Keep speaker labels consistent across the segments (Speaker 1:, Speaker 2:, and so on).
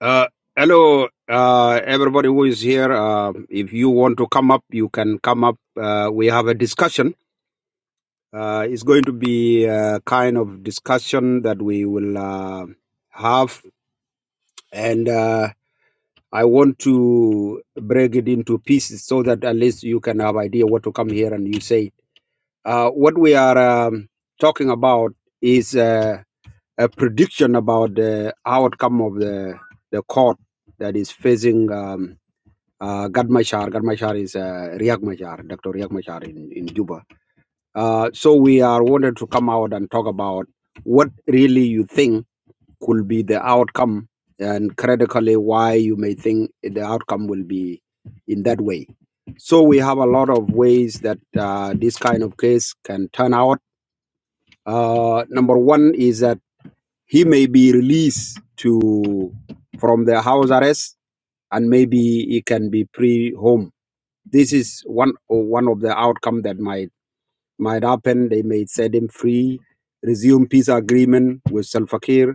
Speaker 1: Uh, hello, uh, everybody who is here. Um if you want to come up, you can come up. Uh, we have a discussion. Uh, it's going to be a kind of discussion that we will uh, have, and uh, I want to break it into pieces so that at least you can have idea what to come here and you say. Uh, what we are um, talking about is uh, a prediction about the outcome of the the court that is facing. Um, uh, Gad Machar. Gad Machar is uh, Riek Machar, Dr. Riek Machar in, in Juba. Uh, so we are wanted to come out and talk about what really you think could be the outcome and critically why you may think the outcome will be in that way. So we have a lot of ways that uh, this kind of case can turn out. Uh, number one is that he may be released to from the house arrest and maybe he can be pre home this is one or one of the outcome that might might happen. They may set him free, resume peace agreement with Salva Kiir,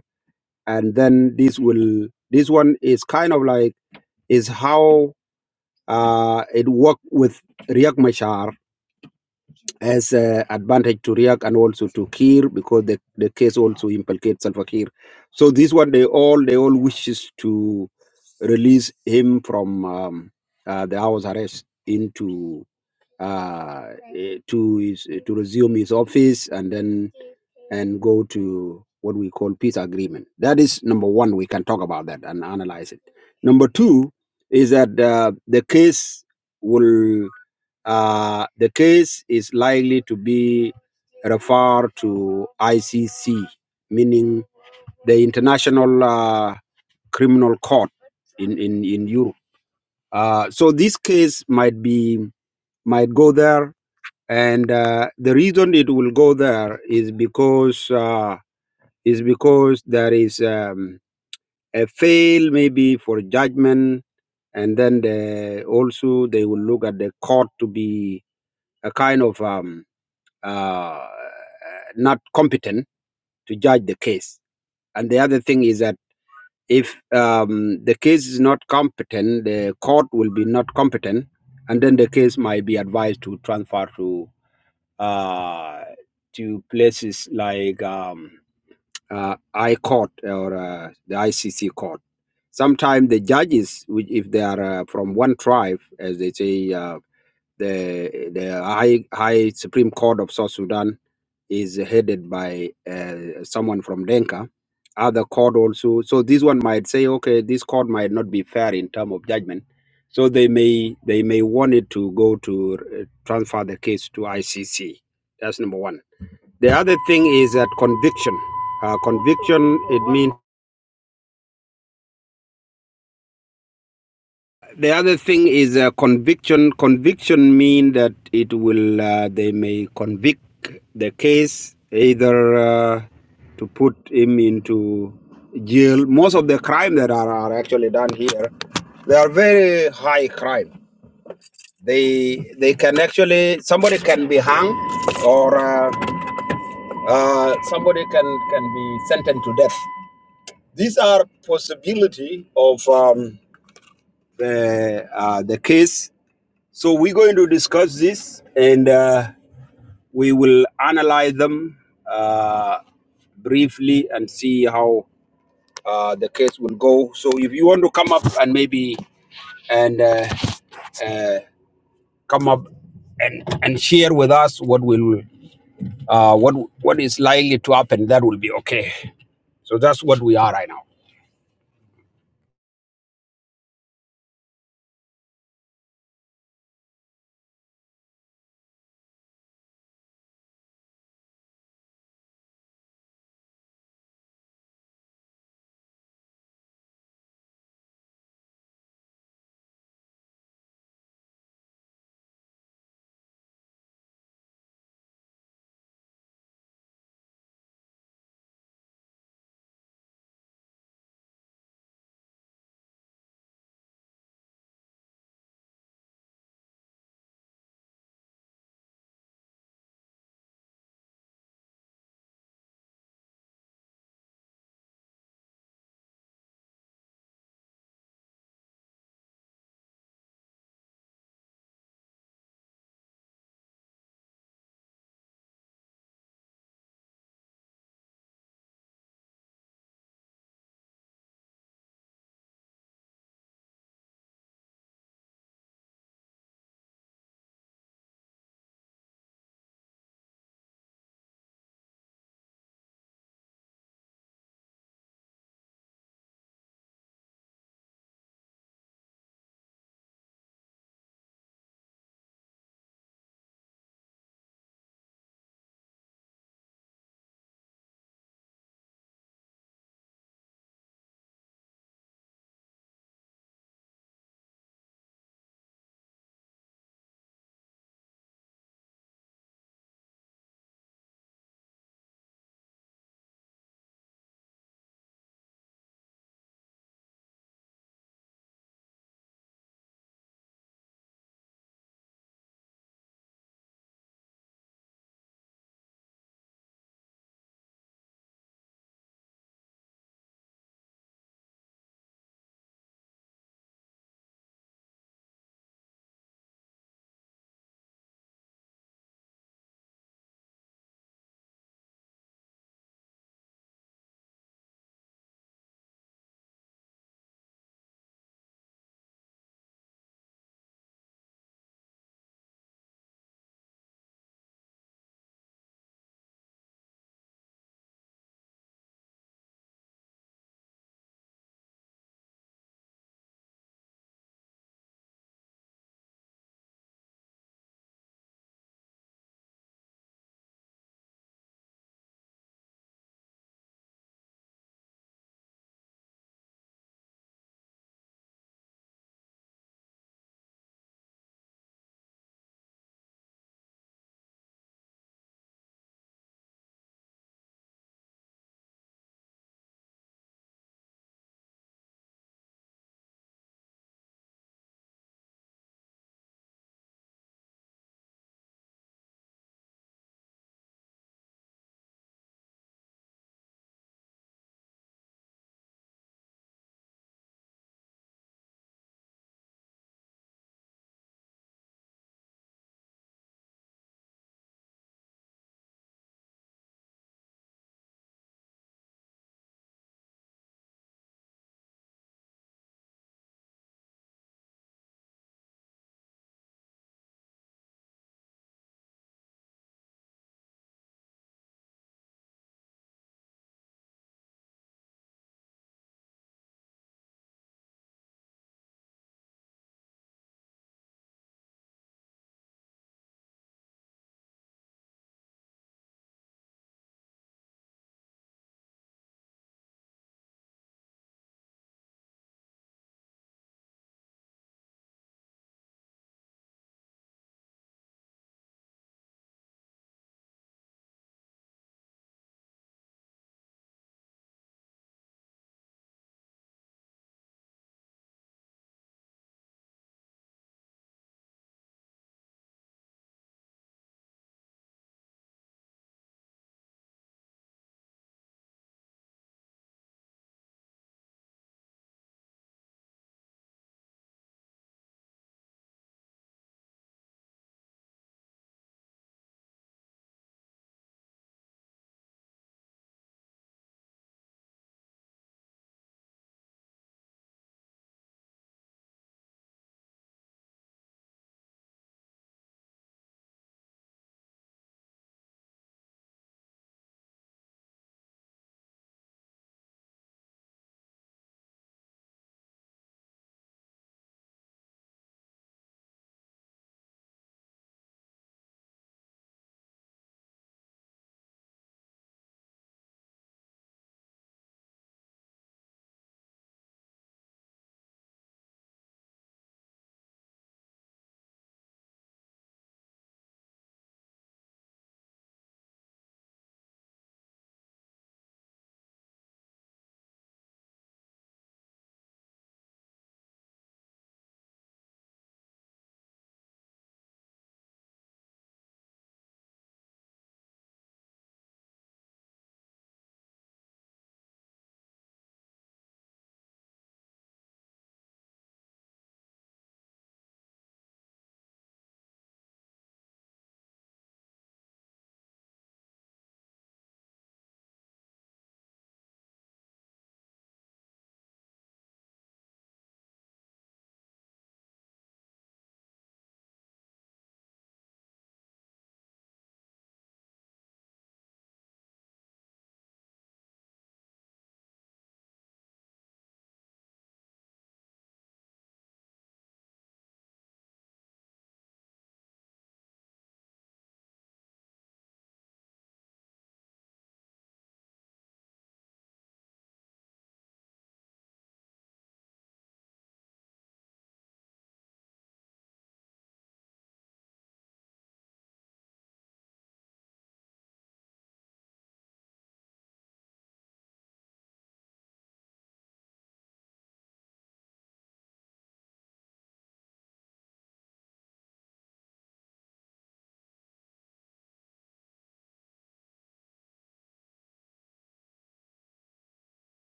Speaker 1: and then this will this one is kind of like is how uh, it worked with Riek Machar as a advantage to Riek and also to Kiir because the, the case also implicates Salva Kiir. So this one they all they all wishes to release him from um, uh, the house arrest into uh, eh, to his, eh, to resume his office and then and go to what we call peace agreement. That is number one. We can talk about that and analyze it. Number two is that uh, the case will uh, the case is likely to be referred to ICC, meaning the International uh, Criminal Court in in in Europe. Uh, so this case might be might go there and uh, the reason it will go there is because uh, is because there is um, a fail maybe for judgment and then they also they will look at the court to be a kind of um, uh, not competent to judge the case and the other thing is that if um, the case is not competent the court will be not competent and then the case might be advised to transfer to. uh, to places like um, uh, I court or uh, the ICC court. Sometimes the judges, which if they are uh, from one tribe, as they say. Uh, the the high high Supreme Court of South Sudan is headed by uh, someone from Denka. Other court also, so this one might say, okay, this court might not be fair in term of judgment, so they may they may want it to go to uh, transfer the case to ICC. That's number one. The other thing is that conviction. Uh, conviction it means The other thing is uh, conviction. Conviction mean that it will uh, they may convict the case either uh, to put him into jail. Most of the crime that are, are actually done here, they are very high crime. They they can actually somebody can be hung or uh, uh, somebody can can be sentenced to death. These are possibility of um, the uh, the case So we're going to discuss this and uh, we will analyze them uh, briefly and see how uh, the case will go. So if you want to come up and maybe and uh, uh, come up and, and share with us what will uh, what what is likely to happen, that will be okay. So that's what we are right now.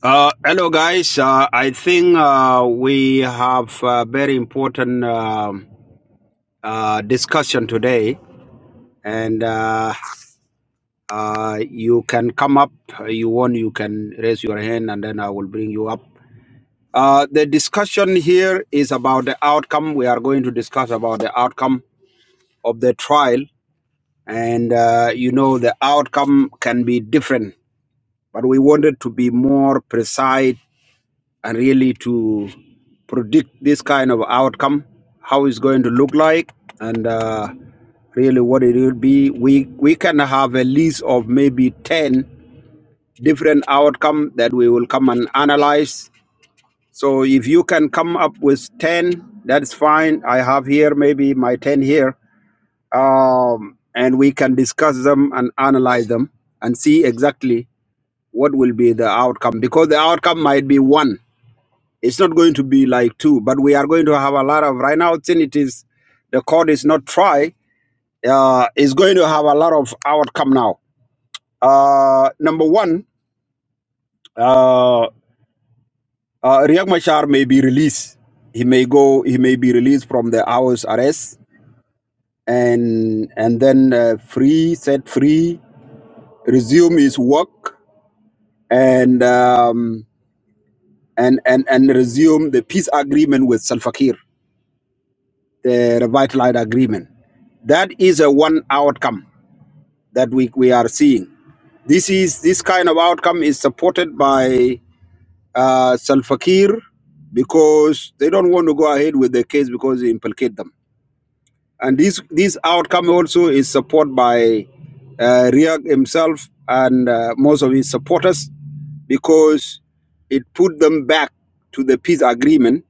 Speaker 1: Uh, hello guys. Uh, I think uh, we have a very important um uh, discussion today and uh, uh, you can come up. uh, You want you can raise your hand, and then I will bring you up. Uh, the discussion here is about the outcome. We are going to discuss about the outcome of the trial, and uh, you know the outcome can be different, but we wanted to be more precise and really to predict this kind of outcome, how it's going to look like, and uh, really what it will be. We we can have a list of maybe ten different outcome that we will come and analyze. So if you can come up with ten, that's fine. I have here maybe my ten here, um, and we can discuss them and analyze them and see exactly what will be the outcome because the outcome might be one it's not going to be like two, but we are going to have a lot of right now. Since it is the court is not try, uh, is going to have a lot of outcome now. Uh, number one, uh, uh, Riek Machar may be released. He may go. He may be released from the hours arrest and and then uh, free, set free, resume his work and um, and and and resume the peace agreement with Salva Kiir. the revitalized agreement. That is a one outcome that we, we are seeing. This is this kind of outcome is supported by uh, Salva Kiir because they don't want to go ahead with the case because it implicates them. And this this outcome also is supported by uh, Riek himself and uh, most of his supporters because it put them back to the peace agreement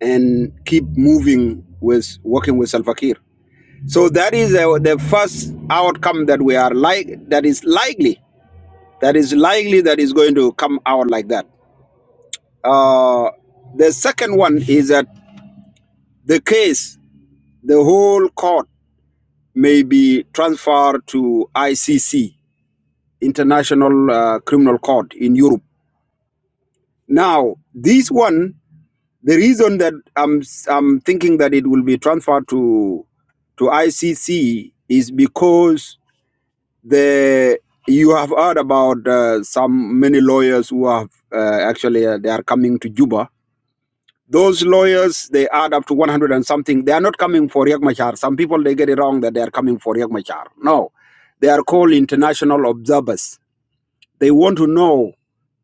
Speaker 1: and keep moving with working with Salva Kiir. So that is uh, the first outcome that we are like that is likely that is likely that is going to come out like that. Uh, the second one is that the case, the whole court may be transferred to ICC, International uh, Criminal Court in Europe. Now, this one, the reason that I'm I'm thinking that it will be transferred to to ICC is because the you have heard about uh, some many lawyers who have uh, actually uh, they are coming to Juba. Those lawyers they add up to 100 and something. They are not coming for Riek Machar. Some people they get it wrong that they are coming for Riek Machar. No, they are called international observers. They want to know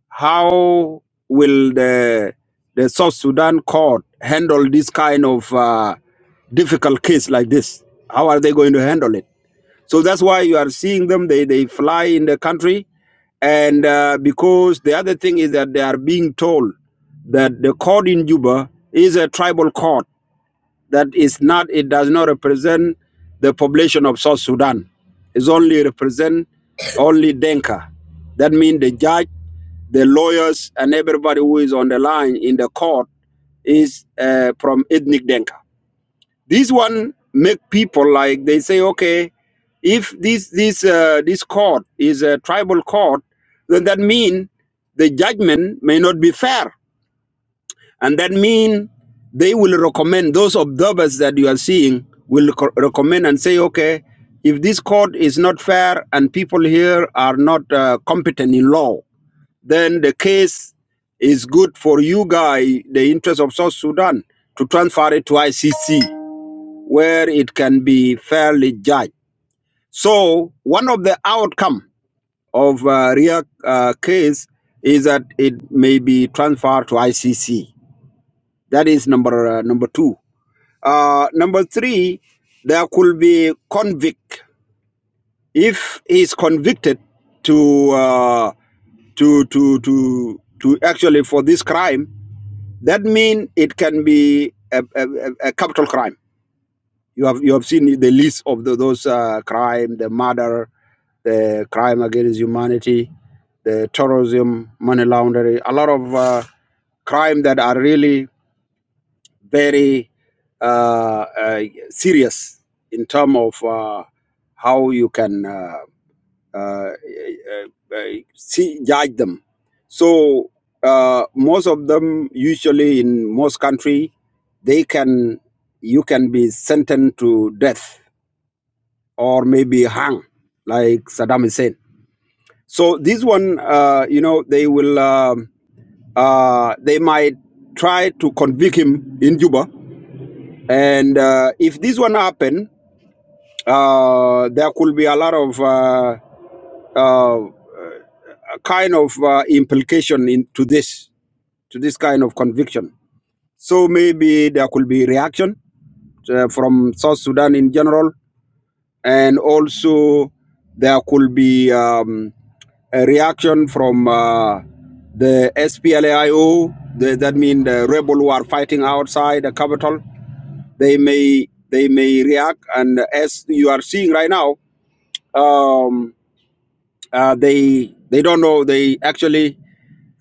Speaker 1: how will the the South Sudan court handle this kind of uh, difficult case like this. How are they going to handle it? So that's why you are seeing them. They they fly in the country, and uh, because the other thing is that they are being told that the court in Juba is a tribal court that is not. It does not represent the population of South Sudan. It's only represent only Denka. That means the judge, the lawyers, and everybody who is on the line in the court is uh, from ethnic Denka. This one make people like they say, okay, if this this uh, this court is a tribal court, then that mean the judgment may not be fair, and that mean they will recommend those observers that you are seeing will co- recommend and say, okay, if this court is not fair and people here are not uh, competent in law, then the case is good for you guy, the interest of South Sudan, to transfer it to ICC where it can be fairly judged. So one of the outcome of uh, Riak uh, case is that it may be transferred to ICC. That is number uh, number two. Uh, number three, there could be convict if he is convicted to uh, to to to to actually for this crime. That means it can be a, a a capital crime You have you have seen the list of the, those uh, crime, the murder, the crime against humanity, the terrorism, money laundering, a lot of uh, crime that are really very uh, uh, serious in terms of uh, how you can uh, uh, uh, uh, see, judge them. So uh, most of them, usually in most country, they can you can be sentenced to death or maybe hung like Saddam Hussein. So this one, uh, you know, they will, um, uh, they might try to convict him in Juba. And uh, if this one happen, uh, there could be a lot of uh, uh, kind of uh, implication into this, to this kind of conviction. So maybe there could be reaction uh, from South Sudan in general and also there could be um, a reaction from uh, the SPLAIO. The, that means the rebel who are fighting outside the capital. They may they may react, and as you are seeing right now, um, uh, they they don't know. They actually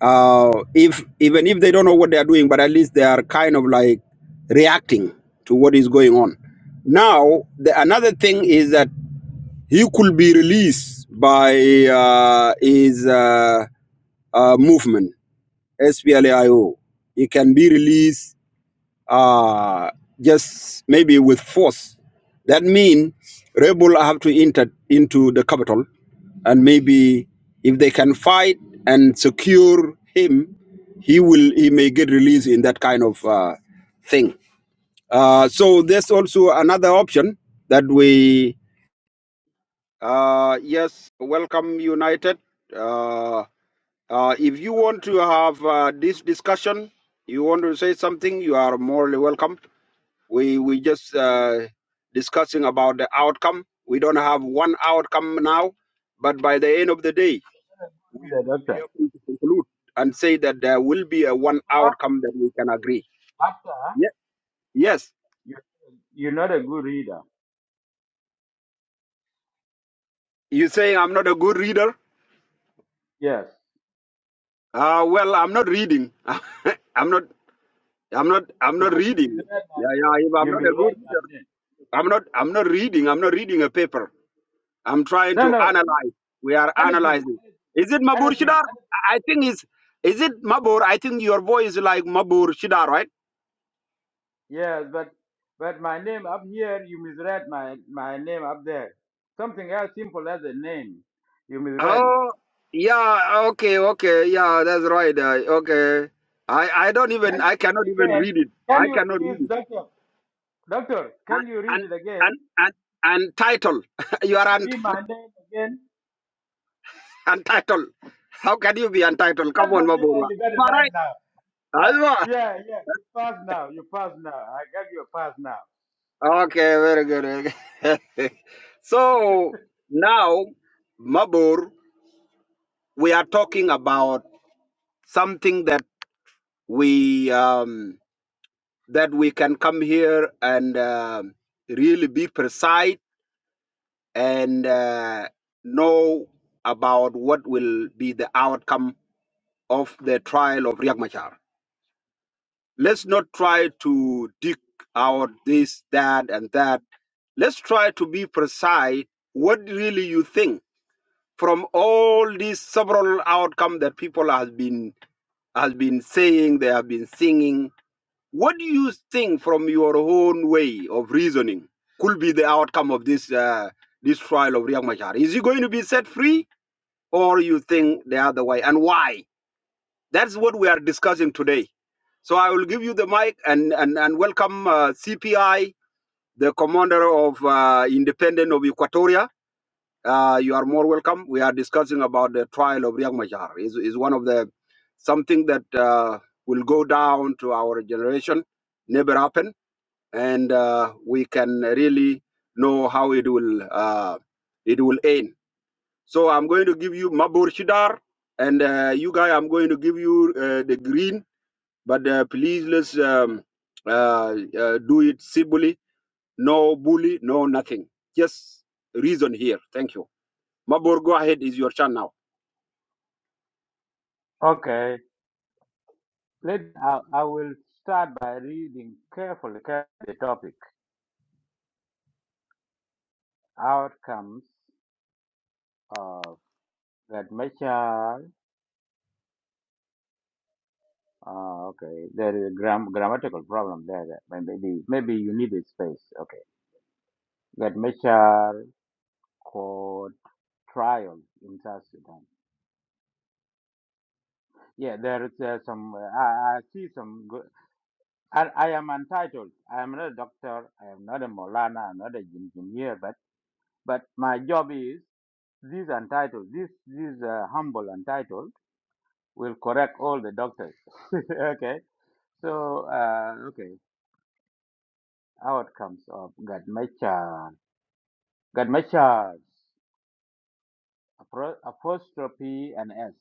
Speaker 1: uh, if even if they don't know what they are doing, but at least they are kind of like reacting to what is going on. Now the another thing is that he could be released by uh, his uh, uh, movement, SPLAIO. He can be released uh, just maybe with force. That means rebel have to enter into the capital, and maybe if they can fight and secure him, he will he may get released in that kind of uh, thing. Uh, so there's also another option that we uh, yes, welcome, United. Uh, uh, if you want to have uh, this discussion, you want to say something, you are morally welcome. We we just uh, discussing about the outcome. We don't have one outcome now, but by the end of the day, we
Speaker 2: reader,
Speaker 1: will be
Speaker 2: doctor.
Speaker 1: able to conclude and say that there will be a one
Speaker 2: Doctor,
Speaker 1: outcome that we can agree.
Speaker 2: doctor,
Speaker 1: Yes, yes.
Speaker 2: you, you're not a good reader.
Speaker 1: You saying I'm not a good reader?
Speaker 2: Yes.
Speaker 1: Uh, well, I'm not reading. I'm not. I'm not I'm not
Speaker 2: Because you
Speaker 1: reading.
Speaker 2: misread
Speaker 1: Yeah,
Speaker 2: my name.
Speaker 1: yeah, if I'm
Speaker 2: You
Speaker 1: not a good
Speaker 2: misread my
Speaker 1: reader.
Speaker 2: name.
Speaker 1: I'm not I'm not reading. I'm not reading a paper. I'm trying
Speaker 2: No,
Speaker 1: to
Speaker 2: no.
Speaker 1: analyze. We are
Speaker 2: Anything.
Speaker 1: analyzing. Is it Mabur
Speaker 2: Anything. anything.
Speaker 1: Shidar? I I think is is it Mabur? I think your voice is like Mabur Shidar, right?
Speaker 2: Yes, but but my name up here, you misread my, my name up there. Something as simple as a name. You misread it.
Speaker 1: Oh yeah, okay, okay, yeah, that's right. Uh, okay. I, I don't even
Speaker 2: Can you
Speaker 1: I
Speaker 2: read
Speaker 1: cannot
Speaker 2: it
Speaker 1: even
Speaker 2: again?
Speaker 1: read it.
Speaker 2: Can
Speaker 1: I
Speaker 2: you
Speaker 1: cannot
Speaker 2: please,
Speaker 1: read it.
Speaker 2: doctor? Doctor,
Speaker 1: And
Speaker 2: can you read
Speaker 1: and
Speaker 2: it
Speaker 1: and
Speaker 2: again?
Speaker 1: and, and title. you are
Speaker 2: Can you
Speaker 1: un-
Speaker 2: read my name again?
Speaker 1: untitled. How can you be untitled? Come
Speaker 2: Doctor,
Speaker 1: on,
Speaker 2: I got it
Speaker 1: Mabur.
Speaker 2: right now. yeah,
Speaker 1: Alva.
Speaker 2: yeah, yeah. You pass now. You pass now. I got your pass now.
Speaker 1: Okay, very good. very so now, Mabur, we are talking about something that we um, that we can come here and um really be precise and uh, know about what will be the outcome of the trial of Riek Machar. Let's not try to dig out this, that, and that. Let's try to be precise what really you think from all these several outcomes that people has been has been saying, they have been singing. What do you think from your own way of reasoning could be the outcome of this uh, this trial of Riek Machar? Is he going to be set free, or you think the other way, and why? That's what we are discussing today. So I will give you the mic and, and, and welcome uh, CPI, the commander of uh, Independent of Equatoria. Uh, you are more welcome. We are discussing about the trial of Riek Machar. Is is one of the something that uh, will go down to our generation, never happen, and uh, we can really know how it will uh, it will end. So I'm going to give you Mabur Shidar, and uh, you guys, I'm going to give you uh, the green but uh, please let's um, uh, uh, do it civilly. No bully, no nothing. Just reason here. Thank you. Mabor, go ahead. Is your turn now.
Speaker 2: Okay. Let I, I will start by reading carefully, carefully the topic outcomes of that measure. Uh, okay, there is a gram- grammatical problem there. that may- Maybe maybe you need a space. Okay, that measure court trial in South Sudan. Yeah, there is uh, some. Uh, I, I see some. And I am entitled. I am not a doctor. I am not a Molana. I'm not an engineer. But but my job is this entitled. This this uh, humble entitled will correct all the doctors. okay. So uh, okay. Outcomes of Gadmecha. Gadmecha's apro- apostrophe and S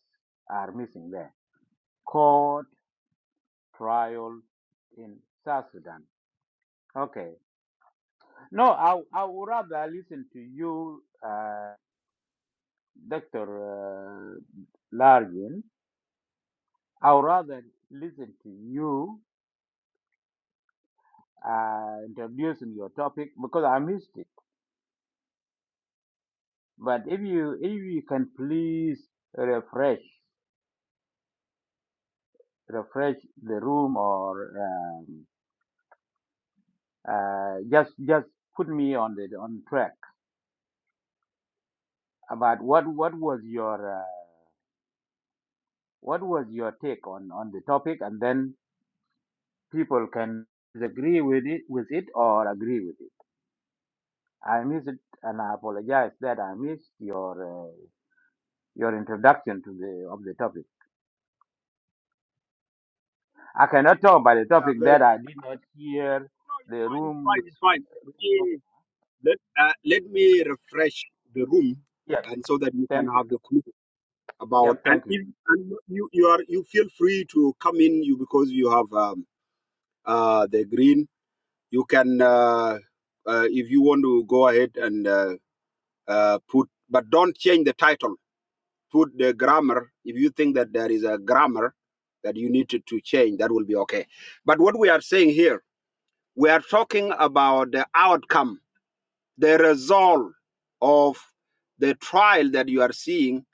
Speaker 2: are missing there. Court trial in South Sudan. Okay. No, I I would rather listen to you. Uh, Dr. Uh, Largin, I would rather listen to you uh, introducing your topic because I missed it. But if you if you can please refresh refresh the room or um, uh, just just put me on the on track about what what was your uh, what was your take on on the topic and then people can disagree with it with it or agree with it. I missed and I apologize that I missed your uh, your introduction to the of the topic. I cannot talk about the
Speaker 1: Uh,
Speaker 2: topic
Speaker 1: very
Speaker 2: that I
Speaker 1: good.
Speaker 2: did not hear
Speaker 1: No, it's
Speaker 2: the
Speaker 1: fine, it's fine,
Speaker 2: room's
Speaker 1: it's fine. Let
Speaker 2: room's.
Speaker 1: me, let, uh, let me refresh the room,
Speaker 2: Yep,
Speaker 1: and so that you can
Speaker 2: thank you.
Speaker 1: have the clue about.
Speaker 2: Yep,
Speaker 1: And
Speaker 2: thank you.
Speaker 1: if and you you are you feel free to come in, you because you have um, uh, the green. You can uh, uh, if you want to go ahead and. uh, Uh, put but don't change the title. Put the grammar. If you think that there is a grammar that you need to, to change, that will be okay. But what we are saying here, we are talking about the outcome, the result of the trial that you are seeing.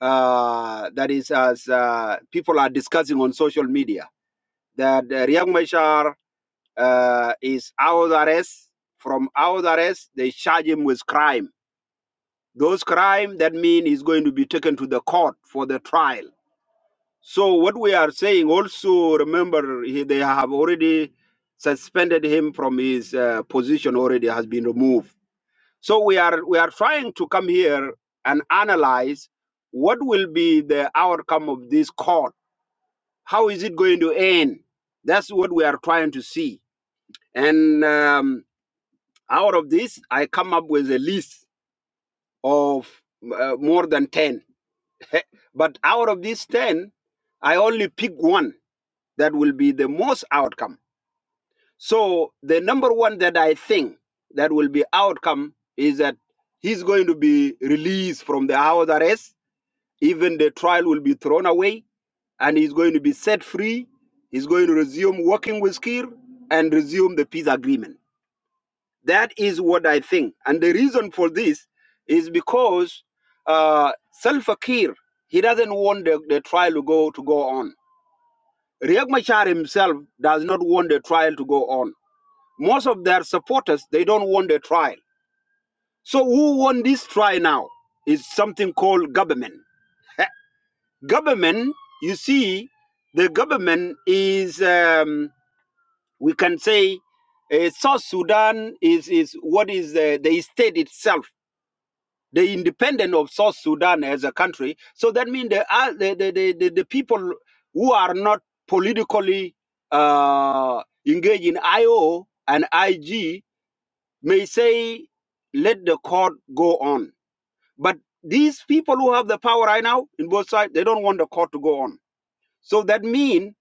Speaker 1: Uh, that is as uh, people are discussing on social media that uh, Riek Machar uh, is out of arrest. From out of arrest, they charge him with crime Those crime that mean is going to be taken to the court for the trial. So what we are saying also remember he, they have already suspended him from his uh, position already has been removed. So we are we are trying to come here and analyze what will be the outcome of this court. How is it going to end? That's what we are trying to see. And um, out of this, I come up with a list of uh, more than ten Eh, But out of these 10, I only pick one that will be the most outcome. So the number one that I think that will be outcome is that he's going to be released from the house arrest. Even the trial will be thrown away and he's going to be set free. He's going to resume working with Kir and resume the peace agreement. That is what I think. And the reason for this is because uh, Salva Kiir, he doesn't want the, the trial to go to go on. Riek Machar himself does not want the trial to go on. Most of their supporters, they don't want the trial. So who won this trial now is something called government. Government, you see, the government is, um, we can say, uh, South Sudan is, is what is the, the state itself the independent of South Sudan as a country. So that means the, uh, the, the, the, the, the people who are not politically uh, engaged in IO and IG may say, let the court go on. But these people who have the power right now in both sides, they don't want the court to go on. So that means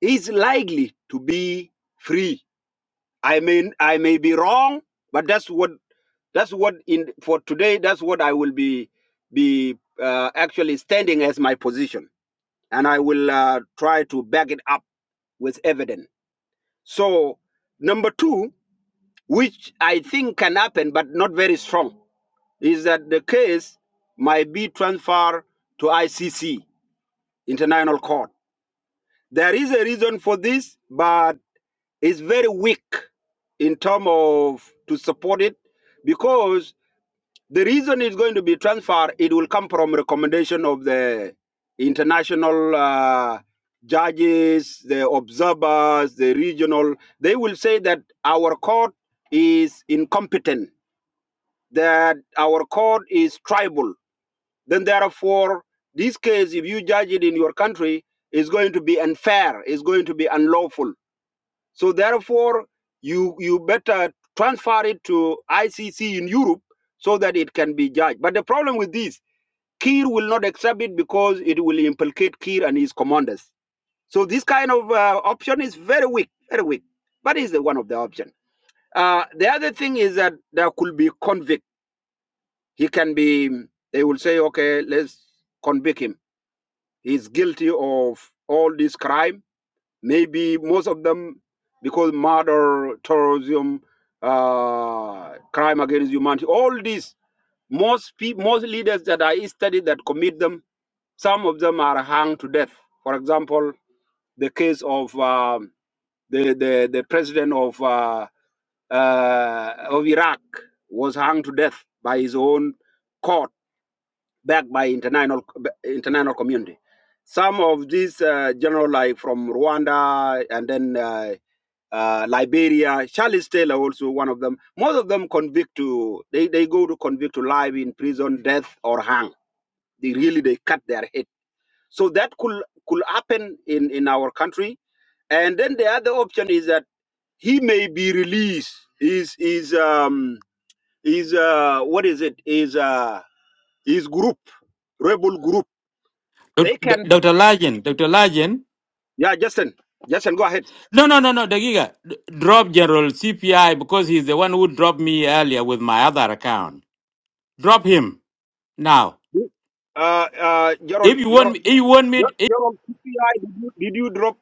Speaker 1: he's likely to be free. I mean, I may be wrong, but that's what that's what in for today. That's what I will be be uh, actually standing as my position, and I will uh, try to back it up with evidence. So number two, which I think can happen, but not very strong, is that the case might be transferred to ICC, International Court. There is a reason for this, but it's very weak in terms of to support it because The reason it's going to be transferred, it will come from recommendation of the international uh, judges, the observers, the regional. They will say that our court is incompetent, that our court is tribal. Then, therefore, this case, if you judge it in your country, is going to be unfair, is going to be unlawful so therefore, you you better transfer it to ICC in Europe so that it can be judged. But the problem with this, Kiir will not accept it because it will implicate Kiir and his commanders. So this kind of uh, option is very weak, very weak. But it's one of the options. Uh, the other thing is that there could be convict. He can be. They will say, okay, let's convict him. He's guilty of all this crime Maybe most of them, because murder, terrorism, uh, crime against humanity, all these, most people, most leaders that I studied that commit them, some of them are hung to death. For example, the case of um the, the the president of uh, uh, of Iraq was hung to death by his own court, backed by international international community. Some of these uh, general like from Rwanda and then. Uh, uh, Liberia, Charles Taylor also one of them. Most of them convict to they, they go to convict to life in prison, death or hang. They really they cut their head. So that could could happen in in our country. And then the other option is that he may be released. Is is um is uh what is it? Is uh his group rebel group? They
Speaker 3: Doc- Doc-
Speaker 1: can
Speaker 3: Dr. Lajen, Dr. Lajen.
Speaker 1: yeah Justin Justin go ahead.
Speaker 3: No, no, no, no, Dagiga. d- Drop General CPI because he's the one who dropped me earlier with my other account. Drop him now.
Speaker 1: Uh uh
Speaker 3: If
Speaker 1: Gerald
Speaker 3: you want
Speaker 1: Gerald
Speaker 3: me, if you want
Speaker 1: Gerald,
Speaker 3: me,
Speaker 1: Gerald, T P I, did you, did you drop?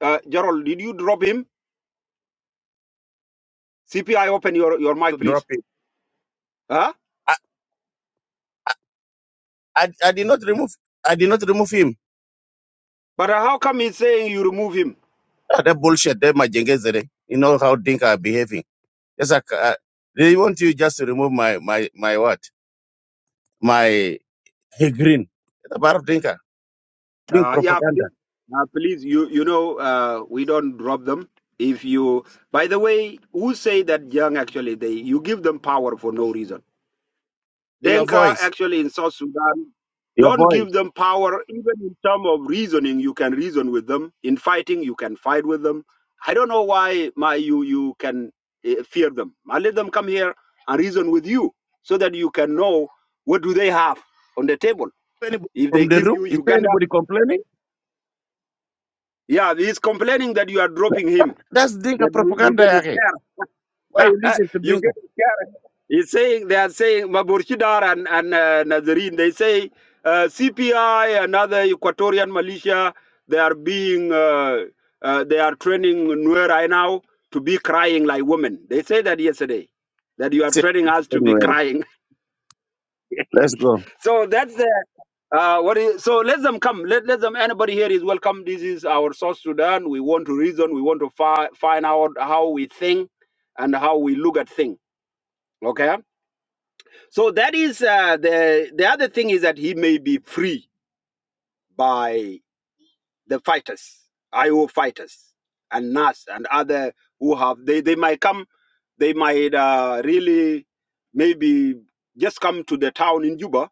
Speaker 1: Uh, Gerald, did you drop him? CPI, open your, your mic,
Speaker 4: to drop
Speaker 1: please.
Speaker 4: him.
Speaker 1: Huh?
Speaker 4: I, I, I did not remove I did not remove him.
Speaker 1: But uh, how come he's saying you remove him?
Speaker 4: Ah, that bullshit, that my jengezere. You know how Dinka are behaving. It's like uh, they want you just to remove my my my what my hey, green. It's a bar of Dinka doing
Speaker 1: Uh, yeah,
Speaker 4: propaganda.
Speaker 1: please. Uh, please, you you know, uh, we don't drop them. If you, by the way, who say that young actually they you give them power for no reason?
Speaker 4: Your
Speaker 1: Denka
Speaker 4: voice,
Speaker 1: actually in South Sudan,
Speaker 4: your
Speaker 1: don't
Speaker 4: voice.
Speaker 1: give them power, even in terms of reasoning, you can reason with them. In fighting, you can fight with them. I don't know why my you you can uh, fear them. I let them come here and reason with you so that you can know what do they have on the table.
Speaker 4: Anybody
Speaker 1: If
Speaker 4: from
Speaker 1: they
Speaker 4: the
Speaker 1: give
Speaker 4: room?
Speaker 1: you
Speaker 4: Is there
Speaker 1: Uganda,
Speaker 4: anybody complaining?
Speaker 1: yeah, he's complaining that you are dropping him,
Speaker 4: That's Dinka
Speaker 1: that you, you
Speaker 4: propaganda.
Speaker 1: get
Speaker 4: yake.
Speaker 1: scared.
Speaker 4: Why you listen to
Speaker 1: you
Speaker 4: Dinka?
Speaker 1: get scared. He's saying they are saying Maburshidar and and uh, Nazarene. They say uh, CPI another other Equatorian militia. They are being uh, uh, they are training Nuer right now to be crying like women. They say that yesterday that you are
Speaker 4: Say,
Speaker 1: training us to be
Speaker 4: Anyway,
Speaker 1: crying.
Speaker 4: let's go.
Speaker 1: So that's the uh, what is, so let them come. Let, let them. Anybody here is welcome. This is our South Sudan. We want to reason. We want to fi- find out how we think and how we look at things. Okay So that is uh, the the other thing is that he may be free by the fighters, IO fighters, and NAS and other who have they they might come, they might uh, really maybe just come to the town in Juba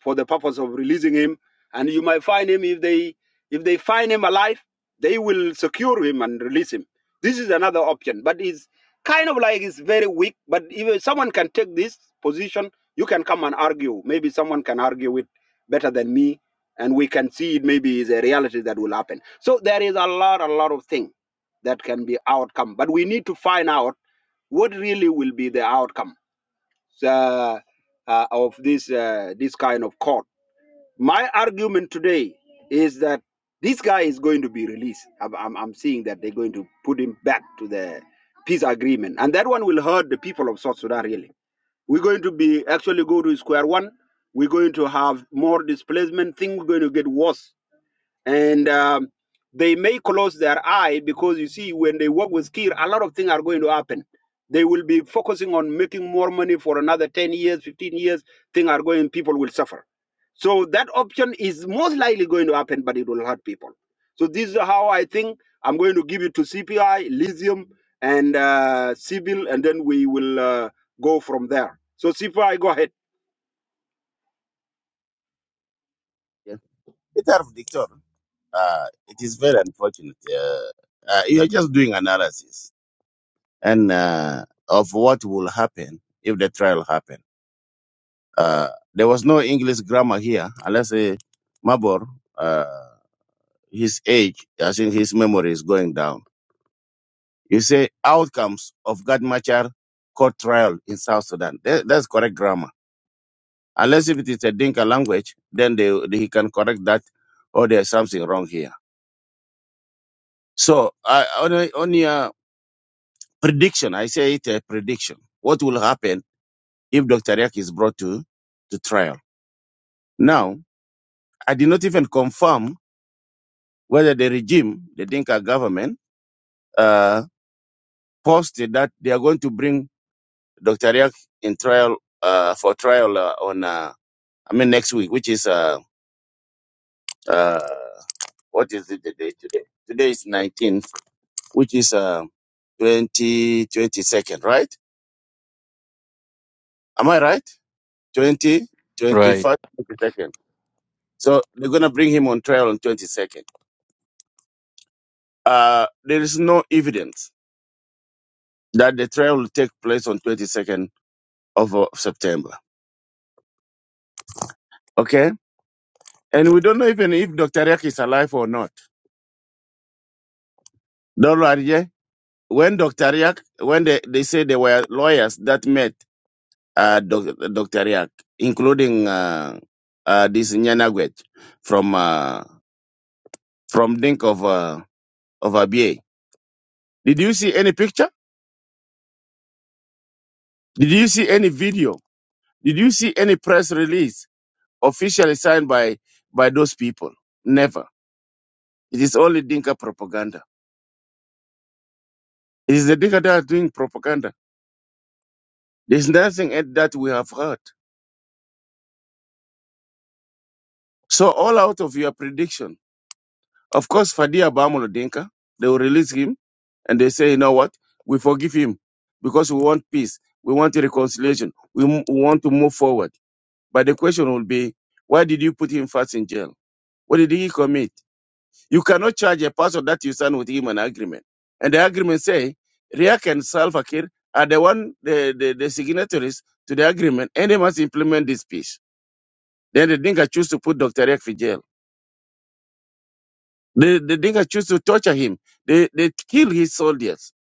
Speaker 1: for the purpose of releasing him. And you might find him if they if they find him alive, they will secure him and release him. This is another option, but it's kind of like it's very weak. But if someone can take this position, you can come and argue. Maybe someone can argue it better than me, and we can see it. Maybe is a reality that will happen. So there is a lot, a lot of things that can be outcome, but we need to find out what really will be the outcome uh, uh, of this uh, this kind of court my argument today is that this guy is going to be released. I'm, I'm, I'm seeing that they're going to put him back to the peace agreement. And that one will hurt the people of South Sudan, really. We're going to be actually go to square one. We're going to have more displacement. Things are going to get worse and um, they may close their eye because you see when they work with kir a lot of things are going to happen they will be focusing on making more money for another 10 years 15 years things are going people will suffer so that option is most likely going to happen but it will hurt people so this is how i think i'm going to give it to cpi lithium and uh, civil and then we will uh, go from there so cpi go ahead
Speaker 4: Yeah. It's out of dictator. Uh, it is very unfortunate. Uh, uh, you are just doing analysis and uh, of what will happen if the trial happen. Uh, there was no English grammar here, unless uh, Mabor, uh, his age, I think his memory is going down. You say outcomes of Gad Machar court trial in South Sudan. That, that's correct grammar. Unless if it is a Dinka language, then they, he can correct that, or there's something wrong here. So I on, a- on your prediction, I say it a prediction. What will happen if Dr. Yak is brought to, to trial? Now, I did not even confirm whether the regime, the Dinka government, uh, posted that they are going to bring Dr. Riak in trial uh, for trial uh, on, uh, I mean, next week, which is uh, uh, what is it, the day today? Today is 19th, which is uh, 20, 22nd, right? Am I right? 20,
Speaker 5: Right.
Speaker 4: 21st, 22nd. So they're going to bring him on trial on 22nd. Uh, there is no evidence that the trial will take place on 22nd of, uh, September. Okay? And we don't know even if Dr. Yak is alive or not. Don't worry, yeah? When Dr. Yak, when they, they say there were lawyers that met uh, doc, Dr. Yak, including uh, uh, this Nyanagwech from uh, from Dink of uh, of ABA. Did you see any picture? Did you see any video? Did you see any press release officially signed by by those people? Never. It is only Dinka propaganda. It is the Dinka that are doing propaganda There's nothing at that we have heard. So all out of your prediction, of course, Fadia Bamolo Dinka, they will release him and they say, you know what? We forgive him because we want peace. We want reconciliation. We, m- we want to move forward. But the question will be, why did you put him first in jail? What did he commit? You cannot charge a person that you signed with him an agreement. And the agreement say, Riak and Salva Kiir are the one, the, the, the signatories to the agreement and they must implement this peace. Then the Dinka choose to put Dr. Riek in jail. The, the Dinka choose to torture him. They, they kill his soldiers.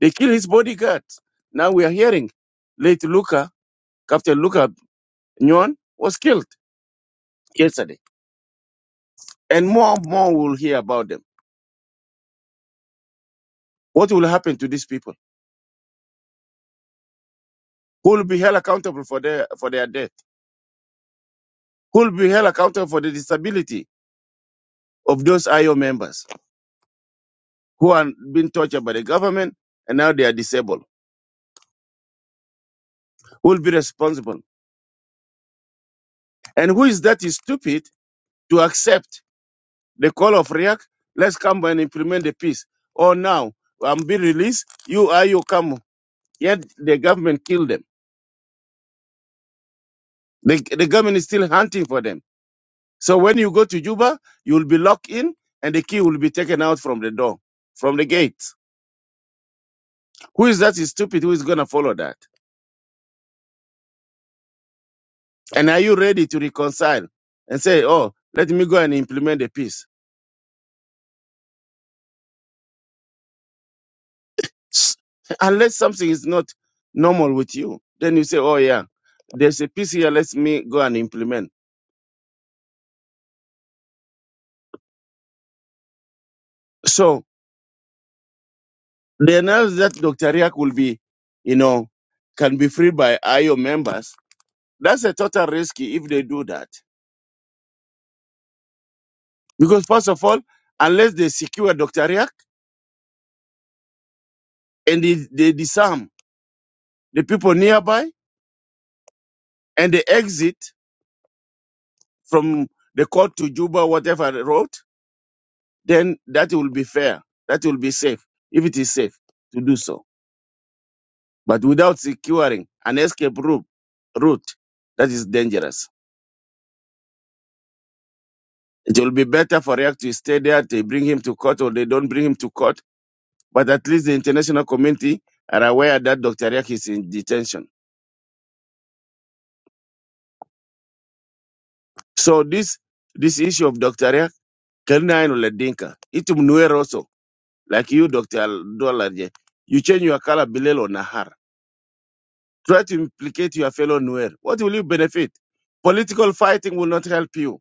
Speaker 4: They kill his bodyguards. Now we are hearing late Luka, Captain Luka Nyon was killed yesterday. And more and more we'll hear about them. What will happen to these people? Who will be held accountable for their, for their death? Who will be held accountable for the disability of those IO members who are being tortured by the government and now they are disabled? Who will be responsible? And who is that is stupid to accept the call of react, let's come and implement the peace. Or now, I'm being released, you are you come. Yet the government killed them. The, the government is still hunting for them. So when you go to Juba, you'll be locked in and the key will be taken out from the door, from the gate. Who is that is stupid? Who is going to follow that? And are you ready to reconcile and say, oh, let me go and implement the peace? Tsk. Unless something is not normal with you, then you say, oh, yeah, there's a peace here, let me go and implement. So The announced that Dr. Riak will be, you know, can be freed by IO members. That's a total risk if they do that. Because first of all, unless they secure Dr. Riak and they, they disarm the people nearby and they exit from the court to Juba, whatever road, then that will be fair. That will be safe, if it is safe to do so. But without securing an escape route, route that is dangerous. It will be better for React to stay there. They bring him to court or they don't bring him to court. But at least the international community are aware that Dr. React is in detention. So this this issue of Dr. React, Kelna Ledinka, it Mnuer also, like you, Dr. Dolaje, you change your color Bilelo, or Nahar. Try to implicate your fellow Nuer. What will you benefit? Political fighting will not help you.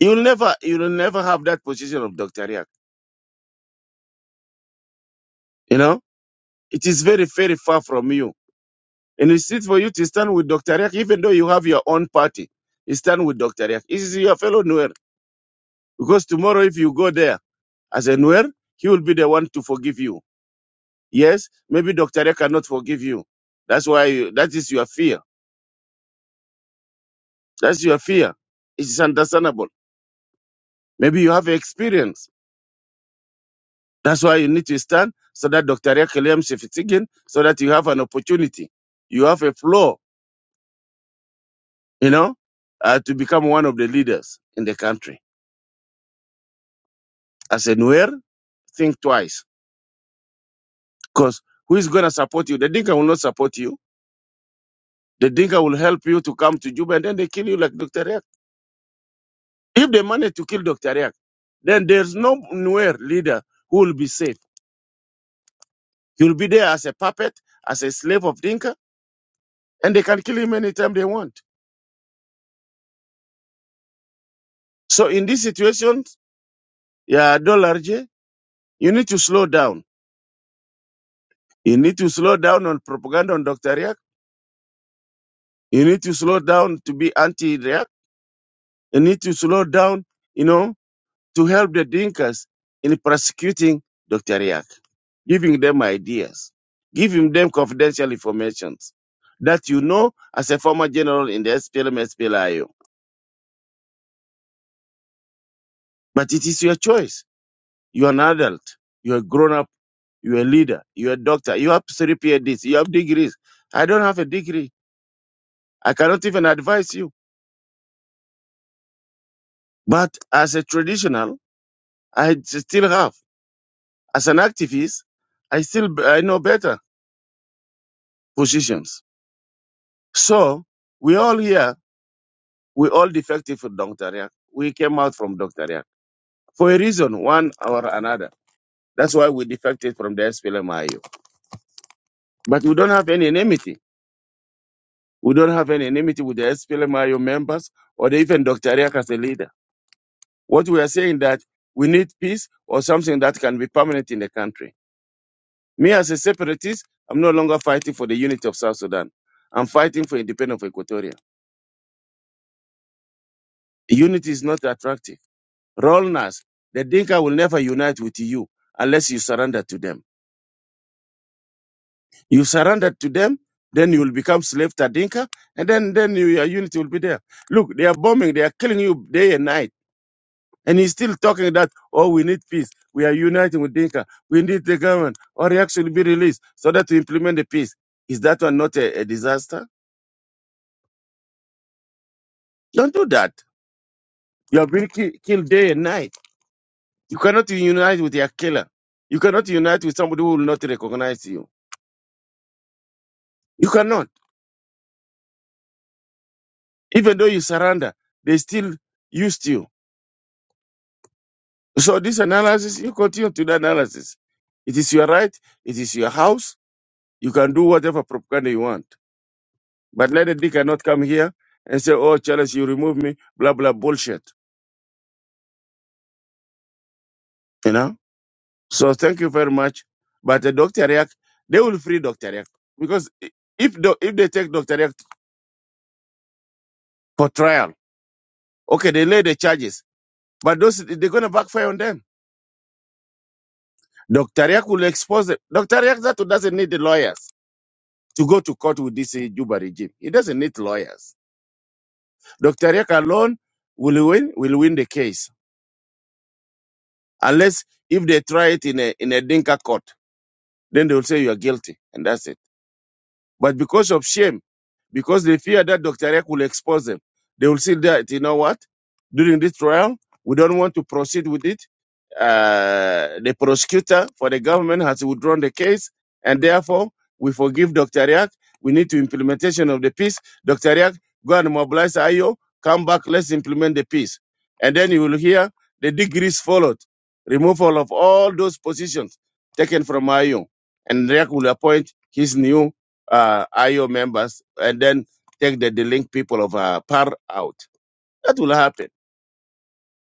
Speaker 4: You'll never you'll never have that position of Dr. React. You know? It is very, very far from you And it's it for you to stand with Dr. Riak, even though you have your own party. You stand with Dr. Riak. This is your fellow Nuer. Because tomorrow, if you go there as a Nuer, he will be the one to forgive you. Yes, maybe Dr. Riak cannot forgive you. That's why you, that is your fear. That's your fear. It's understandable. Maybe you have experience. That's why you need to stand so that Dr. Riak claims if it's again, so that you have an opportunity. You have a floor, you know, uh, to become one of the leaders in the country. As a Nuer, think twice Because who is going to support you? The Dinka will not support you. The Dinka will help you to come to Juba and then they kill you like Dr. Riak. If they manage to kill Dr. Riak, then there's no nowhere leader who will be safe. He will be there as a puppet, as a slave of Dinka, and they can kill him anytime they want. So in these situations, yeah, Dollar J, you need to slow down. You need to slow down on propaganda on Dr. Riak. You need to slow down to be anti-Riak. You need to slow down, you know, to help the Dinkas in prosecuting Dr. Riak, giving them ideas, giving them confidential information that you know as a former general in the SPLM, SPLIO. But it is your choice. You are an adult. You are grown up. You are a leader. You are a doctor. You have three PhDs. You have degrees. I don't have a degree. I cannot even advise you. But as a traditional, I still have. As an activist, I still I know better positions. So we all here, we all defective from Dr. Riak. We came out from Dr. Riak for a reason, one or another. That's why we defected from the SPLMIO. But we don't have any enmity. We don't have any enmity with the SPLMIO members or the- even Dr. Riak as a leader. What we are saying that we need peace or something that can be permanent in the country. Me as a separatist, I'm no longer fighting for the unity of South Sudan. I'm fighting for independence of Equatoria. Unity is not attractive Rollers, the Dinka will never unite with you unless you surrender to them. You surrender to them, then you will become slave to Dinka, and then then you, your unity will be there. Look, they are bombing, they are killing you day and night, and he's still talking that oh we need peace, we are uniting with Dinka, we need the government or he actually be released so that to implement the peace. Is that one not a, a disaster? Don't do that. You are being ki- killed day and night. You cannot unite with your killer. You cannot unite with somebody who will not recognize you. You cannot. Even though you surrender, they still used you. So this analysis, you continue to the analysis. It is your right. It is your house. You can do whatever propaganda you want. But Lady D cannot come here and say, oh, Charles, you remove me, blah, blah, bullshit. You know? So thank you very much. But uh, Dr. Yak, they will free Dr. Yak. Because i- if, do, if they take Dr. Yak for trial, okay, they lay the charges. But those they're going to backfire on them. Dr. Yak will expose them. Dr. Yak that doesn't need the lawyers. to go to court with this uh, Juba regime. He doesn't need lawyers. Dr. Riek alone will win, will win the case. Unless if they try it in a, in a Dinka court, then they will say you are guilty. And that's it. But because of shame, because they fear that Dr. Ek will expose them, they will say that, you know what, during this trial, we don't want to proceed with it. Uh, the prosecutor for the government has withdrawn the case, and therefore, we forgive Dr. Riak. We need to implementation of the peace. Dr. Riak, go and mobilize IO, come back, let's implement the peace. And then you will hear the degrees followed, removal of all those positions taken from IO, and Riak will appoint his new uh, IO members and then take the delinquent people of uh, PAR out. That will happen.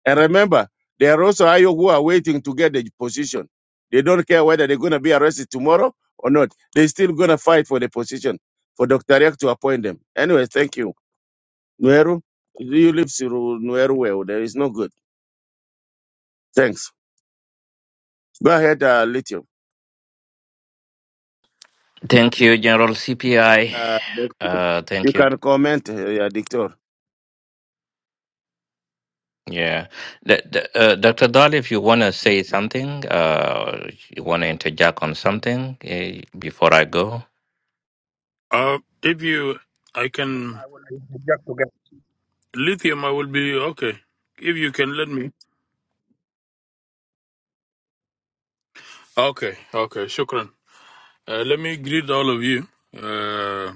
Speaker 4: And remember, there are also IO who are waiting to get the position. They don't care whether they're going to be arrested tomorrow or not. They're still going to fight for the position for Dr. Riak to appoint them. Anyway, thank you. Nueru, you live through Nueru well. There is no good. Thanks. Go ahead, uh, Lithium.
Speaker 5: Thank
Speaker 4: Uh, you
Speaker 5: you.
Speaker 4: can comment, uh, Dictor.
Speaker 5: Yeah. The, the, uh, Dr. Dolly, some- uh, you want to interject on something eh, before I go?
Speaker 6: Uh, if you, I can lithium. I will be okay. If you can let me. Okay, okay. Shukran. Uh, let me greet all of you. Uh,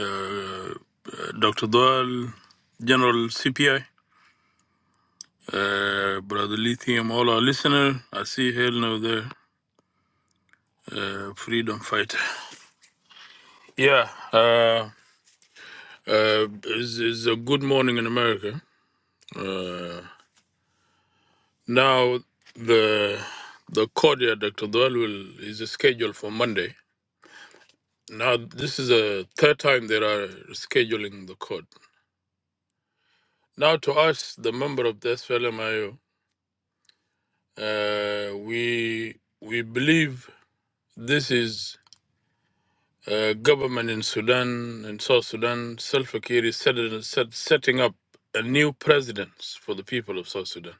Speaker 6: uh, Dr. Doyle, General CPI, uh, Brother Lithium, all our listeners. I see hell now there. Uh, freedom fighter. Yeah. Uh, uh, it's, it's a good morning in America. Uh, Now the the court, yeah, Dr. Dwell will is scheduled for Monday. Now this is the third time they are scheduling the court. Now to us, the member of the SFLMIO, uh, we we believe this is uh, government in Sudan and South Sudan, Salva Kiir is set, set, setting up a new precedence for the people of South Sudan.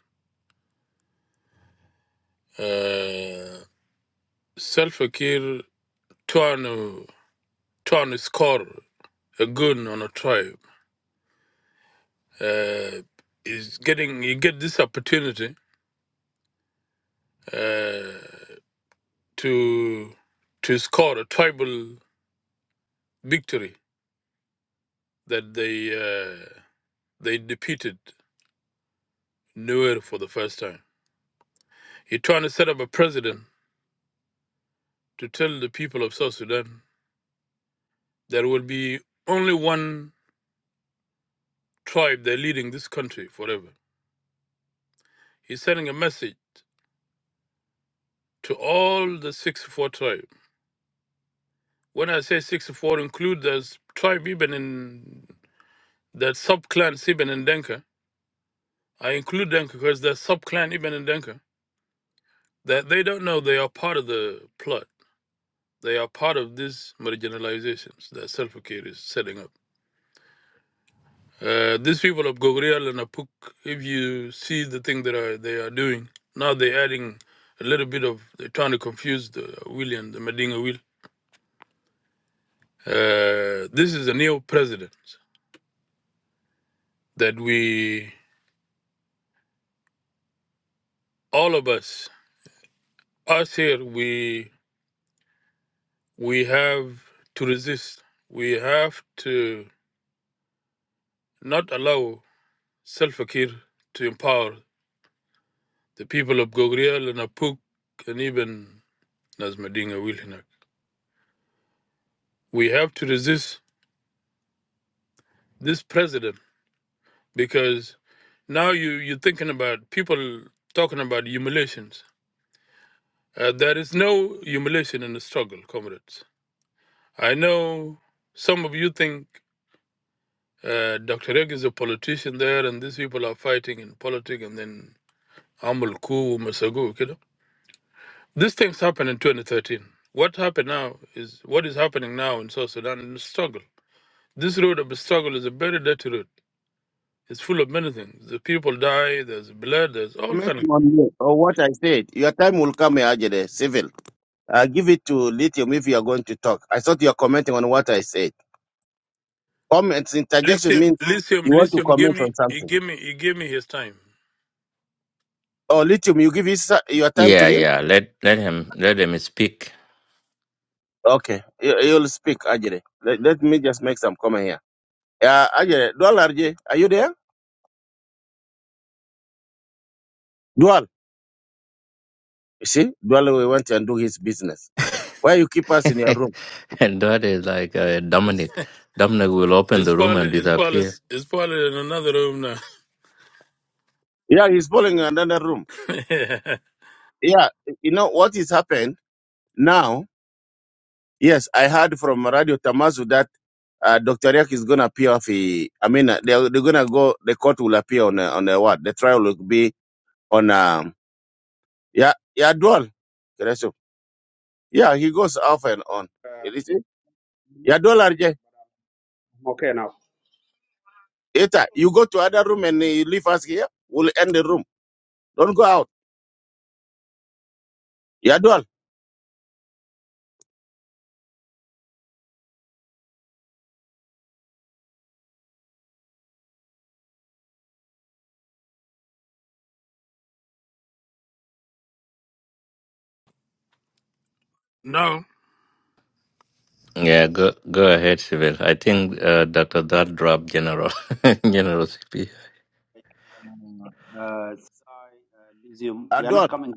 Speaker 6: Uh, Salva Kiir trying to trying to score. a gun on a tribe uh, is getting you get this opportunity uh, to to score a tribal victory that they uh, they defeated Nuer for the first time. You're trying to set up a president to tell the people of South Sudan there will be only one tribe that leading this country forever. He's sending a message to all the 64 tribes. When I say 64, include those tribe even in That sub clan Siban and Denka. I include Denka because that sub clan Ibn and Denka. That they don't know they are part of the plot. They are part of these marginalizations that Self Care is setting up. Uh, these people of Gogrial and Apuk, if you see the thing that are, they are doing, now they're adding a little bit of, they're trying to confuse the William, the Medina will. Uh, this is a new president that we, all of us, us here, we we have to resist. We have to not allow Salva Kiir to empower the people of Gogriel and Apuk and even Nasmedinga Wilhinak. We have to resist this president because now you, you're thinking about people talking about humiliations. Uh, there is no humiliation in the struggle, comrades. I know some of you think uh, Dr. Reg is a politician there and these people are fighting in politics and then Amul Ku, Masagu, kilo. These things happened in 2013. What happened now is what is happening now in South Sudan in struggle. This road of struggle is a very dirty road. It's full of many things. The people die, there's blood, there's all
Speaker 4: Comment
Speaker 6: kind of
Speaker 4: on you- on what I said. Your time will come, Ajede, civil. Uh, give it to Lithium if you are going to talk. I thought you are commenting on what I said. Comments, interjection
Speaker 6: lithium,
Speaker 4: means
Speaker 6: lithium,
Speaker 4: you want to
Speaker 6: lithium. Give
Speaker 4: comment
Speaker 6: me,
Speaker 4: on
Speaker 6: he
Speaker 4: something.
Speaker 6: gave me, he gave me his time.
Speaker 4: Oh, Lithium, you give his, your time to
Speaker 5: Yeah,
Speaker 4: him?
Speaker 5: yeah. Let let him let him speak.
Speaker 4: Okay, you- you'll speak, Ajere. Let, let me just make some comment here. Yeah, Ajere, Dual RJ, are you there? Dual, you see, Dual we went and do his business. Why you keep us in your room?
Speaker 5: and that is like uh, Dominic. Dominic will open
Speaker 6: It's
Speaker 5: the room
Speaker 6: probably,
Speaker 5: and
Speaker 6: it's probably,
Speaker 5: disappear.
Speaker 6: it's probably in another room now.
Speaker 4: Yeah, he's falling in another room. Yeah, you know what is happened now? Yes, I heard from Radio Tamazu that uh, Dr. Riak is going to appear. If he, I mean, uh, they're, they're going to go, the court will appear on uh, on uh, what? The trial will be on, um, yeah, yeah, dual. Yeah, he goes off and on. You see? Yeah, dual RJ.
Speaker 1: Okay, now.
Speaker 4: Eta, you go to other room and uh, you leave us here. We'll end the room. Don't go out. Yeah, dual.
Speaker 6: now,
Speaker 5: Yeah, go go ahead, Sibyl. I think uh, Dr. Dodd dropped General General CP.
Speaker 1: Uh, Sai, uh, Lysium.
Speaker 4: Yeah,
Speaker 1: we are
Speaker 4: dual.
Speaker 1: not coming.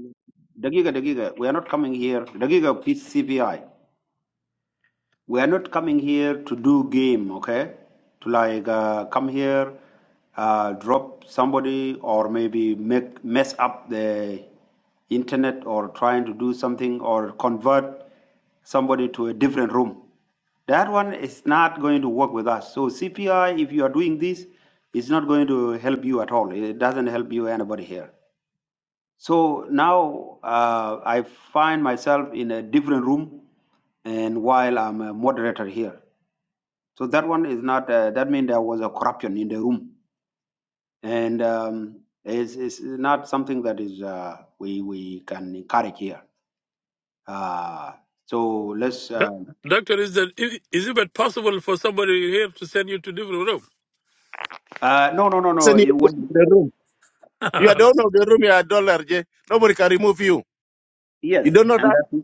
Speaker 1: Dagiga, Dagiga, we are not coming here. Dagiga, please, CPI we are not coming here to do game, okay? To like uh, come here, uh, drop somebody, or maybe make mess up the internet, or trying to do something, or convert somebody to a different room. That one is not going to work with us. So CPI, if you are doing this, it's not going to help you at all. It doesn't help you anybody here. So now uh, I find myself in a different room, and while I'm a moderator here, so that one is not. Uh, that means there was a corruption in the room, and um, it's, it's not something that is uh, we we can encourage here. Uh, so let's.
Speaker 6: doc-
Speaker 1: Um,
Speaker 6: doctor, is that is, is it possible for somebody here to send you to different room?
Speaker 1: uh, no, no, no, no.
Speaker 4: Listen, you
Speaker 1: It was
Speaker 4: the room. You are the owner of the room. You are dual RJ. Nobody can remove you. You
Speaker 1: yes,
Speaker 4: don't know
Speaker 1: and
Speaker 4: that?
Speaker 1: that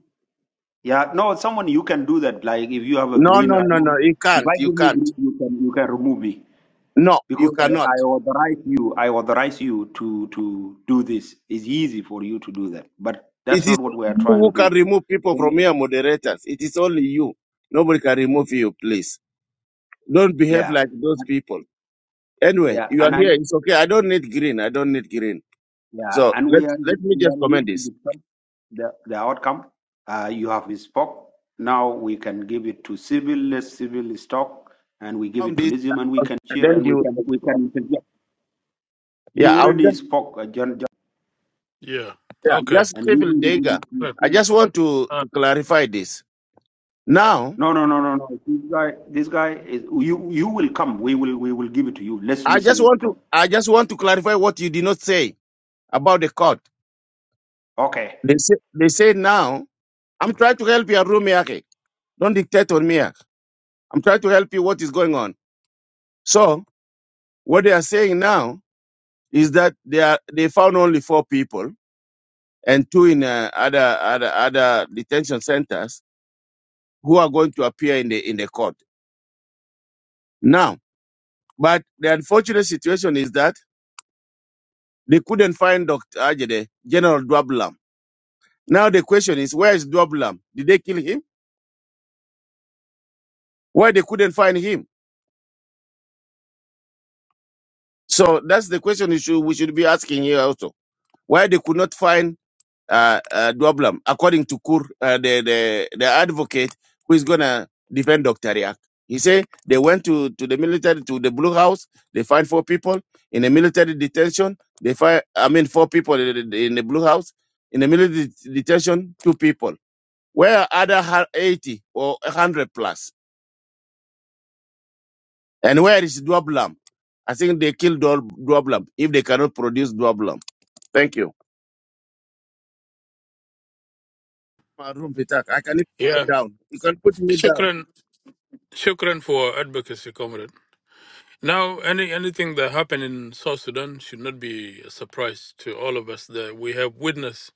Speaker 1: yeah. No, someone you can do that. Like if you have a
Speaker 4: No,
Speaker 1: green
Speaker 4: no,
Speaker 1: right
Speaker 4: no,
Speaker 1: now,
Speaker 4: no. You
Speaker 1: if
Speaker 4: can't.
Speaker 1: I
Speaker 4: You
Speaker 1: give you
Speaker 4: can't.
Speaker 1: green, you can you can remove me.
Speaker 4: No, you
Speaker 1: because
Speaker 4: cannot.
Speaker 1: I, I authorize you i authorize you to to do this it's easy for you to do that but
Speaker 4: It
Speaker 1: that's
Speaker 4: is
Speaker 1: not what we
Speaker 4: only
Speaker 1: are
Speaker 4: you
Speaker 1: trying
Speaker 4: who
Speaker 1: to
Speaker 4: can remove people from
Speaker 1: do
Speaker 4: here, moderators. It is only you. Nobody can remove you, please. Don't behave
Speaker 1: yeah
Speaker 4: like those people. Anyway,
Speaker 1: yeah
Speaker 4: you are
Speaker 1: and i
Speaker 4: here. It's okay. I don't need green. I don't need green.
Speaker 1: yeah
Speaker 4: So
Speaker 1: and
Speaker 4: let
Speaker 1: we are
Speaker 4: let me
Speaker 1: we
Speaker 4: just
Speaker 1: are here
Speaker 4: comment
Speaker 1: to
Speaker 4: this.
Speaker 1: discuss the, the outcome uh, you have spoke now we can give it to civil less civil stock and we give
Speaker 4: Um,
Speaker 1: it to
Speaker 4: this
Speaker 1: lithium and we can
Speaker 4: and
Speaker 1: cheer
Speaker 4: then
Speaker 1: and we
Speaker 4: you.
Speaker 1: can we can, we can yeah. you
Speaker 4: Yeah, I'll
Speaker 1: already
Speaker 4: just
Speaker 1: spoke uh, john, john
Speaker 6: yeah.
Speaker 4: yeah,
Speaker 6: Okay.
Speaker 4: just
Speaker 1: and we
Speaker 4: civil
Speaker 1: will
Speaker 4: danger.
Speaker 1: give it to
Speaker 6: Right.
Speaker 4: I
Speaker 1: you
Speaker 4: just want to,
Speaker 6: Uh,
Speaker 4: to clarify this. Now,
Speaker 1: No, no, no, no, no. This guy, this guy is you. You will come. We will. We will give it to you. Let's
Speaker 4: I just
Speaker 1: listen
Speaker 4: want to
Speaker 1: from.
Speaker 4: I just want to clarify what you did not say about the court.
Speaker 1: Okay.
Speaker 4: They say they say now. I'm trying to help your room, Yake. Don't dictate on me. ah. I'm trying to help you what is going on. So what they are saying now is that they are they found only four people and two in uh, other other other detention centers who are going to appear in the in the court now. But the unfortunate situation is that they couldn't find Dr. Ajede, General Dwablam. Now the question is, where is Dwablam? Did they kill him? Why they couldn't find him? So that's the question we should, we should be asking here also. Why they could not find uh, uh, Dwablam, according to Kur, uh, the, the, the advocate who is going to defend Dr. Riak. He said they went to, to the military, to the Blue House. They find four people in a military detention. They find, I mean, four people in in- in the Blue House. In the military det- detention, two people. Where are other hu- 80 or 100 plus? And where is Dwablam? I think they killed Dwab- Dwablam if they cannot produce Dwablam. Thank you. My room, Peter. I can put
Speaker 6: yeah,
Speaker 4: down. You can put me down.
Speaker 6: shukran, shukran for advocacy, comrade. Now, any anything that happened in South Sudan should not be a surprise to all of us. That we have witnessed,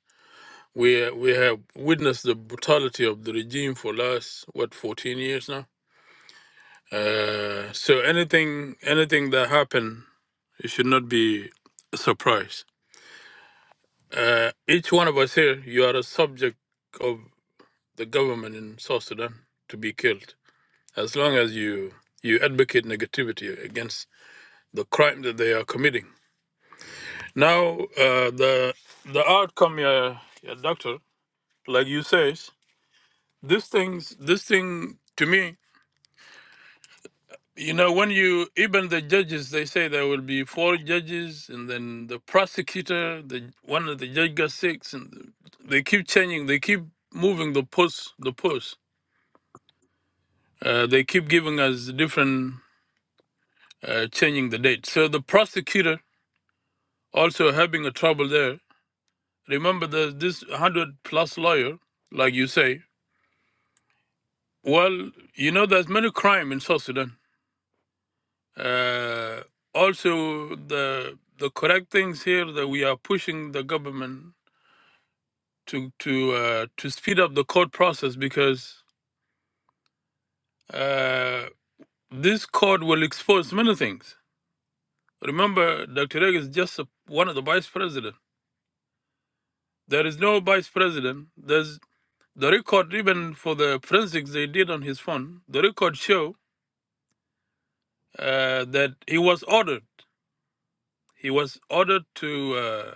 Speaker 6: we we have witnessed the brutality of the regime for last what fourteen years now. Uh, so anything anything that happened, it should not be a surprise. Uh, each one of us here, you are a subject of the government in South Sudan to be killed. as long as you you advocate negativity against the crime that they are committing. Now, uh, the the outcome, uh, yeah, doctor, like you says, this things this thing to me, you know, when you even the judges, they say there will be four judges, and then the prosecutor, the one of the judge got six, and they keep changing, they keep moving the post, the post. Uh, they keep giving us different uh, changing the date. So the prosecutor also having a trouble there. Remember, there's this hundred plus lawyer, like you say. Well, you know, there's many crime in South Sudan. Uh, also, the the correct things here that we are pushing the government to to uh, to speed up the court process because uh, this court will expose many things. Remember, Dr. Reg is just a, one of the vice president. There is no vice president. There's The record, even for the forensics they did on his phone, the record show uh, that he was ordered. He was ordered to uh,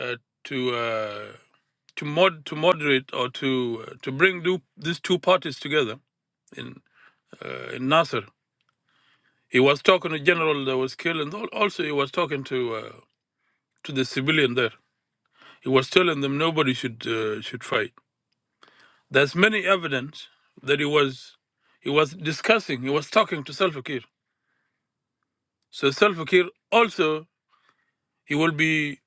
Speaker 6: uh, to uh, to mod to moderate or to uh, to bring do, these two parties together in uh, in Nasser. He was talking to general that was killed, and al- also he was talking to uh, to the civilian there. He was telling them nobody should uh, should fight. There's many evidence that he was he was discussing. He was talking to Salva Kiir. So Salva Kiir also he will be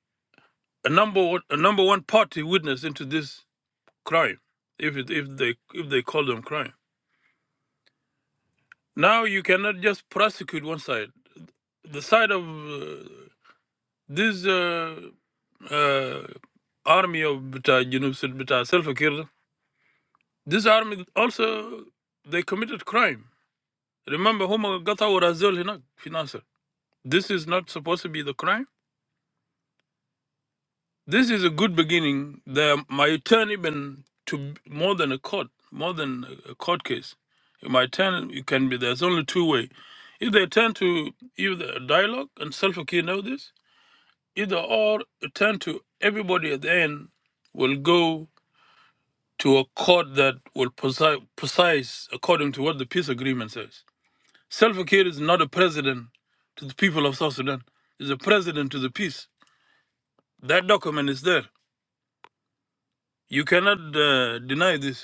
Speaker 6: a number one, a number one party witness into this crime, if it, if they if they call them crime. Now you cannot just prosecute one side. The side of uh, this uh, uh, army of Bita Junub Sid- Bita Salva Kiir, this army also they committed crime. Remember, Huma Gata Razul Hinak Financer. This is not supposed to be the crime. This is a good beginning. The, my turn even to more than a court, more than a court case. In my turn, it can be there's only two way. If they turn to either dialogue and self care know this, either or turn to everybody at the end will go to a court that will preci- precise according to what the peace agreement says. Self care is not a president to the people of South Sudan. He's a president to the peace. That document is there. You cannot uh, deny this.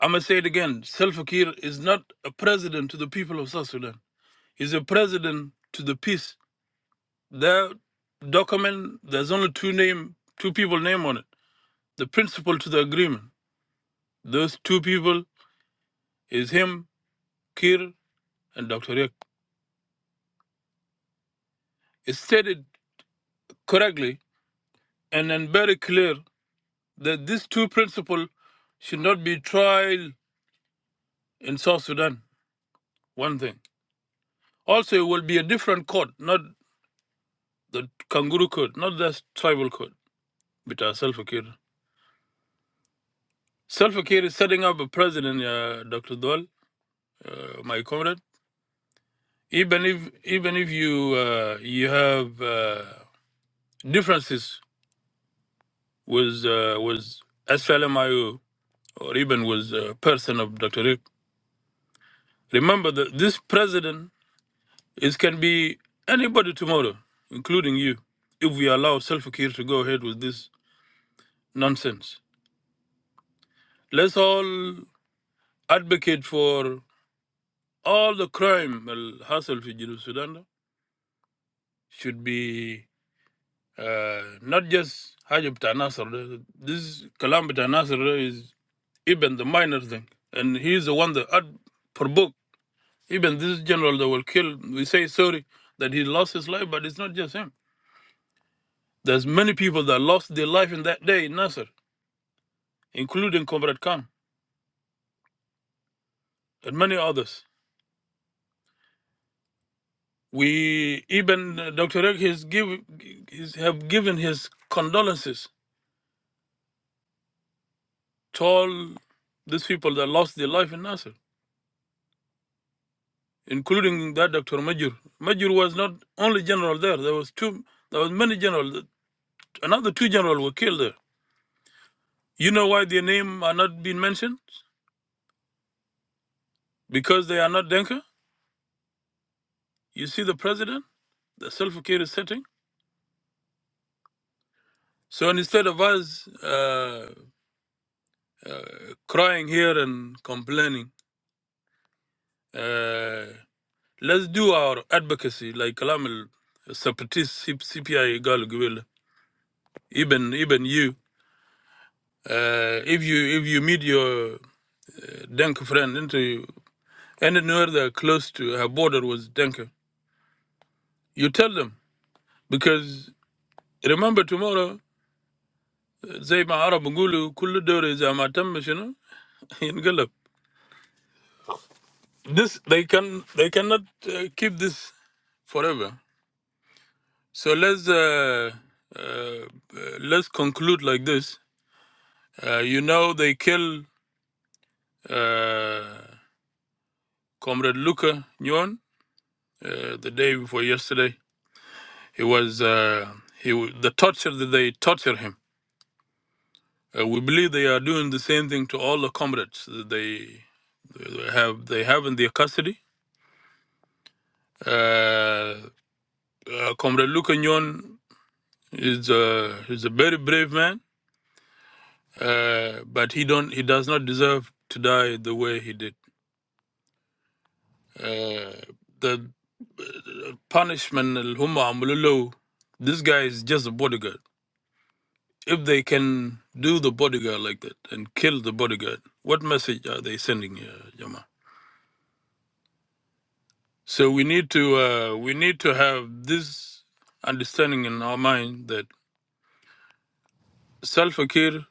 Speaker 6: I'm gonna say it again. Salva Kiir is not a president to the people of South Sudan. He's a president to the peace. That document, there's only two name, two people name on it. The principle to the agreement. Those two people is him, Kiir, and Dr. Riek. It's stated correctly and then very clear that these two principle should not be tried in South Sudan. One thing. Also, it will be a different court, not the kangaroo court, not the tribal court. Bita Salva Kiir. Salva Kiir is setting up a president, uh, Dr. Dwal, uh, my comrade. Even if even if you uh, you have uh, differences with uh, with SLMIO or even with a person of Dr. Rick, remember that this president is can be anybody tomorrow, including you, if we allow Salva Kiir to go ahead with this nonsense. Let's all advocate for all the crime al hassle in Sudan should be uh, not just Hajj Bata Nasser. This Kalam Bata Nasser is even the minor thing. And he's the one that ad provoked even this general that will kill. We say sorry that he lost his life, but it's not just him. There's many people that lost their life in that day in Nasser, including Comrade Khan and many others. We even uh, Dr. Ek has give, he's have given his condolences to all these people that lost their life in Nasser. including that Dr. Majur. Majur was not only general there. There was two. There was many generals. Another two generals were killed there. You know why their name are not being mentioned? Because they are not Denka. You see the president, the self-care is setting. So instead of us uh, uh, crying here and complaining, uh, let's do our advocacy like Kalamil separatist CPI Gal Gwil. Even even you, uh, if you if you meet your Denke friend into anywhere that are close to her border was Denke. You tell them because remember tomorrow زي ما عرب يقولوا كل دور إذا ما تم شنو ينقلب. This they can they cannot uh, keep this forever. So let's uh, uh, uh, let's conclude like this. Uh, you know they kill uh, Comrade Luca Nyon uh, the day before yesterday. He was uh, he w- the torture that they torture him Uh, we believe they are doing the same thing to all the comrades that they, they have they have in their custody. Uh, uh, Comrade Lukanyon is a is a very brave man, uh, but he don't he does not deserve to die the way he did. Uh, the uh, punishment al humma amululu, this guy is just a bodyguard. If they can do the bodyguard like that and kill the bodyguard, what message are they sending, uh, Jama? So we need to uh, we need to have this understanding in our mind that self-care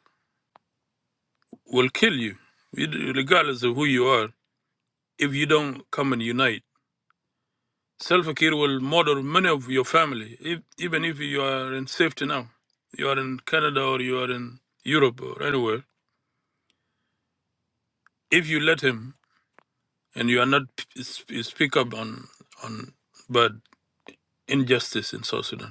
Speaker 6: will kill you, You- regardless of who you are, if you don't come and unite. Self-care will murder many of your family, if, even if you are in safety now. You are in Canada or you are in Europe or anywhere. If you let him and you are not p- sp- speak up on on bad injustice in South Sudan.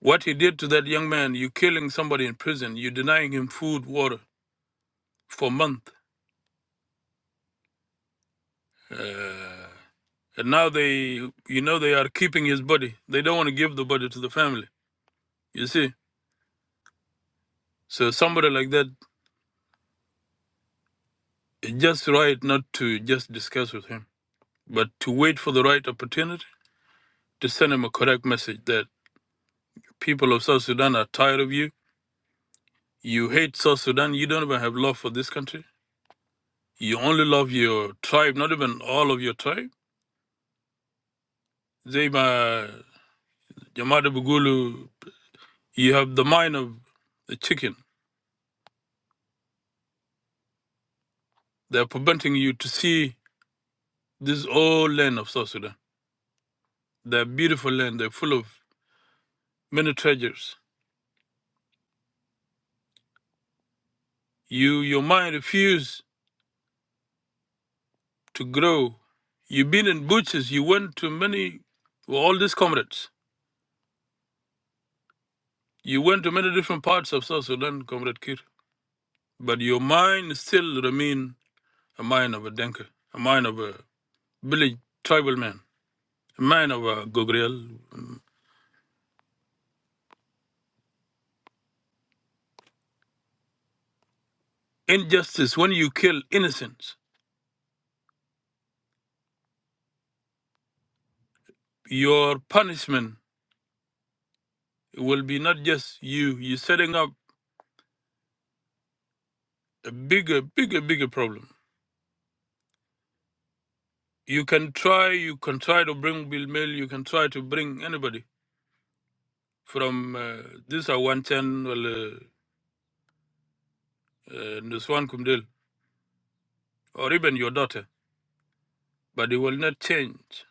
Speaker 6: What he did to that young man, you killing somebody in prison, you denying him food, water for a month. Uh, and now they, you know, they are keeping his body. They don't want to give the body to the family, you see. So somebody like that, it's just right not to just discuss with him, but to wait for the right opportunity to send him a correct message that people of South Sudan are tired of you. You hate South Sudan. You don't even have love for this country. You only love your tribe, not even all of your tribe. They, uh, Jamada Bugulu, you have the mind of a chicken. They're preventing you to see this old land of South Sudan. They're beautiful land. They're full of many treasures. You, your mind refused to grow. You've been in butchers. You went to many, well, all these comrades. You went to many different parts of South Sudan, Comrade Kir. But your mind still remain a mind of a Denker, a mind of a village tribal man, a mind of a Gogriel. Injustice, when you kill innocents, your punishment will be not just you, you're setting up a bigger, bigger, bigger problem. You can try, you can try to bring Bill Mill, you can try to bring anybody from uh, this or one ten, well, uh, uh, Nuswan Kumdil, or even your daughter, but it will not change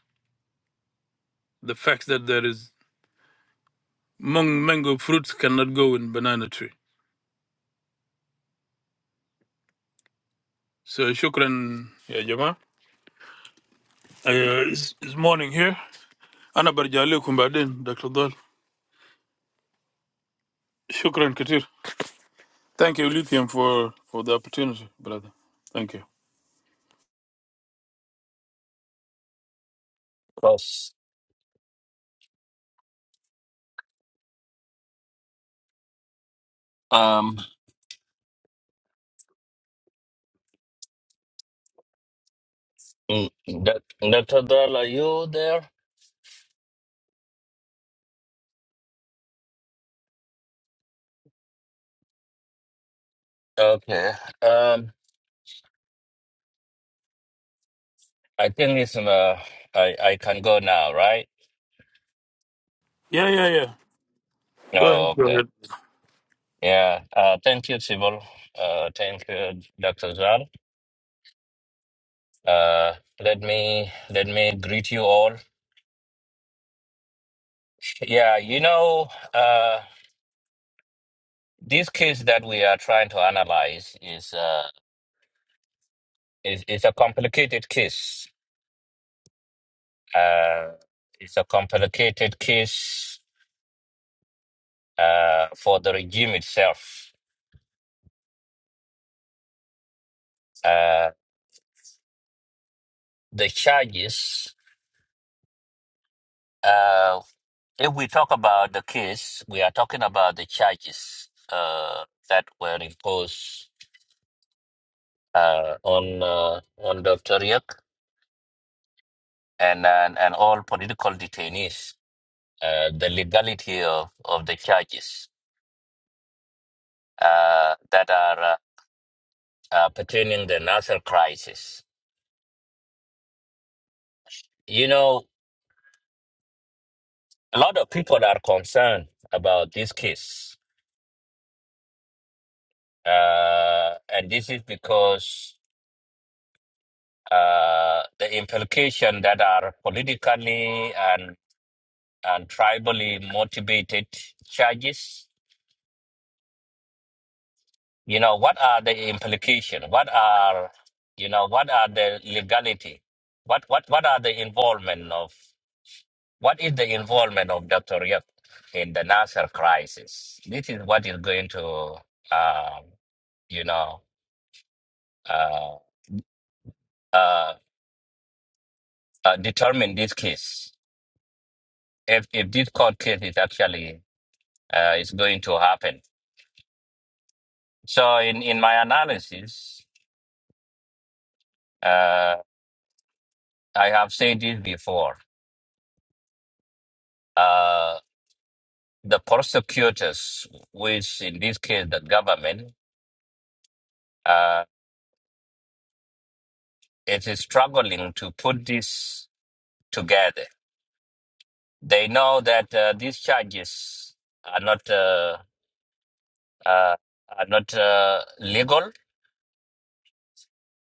Speaker 6: the fact that there is mung, mango fruits cannot go in banana tree. So shukran, yeah, Jama. Uh, it's, it's morning here. Ana barja alaikum baadin, Dr. Dol. Shukran Katir. Thank you, Lithium, for, for the opportunity, brother. Thank you.
Speaker 5: Yes. um, mm, Doc- Dr. Dal, are you there? Okay. I think it's uh, I I can go now, right?
Speaker 6: Yeah, yeah, yeah. Go
Speaker 5: Oh,
Speaker 6: ahead. Go
Speaker 5: okay.
Speaker 6: ahead.
Speaker 5: Yeah. Uh, thank you, Sybil. Uh, thank you, Dr. Zal. Uh, let me let me greet you all. Yeah, you know, uh, this case that we are trying to analyze is uh is is a complicated case. Uh, it's a complicated case uh for the regime itself. Uh, the charges. uh. If we talk about the case, we are talking about the charges uh, that were imposed uh, on uh, on Dr. Riek and, and and all political detainees. Uh, the legality of, of the charges uh, that are uh, uh, pertaining the national crisis. You know, a lot of people are concerned about this case, uh, and this is because uh, the implication that are politically and and tribally motivated charges you know what are the implication what are you know what are the legality what what what are the involvement of what is the involvement of dr Yap in the nasser crisis this is what is going to um you know uh, uh, uh, determine this case if if this court case is actually uh, is going to happen so in in my analysis uh, I have said this before. Uh, the prosecutors, which in this case the government, uh, it is struggling to put this together. They know that uh, these charges are not uh, uh, are not uh, legal.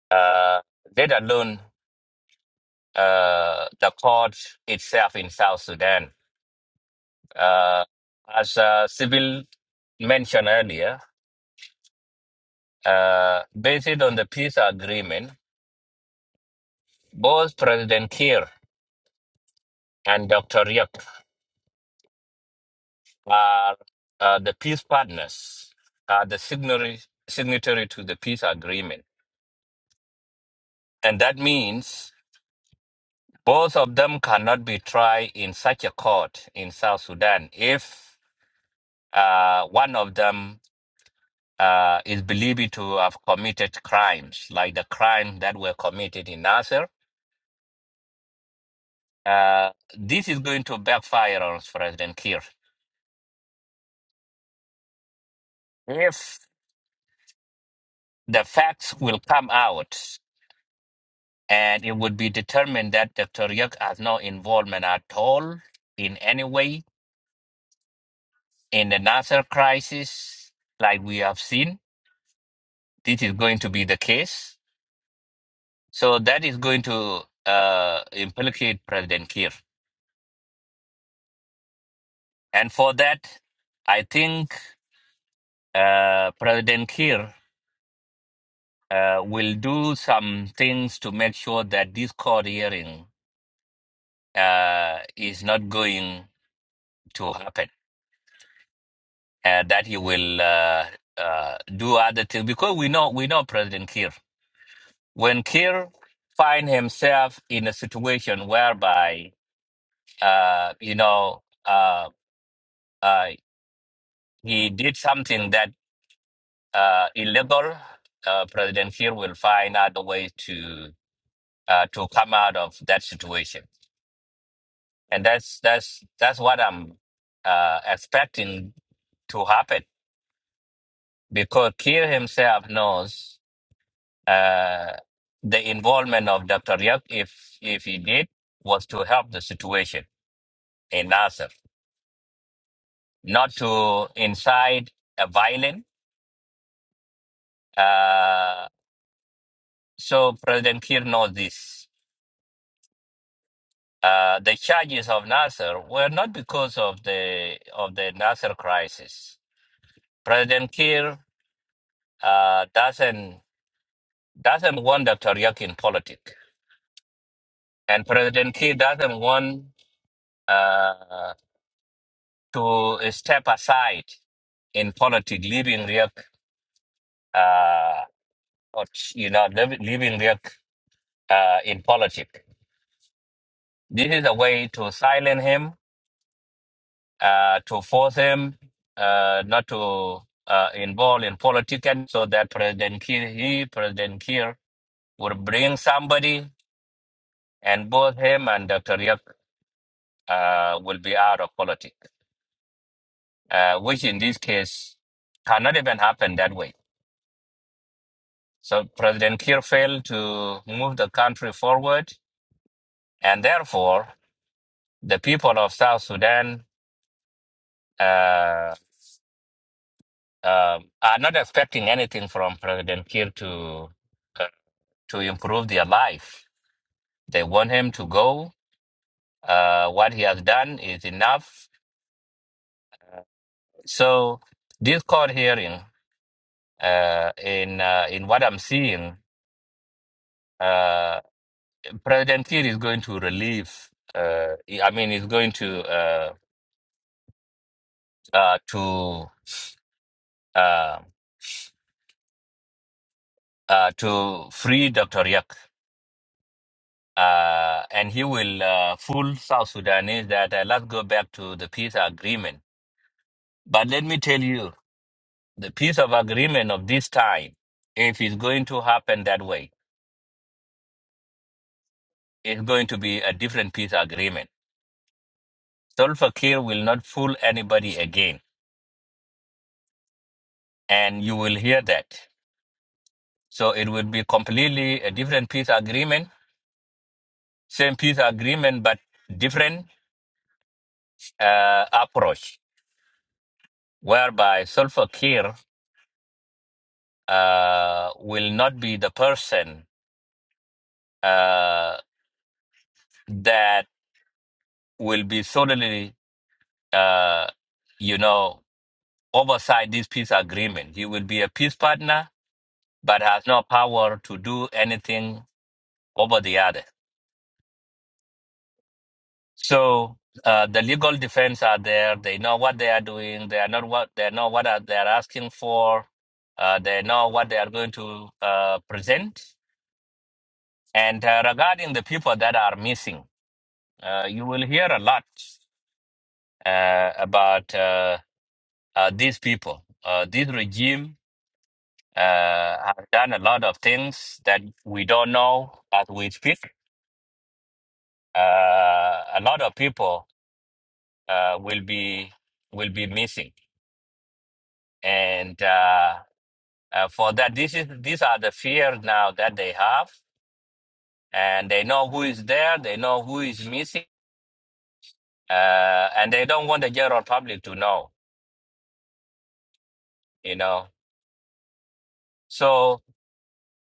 Speaker 5: Uh, let alone uh, the court itself in South Sudan. Uh, as uh, Sybil mentioned earlier, uh, based on the peace agreement. Both President Kiir and Dr. Riek are uh, the peace partners, are the signatory, signatory to the peace agreement. And that means both of them cannot be tried in such a court in South Sudan if uh, one of them uh, is believed to have committed crimes, like the crime that were committed in Nasser. Uh, this is going to backfire on President Kiir. If the facts will come out. and it would be determined that Dr. Yuk has no involvement at all in any way in the Nasser crisis, like we have seen. This is going to be the case. So that is going to uh, implicate President Kiir. And for that, I think uh, President Kiir uh, will do some things to make sure that this court hearing uh, is not going to happen uh, that he will uh, uh, do other things because we know we know President Kiir. When Kiir find himself in a situation whereby uh, you know uh, uh, he did something that uh, illegal, uh, President Kiir will find other ways to uh, to come out of that situation, and that's that's that's what I'm uh, expecting to happen because Kiir himself knows. Uh, the involvement of Dr. Yak, if if he did, was to help the situation in Nasser, not to incite a violent. Uh, so President Kiir knows this. Uh, the charges of Nasser were not because of the of the Nasser crisis. President Kiir uh, doesn't doesn't want Dr. Yak in politics, and President Kiir doesn't want. Uh, to step aside in politics, leaving Riek, uh, or, you know, leav- leaving Riek uh, in politics. This is a way to silence him, uh, to force him uh, not to uh, involve in politics, and so that President Kiir, he, President Kiir, will bring somebody, and both him and Dr. Riek uh, will be out of politics, uh, which in this case cannot even happen that way So President Kiir failed to move the country forward, and therefore the people of South Sudan uh, uh, are not expecting anything from President Kiir to uh, to improve their life. They want him to go. Uh, what he has done is enough. So this court hearing, uh, in uh, in what I'm seeing, uh, President Kiir is going to relieve. Uh, I mean, he's going to uh, uh, to uh, uh, to free Dr. Yak. Uh, and he will uh, fool South Sudanese that uh, let's go back to the peace agreement. But let me tell you, the peace of agreement of this time, if it's going to happen that way, it's going to be a different peace agreement. Solfa Kiir will not fool anybody again. And you will hear that. So it will be completely a different peace agreement, same peace agreement, but different uh, approach, whereby Solfa uh, will not be the person uh, that will be solely, uh, you know, oversight this peace agreement. He will be a peace partner, but has no power to do anything over the other. So uh, the legal defense are there. They know what they are doing. They are not what they know what are, they are asking for. Uh, they know what they are going to uh, present. And uh, regarding the people that are missing, uh, you will hear a lot. uh, about uh, uh, these people. Uh, this regime uh, have done a lot of things that we don't know as we speak. Uh, a lot of people uh, will be will be missing, and uh, uh, for that, this is these are the fears now that they have, and they know who is there, they know who is missing, uh, and they don't want the general public to know. You know, so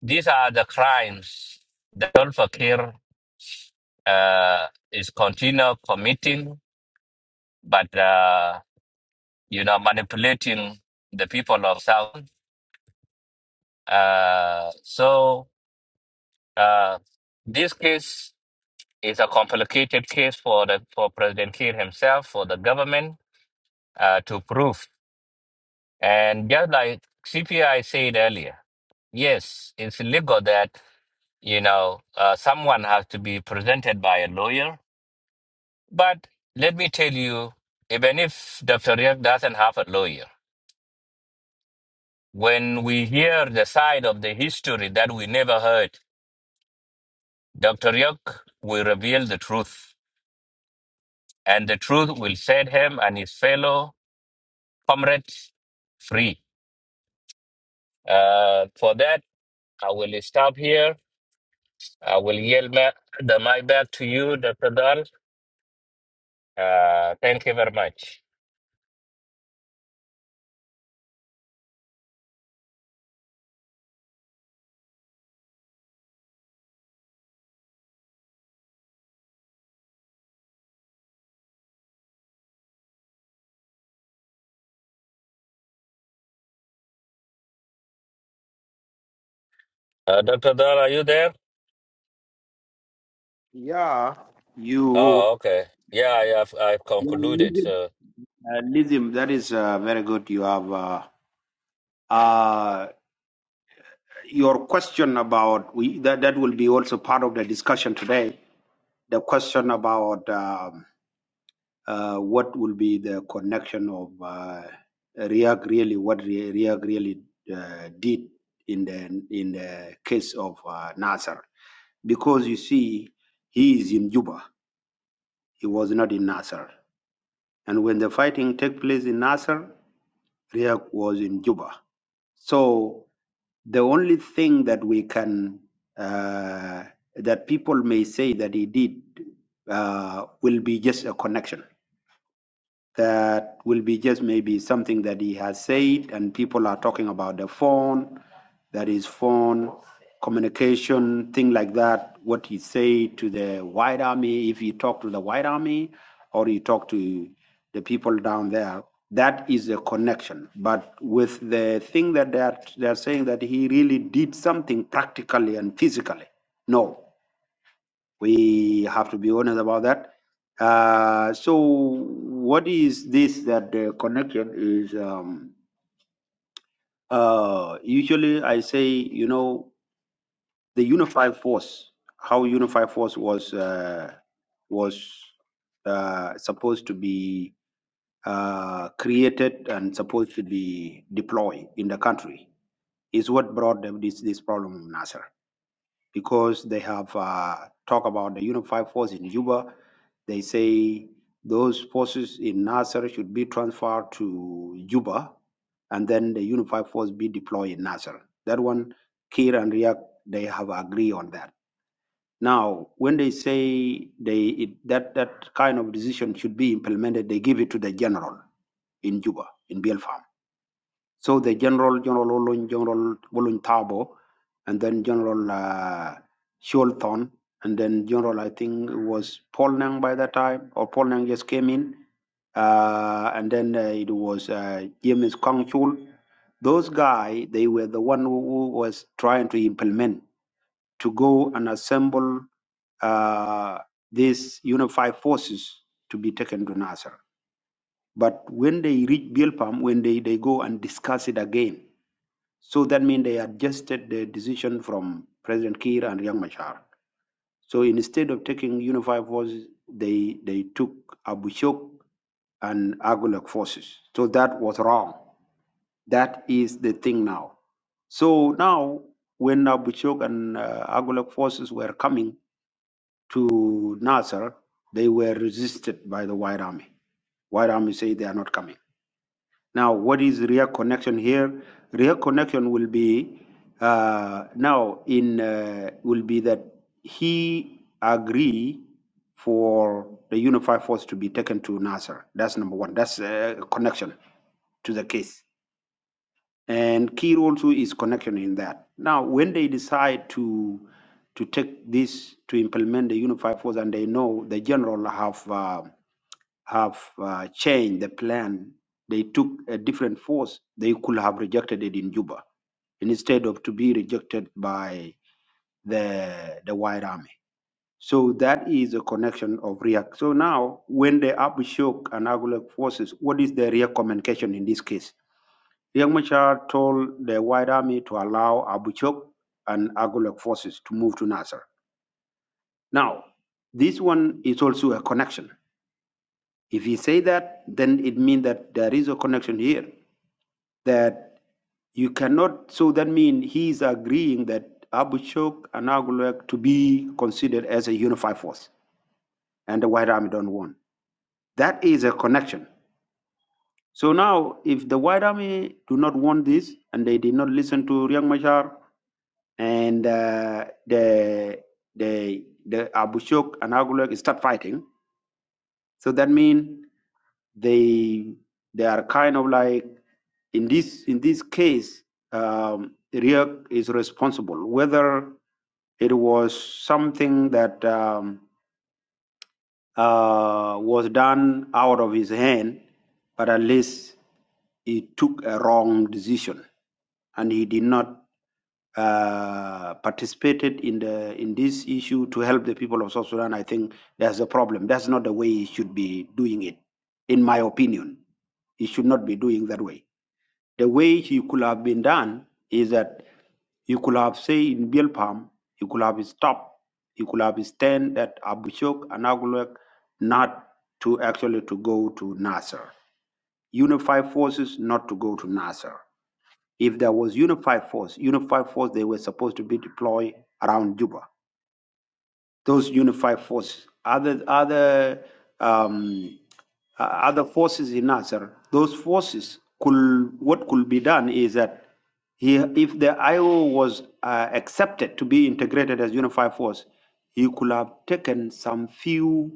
Speaker 5: these are the crimes that Al uh, is continue committing, but uh, you know manipulating the people of South. Uh, so uh, this case is a complicated case for the for President Kiir himself, for the government uh, to prove. And just like CPI said earlier, yes, it's legal that you know uh, someone has to be presented by a lawyer. But let me tell you, even if Dr. Riek doesn't have a lawyer When we hear the side of the history that we never heard, Dr. Yok will reveal the truth, and the truth will set him and his fellow comrades free. Uh, for that, I will stop here. I will yield back the mic back to you, Dr. Dahl. Uh, thank you very much. Uh, Dr. Dahl, are you there?
Speaker 1: Yeah. You.
Speaker 5: Oh, okay. Yeah, I have, I've
Speaker 1: Yeah,
Speaker 5: concluded. So,
Speaker 1: uh, Lizim, that is uh, very good. You have uh, uh, your question about we that that will be also part of the discussion today. The question about um, uh, what will be the connection of uh, React really, what Re- React really uh, did in the in the case of uh, Nasser. because you see, he is in Juba. He was not in Nasser. And when the fighting took place in Nasser, Riek was in Juba. So the only thing that we can uh, that people may say that he did uh, will be just a connection that will be just maybe something that he has said and people are talking about the phone that is phone communication thing like that what he said to the white army if he talked to the white army or he talked to the people down there that is a connection but with the thing that they are, they are saying that he really did something practically and physically no we have to be honest about that. Uh, so, what is this that the connection is? Um, uh, usually, I say, you know, the unified force. How unified force was uh, was uh, supposed to be uh, created and supposed to be deployed in the country is what brought them this this problem, Nasser. because they have uh, talked about the unified force in Juba. They say those forces in Nasser should be transferred to Juba and then the unified force be deployed in Nasser. That one, Kir and Riak, they have agreed on that. Now, when they say they it, that that kind of decision should be implemented, they give it to the general in Juba, in Bielfarm. So the general, General Olun, General Olun and then General uh, Sholton, and then General, I think it was Paul Nang by that time, or Paul Nang just came in, uh, and then uh, it was uh, James Kong Chul. Those guys, they were the one who, who was trying to implement, to go and assemble uh, these unified forces to be taken to Nasser. But when they reach Bilpam, when they, they go and discuss it again, so that means they adjusted the decision from President Kiir and Riek Machar. So instead of taking unified forces, they, they took Abu Shok and Agulak forces. So that was wrong. That is the thing now. So now, when Abu Shok and uh, Agulak forces were coming to Nasser, they were resisted by the White Army. White Army say they are not coming. Now, what is real connection here? Real connection will be uh, now in uh, will be that he agree for the unified force to be taken to Nasser. That's number one. That's uh, connection to the case. And Kir also is connection in that. Now, when they decide to to take this to implement the unified force, and they know the general have uh, have uh, changed the plan, they took a different force. They could have rejected it in Juba instead of to be rejected by the the White Army. So that is a connection of Riak. So now, when the Abushok and Agulak forces, what is the Riak communication in this case? Riek Machar told the White Army to allow Abu Chok and Agulak forces to move to Nasser. Now, this one is also a connection. If you say that, then it means that there is a connection here. That you cannot. So that means he is agreeing that Abu Chok and Agulak to be considered as a unified force, and the White Army don't want. That is a connection. So now, if the White Army do not want this, and they did not listen to Riek Machar, and uh, the the the Abushok and Agulok start fighting. So that means they they are kind of like in this in this case, um, Riek is responsible. Whether it was something that um, uh, was done out of his hand, but at least he took a wrong decision and he did not uh, participated in the in this issue to help the people of South Sudan. I think that's a problem. That's not the way he should be doing it, in my opinion. He should not be doing that way. The way he could have been done is that you could have say in Bilpam, you could have stopped, you could have stand that Abushok and Agulak not to actually to go to Nasser. Unified forces not to go to Nasser. If there was unified force, unified force they were supposed to be deployed around Juba those unified forces. Other other um, uh, other forces in Nasser, those forces could what could be done is that he, if the IO was uh, accepted to be integrated as unified force, he could have taken some few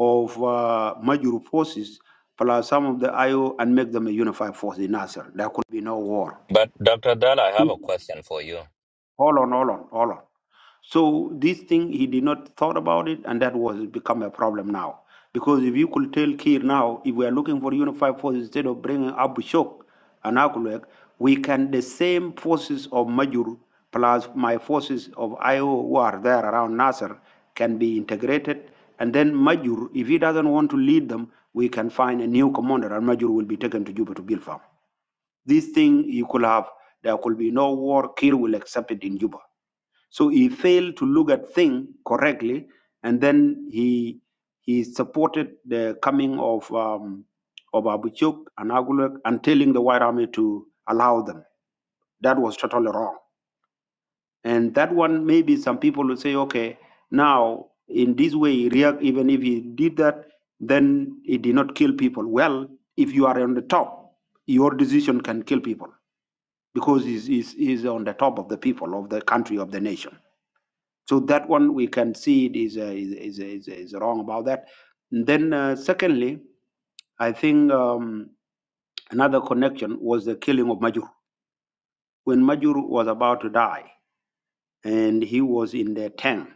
Speaker 1: of uh, Major forces plus some of the IO and make them a unified force in Nasser. There could be no war.
Speaker 5: but Dr. Dahl, I have a question for you.
Speaker 1: Hold on, hold on, hold on. So this thing he did not thought about it, and that was become a problem now. Because if you could tell Kir now, if we are looking for unified forces instead of bringing Abu Shok and Akulek, we can the same forces of Majur plus my forces of IO who are there around Nasser can be integrated. And then Majur, if he doesn't want to lead them, we can find a new commander, and Majur will be taken to Juba to build farm. This thing you could have, there could be no war. Kir will accept it in Juba so he failed to look at things correctly, and then he he supported the coming of um, of Abuchuk and Agulek and telling the white army to allow them. That was totally wrong. And that one maybe some people will say, okay, now in this way he react even if he did that, then he did not kill people. Well, if you are on the top, your decision can kill people because he's, he's, he's on the top of the people of the country of the nation so that one we can see it is uh, is, is, is is wrong about that. And then uh, secondly, I think um, another connection was the killing of Majur. When Majur was about to die and he was in the tank,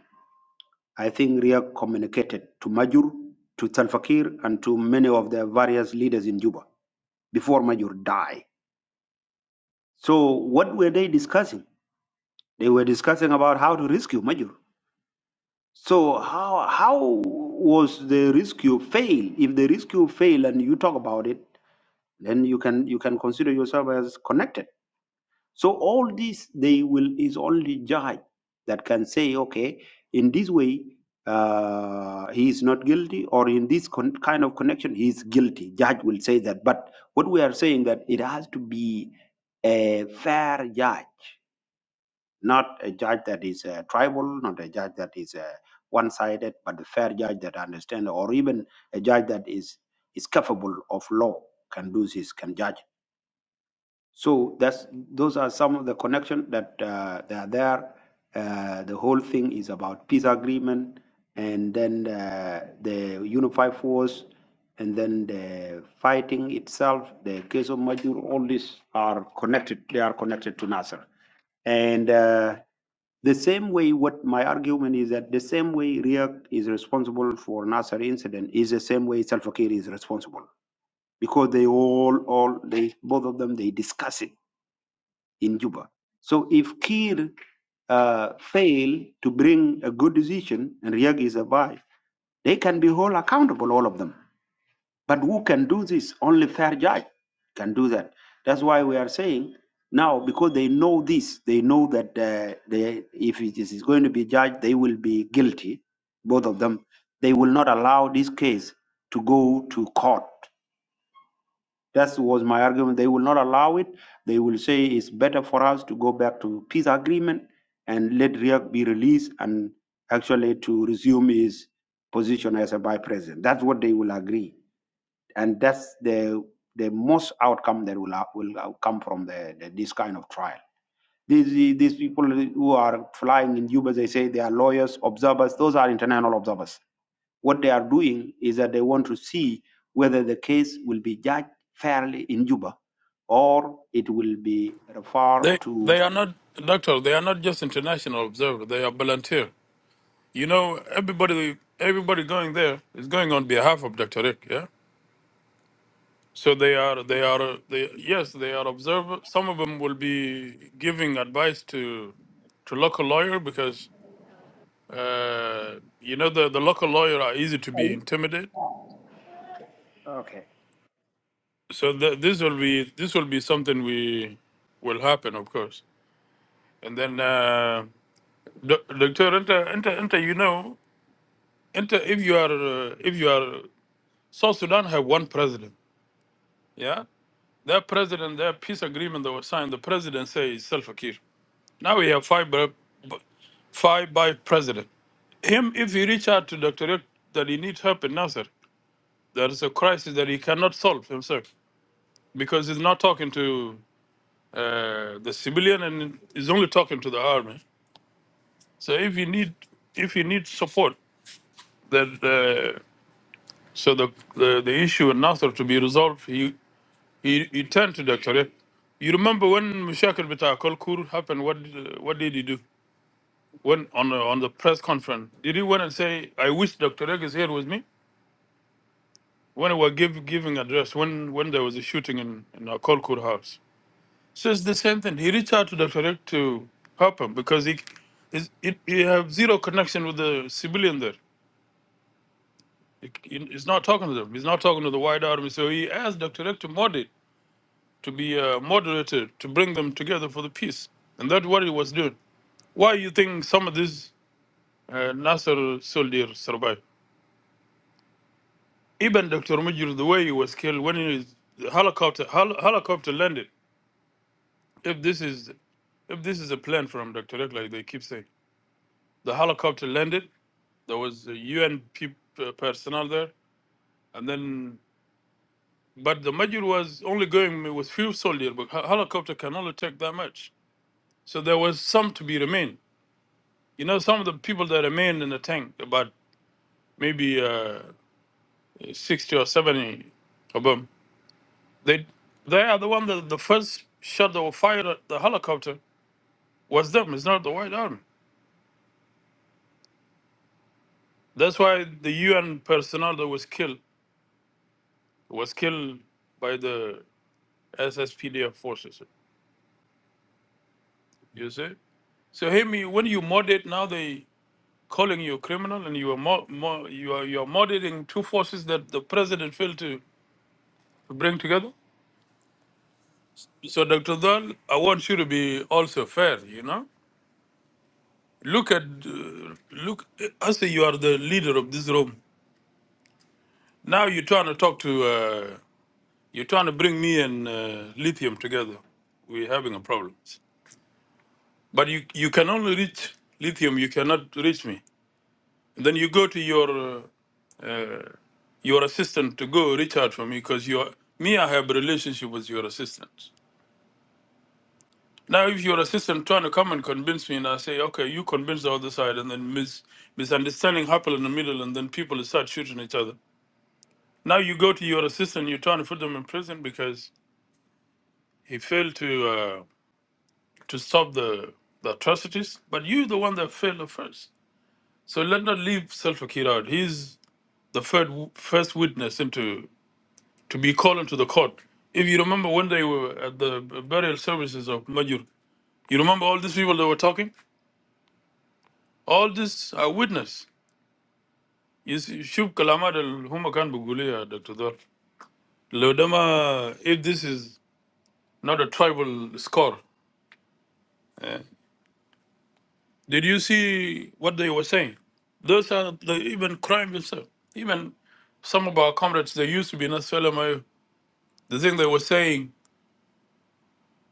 Speaker 1: I think Riek communicated to Majur, to Salfakir, and to many of the various leaders in Juba before Majur died. So what were they discussing? They were discussing about how to rescue Majur So how how was the rescue fail? If the rescue fail and you talk about it, then you can you can consider yourself as connected. So all this they will is only judge that can say, okay, in this way uh, he is not guilty, or in this con- kind of connection he is guilty. Judge will say that. But what we are saying that it has to be a fair judge not a judge that is uh, tribal, not a judge that is uh, one-sided, but a fair judge that understands, or even a judge that is is capable of law, can do this, can judge. So that's those are some of the connection that uh, they are there. Uh, the whole thing is about peace agreement, and then uh, the unified force, and then the fighting itself, the case of Majur. All these are connected. They are connected to Nasser, and. Uh, the same way, what my argument is that the same way React is responsible for Nasser incident is the same way Salva Kiir is responsible because they all, all they both of them they discuss it in Juba. So if Kiir uh, fail to bring a good decision and React is a buy, they can be held accountable, all of them. But who can do this? Only fair judge can do that. That's why we are saying now, because they know this, they know that uh, they, if it is going to be judged, they will be guilty, both of them. They will not allow this case to go to court. That was my argument. They will not allow it. They will say it's better for us to go back to peace agreement and let Riek be released and actually to resume his position as a vice president. That's what they will agree and that's the the most outcome that will uh, will uh, come from the, the this kind of trial. These these people who are flying in Juba, they say they are lawyers, observers. Those are international observers. What they are doing is that they want to see whether the case will be judged fairly in Juba, or it will be referred
Speaker 6: They
Speaker 1: to.
Speaker 6: they are not doctor. They are not just international observer. They are volunteer. You know, everybody everybody going there is going on behalf of Dr. Rick. Yeah. So they are they are they yes they are observer. Some of them will be giving advice to to local lawyer because uh, you know the the local lawyer are easy to be intimidated
Speaker 1: Okay.
Speaker 6: so th- this will be this will be something we will happen of course and then uh doc- doctor enter enter enter you know enter if you are uh, if you are south sudan have one president yeah that president that peace agreement that was signed the president says self akir now we have five bu- bu- five by president him if he reach out to doctor Rick that he needs help in nasser there is a crisis that he cannot solve himself because he's not talking to uh, the civilian and is only talking to the army. So if you need if you need support, that uh, so the, the the issue in Nasser to be resolved, he he, he turned to Dr. Rick. You remember when Mushakir Bita Kolkur happened? What did, what did he do? When on the, on the press conference, did he went and say, "I wish Dr. Rick is here with me"? When we were give, giving address, when when there was a shooting in in our Kolkur house, So it's the same thing. He reached out to Dr. Rick to help him because he, is it, he have zero connection with the civilian there. He, he- he's not talking to them. He's not talking to the White Army. So he asked Dr. Rick to moderate, to be a moderator, to bring them together for the peace. And that's what he was doing. Why you think some of these uh, Nasser soldiers survived? Even Dr. Mujir, the way he was killed when he was, the helicopter, hel- helicopter landed. If this is if this is a plan from Dr. Rick, like they keep saying, the helicopter landed There was a UN peop- uh, personnel there, and then but the Major was only going with few soldiers, but hel- helicopter can only take that much. So there was some to be remain. You know, some of the people that remained in the tank, about maybe uh, sixty or seventy of them, they they are the one that the first shot that were fired at the helicopter was them. It's not the White Army. That's why the UN personnel that was killed was killed by the SSPDF forces. You see? So Hemi, when you moderate now they calling you a criminal, and you are mo- mo- you are you are murdering two forces that the president failed to bring together. So Dr. Dahl, I want you to be also fair. You know, look at uh, look. I say you are the leader of this room. Now you're trying to talk to uh, you're trying to bring me and uh, lithium together. We're having a problem. But you you can only reach lithium. You cannot reach me. then you go to your uh, your assistant to go reach out for me because your me I have a relationship with your assistant. Now if your assistant trying to come and convince me and I say, Okay, you convince the other side and then mis- misunderstanding happen in the middle and then people start shooting each other. Now you go to your assistant, you're trying to put them in prison because he failed to uh, to stop the the atrocities, but you the one that failed the first. So let not leave Salva Kiir out. He's the third, first witness into to be called into the court. If you remember when they were at the burial services of Majur, you remember all these people that were talking? All this are witness. You see, Shub Kalamad al Humakan Bugulia, Dr. Dor. Lodama, if this is not a tribal score, eh, did you see what they were saying? Those are the even crime itself. Even some of our comrades, they used to be in Australia, the thing they were saying,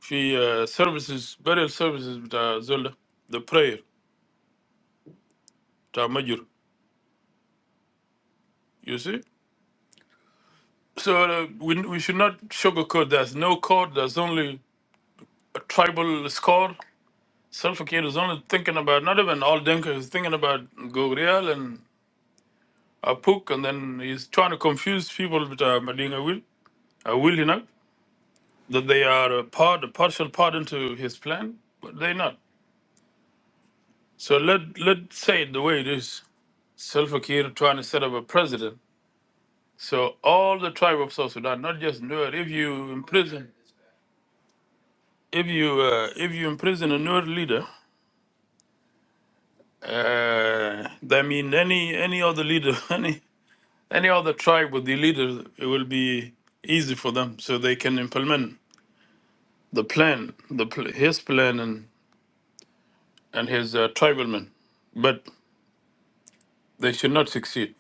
Speaker 6: the uh, services, burial services, with, uh, Zolda, the prayer, to Majur. You see? So uh, we, we should not sugarcoat. There's no code. There's only a tribal score. Self-Akir is only thinking about, not even all Denka is thinking about Gogrial and Apuk, and then he's trying to confuse people with uh, Madinga Will, uh, Will, you know, that they are a part, a partial part into his plan, but they're not. So let, let's say it the way it is. Self-Akir trying to set up a president. So all the tribe of South Sudan, not just Nuer, if you imprison if you uh, if you imprison a Nuer leader, uh, that mean any any other leader, any any other tribe with the leader, it will be easy for them, so they can implement the plan, the pl- his plan and and his uh, tribal men. But they should not succeed.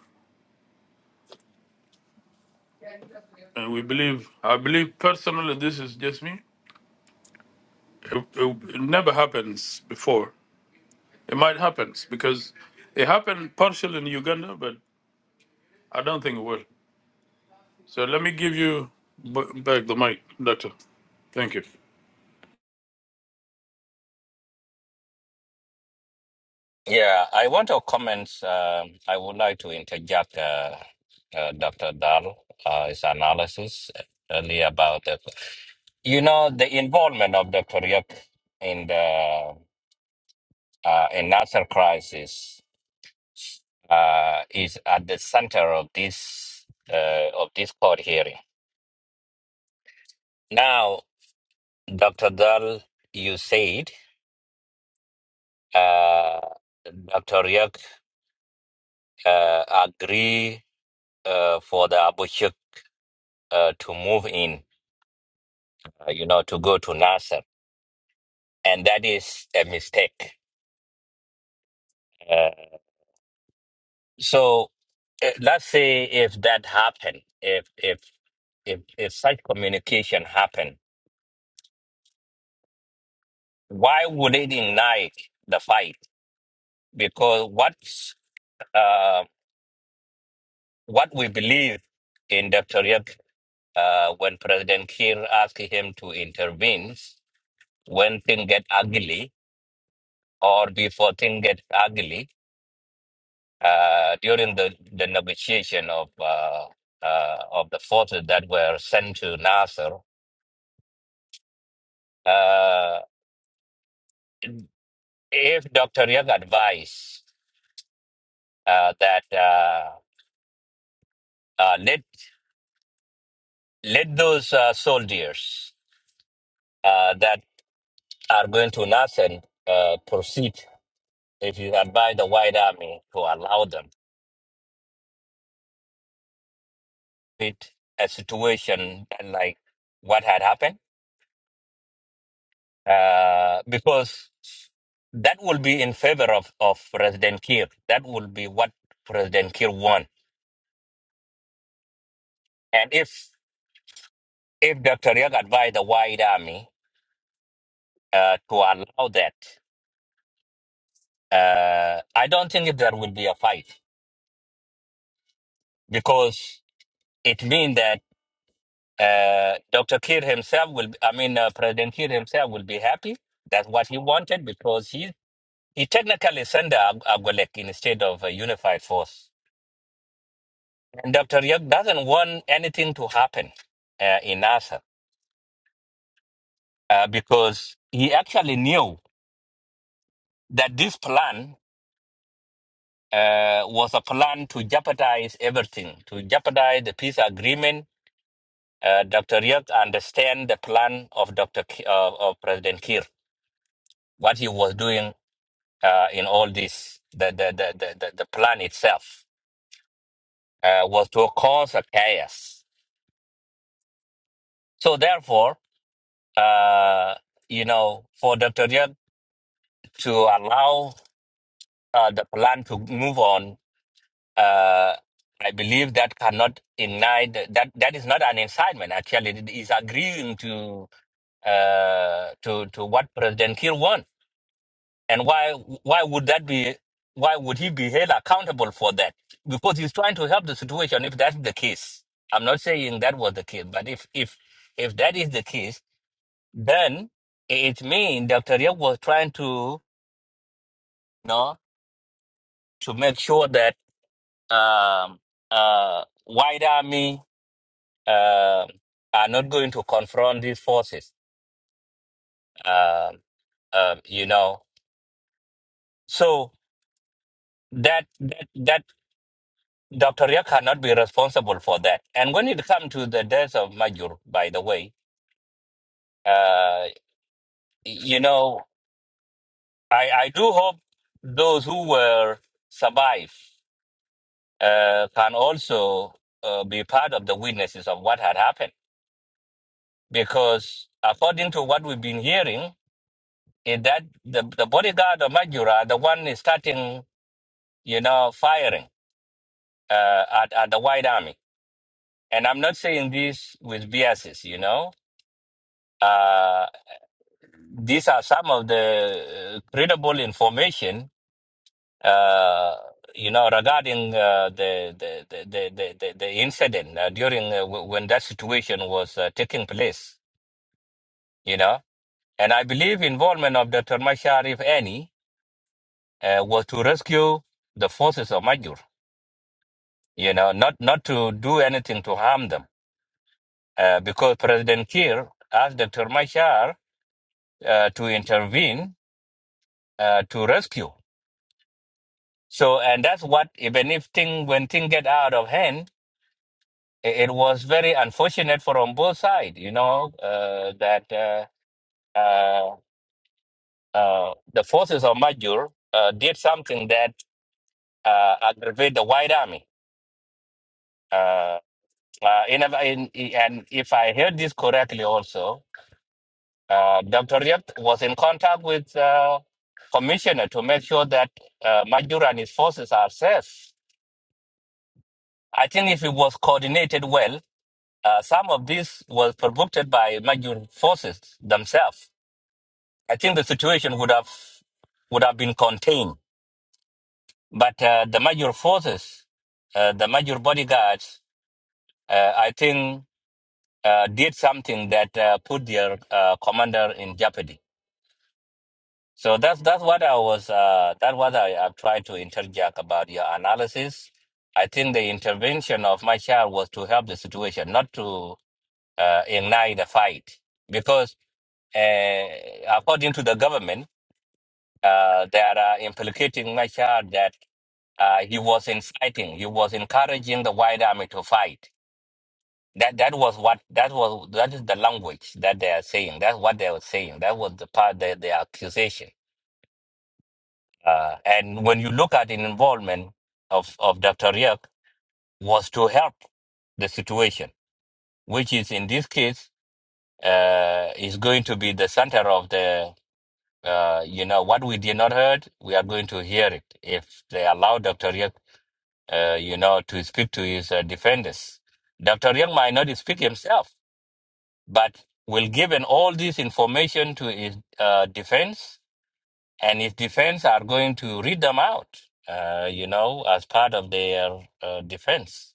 Speaker 6: And we believe, I believe personally, this is just me. It, it, it never happens before. It might happen because it happened partially in Uganda, but I don't think it will. So let me give you b- back the mic, Doctor. Thank you.
Speaker 5: Yeah, I want to comment. Um, I would like to interject uh, uh, Dr. Dahl, uh, his analysis uh, earlier about the, you know, the involvement of Dr. Yuk in the uh, in Nasser crisis uh, is at the center of this uh, of this court hearing. Now, Dr. Dahl, you said uh, Dr. Yuk uh, agree uh, for the Abu Shuk uh, to move in. uh, you know, to go to Nasser. And that is a mistake. Uh, so uh, let's say if that happened, if, if, if, if such communication happened, why would it ignite the fight? Because what's, uh, what we believe in Dr. Riek, uh, when President Kiir asked him to intervene, when things get ugly or before things get ugly, uh, during the, the negotiation of uh, uh, of the forces that were sent to Nasser, uh, if Dr. Young advised uh, that uh, uh, let let those uh, soldiers uh, that are going to Nasser uh, proceed, if you advise the White Army to allow them, it a situation like what had happened uh, because that will be in favor of, of President Kiir. That will be what President Kiir wants. And if if Dr. Young advised the White Army uh, to allow that, uh, I don't think there will be a fight because it means that uh, Dr. Kiir himself will, I mean, uh, President Kiir himself will be happy. That's what he wanted because he, he technically sent a, a Golek instead of a unified force And Dr. Yek doesn't want anything to happen uh, in NASA uh, because he actually knew that this plan uh, was a plan to jeopardize everything, to jeopardize the peace agreement. Uh, Dr. Yek understand the plan of Dr. Ki- uh, of President Kiir, what he was doing uh, in all this. The, the, the, the, the the plan itself uh, was to cause a chaos. So therefore, uh, you know, for Dr. Yek to allow uh, the plan to move on, uh, I believe that cannot deny that, that that is not an incitement. Actually, it is agreeing to uh, to to what President Kiir wants. And why why would that be? Why would he be held accountable for that? Because he's trying to help the situation. If that's the case, I'm not saying that was the case, but if if if that is the case, then it means Dr. Yeo was trying to you know to make sure that um, uh, white army um are not going to confront these forces. Um um, you know, so that that that Dr. Ria cannot be responsible for that. And when it comes to the death of Major, by the way, uh, you know, I I do hope those who were survived uh, can also uh, be part of the witnesses of what had happened, because according to what we've been hearing. is that the, the bodyguard of Majura, the one is starting, you know, firing uh, at, at the White Army. And I'm not saying this with biases, you know. Uh, these are some of the uh, credible information, uh, you know, regarding uh, the, the, the, the, the, the the incident uh, during uh, w- when that situation was uh, taking place, you know. And I believe involvement of Dr. Mashar, if any, uh, was to rescue the forces of Majur you know, not, not to do anything to harm them. Uh, because President Kiir asked Dr. Machar uh, to intervene uh, to rescue. So, and that's what, even if thing, when thing get out of hand, it, it was very unfortunate for on both sides, you know, uh, that uh, uh, uh, the forces of Majur uh, did something that uh, aggravate the white army. Uh, uh, in, a- in, and if I heard this correctly also, Uh, Dr. Riek was in contact with uh, commissioner to make sure that uh, Majura and his forces are safe. I think if it was coordinated well, uh, some of this was provoked by Majur forces themselves. I think the situation would have would have been contained. But uh, the Majur forces, uh, the Majur bodyguards, uh, I think uh, did something that uh, put their uh, commander in jeopardy. So that's that's what I was uh, that what I am trying to interject about your analysis. I think the intervention of my child was to help the situation, not to uh, ignite the fight, because uh, according to the government, uh, they are uh, implicating my child that uh, he was inciting, he was encouraging the white army to fight. That that was what that was that is the language that they are saying. That's what they were saying. That was the part that the accusation. Uh, and when you look at the involvement of, of Dr. Riak was to help the situation, which is in this case uh, is going to be the center of the, uh, you know, what we did not heard, we are going to hear it if they allow Dr. Riak, uh, you know, to speak to his uh, defenders. Dr. Riak might not speak himself, but will given all this information to his uh, defense And his defense are going to read them out, uh, you know, as part of their uh, defense.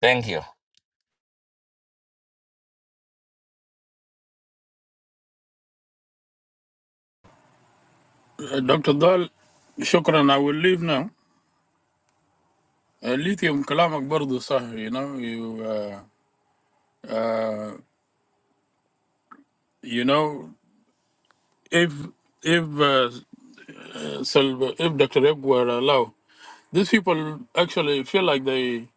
Speaker 5: Thank you.
Speaker 6: Uh, Dr. Dahl, shukran. I will leave now. Uh, lithium, kalamak bardo sah, you know, you, uh, uh, you know, if, if, uh, Sal- if Dr. Eb were allowed, these people actually feel like they,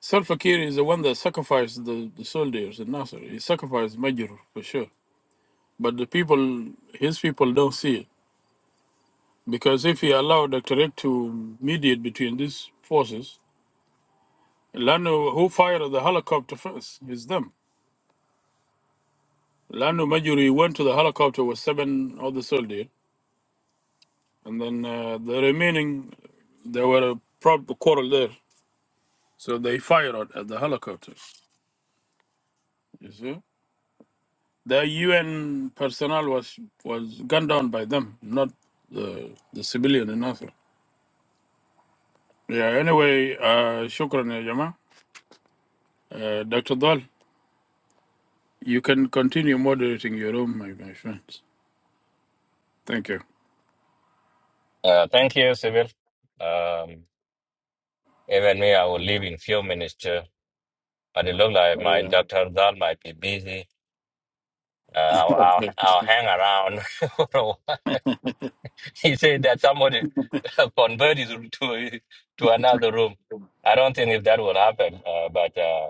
Speaker 6: Salva Kiir is the one that sacrificed the, the soldiers in Nasser. He sacrificed Major for sure. But the people, his people don't see it. Because if he allowed Dr. Rick to mediate between these forces, Lanu, who fired the helicopter first? It's them. Lanu Majuri went to the helicopter with seven other soldiers, and then uh, the remaining, there were a prob- quarrel there. So they fired at at the helicopter. You see? The UN personnel was, was gunned down by them, not the, the civilian in Nasser. Yeah, anyway, uh, shukran, ya Jama. Uh, Dr. Dahl. You can continue moderating your own, my, my friends. Thank you.
Speaker 5: Uh, thank you, Sibyl. Um, even me, I will leave in few minutes too. But it looks like my
Speaker 6: Yeah.
Speaker 5: Dr. Zal might be busy. Uh, I'll, I'll,
Speaker 6: Okay.
Speaker 5: I'll hang around. For a while. he said that somebody converted to, to another room. I don't think if that will happen, uh, but. uh,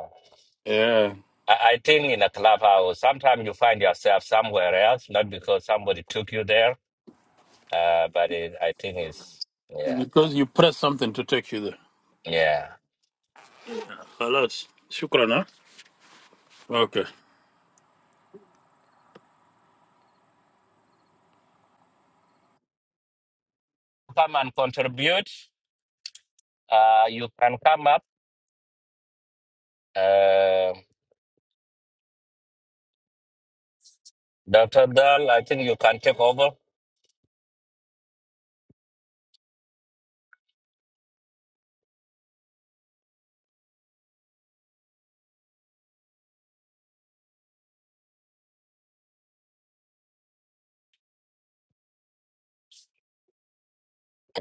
Speaker 6: Yeah.
Speaker 5: I I think in a clubhouse, sometimes you find yourself somewhere else, not because somebody took you there, uh, but it, I think it's, yeah,
Speaker 6: Because you press something to take you there.
Speaker 5: yeah.
Speaker 6: Alas. Shukran, huh? Okay.
Speaker 5: Come and contribute. Uh, you can come up. Uh, Dr. Dahl, I think you can take over.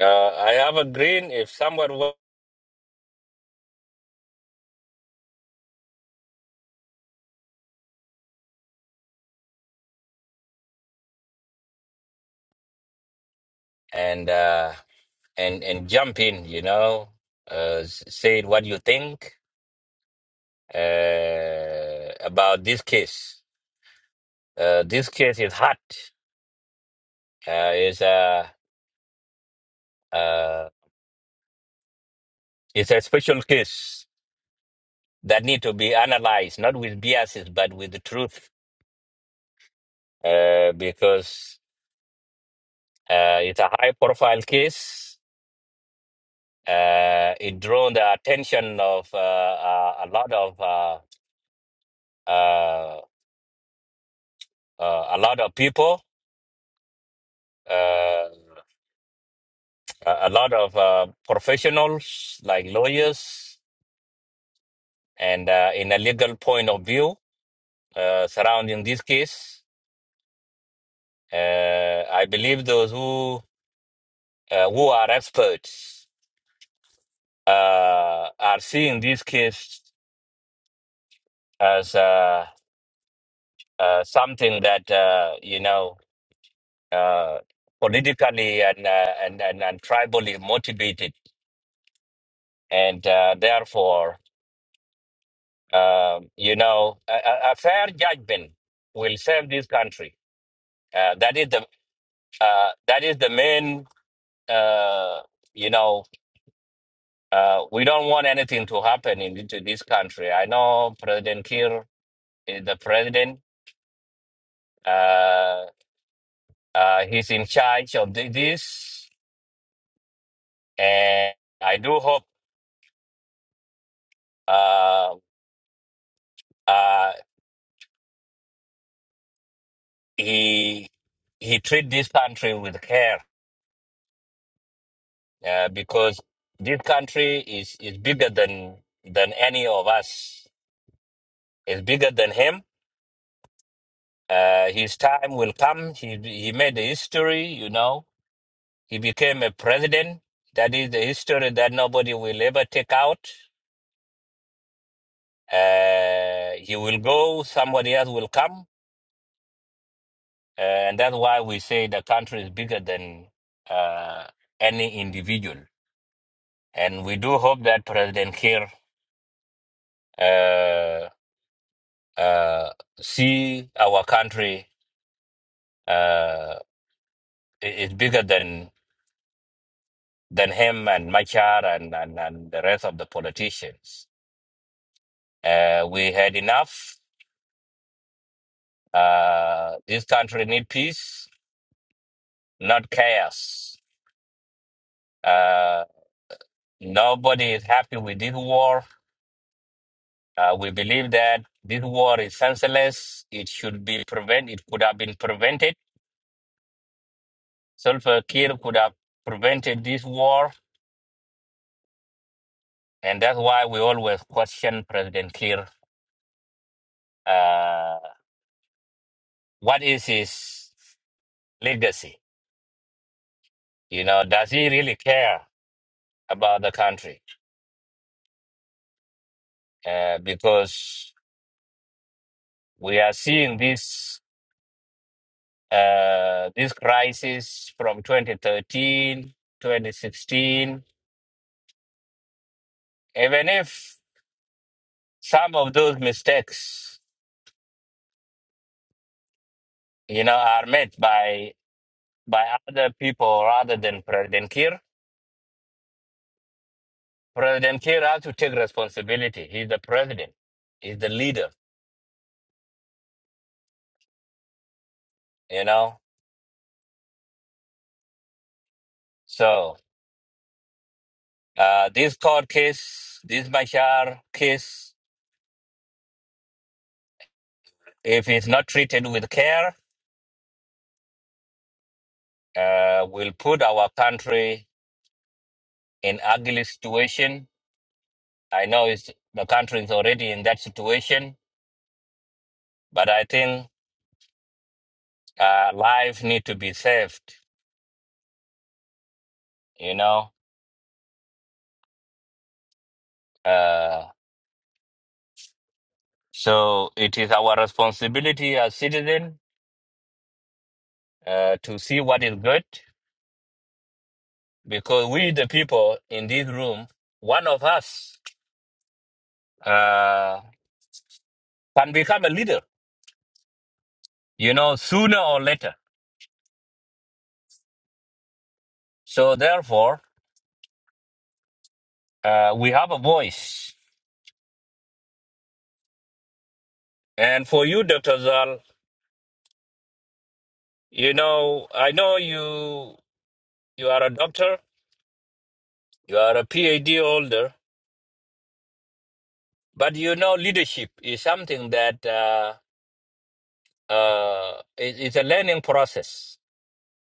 Speaker 5: Uh, I have a green if someone will, and, uh, and, and jump in, you know, uh, s- say what you think, uh, about this case. Uh, this case is hot. Uh, it's, uh, Uh, it's a special case that need to be analyzed, not with biases, but with the truth, uh, because uh, it's a high-profile case. Uh, it drew the attention of uh, uh, a lot of uh, uh, uh, a lot of people, uh, a a lot of uh, professionals like lawyers, and uh, in a legal point of view uh, surrounding this case. Uh, I believe those who uh, who are experts uh, are seeing this case as uh, uh, something that uh, you know uh, politically and, uh, and and and tribally motivated, and uh, therefore uh, you know a, a a fair judgment will save this country. Uh, that is the uh, that is the main. Uh, you know, uh, we don't want anything to happen in, to this country. I know President Kiir is the president, uh, uh, he's in charge of thi- this, and I do hope uh, uh, he he treat this country with care uh, because this country is is bigger than than any of us. It's bigger than him. Uh, his time will come. He he made the history, you know. He became a president. That is the history that nobody will ever take out. Uh, he will go. Somebody else will come Uh, and that's why we say the country is bigger than uh, any individual. And we do hope that President Kiir uh, uh, see our country uh, i- is bigger than than him and Machar and, and, and the rest of the politicians. Uh, we had enough. Uh, this country need peace, not chaos. Uh, nobody is happy with this war Uh, we believe that this war is senseless. It should be prevented. It could have been prevented. Sulfur Kir could have prevented this war. And that's why we always question President Kir. Uh, what is his legacy? You know, does he really care about the country? Uh, because we are seeing this, uh, this crisis from 2013, 2016. Even if some of those mistakes you know, are met by by other people rather than President Kiir. President Kiir has to take responsibility. He's the president. He's the leader. You know, so uh, this court case, this Bashar case, if it's not treated with care, uh, will put our country in ugly situation. I know it's the country is already in that situation, but I think uh, life need to be saved. You know. Uh, So it is our responsibility as citizens uh, to see what is good because we, the people in this room, one of us uh, can become a leader, you know, sooner or later. So therefore, uh, we have a voice. And for you, Dr. Zal, you know, I know you, you are a doctor, you are a PhD holder, but you know, leadership is something that uh, uh, it- it's a learning process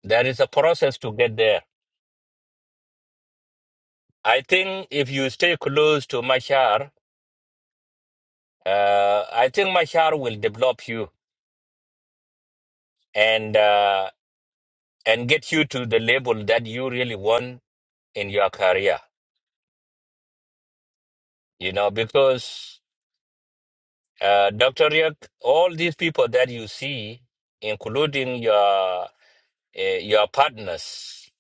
Speaker 5: There is a process to get there. I think if you stay close to Machar, uh, I think Machar will develop you and uh, and get you to the level that you really want in your career. You know, because uh, Dr. Riek, all these people that you see, including your uh, your partners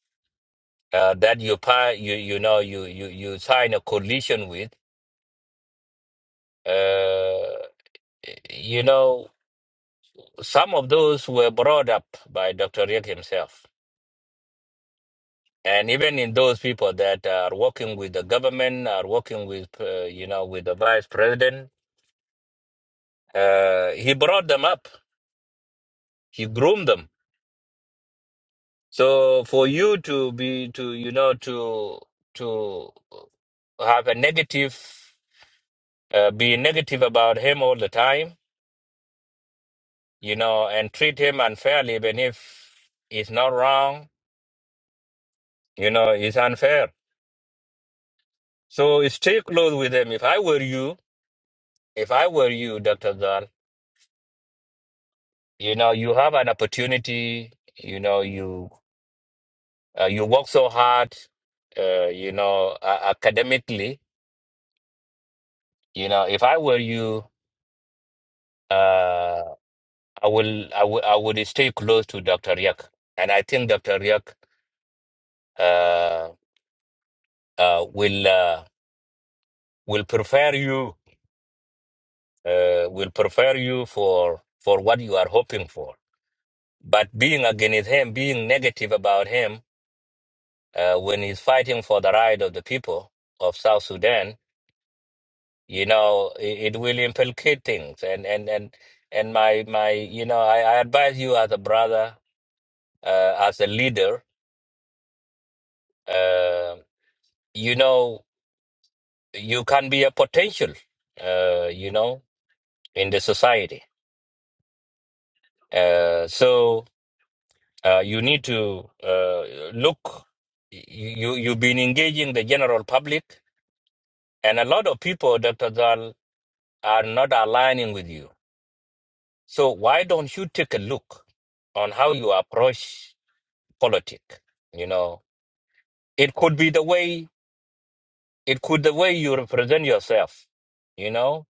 Speaker 5: uh, that you pa- you you know you you you sign a coalition with, uh, you know. Some of those were brought up by Dr. Rick himself. And even in those people that are working with the government, are working with, uh, you know, with the vice president, uh, he brought them up. He groomed them. So for you to be, to, you know, to, to have a negative, uh, be negative about him all the time, you know, and treat him unfairly, even if it's not wrong, you know, it's unfair. So stay close with him. If I were you, If I were you, Dr. Zal, you know, you have an opportunity, you know, you uh, you work so hard, uh, you know, uh, academically, you know, if I were you, uh, I will, I will, I would stay close to Dr. Riak. And I think Dr. Riak, uh, uh, will, uh, will prepare you, uh, will prepare you for, for what you are hoping for. But being against him, being negative about him, uh, when he's fighting for the right of the people of South Sudan, you know, it, it will implicate things. And and and and my my, you know, I, I advise you as a brother, uh, as a leader, uh, you know, you can be a potential, uh, you know, in the society. Uh, so uh, you need to uh, look. You you've been engaging the general public, and a lot of people, Dr. Zal, are not aligning with you So why don't you take a look on how you approach politics? You know, it could be the way it could the way you represent yourself. You know,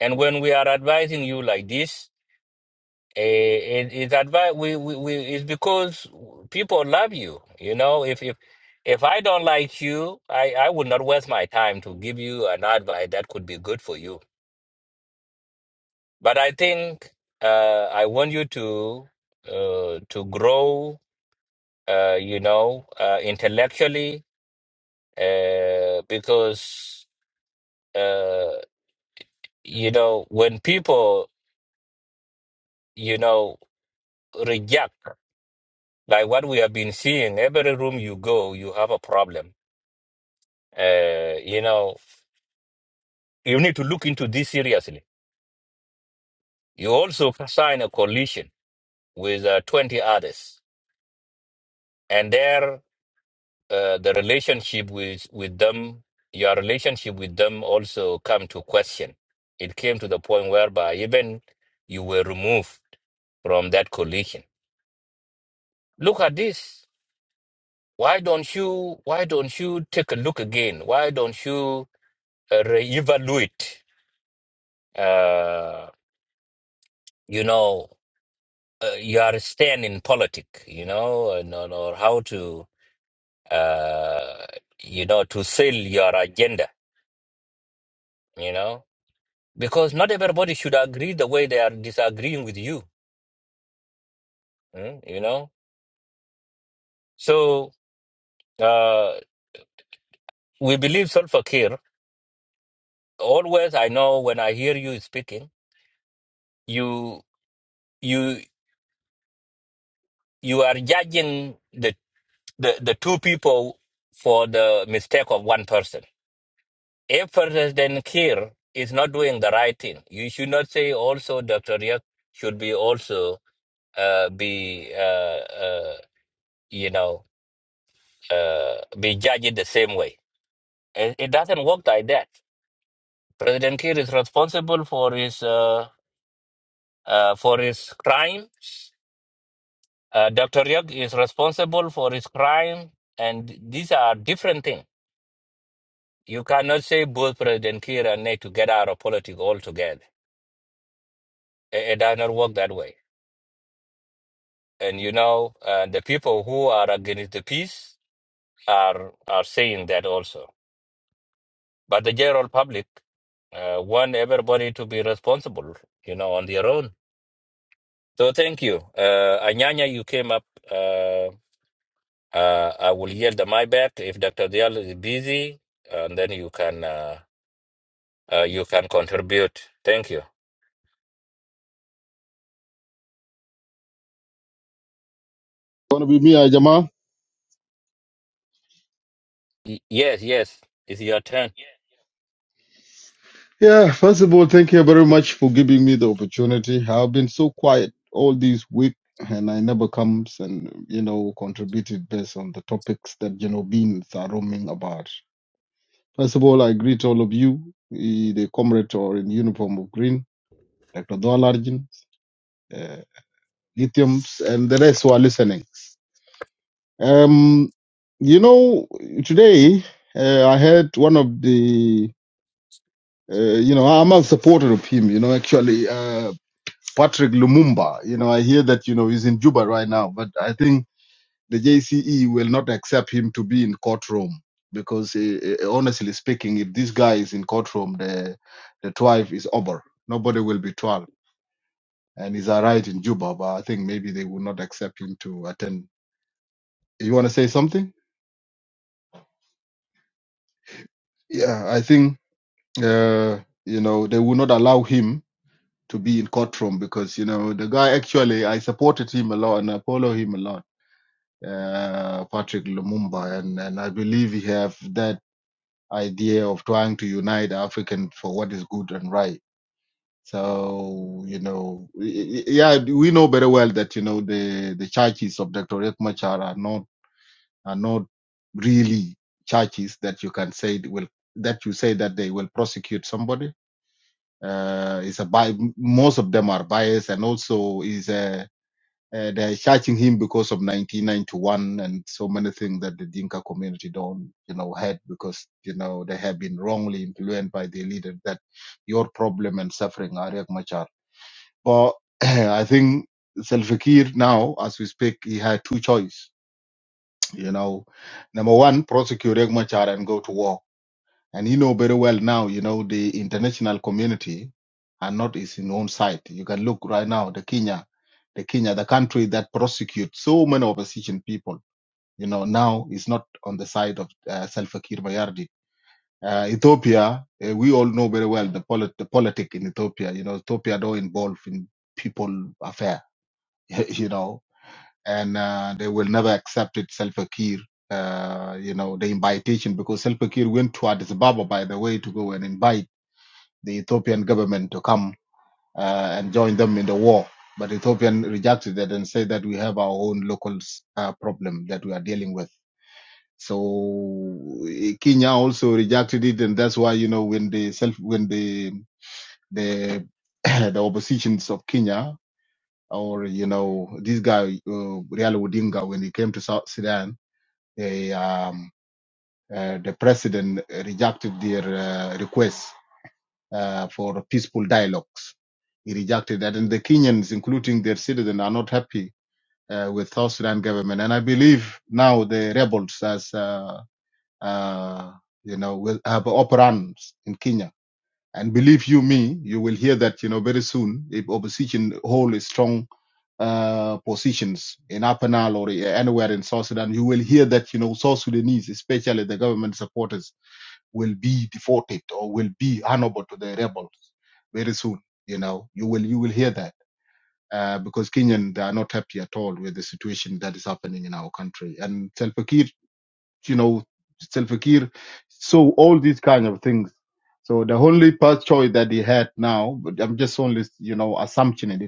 Speaker 5: and when we are advising you like this, eh, it is advice. We, we we it's because people love you. You know, if if if I don't like you, I I would not waste my time to give you an advice that could be good for you. But I think uh, I want you to uh, to grow uh, you know, uh, intellectually, uh, because, uh, you know, when people, you know, reject, like what we have been seeing, every room you go, you have a problem. Uh, you know, you need to look into this seriously. You also sign a coalition with uh, 20 others. And there uh, the relationship with, with them, your relationship with them also come to question. It came to the point whereby even you were removed from that coalition. Look at this. Why don't you? Why don't you take a look again? Why don't you uh, reevaluate? Uh, you know, uh, your stand in politics. You know, and, and- or how to, uh, you know, to sell your agenda. You know, because not everybody should agree the way they are disagreeing with you. mm, You know, so uh, we believe Solfa Kir. Always, I know when I hear you speaking, you you you are judging the the, the two people for the mistake of one person. If President Kir is not doing the right thing, you should not say also Dr. Riak should be also uh, be uh, uh, you know uh, be judged the same way It, it doesn't work like that. President Kiir is responsible for his uh, uh, for his crime. Uh, Dr. Yog is responsible for his crime, and these are different things. You cannot say both President Kiir and Nate to get out of politics altogether. It, it does not work that way. And you know, uh, the people who are against the peace are are saying that also. But the general public uh, want everybody to be responsible, you know, on their own So thank you. Uh, Anyanya, you came up. Uh, uh, I will yield the mic back if Dr. Diallo is busy, and then you can uh, uh, you can contribute. Thank you.
Speaker 7: Gonna be me, uh, Jamal.
Speaker 5: Y- yes, yes, it's your turn.
Speaker 7: Yeah, first of all, thank you very much for giving me the opportunity. I've been so quiet all this week and I never comes and you know contributed based on the topics that you know beings are roaming about. First of all, I greet all of you, eh, the comrade or in uniform of green, Dr. Dolarjin, uh, lithiums, and the rest who are listening. Um, you know, today uh, I heard one of the Uh, you know, I'm a supporter of him. You know, actually, uh, Patrick Lumumba. You know, I hear that you know he's in Juba right now, but I think the JCE will not accept him to be in courtroom because, uh, uh, honestly speaking, if this guy is in courtroom, the the trial is over. Nobody will be trial, and he's arrived in Juba. But I think maybe they will not accept him to attend. You want to say something? Yeah, I think uh, you know they will not allow him to be in courtroom because you know the guy actually I supported him a lot and I follow him a lot, uh, Patrick Lumumba, and and I believe he have that idea of trying to unite African for what is good and right. So you know, yeah, we know very well that you know the the churches of Dr. Riek Machar are not are not really churches that you can say will that you say that they will prosecute somebody uh, is a bi- most of them are biased and also is a Uh, they're charging him because of 1991 and so many things that the Dinka community don't, you know, had because, you know, they have been wrongly influenced by the leader that your problem and suffering are Riek Machar. But I think Salva Kiir now, as we speak, he had two choice. You know, number one, prosecute Riek Machar and go to war and you know very well now, you know, the international community are not is in own side. You can look right now, the Kenya, the Kenya, the country that prosecutes so many opposition people, you know, now is not on the side of uh, Salva Kiir Mayardit. Uh, Ethiopia, uh, we all know very well the, polit- the politic in Ethiopia. You know, Ethiopia don't involve in people affair, you know, and uh, they will never accept it, Salva Kiir uh, you know, the invitation because Salva Kiir went to Addis Ababa, by the way, to go and invite the Ethiopian government to come uh, and join them in the war. But Ethiopian rejected that and said that we have our own local uh, problem that we are dealing with. So eh, Kenya also rejected it, and that's why you know when the self when the the the oppositions of Kenya or you know this guy uh, Real Odinga when he came to South Sudan, they um, uh, the president rejected their uh, request uh, for peaceful dialogues. He rejected that, and the Kenyans, including their citizens, are not happy uh, with South Sudan government. And I believe now the rebels, as uh, uh, you know, will have operands in Kenya. And believe you me, you will hear that you know very soon if opposition hold a strong uh, positions in Upper Nile or anywhere in South Sudan, you will hear that you know South Sudanese, especially the government supporters will be deported or will be honorable to the rebels very soon. You know, you will you will hear that uh, because Kenyan they are not happy at all with the situation that is happening in our country. And Salva Kiir, you know, Salva Kiir, so all these kind of things. So the only path choice that he had now, but I'm just only you know assumptioning it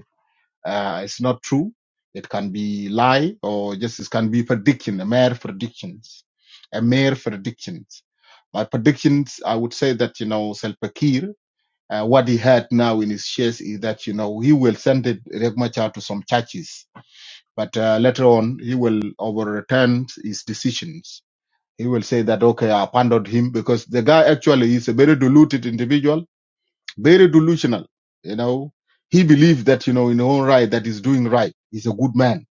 Speaker 7: uh, it's not true. It can be lie or just it can be prediction, a mere predictions, a mere predictions. But predictions, I would say that you know Selpakir, uh, what he had now in his shares is that you know he will send it Riek Machar to some churches, but uh, later on he will overturn his decisions. He will say that okay, I abandoned him because the guy actually is a very deluded individual very delusional, you know. He believed that, you know, in his own right, that he's doing right. He's a good man.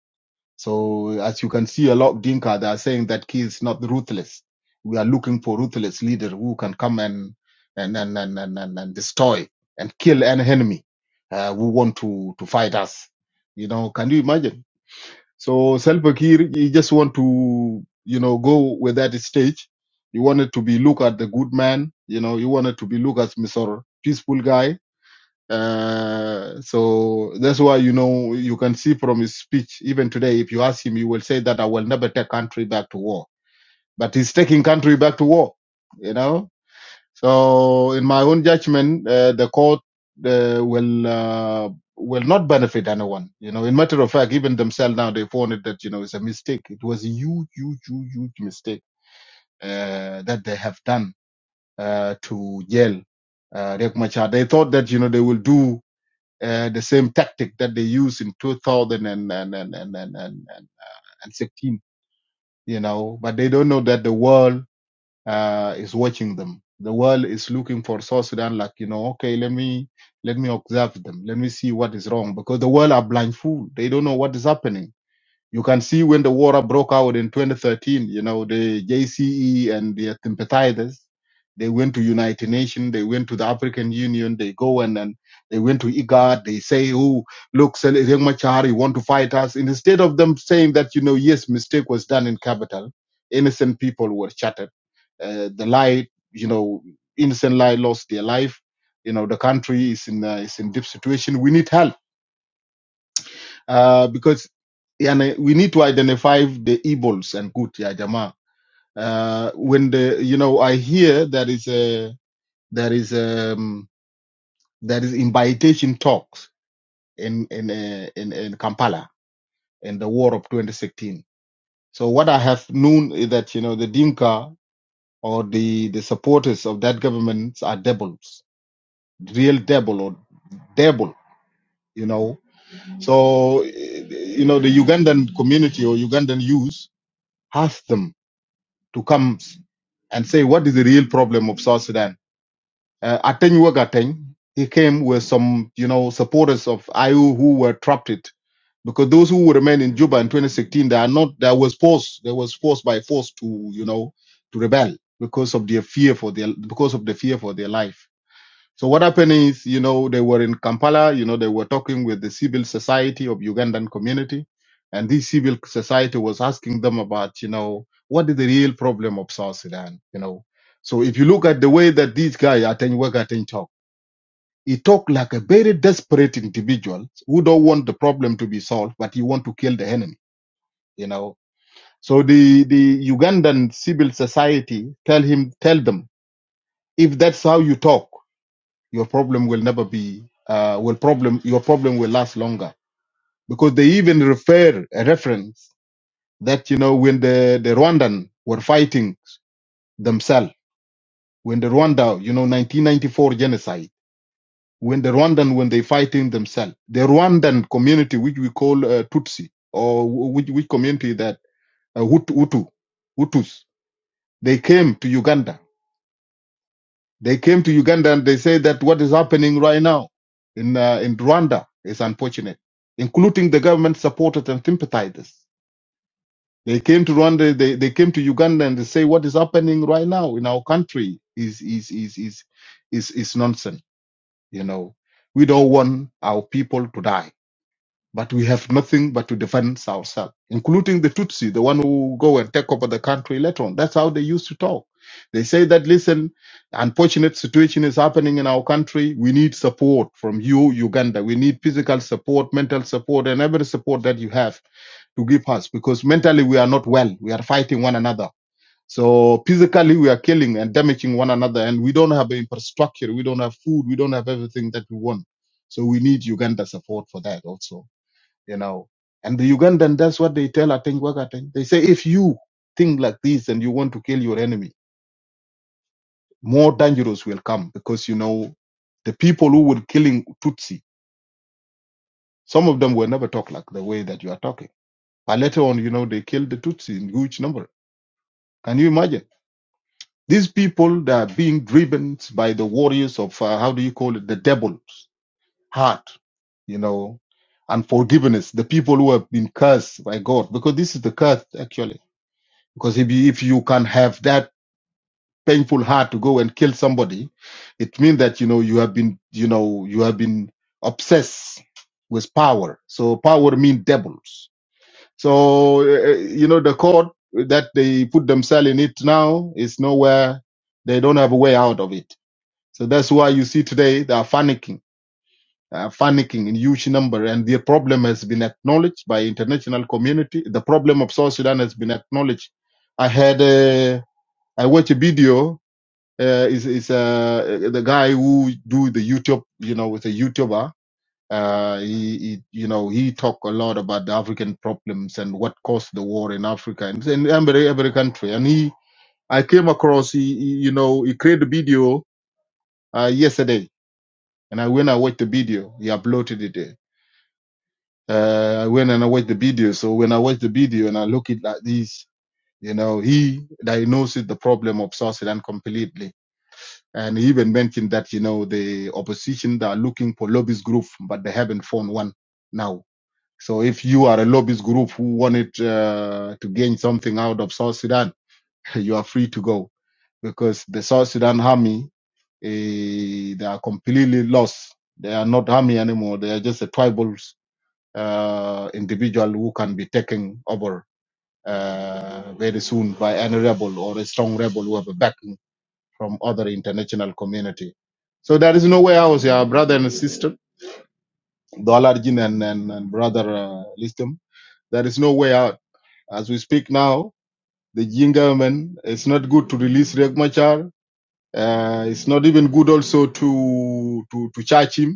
Speaker 7: So as you can see, a lot of Dinka, they are saying that he is not ruthless. We are looking for ruthless leader who can come and, and, and, and, and, and, and destroy and kill an enemy, uh, who want to, to fight us. You know, can you imagine? So Salva Kiir, he just want to, you know, go with that stage He wanted to be look at the good man, you know, he wanted to be look as Mr. Peaceful guy, uh, so that's why you know you can see from his speech even today. If you ask him, he will say that I will never take country back to war. But he's taking country back to war. You know. So in my own judgment, uh, the court uh, will uh, will not benefit anyone. You know. In matter of fact, even themselves now they found it that you know it's a mistake. It was a huge, huge, huge, huge mistake uh, that they have done uh, to jail uh, Riek Machar. They thought that you know they will do uh, the same tactic that they used in 2016, you know, but they don't know that the world uh, is watching them. The world is looking for South Sudan, like, you know, okay, let me, let me observe them. Let me see what is wrong because the world are blindfold. They don't know what is happening you can see when the war broke out in 2013, you know, the JCE and their sympathizers, they went to United Nations, they went to the African Union, they go and then they went to IGAD, they say, oh, look, Sel- Riek Machar, you want to fight us? And instead of them saying that, you know, yes, mistake was done in capital, innocent people were shattered. Uh, the lie, you know, innocent lie lost their life. You know, the country is in, uh, is in deep situation. We need help uh, because yani, we need to identify the evils and good, yeah, Jama. Uh, when the you know I hear there is a there is um there is invitation talks in in uh, in, in Kampala in the war of 2016. So what I have known is that you know the Dinka or the the supporters of that government are devils, real devil or devil, you know. So eh, you know the Ugandan community or Ugandan youth has them to come and say what is the real problem of South Sudan. Uh, Ateng Wegateng, he came with some, you know, supporters of IU who were trapped it because those who remained in Juba in 2016, they are not, they was forced, they was forced by force to, you know, to rebel because of their fear for their, because of the fear for their life. So what happened is, you know, they were in Kampala, you know, they were talking with the civil society of Ugandan community. And this civil society was asking them about, you know, what is the real problem of South Sudan, you know? So if you look at the way that this guy, Ateng Wegateng talk, he talk like a very desperate individual who don't want the problem to be solved, but he want to kill the enemy, you know? So the, the Ugandan civil society tell him, tell them, if that's how you talk, your problem will never be uh, will problem your problem will last longer because they even refer a reference that you know when the the Rwandan were fighting themselves when the Rwanda you know 1994 genocide when the Rwandan when they fighting themselves the Rwandan community which we call uh, Tutsi or which which community that uh, Hut- Hutu Hutus they came to Uganda They came to Uganda and they say that what is happening right now in uh, in Rwanda is unfortunate, including the government supporters and sympathizers. They came to Rwanda, they, they came to Uganda and they say what is happening right now in our country is is is is is is nonsense. You know, we don't want our people to die. But we have nothing but to defend ourselves, including the Tutsi, the one who go and take over the country later on. That's how they used to talk. They say that, listen, unfortunate situation is happening in our country. We need support from you, Uganda. We need physical support, mental support, and every support that you have to give us because mentally we are not well. We are fighting one another. So physically we are killing and damaging one another and we don't have infrastructure. We don't have food. We don't have everything that we want. So we need Uganda support for that also you know. And the Ugandan, that's what they tell Ateng Wagateng. They say, if you think like this and you want to kill your enemy, more dangerous will come because, you know, the people who were killing Tutsi, some of them will never talk like the way that you are talking. But later on, you know, they killed the Tutsi in huge number. Can you imagine? These people that are being driven by the warriors of, uh, how do you call it, the devil's heart, you know, and forgiveness, the people who have been cursed by God, because this is the curse actually Because if you, if you can have that painful heart to go and kill somebody, it means that, you know, you have been, you know, you have been obsessed with power. So power means devils. So, uh, you know, the court that they put themselves in it now is nowhere. They don't have a way out of it. So that's why you see today they are panicking, they panicking in huge number. And the problem has been acknowledged by international community. The problem of South Sudan has been acknowledged. I had a. I watch a video. Uh, is is uh the guy who do the YouTube, you know, with a YouTuber. Uh, he, he you know he talk a lot about the African problems and what caused the war in Africa and in every every country. And he, I came across, he, he, you know, he created a video uh, yesterday, and I went I watched the video. He uploaded it. there. Uh, I went and I watched the video. So when I watched the video and I look at like this, you know, he diagnosed the problem of South Sudan completely And he even mentioned that, you know, the opposition they are looking for lobbyist group, but they haven't found one now. So if you are a lobbyist group who wanted uh, to gain something out of South Sudan, you are free to go because the South Sudan army, eh, they are completely lost. They are not army anymore. They are just a tribal uh, individual who can be taken over uh, very soon by any rebel or a strong rebel who have a backing from other international community. So there is nowhere else, yeah, brother and sister, Dolarjin and, and, and brother uh, Listem. There is no way out. As we speak now, the Jin government, it's not good to release Riek Machar. Uh, it's not even good also to to to charge him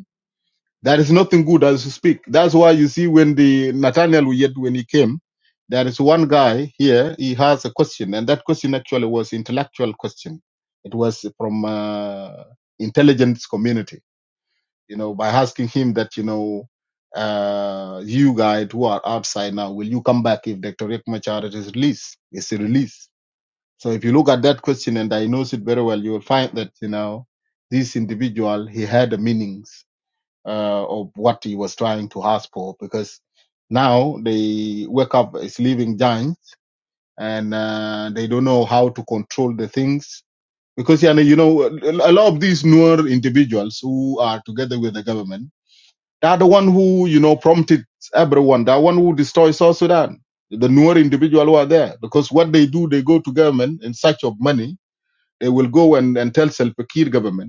Speaker 7: there is nothing good as you speak. That's why you see when the Nathaniel Uyed, when he came, there is one guy here, he has a question, and that question actually was intellectual question. It was from uh, intelligence community, you know, by asking him that, you know, uh, you guys who are outside now, will you come back if Dr. Rick Machar is released? Is released? So if you look at that question and I know it very well, you will find that, you know, this individual, he had a meaning uh, of what he was trying to ask for because now they wake up as living giants and uh, they don't know how to control the things because yeah, you know a lot of these newer individuals who are together with the government they are the one who you know prompted everyone the one who destroys South Sudan the newer individual who are there because what they do they go to government in search of money they will go and, and tell Salva Kiir government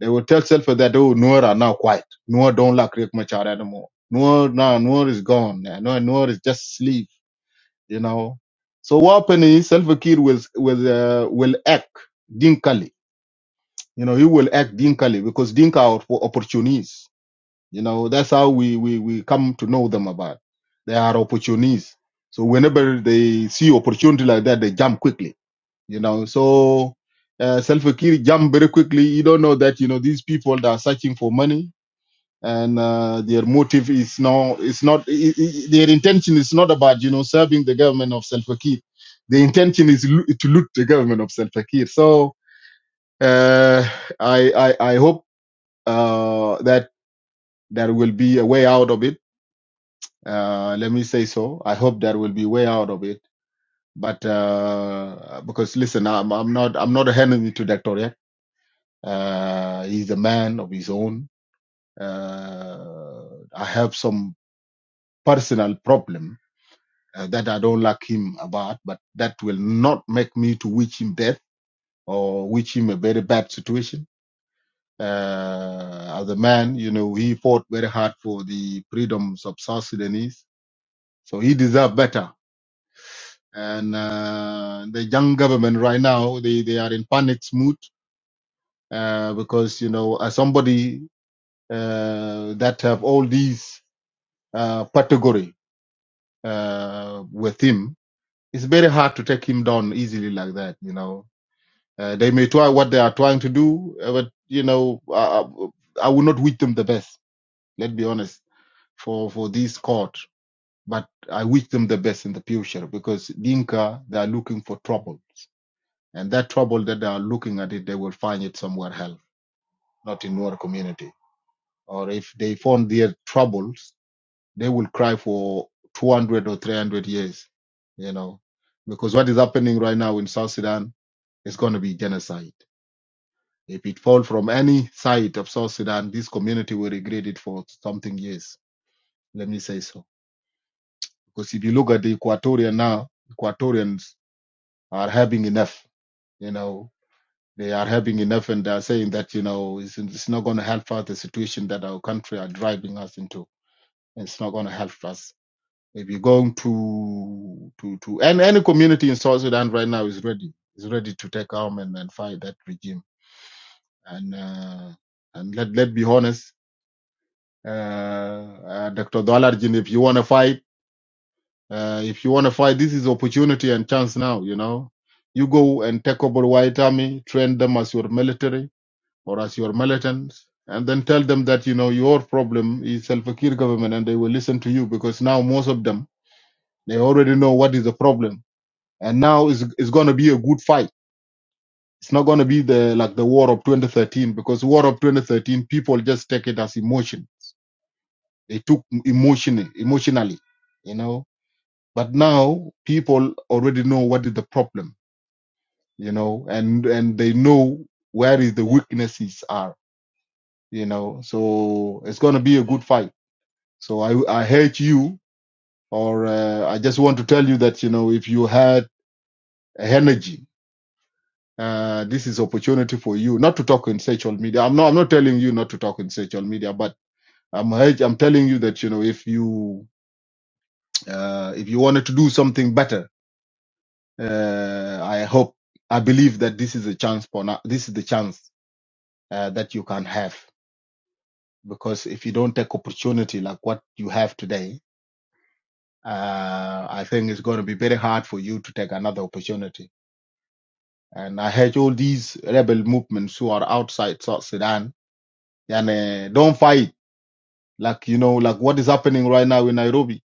Speaker 7: they will tell Self that oh Nuer are now quiet. Nuer don't like Riek Machar anymore. Nuer now Nuer is gone. Nuer Nuer is just sleep. You know. So what happened is Self Kiir will will uh, will act dinkily. You know he will act dinkily because dinka are for opportunists. You know that's how we we we come to know them about. They are opportunists. So whenever they see opportunity like that, they jump quickly. You know so uh, Salva Kiir jump very quickly. You don't know that you know these people that are searching for money and uh, their motive is now is not i i their intention is not about you know serving the government of Salva Kiir. The intention is loo- to loot the government of Salva Kiir. So uh, I, I I hope uh, that there will be a way out of it. Uh, let me say so. I hope there will be way out of it. But uh, because listen, I'm, I'm not I'm not a enemy to Dr. Yek. Uh, he's a man of his own. Uh, I have some personal problem uh, that I don't like him about, but that will not make me to wish him death or wish him a very bad situation. Uh, as a man, you know, he fought very hard for the freedoms of South Sudanese, so he deserves better. And uh, the young government right now, they, they are in panic mood uh, because you know, as somebody uh, that have all these uh, category uh, with him, it's very hard to take him down easily like that, you know Uh, they may try what they are trying to do, uh, but you know, I, I will not wish them the best. Let's be honest for for this court, but I wish them the best in the future because Dinka they are looking for troubles, and that trouble that they are looking at it, they will find it somewhere else, not in our community. Or if they found their troubles, they will cry for 200 or 300 years, you know, because what is happening right now in South Sudan is going to be genocide If it fall from any side of South Sudan, this community will regret it for something years. Let me say so. Because if you look at the Equatorian now, Equatorians are having enough. You know, they are having enough and they are saying that, you know, it's, it's not going to help us the situation that our country are driving us into. it's not going to help us. If you're going to, to, to, and any community in South Sudan right now is ready, is ready to take arm and, and fight that regime. And, uh, and let, let be honest, Uh, uh, Dr. Dwalarjin, if you want to fight, uh, if you want to fight, this is opportunity and chance now, you know. You go and take over White Army, train them as your military or as your militants, and then tell them that, you know, your problem is Salva Kiir government and they will listen to you because now most of them, they already know what is the problem. And now it's, it's going to be a good fight. It's not going to be the like the war of 2013 because war of 2013 people just take it as emotion. They took emotionally, emotionally, you know But now people already know what is the problem, you know, and and they know where is the weaknesses are, you know. So it's gonna be a good fight. So I I hate you, or uh, I just want to tell you that you know if you had energy, uh, this is opportunity for you not to talk in social media. I'm not I'm not telling you not to talk in social media, but I'm I'm telling you that you know if you uh, if you wanted to do something better Uh, I hope, I believe that this is a chance for now. This is the chance uh, that you can have because if you don't take opportunity like what you have today, uh, I think it's going to be very hard for you to take another opportunity. And I heard all these rebel movements who are outside South Sudan and uh, don't fight. Like, you know, like what is happening right now in Nairobi.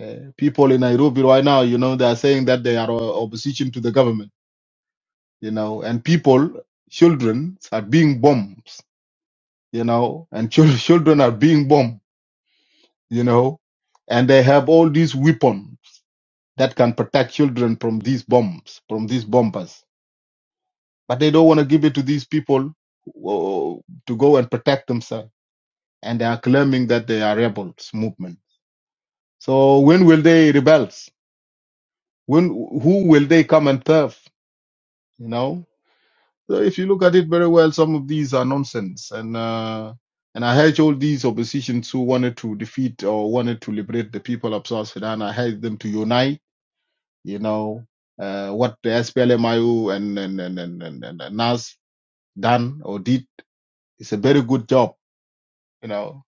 Speaker 7: Uh, people in Nairobi right now, you know, they are saying that they are uh, opposition to the government, you know, and people, children are being bombed you know, and chil- children are being bombed, you know, and they have all these weapons that can protect children from these bombs, from these bombers. But they don't want to give it to these people who- to go and protect themselves. And they are claiming that they are rebels movement. So when will they rebel? When who will they come and serve? You know? So if you look at it very well, some of these are nonsense. And uh, and I hate all these oppositions who wanted to defeat or wanted to liberate the people of South Sudan. I hate them to unite. You know uh, what the SPLMIU and and and and and, and, and NAS done or did is a very good job. You know.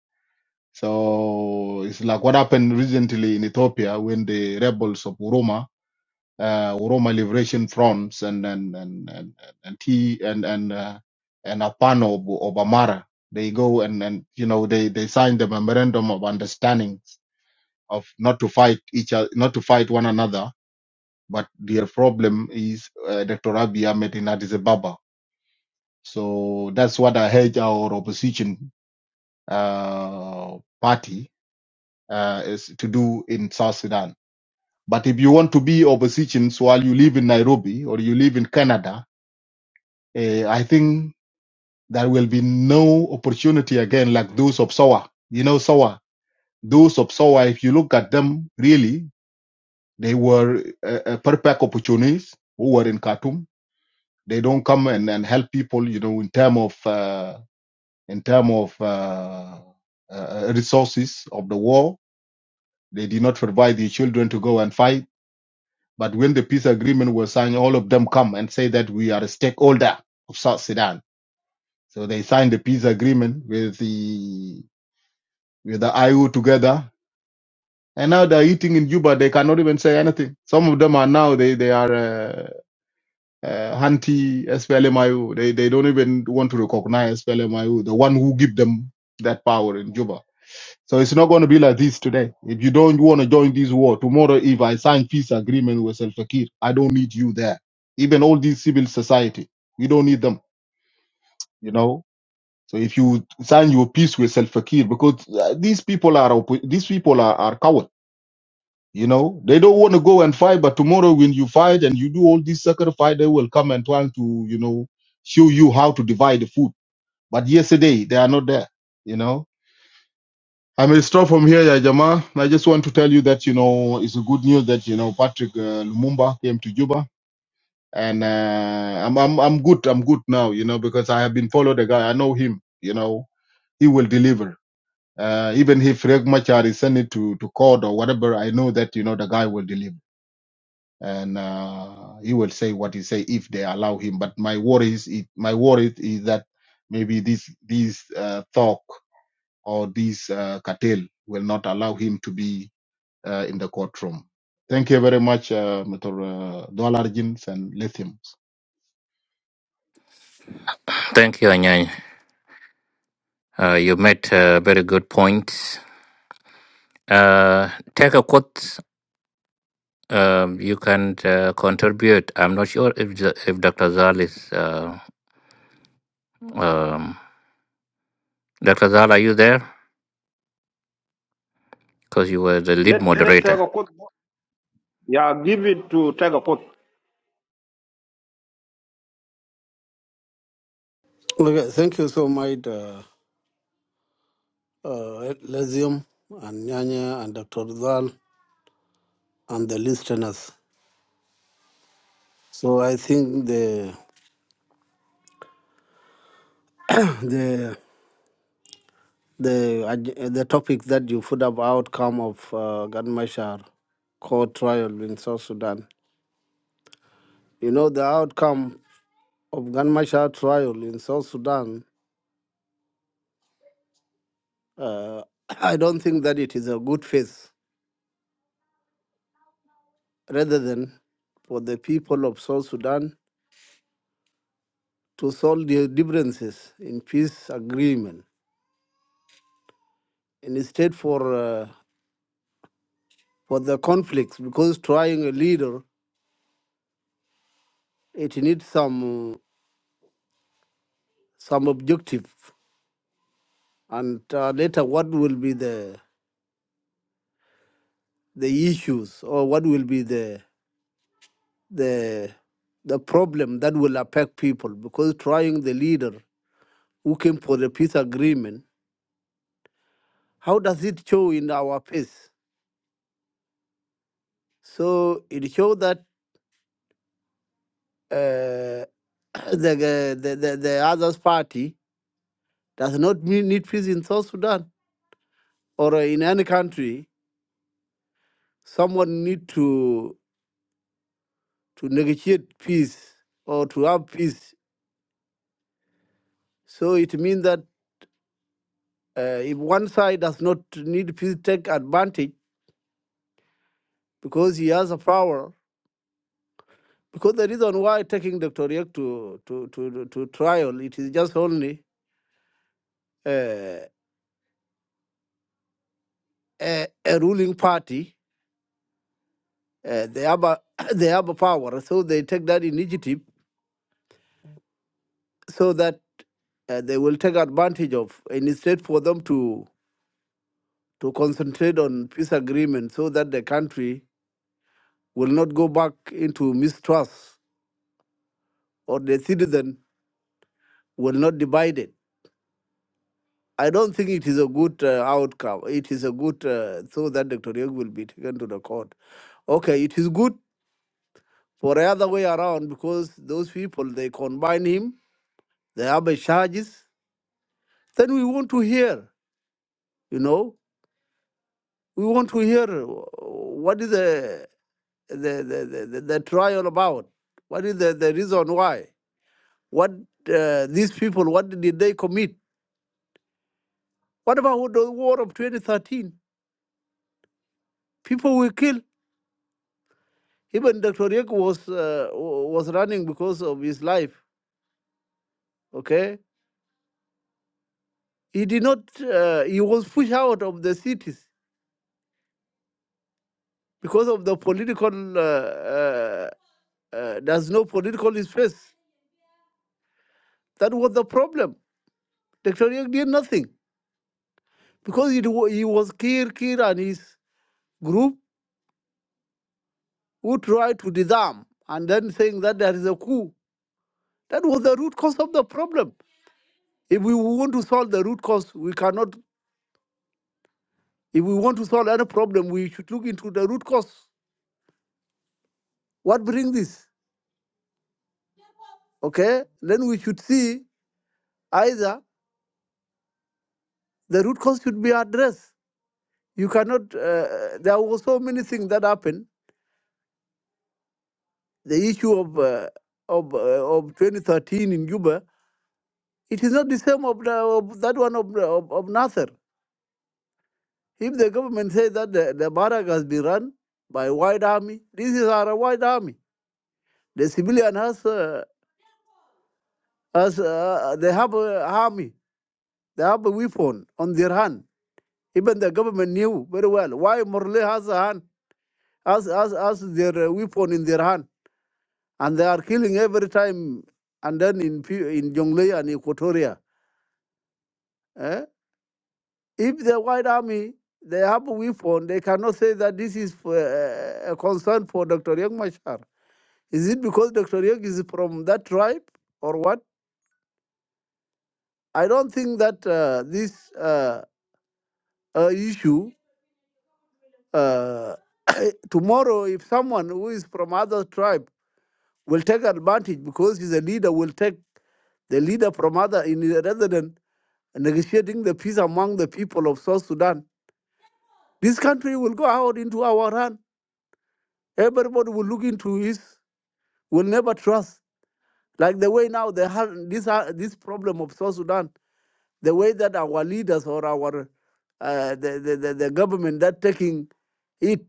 Speaker 7: So it's like what happened recently in Ethiopia when the rebels of Oroma uh, Roma Liberation Fronts and and and and and T and and uh, and Apano of, of Amara. They go and and you know they they sign the memorandum of understanding of not to fight each other, not to fight one another. But their problem is uh, Dr. Abiy Ahmed in Addis Ababa. So that's what I heard our opposition uh, party uh, is to do in South Sudan. But if you want to be oppositions while you live in Nairobi or you live in Canada, Eh, I think there will be no opportunity again like those of Sawa. You know, Sawa, those of Sawa, if you look at them, really, they were uh, uh, perfect opportunists who were in Khartoum. They don't come and, and help people, you know, in term of uh, in term of uh, uh, resources of the war. They did not provide the children to go and fight. But when the peace agreement was signed, all of them come and say that we are a stakeholder of South Sudan So they signed a peace agreement with the with the IU together, and now they're eating in Juba. They cannot even say anything. Some of them are now they they are uh, uh, anti SPLMIU. They they don't even want to recognize SPLMIU, the one who give them that power in Juba. So it's not going to be like this today. If you don't want to join this war tomorrow, if I sign peace agreement with Al Fakir, I don't need you there. Even all these civil society, we don't need them. You know, So if you sign your peace with Salva Kiir, because uh, these people are oppo- these people are, are cowards, you know, they don't want to go and fight. But tomorrow, when you fight and you do all this sacrifice, they will come and trying to, you know, show you how to divide the food. But yesterday they are not there, you know. I may stop from here, yeah, Jama. I just want to tell you that you know it's a good news that you know Patrick uh, Lumumba came to Juba, and uh, I'm I'm I'm good. I'm good now, you know, because I have been followed the guy. I know him, you know. He will deliver Uh, even if Riek Machar is sent it to, to court or whatever, I know that, you know, the guy will deliver. And uh, he will say what he say if they allow him. But my worry is, it, my worry is that maybe this, this uh, talk or this uh, cartel will not allow him to be uh, in the courtroom. Thank you very much, uh, Mr. Dollar Jins and Lithium.
Speaker 5: Thank you, Anyanya. Uh, you made uh, very good points. Uh, take a quote. Um, you can uh, contribute. I'm not sure if the- if Dr. Zal is. Uh, um, Dr. Zal, are you there? Because you were the lead
Speaker 1: Let let
Speaker 5: moderator.
Speaker 1: Tegakut yeah give it to Tegakut.
Speaker 8: Okay, thank you so much, uh, uh, Lezium and Nyanya and Dr. Zal and the listeners. So I think the the the ag- the topic that you put up outcome of uh, Ganmashar court trial in South Sudan. You know the outcome of Ganmashar trial in South Sudan. Uh, I don't think that it is a good faith, rather than for the people of South Sudan to solve their differences in peace agreement instead for uh, for the conflicts because trying a leader it needs some some objective and uh, later what will be the the issues or what will be the the the problem that will affect people because trying the leader who came for the peace agreement how does it show in our face so it shows that uh, the, the the the the other party does not need peace in south sudan or in any country, someone need to to negotiate peace or to have peace. So it means that uh, if one side does not need peace, take advantage because he has a power. Because the reason why taking Dr. Riek to, to, to, to trial, it is just only uh, a, a ruling party. Uh, they, have a, they have a power, so they take that initiative so that uh, they will take advantage of, and it's safe for them to to concentrate on peace agreement so that the country will not go back into mistrust or the citizen will not divide it. I don't think it is a good uh, outcome. It is a good uh, so that Dr. Yog will be taken to the court. Okay, it is good for the other way around because those people they combine him, they have a charges. Then we want to hear, you know, we want to hear uh, what is the the the, the, the the trial about. What is the, the reason why? What uh, these people, what did they commit? What about the war of 2013? People were killed. Even Dr. Yek was uh, was running because of his life. Okay, he did not. Uh, he was pushed out of the cities because of the political. Uh, uh, uh, there's no political space. That was the problem. Dr. Yek did nothing because it, wa- he was Kir Kir and his group who tried to disarm and then saying that there is a coup That was the root cause of the problem. If we want to solve the root cause, we cannot. If we want to solve any problem, we should look into the root cause. What brings this? Okay, then we should see either the root cause should be addressed. You cannot. Uh, there were so many things that happened. The issue of uh, of uh, of 2013 in Juba, it is not the same of, the, of that one of, the- of of Nasser. If the government says that the, the barrack has been run by white army, this is our white army. The civilian has, uh, has uh, they have a army, they have a weapon on their hand. Even the government knew very well why Morley has a hand, has, has, has their uh, weapon in their hand, and they are killing every time. And then in Pu- in Jonglei and Equatoria, eh? if the white army they have a weapon, they cannot say that this is for, uh, a concern for Dr. Young Machar. Is it because Dr. Young is from that tribe or what? I don't think that uh, this. Uh, uh, issue. Uh, tomorrow, if someone who is from other tribe will take advantage because he's a leader, will take the leader from other in rather than negotiating the peace among the people of South Sudan, this country will go out into our hand. Everybody will look into his, will never trust. Like the way now they have this ha- this problem of South Sudan, the way that our leaders or our uh, the, the, the the government that taking it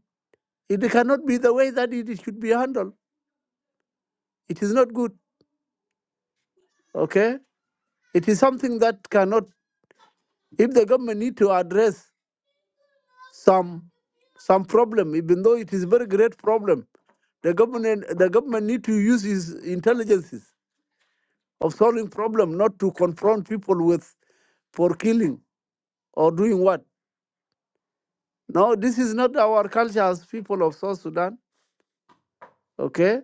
Speaker 8: It cannot be the way that it should be handled. It is not good. Okay? It is something that cannot if the government need to address some some problem, even though it is a very great problem, the government the government need to use his intelligences of solving problem, not to confront people with for killing or doing what. No, this is not our culture as people of South Sudan. Okay,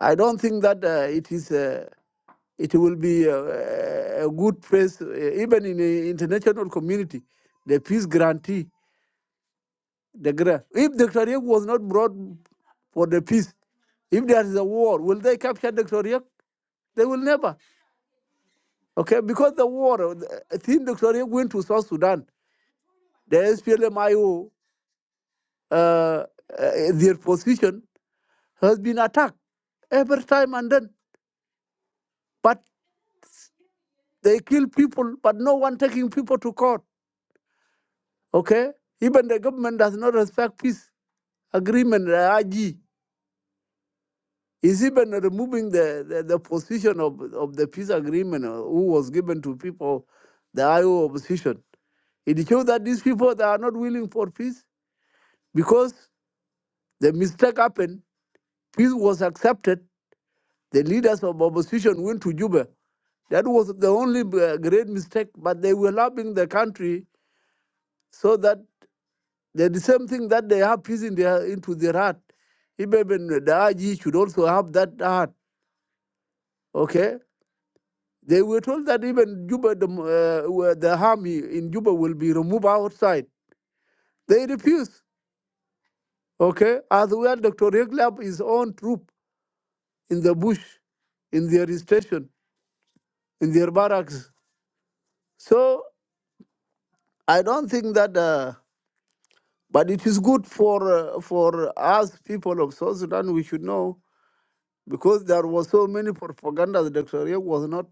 Speaker 8: I don't think that uh, it is. uh, it will be a, a good place, uh, even in the international community, the peace guarantee. The gra- if Dr. Yek was not brought for the peace, if there is a war, will they capture Dr. Yek? They will never. Okay, because the war, uh, I think Dr. Yek went to South Sudan, the SPLMIO, uh, uh, their position has been attacked every time and then. But they kill people, but no one taking people to court. Okay? Even the government does not respect peace agreement, the IG. Is even removing the, the, the position of, of the peace agreement uh, who was given to people, the IO opposition. It shows that these people they are not willing for peace because the mistake happened. Peace was accepted. The leaders of opposition went to Juba. That was the only uh, great mistake, but they were loving the country so that They're the same thing that they have peace in their into their heart. Even the IG should also have that heart. Okay, they were told that even Juba, the uh, where the army in Juba will be removed outside. They refuse. Okay, as well, Dr. Reglab his own troop in the bush, in their station, in their barracks. So I don't think that. Uh, but it is good for uh, for us people of South Sudan. We should know because there was so many propaganda. that Dr. Riek was not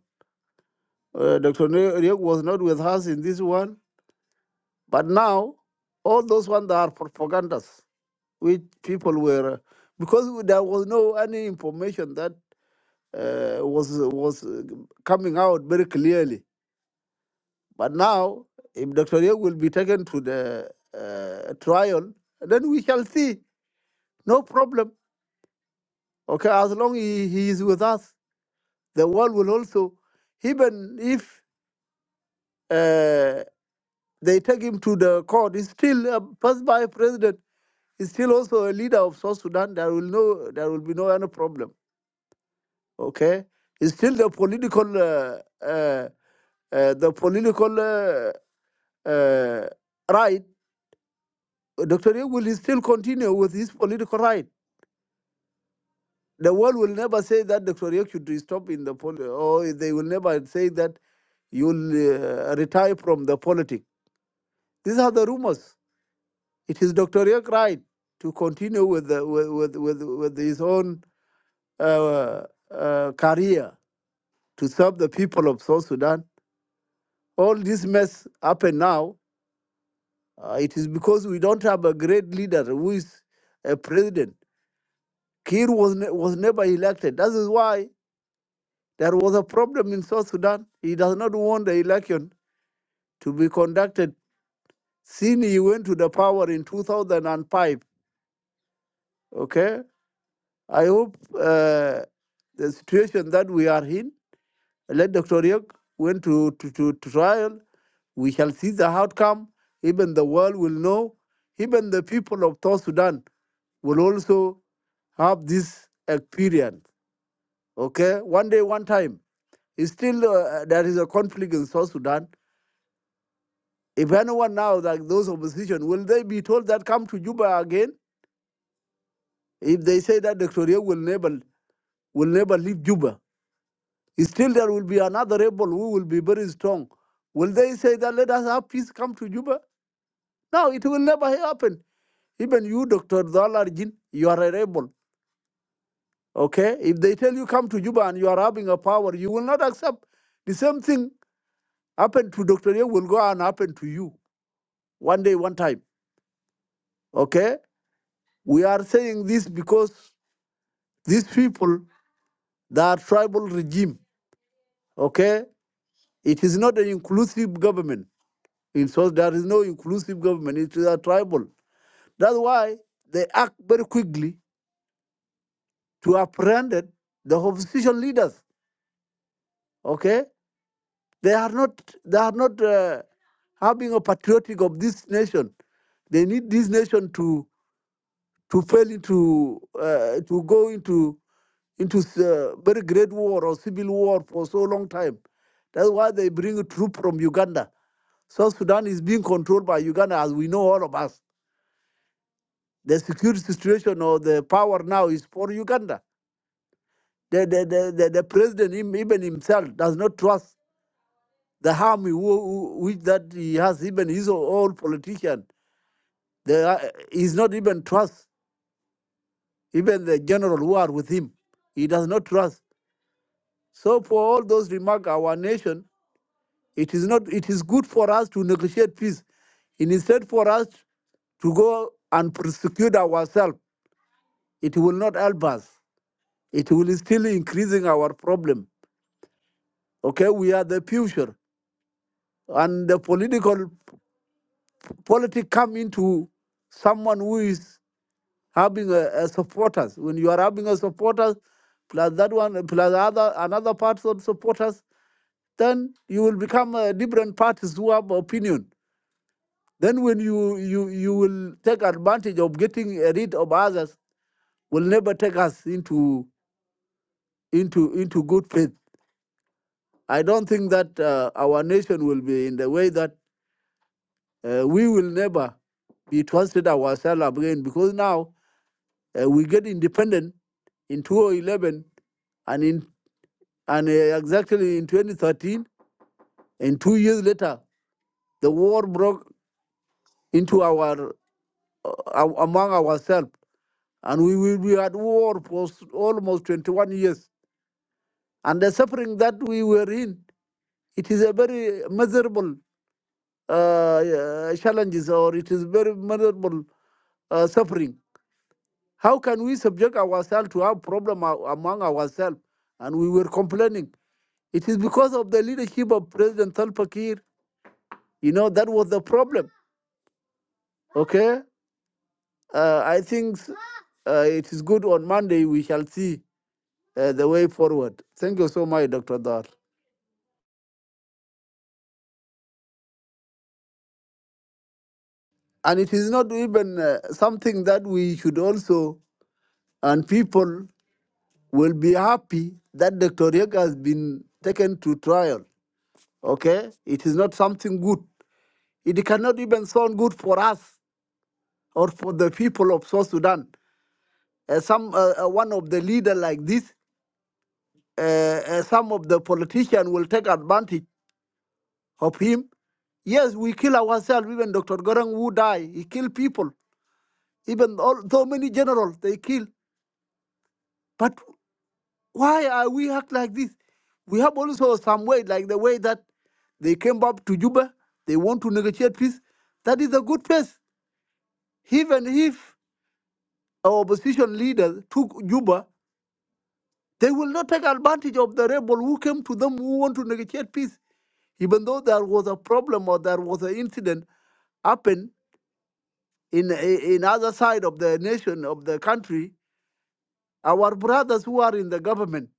Speaker 8: uh, Dr. Riek was not with us in this one, but now all those ones that are propagandas, which people were uh, because there was no any information that uh, was was uh, coming out very clearly. But now, if Dr. Riek will be taken to the uh, trial, then we shall see. No problem. Okay, as long he, he is with us, the world will also even if uh, They take him to the court. He's still a first by president. He's still also a leader of South Sudan. There will no, there will be no any problem. Okay, he's still the political, uh, uh, uh, the political uh, uh, right. Dr. Yek will still continue with his political right. The world will never say that Dr. Yek should stop in the pol, or they will never say that you'll uh, retire from the politics. These are the rumors. It is Dr. York right to continue with, the, with, with, with, his own uh, uh, career to serve the people of South Sudan. All this mess happen now. Uh, it is because we don't have a great leader who is a president. Kir was, ne- was never elected. That is why there was a problem in South Sudan. He does not want the election to be conducted since he went to the power in 2005. Okay? I hope uh, the situation that we are in, let Dr. Ryuk went to, to, to, to trial. We shall see the outcome. Even the world will know. Even the people of South Sudan will also have this experience. Okay, one day, one time. It's still uh, there is a conflict in South Sudan. If anyone now, like those opposition, will they be told that come to Juba again? If they say that Dr. Ryuk will never will never leave Juba, Still, there will be another rebel who will be very strong. Will they say that let us have peace come to Juba? No, it will never happen. Even you, Dr. Dalarjin, you are a rebel. Okay? If they tell you come to Juba and you are having a power, you will not accept. The same thing happened to Dr. Ye will go and happen to you one day, one time. Okay? We are saying this because these people, they are tribal regime. Okay? It is not an inclusive government. In so there is no inclusive government. It is a tribal. That's why they act very quickly to apprehend the opposition leaders. Okay, they are not they are not uh, having a patriotic of this nation. They need this nation to to fail into uh, to go into into uh, very great war or civil war for so long time. That's why they bring a troop from Uganda. South Sudan is being controlled by Uganda, as we know all of us. The security situation or the power now is for Uganda The, the, the, the, the president, him, even himself, does not trust the harm who, who, which that he has, even his own politician. The, uh, he's not even trust even the general who are with him. He does not trust. So for all those remarks, our nation, it is not. It is good for us to negotiate peace. And instead for us to go and prosecute ourselves, it will not help us. It will still increasing our problem. Okay, we are the future, and the political Politics come into someone who is having a, a supporters. When you are having a supporters, plus that one, plus other another part of supporters, then you will become uh, different parties who have opinion. Then when you you you will take advantage of getting rid of others, will never take us into into into good faith. I don't think that uh, our nation will be in the way that uh, we will never be trusted ourselves again because now Uh, we get independent in 2011 and in and uh, exactly in 2013 and two years later the war broke into our uh, among ourselves and we will be at war for almost 21 years and the suffering that we were in it is a very miserable uh, uh, challenges or it is very miserable uh, suffering how can we subject ourselves to have problem uh, among ourselves and we were complaining It is because of the leadership of President Salva Kiir. You know, that was the problem. Okay? Uh, I think uh, it is good on Monday. We shall see uh, the way forward. Thank you so much, Dr. Dar. And it is not even uh, something that we should also, and people will be happy that Dr. Yek has been taken to trial. Okay? It is not something good. It cannot even sound good for us or for the people of South Sudan. Uh, some uh, uh, one of the leader like this uh, uh, some of the politicians will take advantage of him. Yes, we kill ourselves. Even Dr. Goreng who die, he kill people. Even all, so many generals, they kill. But why are we act like this? We have also some way, like the way that they came up to Juba, they want to negotiate peace. That is a good place. Even if our opposition leaders took Juba, they will not take advantage of the rebel who came to them who want to negotiate peace. even though there was a problem or there was an incident happen in in other side of the nation of the country our brothers who are in the government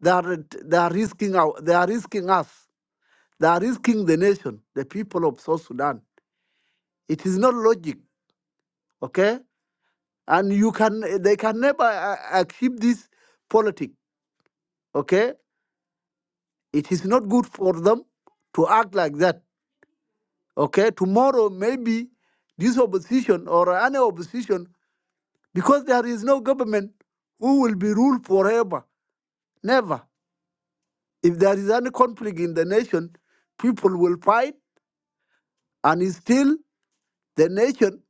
Speaker 8: they are they are risking our, they are risking us they are risking the nation the people of south sudan it is not logic okay and you can they can never uh, uh, achieve this politic okay it is not good for them to act like that okay tomorrow maybe this opposition or any opposition because there is no government who will be ruled forever. Never. If there is any conflict in the nation, people will fight, and still the nation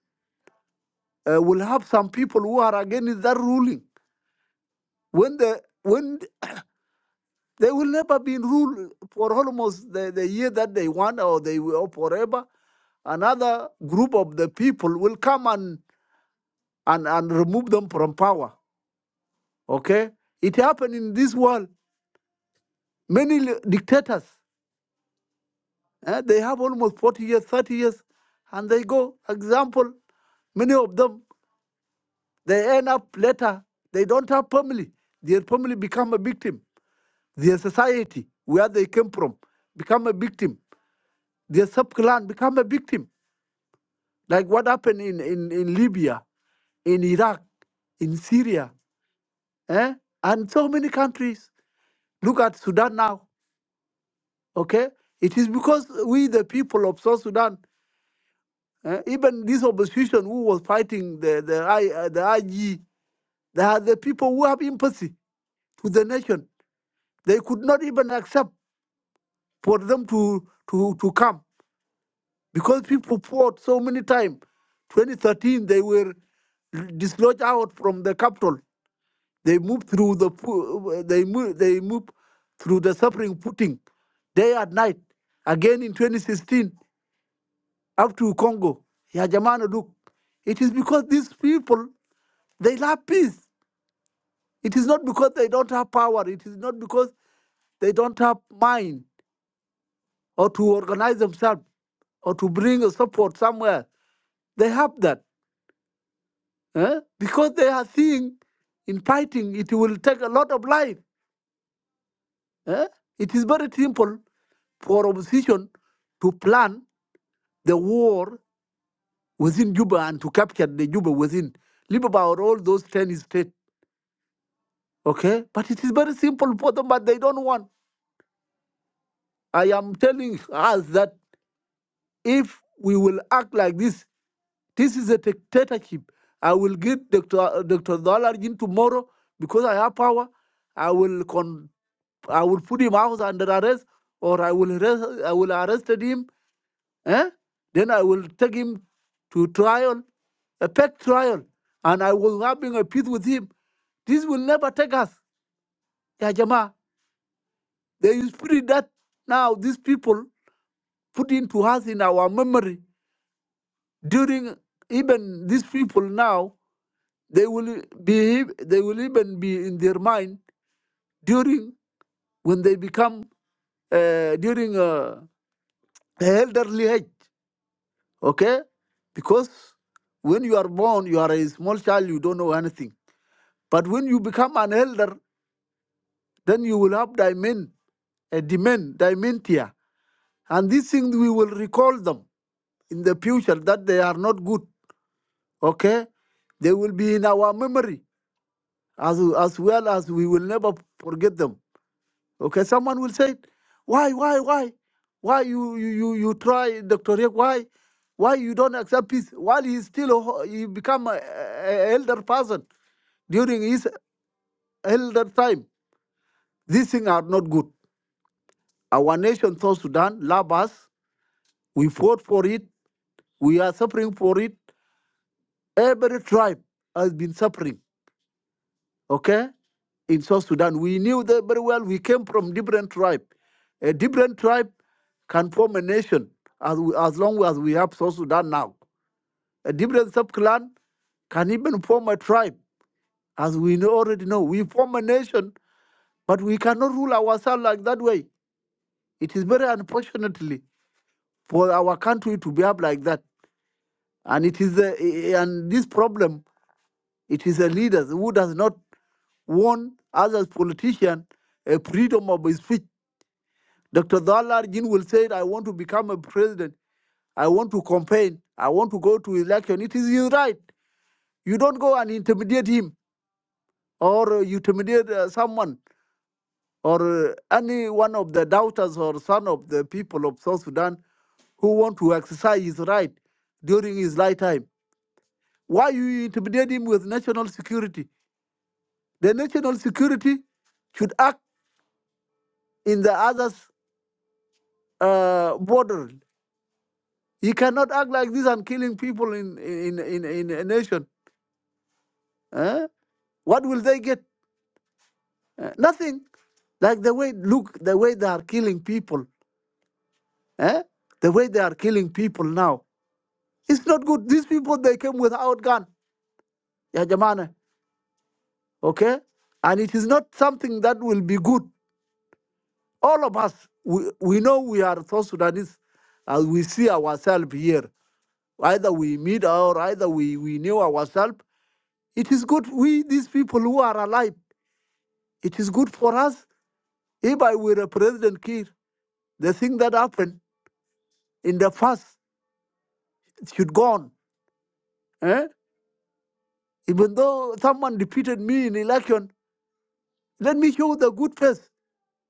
Speaker 8: uh, will have some people who are against that ruling. When the when they will never be ruled for almost the, the year that they want, or they will forever. Another group of the people will come and and, and remove them from power. Okay, it happened in this world. Many dictators Uh, they have almost 40 years, 30 years, and they go. Example, many of them, they end up later, they don't have family. Their family become a victim. Their society, where they came from, become a victim. Their sub-clan become a victim. Like what happened in, in, in Libya, in Iraq, in Syria, eh? and so many countries. Look at Sudan now, okay? It is because we, the people of South Sudan, Uh, even this opposition who was fighting the the, I, uh, the IG, they are the people who have empathy to the nation. They could not even accept for them to to to come because people fought so many times. 2013, they were dislodged out from the capital. They moved through the pu- uh, they moved they moved through the suffering footing, day and night. Again in 2016, up to Congo, Yajamana Duke. It is because these people They love peace. It is not because they don't have power. It is not because they don't have mind or to organize themselves or to bring a support somewhere. They have that. eh? Because they are seeing in fighting, it will take a lot of life. eh? It is very simple for opposition to plan the war within Juba and to capture the Juba within Libaba or all those 10 states. Okay? But it is very simple for them, but they don't want. I am telling us that if we will act like this, this is a dictatorship. I will get Dr. uh, Dr. Dollarjin tomorrow because I have power. I will con- I will put him out under arrest, or I will arrest, I will arrested him. Eh? Then I will take him to trial, a pet trial, and I will having a peace with him. This will never take us, Ya Jama. There is spirit that now these people put into us in our memory during even these people now They will behave. They will even be in their mind during when they become uh, during uh, elderly age. Okay, because when you are born, you are a small child. You don't know anything. But when you become an elder, then you will have dimen, a dement, dementia, and these things we will recall them in the future that they are not good. Okay, they will be in our memory as as well as we will never forget them Okay, someone will say, why, why, why, why you you you, you try Dr. Rick? Why, why you don't accept peace while he's still a ho- he become a, a- elder person during his elder time? These things are not good. Our nation, South Sudan, love us. We fought for it. We are suffering for it. Every tribe has been suffering. Okay, in South Sudan. We knew that very well. We came from different tribe. A different tribe can form a nation as, we, as long as we have South Sudan now. A different sub-clan can even form a tribe, as we know- already know. We form a nation, but we cannot rule ourselves like that way. It is very unfortunately for our country to behave like that. And it is a, and this problem, it is a leader who does not want us as politicians a freedom of speech Dr. Dalar Jin will say, I want to become a president. I want to campaign. I want to go to election. It is his right. You don't go and intimidate him or uh, you intimidate uh, someone or uh, any one of the doubters or son of the people of South Sudan who want to exercise his right during his lifetime. Why you intimidate him with national security? The national security should act in the other's uh, border You cannot act like this and killing people in in in, in a nation. eh? What will they get? Eh, nothing. Like the way look, the way they are killing people. eh? The way they are killing people now. It's not good. These people they came without gun. Ya jamana. Okay? And it is not something that will be good. All of us, we, we know we are South Sudanese as we see ourselves here. Either we meet or either we, we knew ourselves. It is good we, these people who are alive. It is good for us. If I were a President Kiir, the thing that happened in the past should go on. eh? Even though someone defeated me in election, let me show the good face,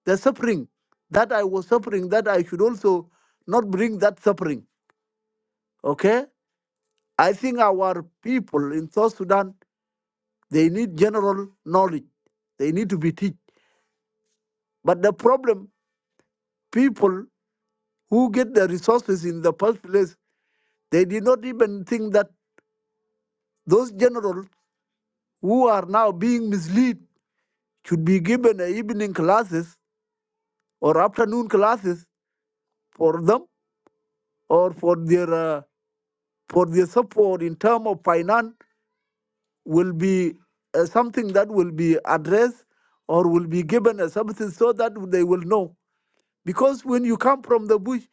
Speaker 8: the suffering that I was suffering, that I should also not bring that suffering. Okay? I think our people in South Sudan, they need general knowledge. They need to be taught. But the problem, people who get the resources in the first place, they did not even think that those generals who are now being misled should be given uh, evening classes or afternoon classes for them or for their uh, for their support in term of finance will be uh, something that will be addressed or will be given a substance so that they will know because when you come from the bush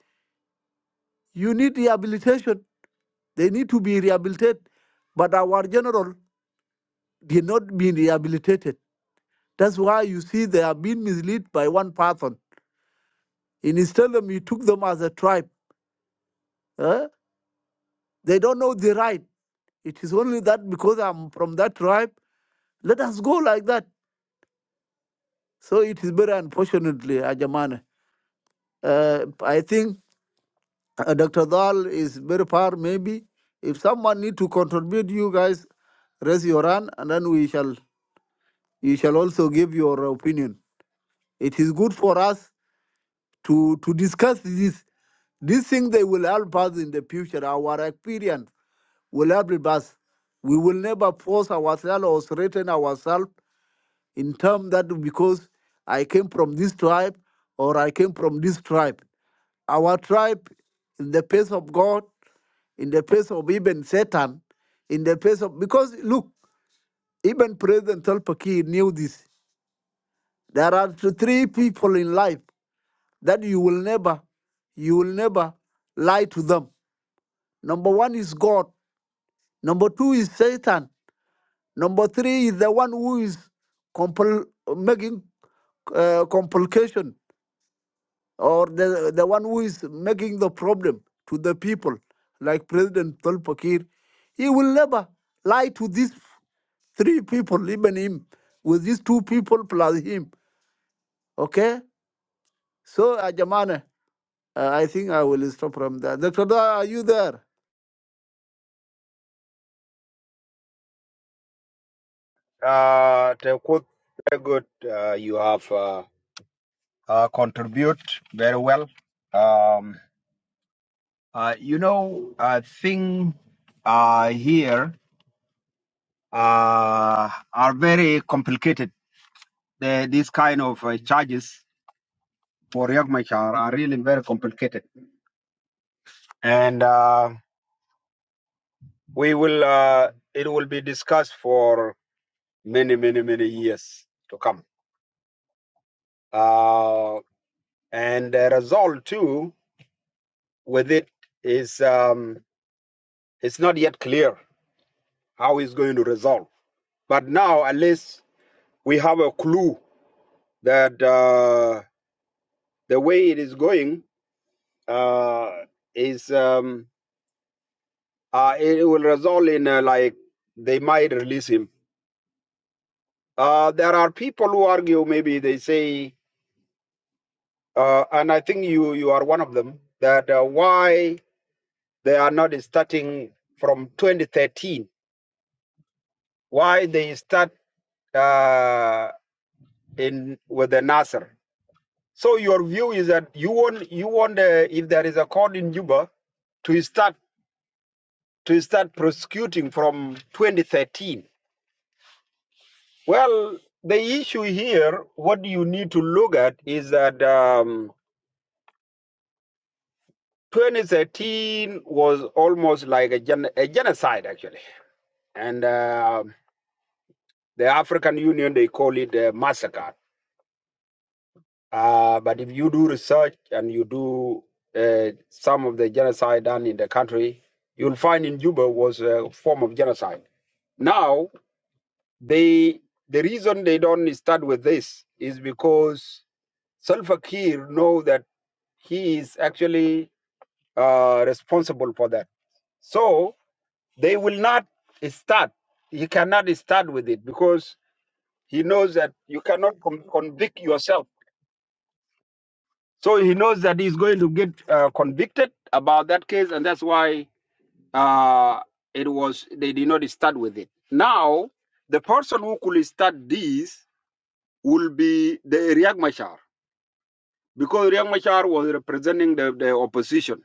Speaker 8: you need rehabilitation they need to be rehabilitated but our general did not be rehabilitated that's why you see they are being misled by one person In Islam, you took them as a tribe. huh? They don't know the right. It is only that because I'm from that tribe, let us go like that. So it is very unfortunately, Ajamane. Uh, I think uh, Dr. Dal is very far, maybe. If someone need to contribute, you guys raise your hand and then we shall you shall also give your opinion. It is good for us to to discuss this. This thing they will help us in the future, our experience will help us. We will never force ourselves or threaten ourselves in terms that because I came from this tribe or I came from this tribe. Our tribe, in the face of God, in the face of even Satan, in the face of because look, even President Salva Kiir knew this. There are three people in life that you will never, you will never lie to them. Number one is God. Number two is Satan. Number three is the one who is compl- making uh, complication or the, the one who is making the problem to the people, like President Tolpakir. He will never lie to these three people, even him, with these two people plus him. Okay? So, uh, Jamana, uh, I think I will stop from there. Dr. Dar, are you there?
Speaker 1: Uh Tegakut, very good. Uh, you have. uh, uh, contribute very well. Um, uh, you know, I think uh, here uh, are very complicated. The, these kind of uh, charges for Riek Machar are really very complicated, and uh, we will. Uh, it will be discussed for many, many, many years to come. Uh, and the result too with it is um, it's not yet clear how it's going to resolve. But now, at least we have a clue that uh, the way it is going uh, is um, uh, it will result in uh, like they might release him. Uh, there are people who argue, maybe they say, uh, and I think you you are one of them, that uh, why they are not starting from 2013, why they start uh, in with the Nasser. So your view is that you want you want uh, if there is a court in Juba to start to start prosecuting from 2013. Well, the issue here, what you need to look at is that um, 2013 was almost like a, gen- a genocide, actually. And uh, the African Union, they call it a massacre. Uh, but if you do research and you do uh, some of the genocide done in the country, you'll find in Juba was a form of genocide. Now, They the reason they don't start with this is because Salva Kiir know that he is actually uh, responsible for that. So they will not start. He cannot start with it because he knows that you cannot convict yourself. So he knows that he's going to get uh, convicted about that case, and that's why uh, it was they did not start with it. Now the person who could start this will be the Riyak Because Riek Machar was representing the, the opposition,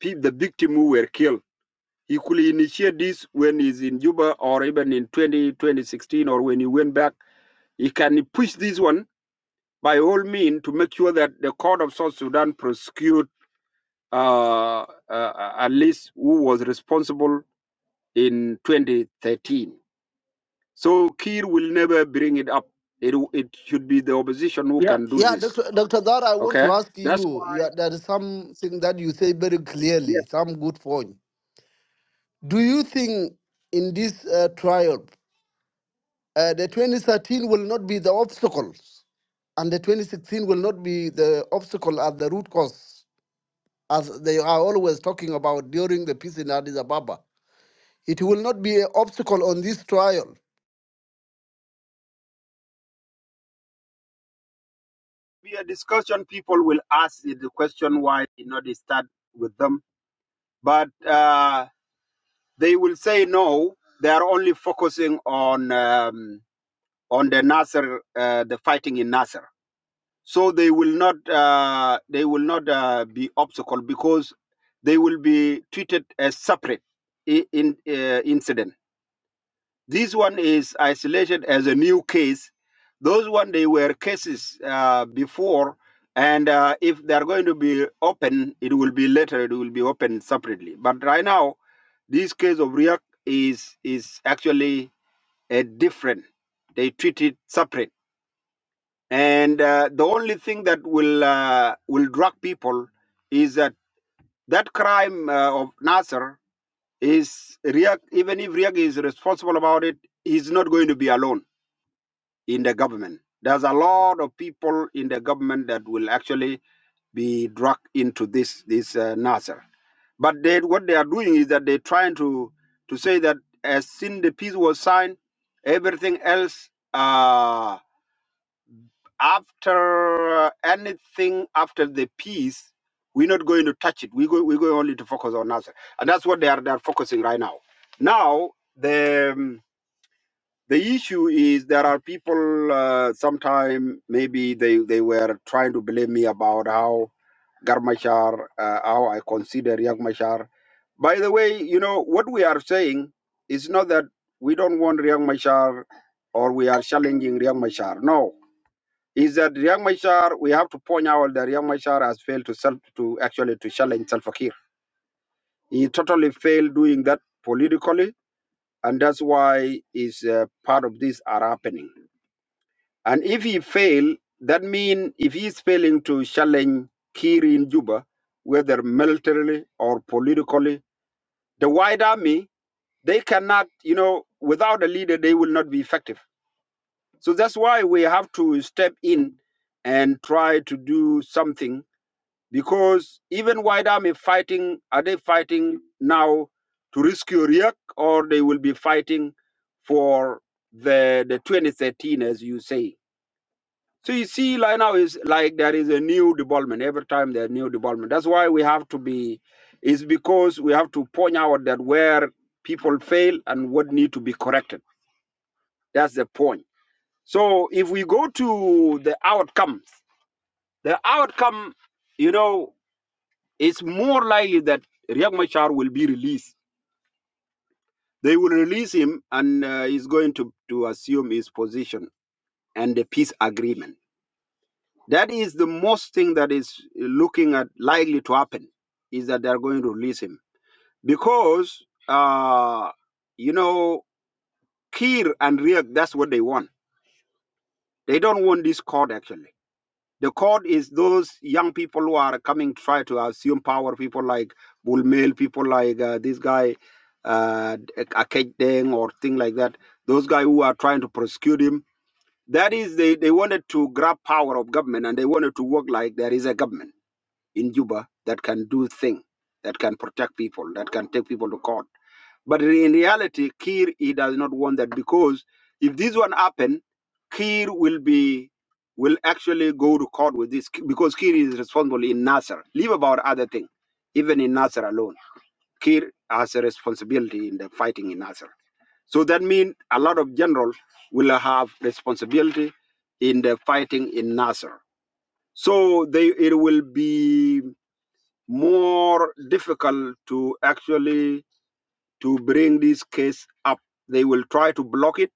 Speaker 1: pe- the victims who were killed. He could initiate this when he's in Juba or even in 20, 2016 or when he went back. He can push this one by all means to make sure that the court of South Sudan prosecute uh, uh, at least who was responsible in 2013. So Kiir will never bring it up. It, it should be the opposition who
Speaker 8: Yeah,
Speaker 1: can do
Speaker 8: yeah,
Speaker 1: this.
Speaker 8: Dr. Dr. Dar, I want to
Speaker 1: Okay?
Speaker 8: ask
Speaker 1: That's
Speaker 8: you, you
Speaker 1: why.
Speaker 8: there is something that you say very clearly, some good point. Do you think in this uh, trial, uh, the 2013 will not be the obstacles, and the 2016 will not be the obstacle at the root cause, as they are always talking about during the peace in Addis Ababa? It will not be an obstacle on this trial.
Speaker 1: be a discussion. People will ask the question why did not they start with them, but uh, they will say no. They are only focusing on um, on the Nasser, uh, the fighting in Nasser. So they will not uh, they will not uh, be obstacle because they will be treated as separate i- in uh, incident. This one is isolated as a new case. Those one they were cases uh, before, and uh, if they are going to be open, it will be later. It will be open separately. But right now, this case of Riak is is actually a different. They treat it separate, and uh, the only thing that will uh, will drag people is that that crime uh, of Nasser is Riak. Even if Riak is responsible about it, he's not going to be alone in the government. There's a lot of people in the government that will actually be dragged into this this uh, Nasser. But they, what they are doing is that they're trying to to say that as soon the peace was signed, everything else uh, after uh, anything after the peace, we're not going to touch it. We go we're going only to focus on Nasser, and that's what they are they're focusing right now. Now the um, the issue is there are people uh, sometime maybe they, they were trying to blame me about how Garmachar, uh, how I consider Mashar. By the way, you know, what we are saying is not that we don't want Mashar or we are challenging Mashar. No. Is that Mashar? we have to point out that Mashar has failed to self to actually to challenge Salva Kiir. He totally failed doing that politically, and that's why is uh, part of this are happening And if he fail, that means if he is failing to challenge Kir in Juba, whether militarily or politically, the white army, they cannot, you know, without a leader, they will not be effective. So that's why we have to step in and try to do something because even white army fighting, are they fighting now to rescue Riek or they will be fighting for the, the 2013, as you say? So you see, like now is like there is a new development every time there's new development. That's why we have to be. Is because we have to point out that where people fail and what need to be corrected. That's the point. So if we go to the outcomes, the outcome, you know, it's more likely that Riek Machar will be released. They will release him, and uh, he's going to to assume his position and the peace agreement. That is the most thing that is uh, looking at likely to happen is that they are going to release him because uh, you know Kir and Riek. That's what they want. They don't want this court actually. The court is those young people who are coming to try to assume power. People like Bulmel, people like uh, this guy uh, Akej Deng or thing like that. Those guys who are trying to prosecute him. That is, they, they wanted to grab power of government and they wanted to work like there is a government in Juba that can do things, that can protect people, that can take people to court. But in reality, Kir he does not want that because if this one happen, Kir will be will actually go to court with this because Kir is responsible in Nasser. Leave about other thing, even in Nasser alone, Kir has a responsibility in the fighting in Nasser. So that means a lot of generals will have responsibility in the fighting in Nasser. So they it will be more difficult to actually to bring this case up. They will try to block it,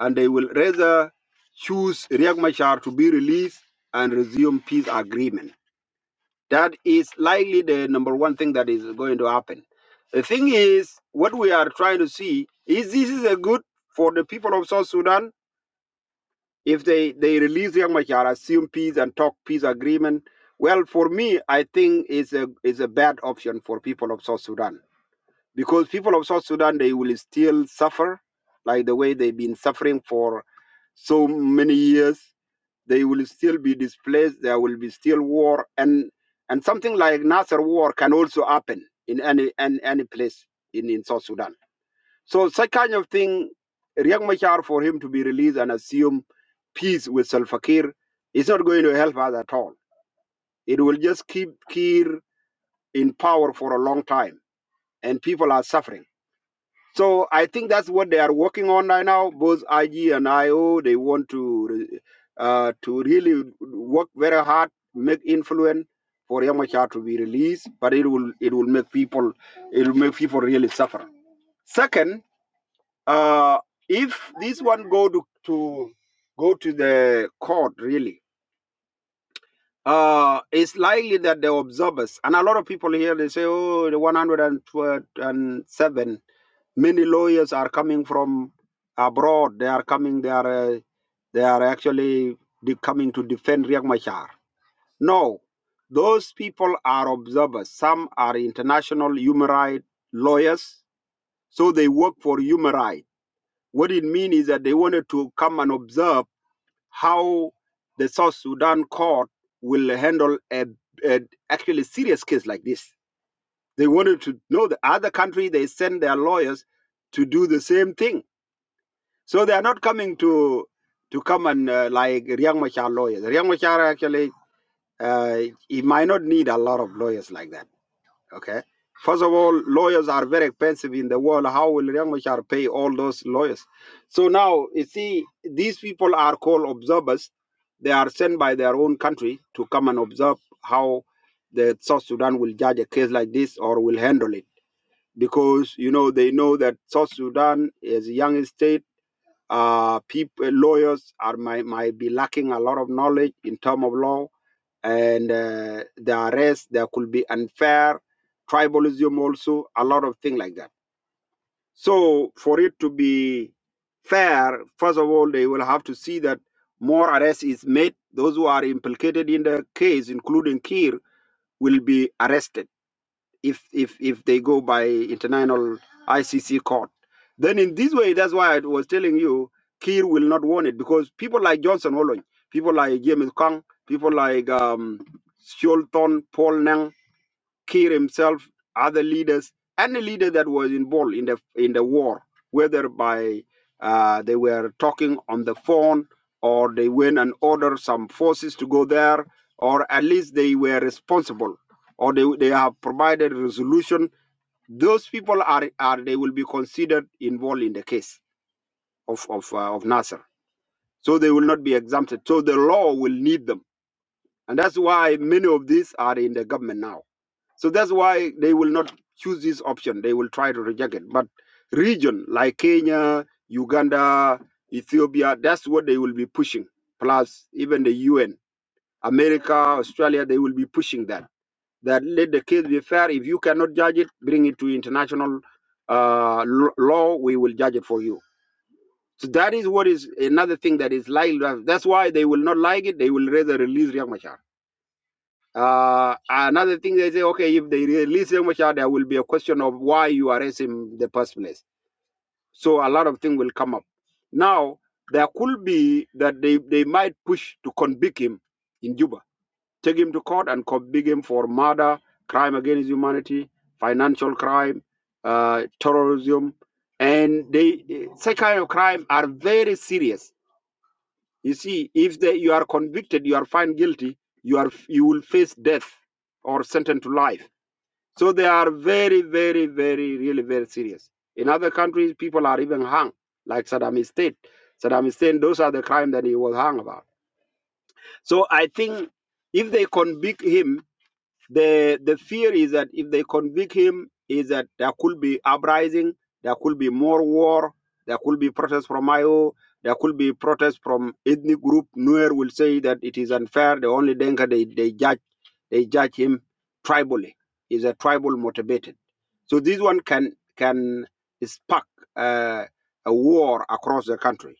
Speaker 1: and they will rather choose Riek Machar to be released and resume peace agreement. That is likely the number one thing that is going to happen. The thing is, what we are trying to see is this is a good for the people of South Sudan if they they release Riek Machar, assume peace, and talk peace agreement. Well, for me, I think it's a is a bad option for people of South Sudan because people of South Sudan they will still suffer like the way they've been suffering for so many years. They will still be displaced. There will be still war, and and something like Nasser war can also happen in any any, any place in, in South Sudan. So such kind of thing, Riek Machar for him to be released and assume peace with Salva Kiir is not going to help us at all. It will just keep Kiir in power for a long time, and people are suffering so I think that's what they are working on right now. Both IG and IO, they want to uh, to really work very hard, make influence for Yamachar to be released, but it will it will make people it will make people really suffer. Second, uh, if this one go to, to go to the court really. Uh, it's likely that the observers and a lot of people here they say, oh, the 107 Many lawyers are coming from abroad. They are coming. They are uh, they are actually de- coming to defend Riek Machar. No, those people are observers. Some are international human rights lawyers, so they work for human rights. What it means is that they wanted to come and observe how the South Sudan court will handle a, a actually serious case like this. They wanted to know the other country. They send their lawyers to do the same thing So they are not coming to to come and uh, like Riek Machar lawyers. Riek Machar actually uh, he might not need a lot of lawyers like that. Okay. First of all, lawyers are very expensive in the world. How will Riek Machar pay all those lawyers? So now you see, these people are called observers. They are sent by their own country to come and observe how the South Sudan will judge a case like this or will handle it. Because you know they know that South Sudan is a young state uh, people, lawyers are might, might be lacking a lot of knowledge in term of law, and uh, the arrest there could be unfair tribalism also a lot of things like that. So for it to be fair, first of all, they will have to see that more arrest is made. Those who are implicated in the case, including Kir, will be arrested if if if they go by international ICC court. Then in this way, that's why I was telling you, Kiir will not want it because people like Johnson Olony, people like James Kang, people like um, Sholton, Paul Nang, Kiir himself, other leaders, any leader that was involved in the in the war, whether by uh, they were talking on the phone or they went and ordered some forces to go there, or at least they were responsible, or they, they have provided resolution. Those people are, are they will be considered involved in the case of of, uh, of Nasser, so they will not be exempted. So the law will need them, and that's why many of these are in the government now so that's why they will not choose this option. They will try to reject it. But region like Kenya, Uganda, Ethiopia, that's what they will be pushing. Plus, even the UN, America, Australia, they will be pushing that. That let the case be fair. If you cannot judge it, bring it to international uh, l- law. We will judge it for you. So that is what is another thing that is like. That's why they will not like it. They will rather release Riek Machar. Uh, another thing they say, okay, if they release Riek Machar, there will be a question of why you arrest him in the first place. So a lot of things will come up. Now, there could be that they, they might push to convict him in Juba, take him to court and convict him for murder, crime against humanity, financial crime, uh, terrorism. And they, such kind of crime are very serious you see, if they, you are convicted, you are found guilty, you are you will face death or sentenced to life. So they are very, very, very, really very serious. In other countries, people are even hung, like Saddam Hussein. Saddam Hussein, those are the crime that he was hung about. So I think if they convict him, the the fear is that if they convict him, is that there could be uprising, there could be more war, there could be protests from IO, there could be protests from ethnic group. Nuer will say that it is unfair. The only Denka they, they judge they judge him tribally. Is a tribal motivated. So this one can can spark uh, a war across the country.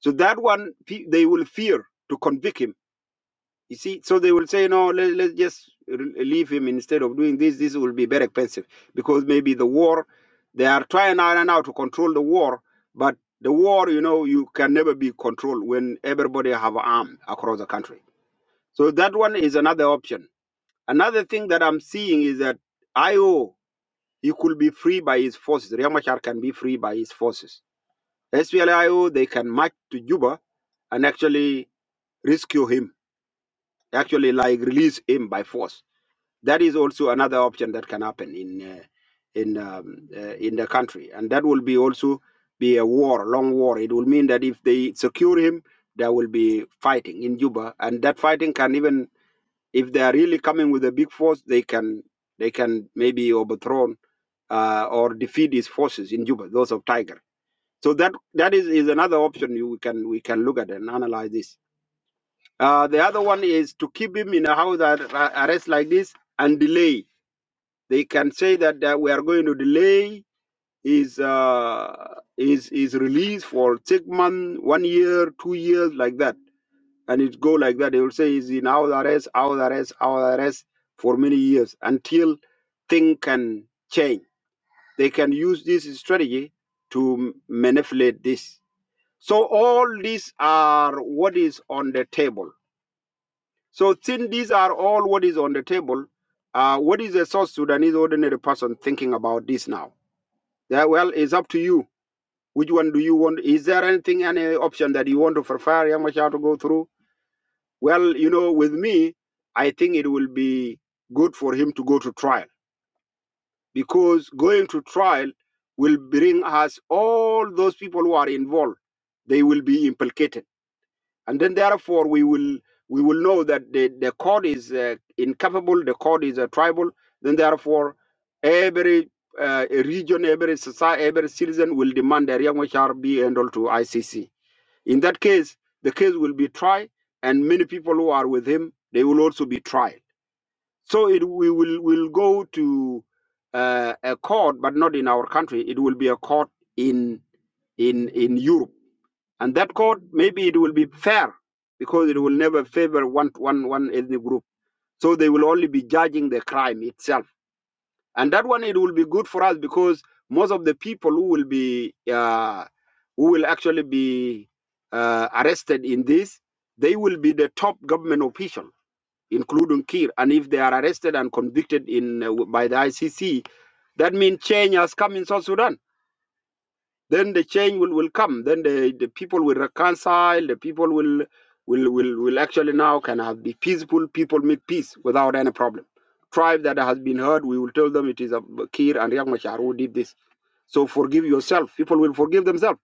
Speaker 1: So that one they will fear to convict him you see, so they will say, no, let, let's just re- leave him instead of doing this. This will be very expensive because maybe the war, they are trying now and now to control the war, but the war, you know, you can never be controlled when everybody have arm across the country. So that one is another option. Another thing that I'm seeing is that IO, he could be free by his forces. Riyamachar can be free by his forces. SPLIO, they can march to Juba and actually rescue him, actually like release him by force That is also another option that can happen in uh, in um, uh, in the country, and that will be also be a war, long war. It will mean that if they secure him, there will be fighting in Juba, and that fighting can even if they are really coming with a big force, they can they can maybe overthrow uh, or defeat his forces in Juba, those of Tiger. So that that is, is another option you we can we can look at and analyze this. Uh, the other one is to keep him in a house ar- arrest like this and delay they can say that, that we are going to delay his uh, his his release for six months, one year, two years, like that, and it go like that. They will say he's in house arrest, house arrest, house arrest for many years until thing can change. They can use this strategy to m- manipulate this. So all these are what is on the table. So since these are all what is on the table, uh, what is a South Sudanese ordinary person thinking about this now? Yeah, well, it's up to you. Which one do you want? Is there anything, any option that you want to prefer Young Machar to go through? Well, you know, with me, I think it will be good for him to go to trial because going to trial will bring us all those people who are involved. They will be implicated and then therefore we will we will know that the the court is uh, incapable the court is a tribal then therefore every uh, region every society every citizen will demand that Riek Machar be enrolled to ICC in that case the case will be tried and many people who are with him they will also be tried so it we will will go to uh, a court but not in our country it will be a court in in in Europe and that court maybe it will be fair because it will never favor one, one, one ethnic group. So they will only be judging the crime itself. And that one, it will be good for us because most of the people who will be, uh, who will actually be uh, arrested in this, they will be the top government official, including Kir. And if they are arrested and convicted in uh, by the ICC, that means change has come in South Sudan then the change will, will come. Then the, the people will reconcile. The people will will will will actually now can have be peaceful. People make peace without any problem. Tribe that has been hurt, we will tell them it is a Kir and Riek Machar who did this. So forgive yourself. People will forgive themselves.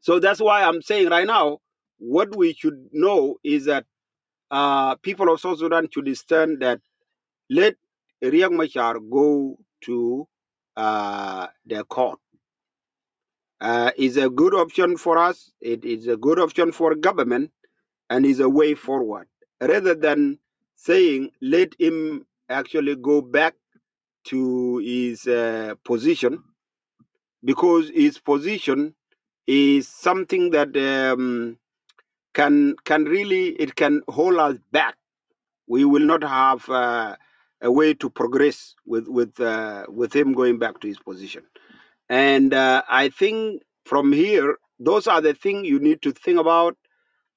Speaker 1: So that's why I'm saying right now, what we should know is that uh, people of South Sudan should understand that let Riek Machar go to uh, their court Uh, is a good option for us. It is a good option for government and is a way forward rather than saying let him actually go back to his uh, position because his position is something that um, can can really it can hold us back. We will not have uh, a way to progress with with uh, with him going back to his position. And uh, I think from here, those are the things you need to think about.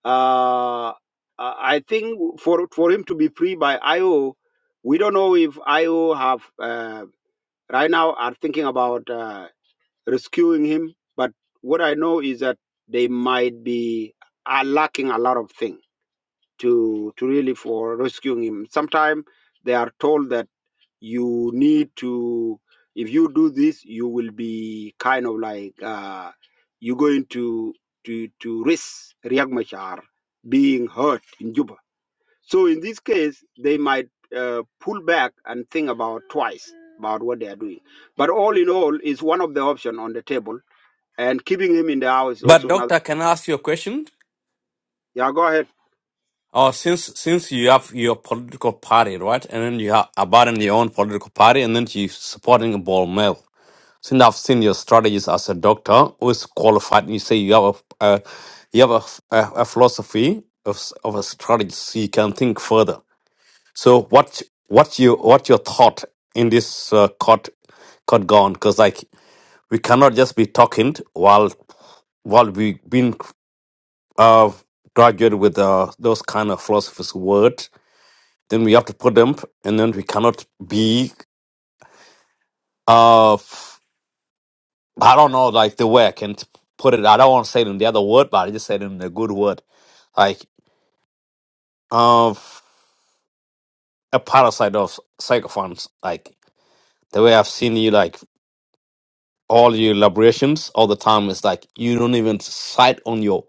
Speaker 1: Uh, I I think for for him to be free by IO, we don't know if IO have uh, right now are thinking about uh, rescuing him. But what I know is that they might be are lacking a lot of things to to really for rescuing him. Sometimes they are told that you need to if you do this you will be kind of like uh, you're going to to to risk Riek Machar being hurt in Juba. So in this case, they might uh, pull back and think about twice about what they are doing. But all in all, is one of the options on the table, and keeping him in the house is
Speaker 9: But
Speaker 1: also another.
Speaker 9: doctor, can I ask you a question?
Speaker 1: Yeah, go ahead.
Speaker 9: Oh, since since you have your political party, right, and then you have abandon your own political party, and then you supporting a ball mill. Since I've seen your strategies as a doctor who is qualified, and you say you have a uh, you have a, f- a- a philosophy of s- of a strategy, so you can think further. So what what you what your thought in this uh, court court gone? Because like we cannot just be talking while while we been uh, graduated with uh, those kind of philosophers' word, then we have to put them, and then we cannot be. Uh, f- I don't know, like the way I can t- put it. I don't want to say it in the other word, but I just said it in a good word, like uh, f- a parasite of psychophants. Like the way I've seen you, like all your elaborations all the time is like you don't even sight on your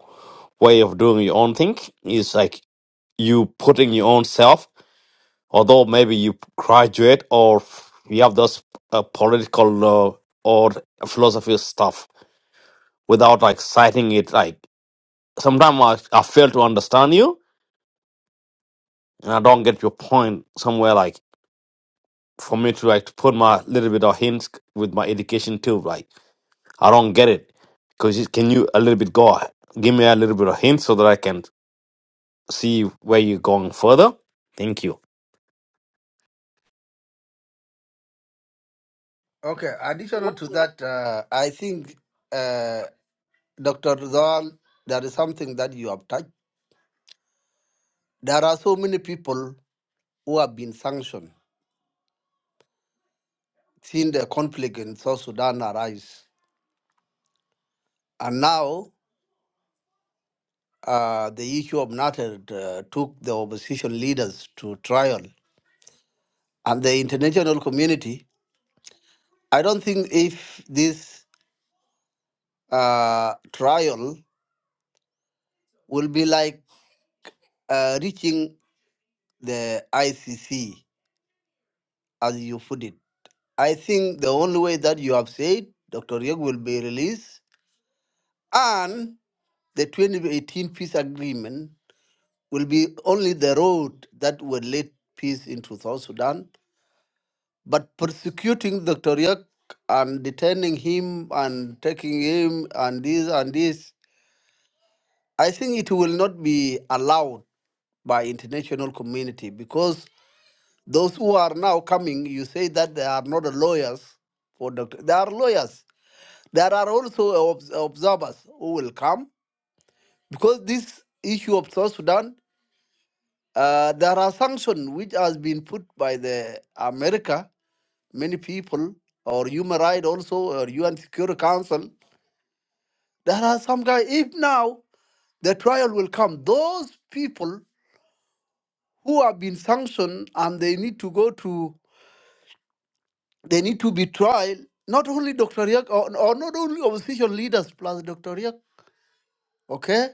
Speaker 9: way of doing your own thing. It's like you putting your own self. although maybe you graduate or you have those uh, political uh, or philosophy stuff without like citing it like sometimes I, I fail to understand you and i don't get your point somewhere like for me to like to put my little bit of hints with my education too like i don't get it because can you a little bit go give me a little bit of hint so that i can see where you're going further thank you
Speaker 8: Okay, additional
Speaker 1: What-
Speaker 8: to that, uh, I think, uh, Dr. Rizal, there is something that you have touched. There are so many people who have been sanctioned since the conflict in South Sudan arise. And now uh, the issue of NATO uh, took the opposition leaders to trial and the international community. I don't think if this uh, trial will be like uh, reaching the ICC, as you put it. I think the only way that you have said Dr. Yeg will be released and the 2018 peace agreement will be only the road that will lead peace into South Sudan But persecuting Dr. Yek and detaining him and taking him and this and this, I think it will not be allowed by international community because those who are now coming, you say that they are not lawyers for Dr. They are lawyers. There are also obs- observers who will come because this issue of South Sudan, uh, there are sanctions which has been put by the America many people or human rights also or UN Security Council. There are some guys, if now the trial will come, those people who have been sanctioned and they need to go to, they need to be tried, not only Dr. Riek or, or not only opposition leaders plus Dr. Riek, okay?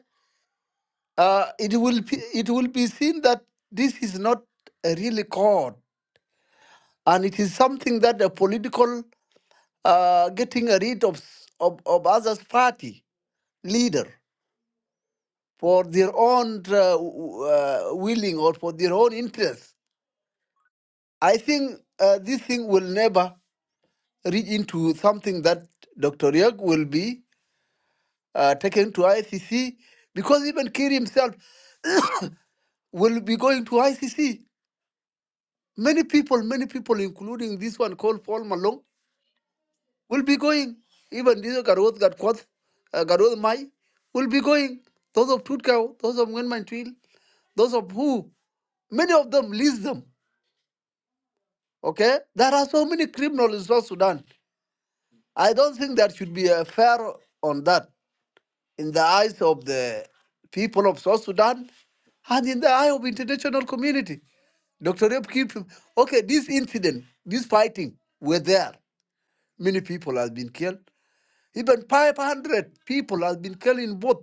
Speaker 8: Uh, it, will be, it will be seen that this is not a really court and it is something that the political uh, getting rid of, of, of others party leader for their own uh, uh, willing or for their own interest. I think uh, this thing will never reach into something that Dr. Yag will be uh, taken to ICC because even Kiri himself will be going to ICC. Many people, many people, including this one called Paul Malong, will be going. Even this Garoth Gatkwath, uh, Garoth Mai, will be going. Those of Tutkau, those of Ngenman Twil, those of who, many of them, list them. Okay? There are so many criminals in South Sudan. I don't think there should be a fair on that in the eyes of the people of South Sudan and in the eye of international community. Dr. Yap keep him. okay, this incident, this fighting were there. Many people have been killed. Even 500 people have been killed in both.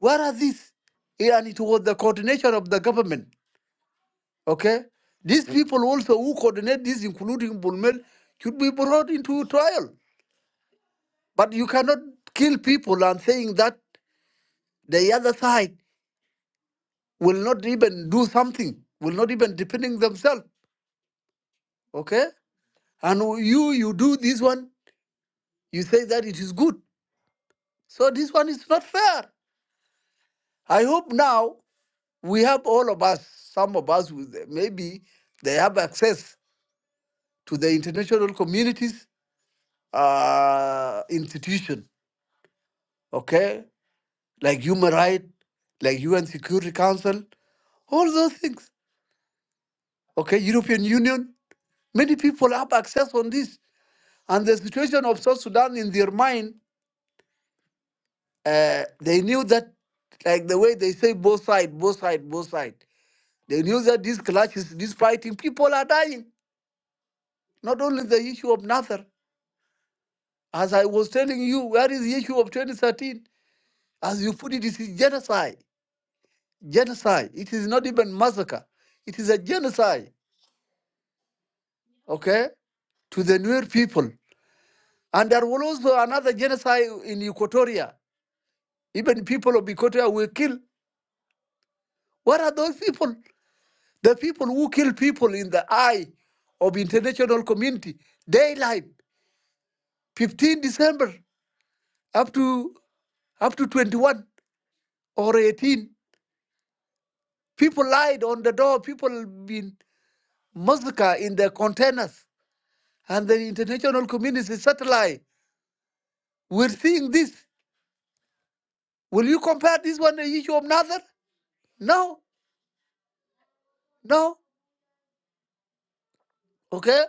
Speaker 8: Where are these? Yeah, And it was the coordination of the government. Okay? These people also who coordinate this, including Bulmel, should be brought into trial. But you cannot kill people and saying that the other side will not even do something, will not even defending themselves. Okay? And you you do this one, you say that it is good. So this one is not fair. I hope now we have all of us, some of us with maybe they have access to the international communities uh, institution, okay? Like human rights, like UN Security Council, all those things. okay, European Union. Many people have access on this. And the situation of South Sudan in their mind, uh, they knew that, like the way they say, both side, both side, both side. They knew that these clashes, this fighting, people are dying. Not only the issue of Nasser, as I was telling you, where is the issue of 2013? As you put it, it is genocide. Genocide. It is not even massacre. It is a genocide, okay, to the Nuer people. And there was also another genocide in Equatoria Even people of Bikotia were killed. What are those people? The people who kill people in the eye of international community. Daylight, 15 December up to up to 21 or 18. People lied on the door. People been massacred in their containers. And the international community satellite. We're seeing this. Will you compare this one to the issue of another? No, no. Okay?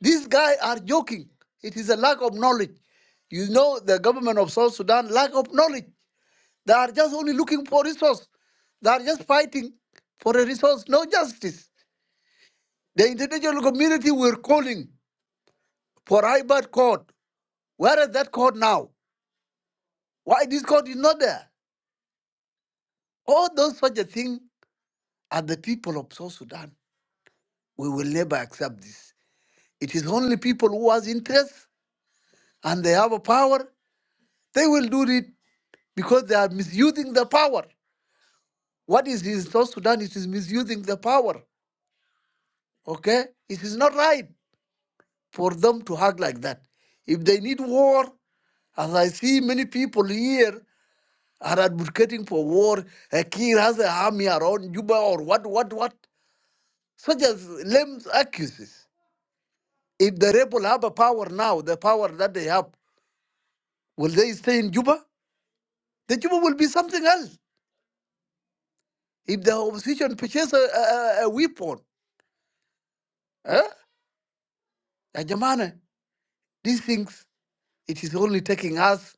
Speaker 8: These guys are joking. It is a lack of knowledge. You know, the government of South Sudan, lack of knowledge. They are just only looking for resource. They are just fighting for a resource, no justice. The international community were calling for IBAD court. Where is that court now? Why this court is not there? All those such a thing are the people of South Sudan. We will never accept this. It is only people who has interest and they have a power, they will do it because they are misusing the power. What is in South Sudan? It is misusing the power. Okay? It is not right for them to act like that. If they need war, as I see many people here are advocating for war, a king has an army around Juba or what, what, what, such as lame excuses. If the rebel have a power now, the power that they have, will they stay in Juba? The Juba will be something else. If the opposition purchase a, a, a weapon, eh? Ya jamana, these things, it is only taking us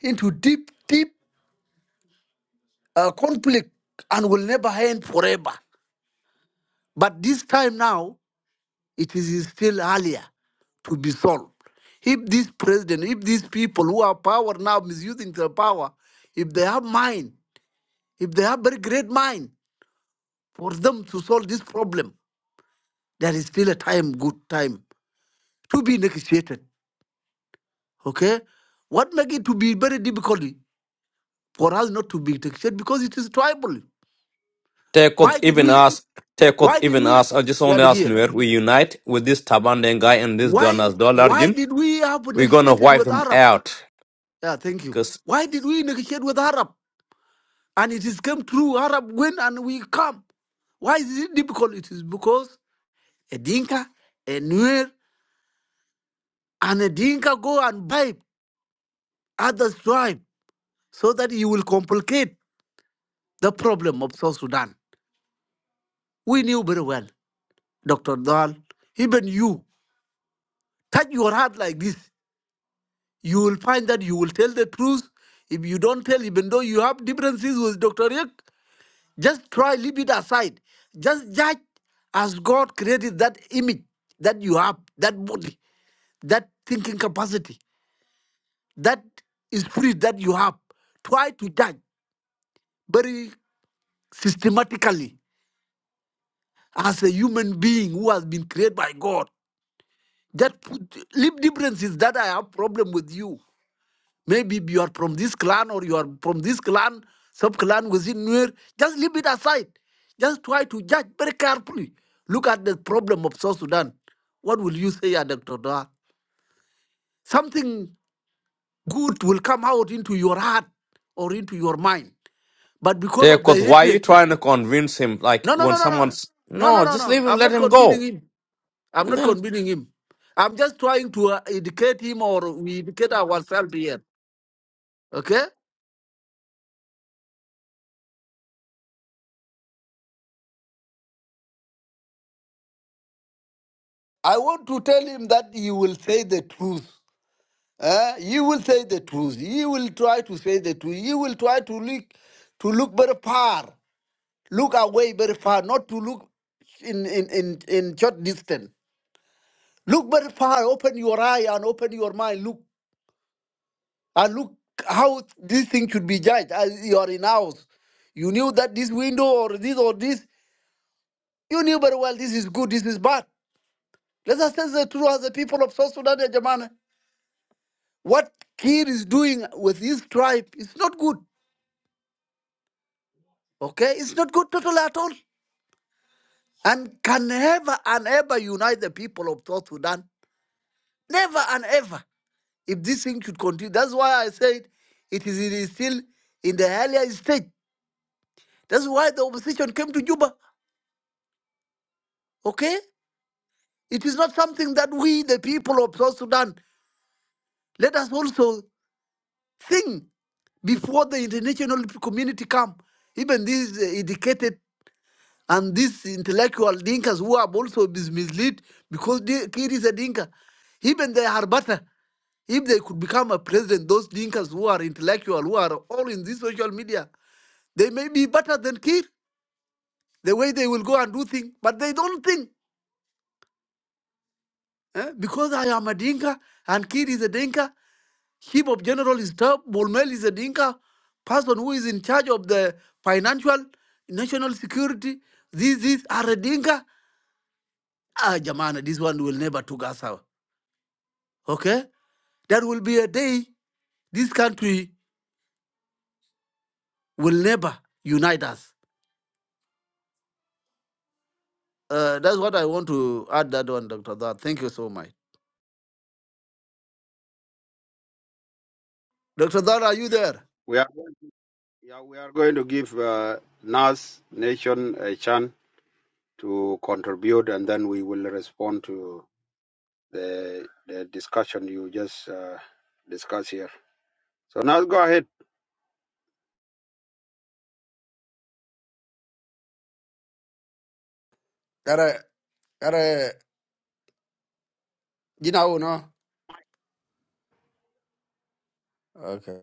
Speaker 8: into deep, deep uh, conflict and will never end forever. But this time now, it is still earlier to be solved. If this president, if these people who have power now misusing their power, if they have mind, if they have very great mind for them to solve this problem, there is still a time, good time to be negotiated. Okay? What make it to be very difficult for us not to be negotiated? Because it is tribal.
Speaker 9: Take off
Speaker 8: Why did
Speaker 9: even
Speaker 8: we
Speaker 9: us. Take off
Speaker 8: why did
Speaker 9: even
Speaker 8: we
Speaker 9: us. I just
Speaker 8: yeah
Speaker 9: only
Speaker 8: the
Speaker 9: us
Speaker 8: gear.
Speaker 9: Nuer. We unite with this Tabandan guy and this
Speaker 8: Why
Speaker 9: Donas
Speaker 8: why
Speaker 9: Dollarjin.
Speaker 8: did we have
Speaker 9: We're gonna
Speaker 8: negotiated
Speaker 9: wipe
Speaker 8: with
Speaker 9: them
Speaker 8: Arab?
Speaker 9: out.
Speaker 8: Yeah, thank you.
Speaker 9: Cause
Speaker 8: Why did we negotiate with Arab? And it is come true. Arab win and we come. Why is it difficult? It is because a Dinka, a Nuer, and a Dinka go and buy others' tribe so that you will complicate the problem of South Sudan. We knew very well, Dr. Dahl, even you, touch your heart like this. You will find that you will tell the truth. If you don't tell, even though you have differences with Dr. Rick, Just try leave it aside. Just judge as God created that image that you have, that body, that thinking capacity, that spirit that you have. Try to judge very systematically as a human being who has been created by God. Just put, leave differences that I have problem with you. Maybe you are from this clan or you are from this clan, sub clan within Nuer. Just leave it aside. Just try to judge very carefully. Look at the problem of South Sudan. What will you say, uh, Dr. Doha? Something good will come out into your heart or into your mind. But because of
Speaker 9: take
Speaker 8: the
Speaker 9: off. Why are you
Speaker 8: hatred,
Speaker 9: trying to convince him? Like
Speaker 8: no, no,
Speaker 9: when
Speaker 8: no, no, no,
Speaker 9: someone's
Speaker 8: no, no,
Speaker 9: no,
Speaker 8: no,
Speaker 9: just
Speaker 8: no.
Speaker 9: leave him.
Speaker 8: I'm
Speaker 9: Let
Speaker 8: not
Speaker 9: him
Speaker 8: convincing
Speaker 9: go.
Speaker 8: him. I'm
Speaker 9: And
Speaker 8: not
Speaker 9: then.
Speaker 8: convincing him. I'm just trying to uh, educate him or we educate ourselves here. Okay? I want to tell him that he will say the truth. Uh, you will say the truth. You will try to say the truth. You will try to look to look very far, look away very far, not to look in in in, in short distance. Look very far. Open your eye and open your mind. Look and look how this thing should be judged. As you are in house, you knew that this window or this or this. You knew very well this is good, this is bad. Let us tell the truth as the people of South Sudan, Jamana. What Kir is doing with his tribe is not good. Okay, it's not good total at all, and can never and ever unite the people of South Sudan. Never and ever. If this thing should continue, that's why I said it is, it is still in the earlier stage. That's why the opposition came to Juba. Okay, it is not something that we, the people of South Sudan, let us also think before the international community come. Even these uh, educated And these intellectual dinkas who have also been misled because they, Kir is a dinka. Even they are better. If they could become a president, those dinkas who are intellectual, who are all in this social media, they may be better than Kir. The way they will go and do things, but they don't think. eh, Because I am a dinka and Kir is a dinka, chief of general is top, Bolmel is a dinka, person who is in charge of the financial, national security, these, these are a dinka. Ah, Jamana, this one will never took us out. okay? there will be a day this country will never unite us. Uh, that's what I want to add that one, Dr. Dar. Thank you so much. Dr. Dar, are you there?
Speaker 1: We are yeah, we are going to give uh, Nas Nation a chance. to contribute, and then we will respond to the the discussion you just uh, discussed here. So now go ahead.
Speaker 8: Yara, yara, you know, no? Okay.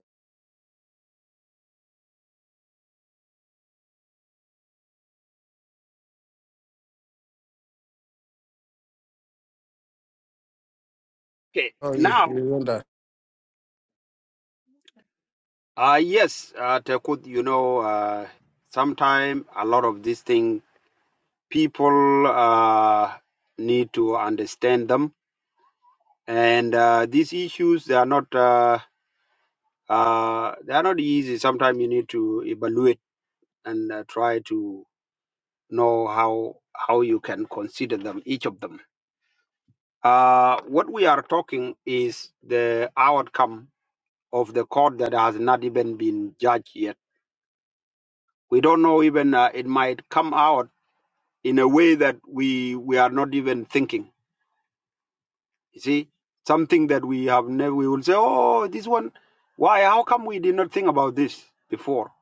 Speaker 1: Okay.
Speaker 8: Oh, you,
Speaker 1: Now,
Speaker 8: you want that?
Speaker 1: uh, yes, uh, Tekut, you know, uh, sometimes a lot of these things people uh, need to understand them, and uh, these issues they are not uh, uh, they are not easy. Sometimes you need to evaluate and uh, try to know how how you can consider them, each of them Uh, what we are talking is the outcome of the court that has not even been judged yet. We don't know even uh, it might come out in a way that we we are not even thinking. You see, something that we have never. We will say, "Oh, this one. Why? How come we did not think about this before?"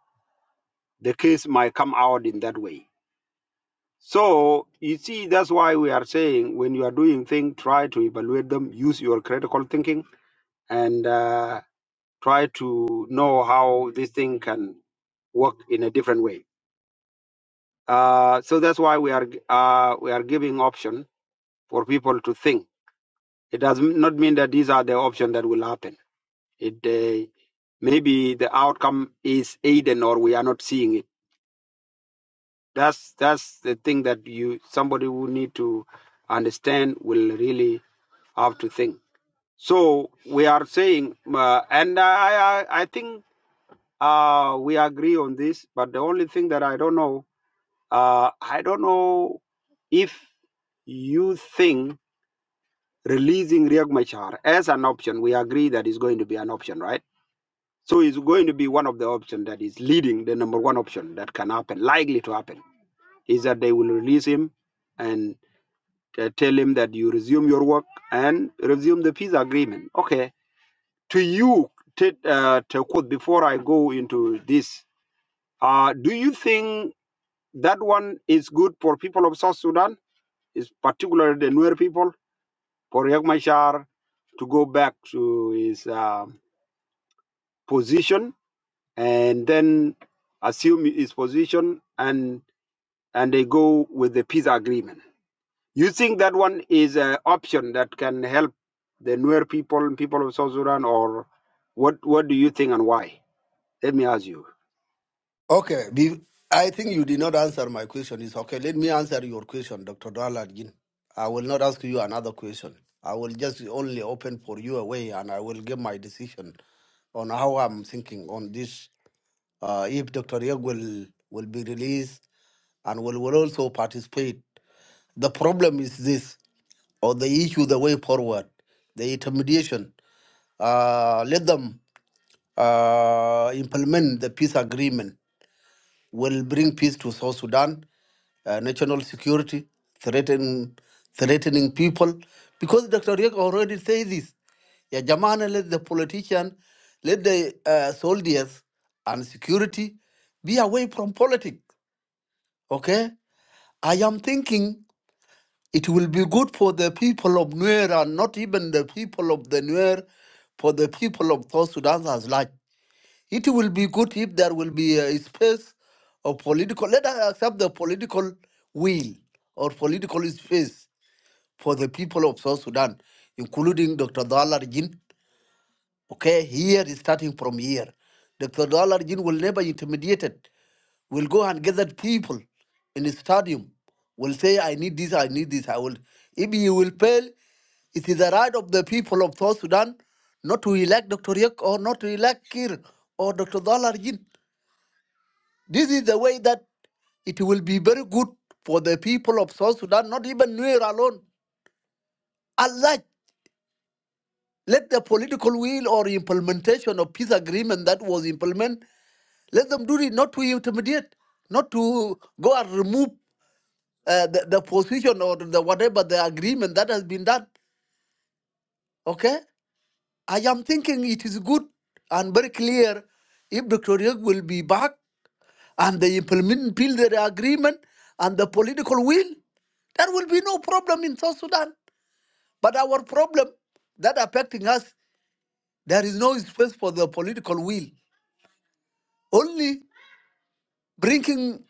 Speaker 1: The case might come out in that way. So you see, that's why we are saying when you are doing things, try to evaluate them. Use your critical thinking and. Uh, try to know how this thing can work in a different way. Uh, so that's why we are uh, we are giving option for people to think. It does not mean that these are the options that will happen. It uh, maybe the outcome is hidden or we are not seeing it. That's that's the thing that you somebody who need to understand will really have to think. So we are saying, uh, and I I I think Uh, we agree on this, but the only thing that I don't know, uh, I don't know if you think releasing Riek Machar as an option, we agree that is going to be an option, right? So it's going to be one of the options that is leading the number one option that can happen, likely to happen, is that they will release him and uh, tell him that you resume your work and resume the peace agreement. Okay. To you, to, uh, to quote, before I go into this, uh, do you think That one is good for people of South Sudan, is particularly the Nuer people, for Riek Machar to go back to his uh, position and then assume his position and and they go with the peace agreement. You think that one is an option that can help the Nuer people, and people of South Sudan, or what? What do you think and why? Let me ask you.
Speaker 8: Okay. Be, I think you did not answer my question. It's okay. Let me answer your question, Dr. Daladjin. I will not ask you another question. I will just only open for you a way and I will give my decision on how I'm thinking on this. uh, if Dr. Yeg will, will be released and will, will also participate. The problem is this, or the issue, the way forward, the intermediation. Uh, let them uh, implement the peace agreement will bring peace to South Sudan, uh, national security, threaten, threatening people. Because Dr. Riek already says this. Yeah, Jamana, let the politician, let the uh, soldiers and security be away from politics. Okay? I am thinking it will be good for the people of Nuer and not even the people of the Nuer, for the people of South Sudan as large. It will be good if there will be a space of political, let us accept the political will or political space for the people of South Sudan, including Dr. Dalarjin. Okay, here is starting from here. Dr. Dalarjin will never intimidate it. Will go and gather people in the stadium. Will say, I need this, I need this, I will. If you will fail, it is the right of the people of South Sudan not to elect Dr. Yek or not to elect Kir or Dr. Dalarjin. This is the way that it will be very good for the people of South Sudan, not even Nuer alone. Unlike let the political will or implementation of peace agreement that was implemented, let them do it not to intimidate, not to go and remove uh, the, the position or the whatever the agreement that has been done. Okay? I am thinking it is good and very clear if Dr. Yek will be back and they implement build their agreement and the political will, there will be no problem in South Sudan. But our problem that affecting us, there is no space for the political will. Only bringing,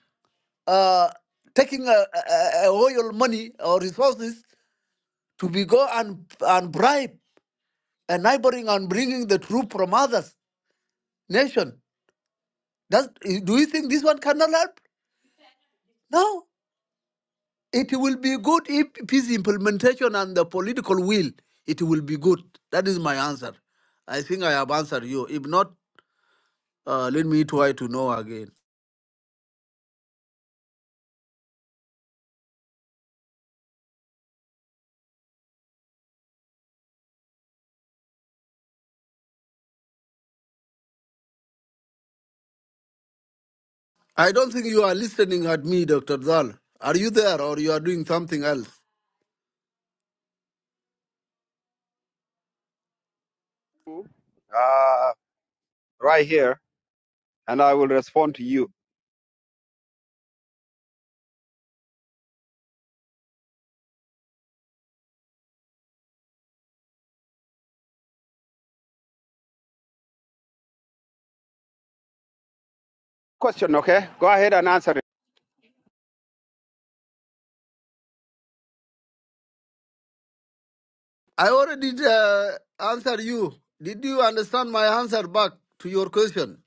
Speaker 8: uh, taking a uh, uh, oil money or resources to be go and and bribe a neighboring and bringing the troop from others nation. That do you think this one cannot help? No, It will be good if peace implementation and the political will, it will be good. That is my answer. I think I have answered you. If not, uh, let me try to know again. I don't think you are listening at me, Dr. Zal. Are you there or you are doing something else?
Speaker 1: Uh, right here, and I will respond to you. Question, okay? Go ahead and answer it.
Speaker 8: I already uh, answered you. Did you understand my answer back to your question?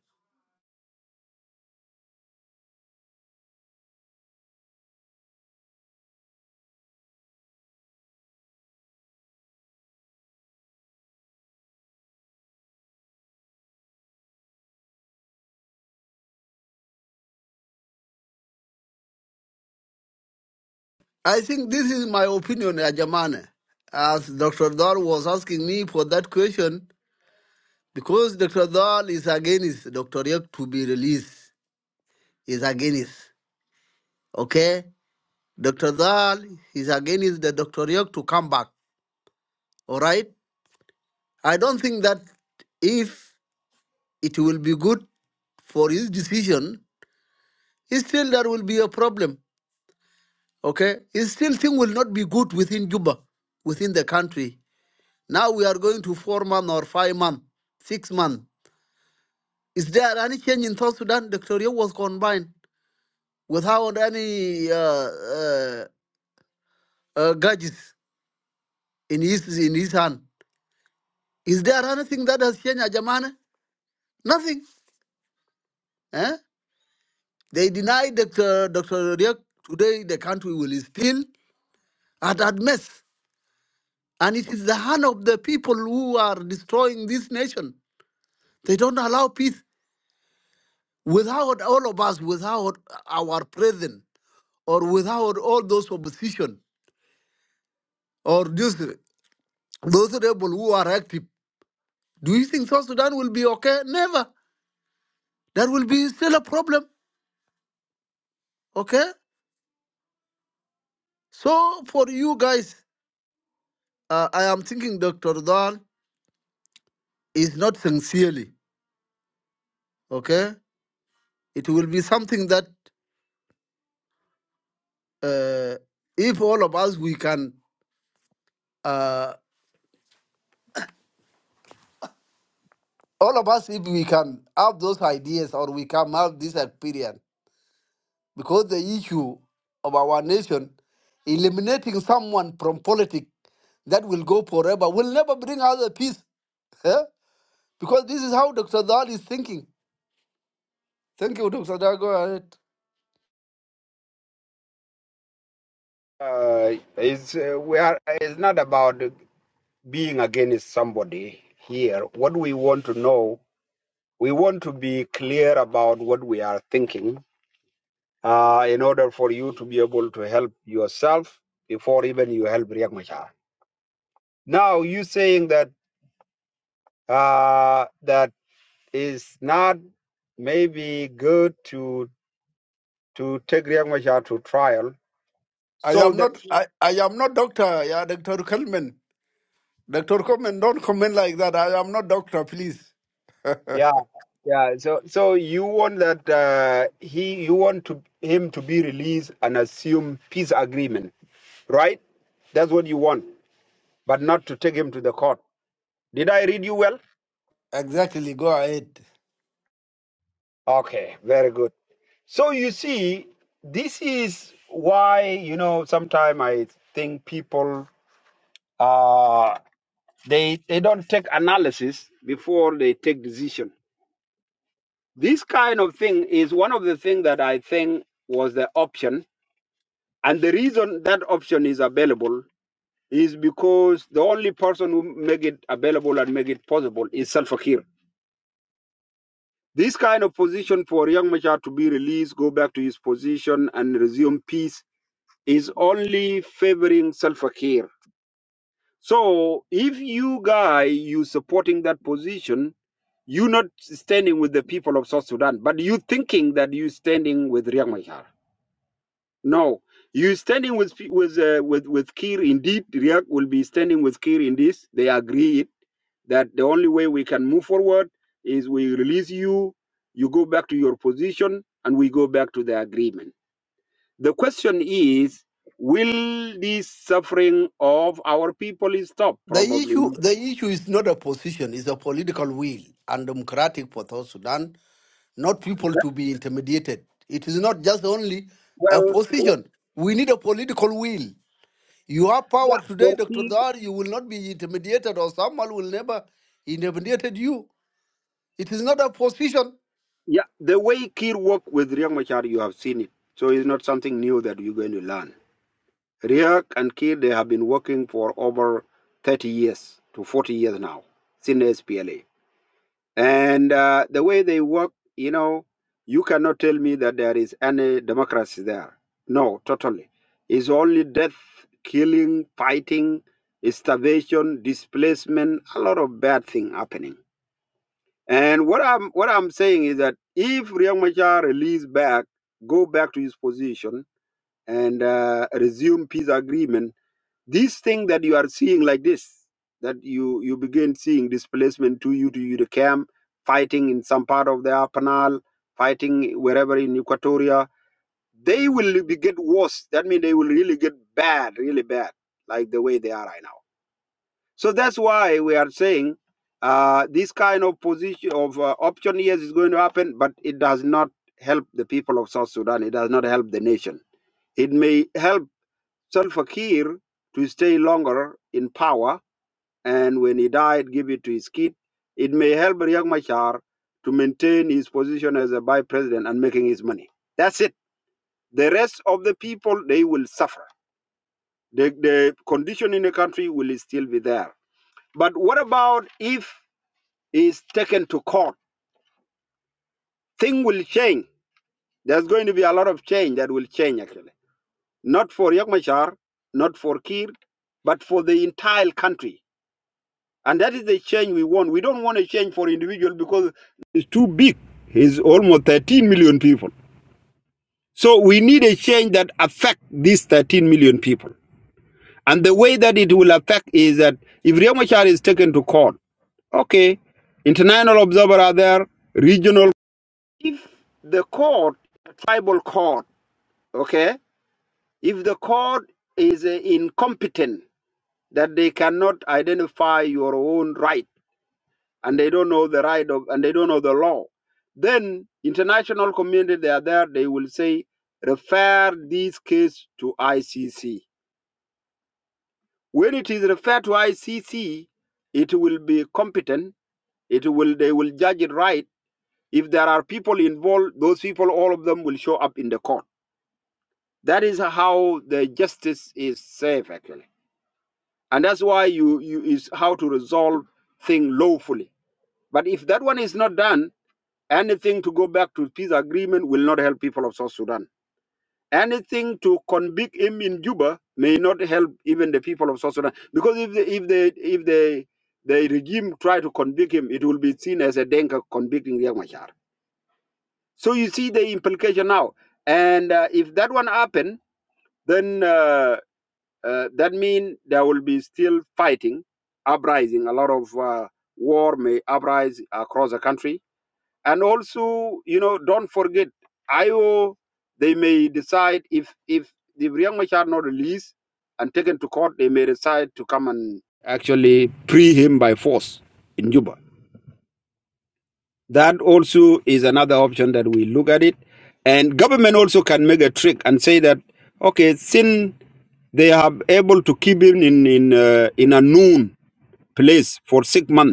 Speaker 8: I think this is my opinion, Ajamane. As Dr. Dar was asking me for that question, Because Dr. Dahl is against Dr. Yek to be released, is against, okay? Dr. Dahl is against the Dr. Yek to come back, all right? I don't think that if it will be good for his decision, still there will be a problem, okay? Still thing will not be good within Juba, within the country. Now we are going to four month or five month, six month. Is there any change in South Sudan? Dr. Yek was combined. without any uh, uh, uh, gadgets in his in his hand. Is there anything that has changed, Ajamane? Nothing. Eh? They deny Dr. Dr. Riek today the country will still at at mess. And it is the hand of the people who are destroying this nation. They don't allow peace without all of us, without our presence, or without all those opposition, or those, those rebels who are active. Do you think South Sudan will be okay? Never. There will be still a problem. Okay? So for you guys, uh, I am thinking Dr. Dahl is not sincerely. Okay? It will be something that uh, if all of us we can uh, all of us if we can have those ideas or we can have this experience because the issue of our nation eliminating someone from politics that will go forever will never bring us a peace eh? because this is how dr Dahl is thinking Thank you, Dr. Dago.
Speaker 1: Uh, it's, uh, we are, it's not about being against somebody here. What we want to know, we want to be clear about what we are thinking uh, in order for you to be able to help yourself before even you help Riek Machar. Now, you saying that uh, that is not maybe good to to take Riek Machar to trial
Speaker 8: I, I
Speaker 1: so
Speaker 8: am
Speaker 1: that.
Speaker 8: not I, I am not doctor, yeah, Dr. Kelman. Dr. Kelman, don't comment like that. I am not doctor, please.
Speaker 1: Yeah, yeah. So, so you want that uh, he, you want to him to be released and assume peace agreement, right? That's what you want, but not to take him to the court. Did I read you well?
Speaker 8: Exactly, go ahead.
Speaker 1: Okay, very good. So you see, this is why you know sometimes I think people uh they they don't take analysis before they take decision. This kind of thing is one of the things that I think was the option And the reason that option is available is because the only person who make it available and make it possible is Salva Kiir. This kind of position for Riek Machar to be released, go back to his position and resume peace is only favoring Salva Kiir. So if you guy you supporting that position, you not standing with the people of South Sudan, but you thinking that you standing with Riek Machar. No, you standing with pe- with uh, with with Kir. Indeed, Riek will be standing with Kir in this. They agreed that the only way we can move forward is we release you, you go back to your position, and we go back to the agreement. The question is, will this suffering of our people is stop?
Speaker 8: The
Speaker 1: Probably
Speaker 8: issue
Speaker 1: not.
Speaker 8: the issue is not a position, it's a political will and democratic for South Sudan, not people
Speaker 1: That-
Speaker 8: to be intimidated. It is not just only a
Speaker 1: well, for-
Speaker 8: position. We need a political will. You have
Speaker 1: yeah,
Speaker 8: power today,
Speaker 1: for
Speaker 8: Dr.
Speaker 1: Kir,
Speaker 8: Dar, you will not be intimidated or someone will never intimidated you. It is not a position.
Speaker 1: yeah, the way Kir worked with Riek Machar, you have seen it. So it's not something new that you're going to learn. Riek and Kir, they have been working for over 30 years to 40 years now since SPLA. And uh, the way they work, you know, you cannot tell me that there is any democracy there. No, totally. It's only death, killing, fighting, starvation, displacement, a lot of bad thing happening. And what I'm what I'm saying is that if Riek Machar release back, go back to his position and uh, resume peace agreement this thing that you are seeing like this, that you you begin seeing displacement to you to you the camp, fighting in some part of the Apanal, fighting wherever in Equatoria, they will be get worse. That means they will really get bad, really bad, like the way they are right now. So that's why we are saying uh, this kind of position of uh, option yes is going to happen, but it does not help the people of South Sudan. It does not help the nation. It may help Salva Kiir to stay longer in power, and when he died, give it to his kid. It may help Riek Machar to maintain his position as a vice president and making his money. That's it. The rest of the people, they will suffer. The, the condition in the country will still be there. But what about if he's taken to court? Thing will change. There's going to be a lot of change that will change, actually. Not for Riek Machar, not for Kiir, but for the entire country And that is the change we want. We don't want a change for individual because it's too big. It's almost 13 million people. So we need a change that affect these 13 million people. And the way that it will affect is that if Riyamachar is taken to court, okay, international observer are there, regional. If the court, a tribal court, okay, if the court is uh, incompetent, that they cannot identify your own right and they don't know the right of and they don't know the law then international community they are there they will say refer this case to icc when it is referred to icc it will be competent it will they will judge it right if there are people involved those people all of them will show up in the court that is how the justice is safe actually and that's why you you is how to resolve thing lawfully but if that one is not done Anything to go back to peace agreement will not help people of South Sudan. Anything to convict him in Juba may not help even the people of South Sudan. Because if the if the if the the regime try to convict him, it will be seen as a Denka convicting Riek Machar. So you see the implication now. And uh, if that one happen, then uh, uh, that means there will be still fighting, uprising. A lot of uh, war may uprise across the country and also, you know, don't forget, IO, they may decide if if the Brian Machar not released and taken to court, they may decide to come and actually free him by force in Juba. That also is another option that we look at it. And government also can make a trick and say that, okay, since they are able to keep him in in uh, in a known place for six months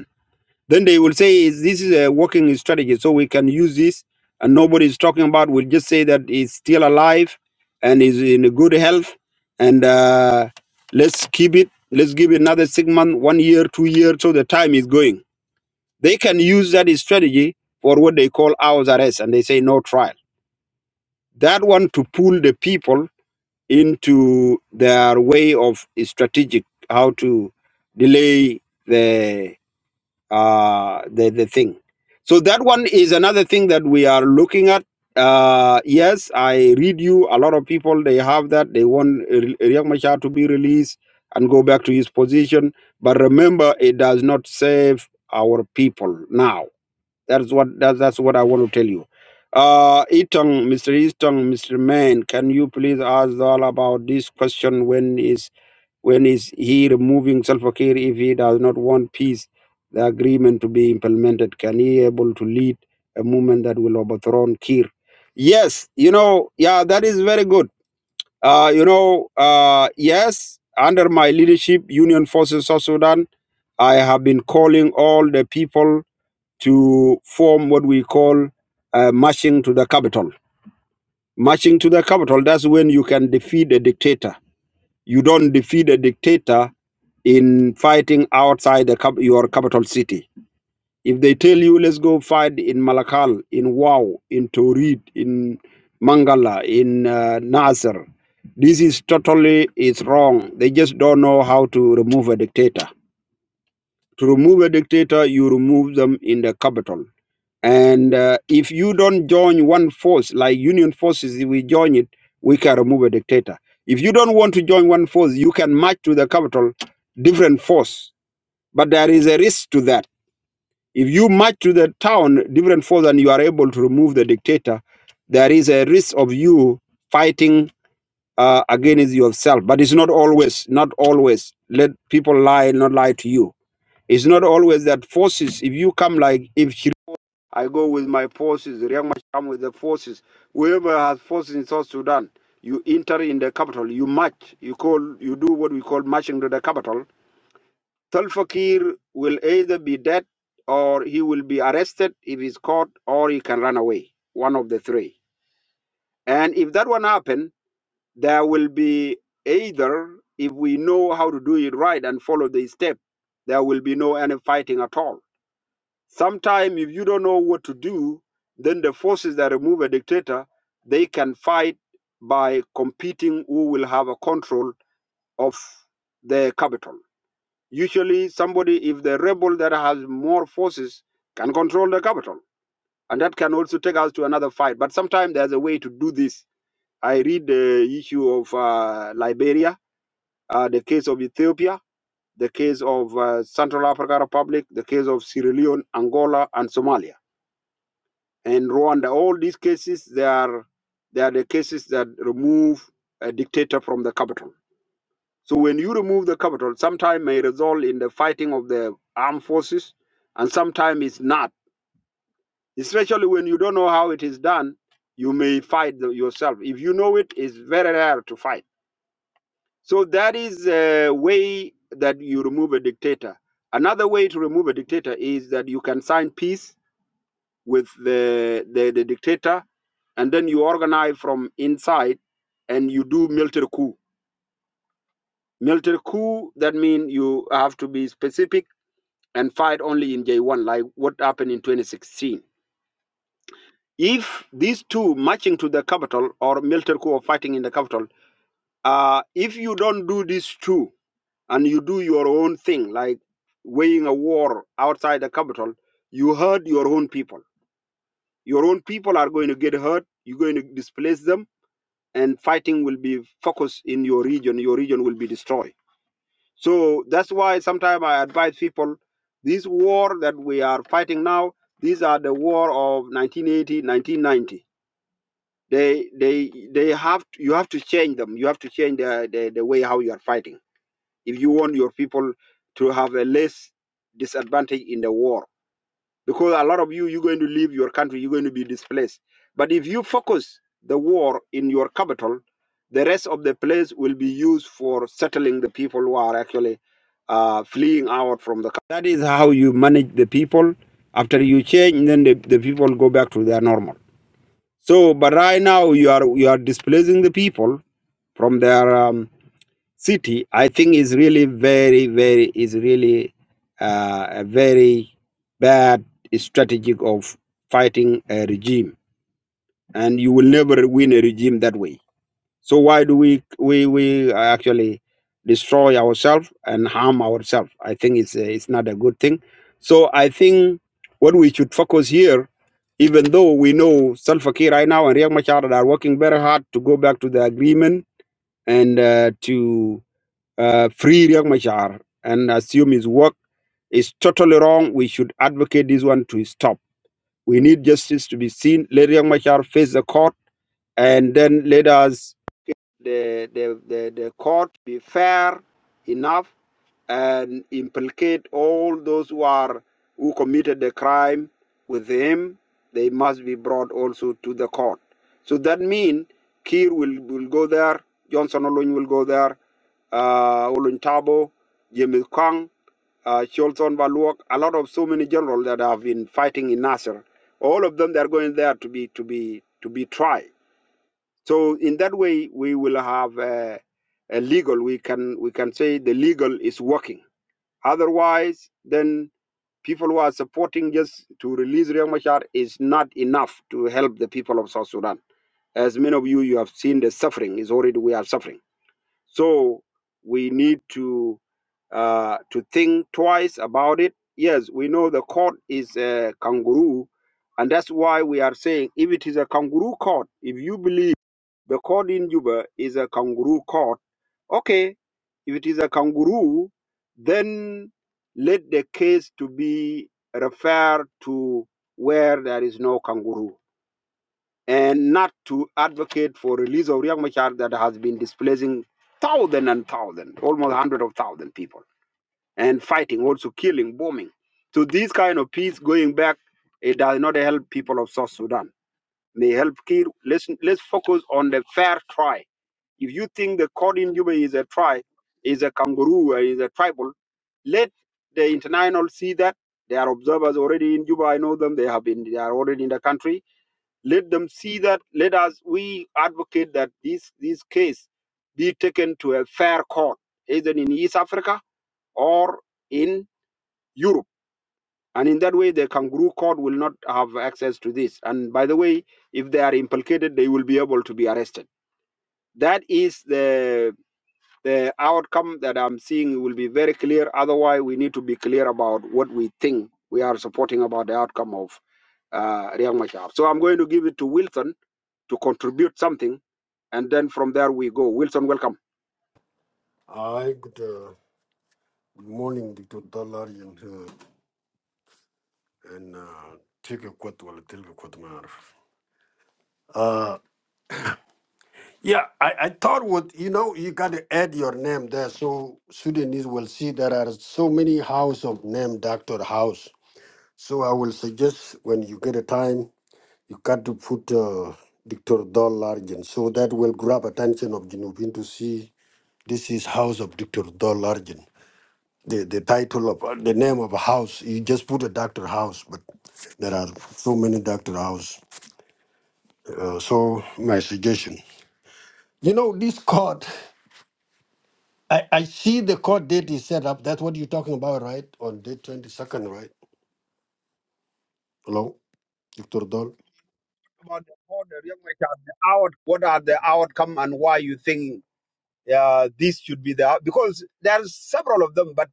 Speaker 1: then they will say this is a working strategy, so we can use this. And nobody is talking about. We'll just say that it's still alive and is in a good health, and uh, let's keep it. Let's give it another six months, one year, two years, so the time is going. They can use that strategy for what they call hours arrest, and they say no trial. That one to pull the people into their way of strategic how to delay the uh, the, the thing. So that one is another thing that we are looking at. Uh, yes, I read you. A lot of people they have that they want R- Riek Machar to be released and go back to his position. But remember, it does not save our people now. That's what that, that's what I want to tell you. Uh, Itong, Mr. Easton, Mr. Man, can you please ask all about this question? When is when is he removing Salva Kiir if he does not want peace, the agreement to be implemented? Can he able to lead a movement that will overthrow Kiir? Yes, you know, yeah, that is very good. Uh, you know, uh, yes, under my leadership, Union Forces South Sudan, I have been calling all the people to form what we call uh, marching to the capital. Marching to the capital, that's when you can defeat a dictator you don't defeat a dictator in fighting outside the, cap- your capital city. If they tell you, let's go fight in Malakal, in Wau, in Torit, in Mangala, in uh, Nasser, this is totally is wrong. They just don't know how to remove a dictator. To remove a dictator, you remove them in the capital. And uh, if you don't join one force, like Union forces, if we join it, we can remove a dictator. If you don't want to join one force, you can march to the capital, different force. But there is a risk to that. If you march to the town, different force, and you are able to remove the dictator, there is a risk of you fighting uh, against yourself. But it's not always, not always. Let people lie, not lie to you. It's not always that forces, if you come like, if I go with my forces. Riek Machar come with the forces. Whoever has forces in South Sudan, you enter in the capital. You march. You call. You do what we call marching to the capital. Salva Kiir will either be dead or he will be arrested if he's caught, or he can run away. One of the three. And if that one happen, there will be either if we know how to do it right and follow the step, there will be no any fighting at all Sometimes if you don't know what to do, then the forces that remove a dictator, they can fight by competing who will have a control of the capital. Usually somebody, if the rebel that has more forces can control the capital. And that can also take us to another fight. But sometimes there's a way to do this. I read the issue of uh, Liberia, uh, the case of Ethiopia, the case of uh, Central African Republic, the case of Sierra Leone, Angola, and Somalia and Rwanda. All these cases, they are they are the cases that remove a dictator from the capital. So when you remove the capital, sometimes may result in the fighting of the armed forces, and sometimes it's not. Especially when you don't know how it is done, you may fight the- yourself. If you know it, it's very rare to fight. So that is a way that you remove a dictator. Another way to remove a dictator is that you can sign peace with the, the, the dictator, and then you organize from inside and you do military coup. Military coup, that means you have to be specific and fight only in J1, like what happened in 2016. If these two marching to the capital or military coup or fighting in the capital, uh, if you don't do these two and you do your own thing, like weighing a war outside the capital, you hurt your own people. Your own people are going to get hurt. You're going to displace them and fighting will be focused in your region. Your region will be destroyed. So that's why sometimes I advise people: this war that we are fighting now, these are the war of 1980, 1990. They, they, they have. To, you have to change them. You have to change the, the, the way how you are fighting if you want your people to have a less disadvantage in the war because a lot of you you're going to leave your country you're going to be displaced but if you focus the war in your capital the rest of the place will be used for settling the people who are actually uh, fleeing out from the country. that is how you manage the people after you change then the, the people go back to their normal so but right now you are you are displacing the people from their um, city, I think is really very, very is really uh, a very bad strategic of fighting a regime, and you will never win a regime that way. So why do we we we actually destroy ourselves and harm ourselves? I think it's a, it's not a good thing. So I think what we should focus here, even though we know Salva Kiir right now and Riek Machar are working very hard to go back to the agreement and uh, to uh, free Riek Machar and assume his work is totally wrong. We should advocate this one to stop. We need justice to be seen. Let Riek Machar face the court and then let us the, the, the, the court be fair enough and implicate all those who are who committed the crime with him they must be brought also to the court so that means Kir will, will go there Johnson Olony will go there uh, Olun Tabo Jimmy Kang uh, Cholson Baluok a lot of so many generals that have been fighting in Nasser all of them they are going there to be to be to be tried so in that way, we will have a, a legal. We can we can say the legal is working. Otherwise, then people who are supporting just to release Riek Machar is not enough to help the people of South Sudan. As many of you, you have seen the suffering is already we are suffering. So we need to uh, to think twice about it. Yes, we know the court is a kangaroo, and that's why we are saying if it is a kangaroo court, if you believe the court in Juba is a kangaroo court. Okay, if it is a kangaroo, then let the case to be referred to where there is no kangaroo and not to advocate for release of Riek Machar that has been displacing thousand and thousand, almost hundred of thousand people and fighting, also killing, bombing. So this kind of peace going back, it does not help people of South Sudan. They help Kir. Let's let's focus on the fair tribe. If you think the court in Juba is a tribe, is a kangaroo, or is a tribal, let the international see that they are observers already in Juba. I know them. They have been. They are already in the country. Let them see that. Let us. We advocate that this this case be taken to a fair court, either in East Africa or in Europe and in that way, the kangaroo court will not have access to this. And by the way, if they are implicated, they will be able to be arrested. That is the the outcome that I'm seeing will be very clear. Otherwise, we need to be clear about what we think we are supporting about the outcome of uh, Riyang Machar. So I'm going to give it to Wilson to contribute something, and then from there we go. Wilson, welcome.
Speaker 10: Hi, good uh, good morning, Dr. Dalarian here, and uh, take a quote while I take a quote, man. Uh, yeah, I, I thought what you know, you got to add your name there so Sudanese will see there are so many house of name Doctor House. So I will suggest when you get a time, you got to put uh, Dr. Dalarian so that will grab attention of Junubin to see this is house of Dr. Dalarian. the, the title of uh, the name of a house. You just put a doctor house, but there are so many doctor house. Uh, so my suggestion, you know, this court, I, I see the court date is set up. That's what you're talking about, right? On date twenty second, right? Hello, Victor Dol.
Speaker 1: About the border, Riyang Machar, the out, what are the outcome and why you think uh, this should be the out- because there's several of them, but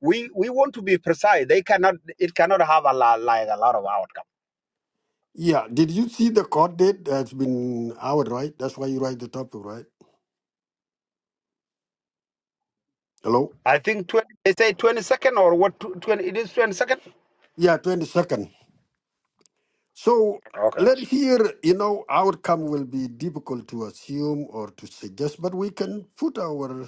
Speaker 1: we we want to be precise. They cannot. It cannot have a lot, like a lot of outcome.
Speaker 10: Yeah, did you see the court date that's been out, right? That's why you write the topic, right? Hello.
Speaker 1: I think 20, they say twenty second or what? tw- Twenty. It is twenty second.
Speaker 10: Yeah, twenty second. So
Speaker 1: Okay.
Speaker 10: let here, you know, outcome will be difficult to assume or to suggest, but we can put our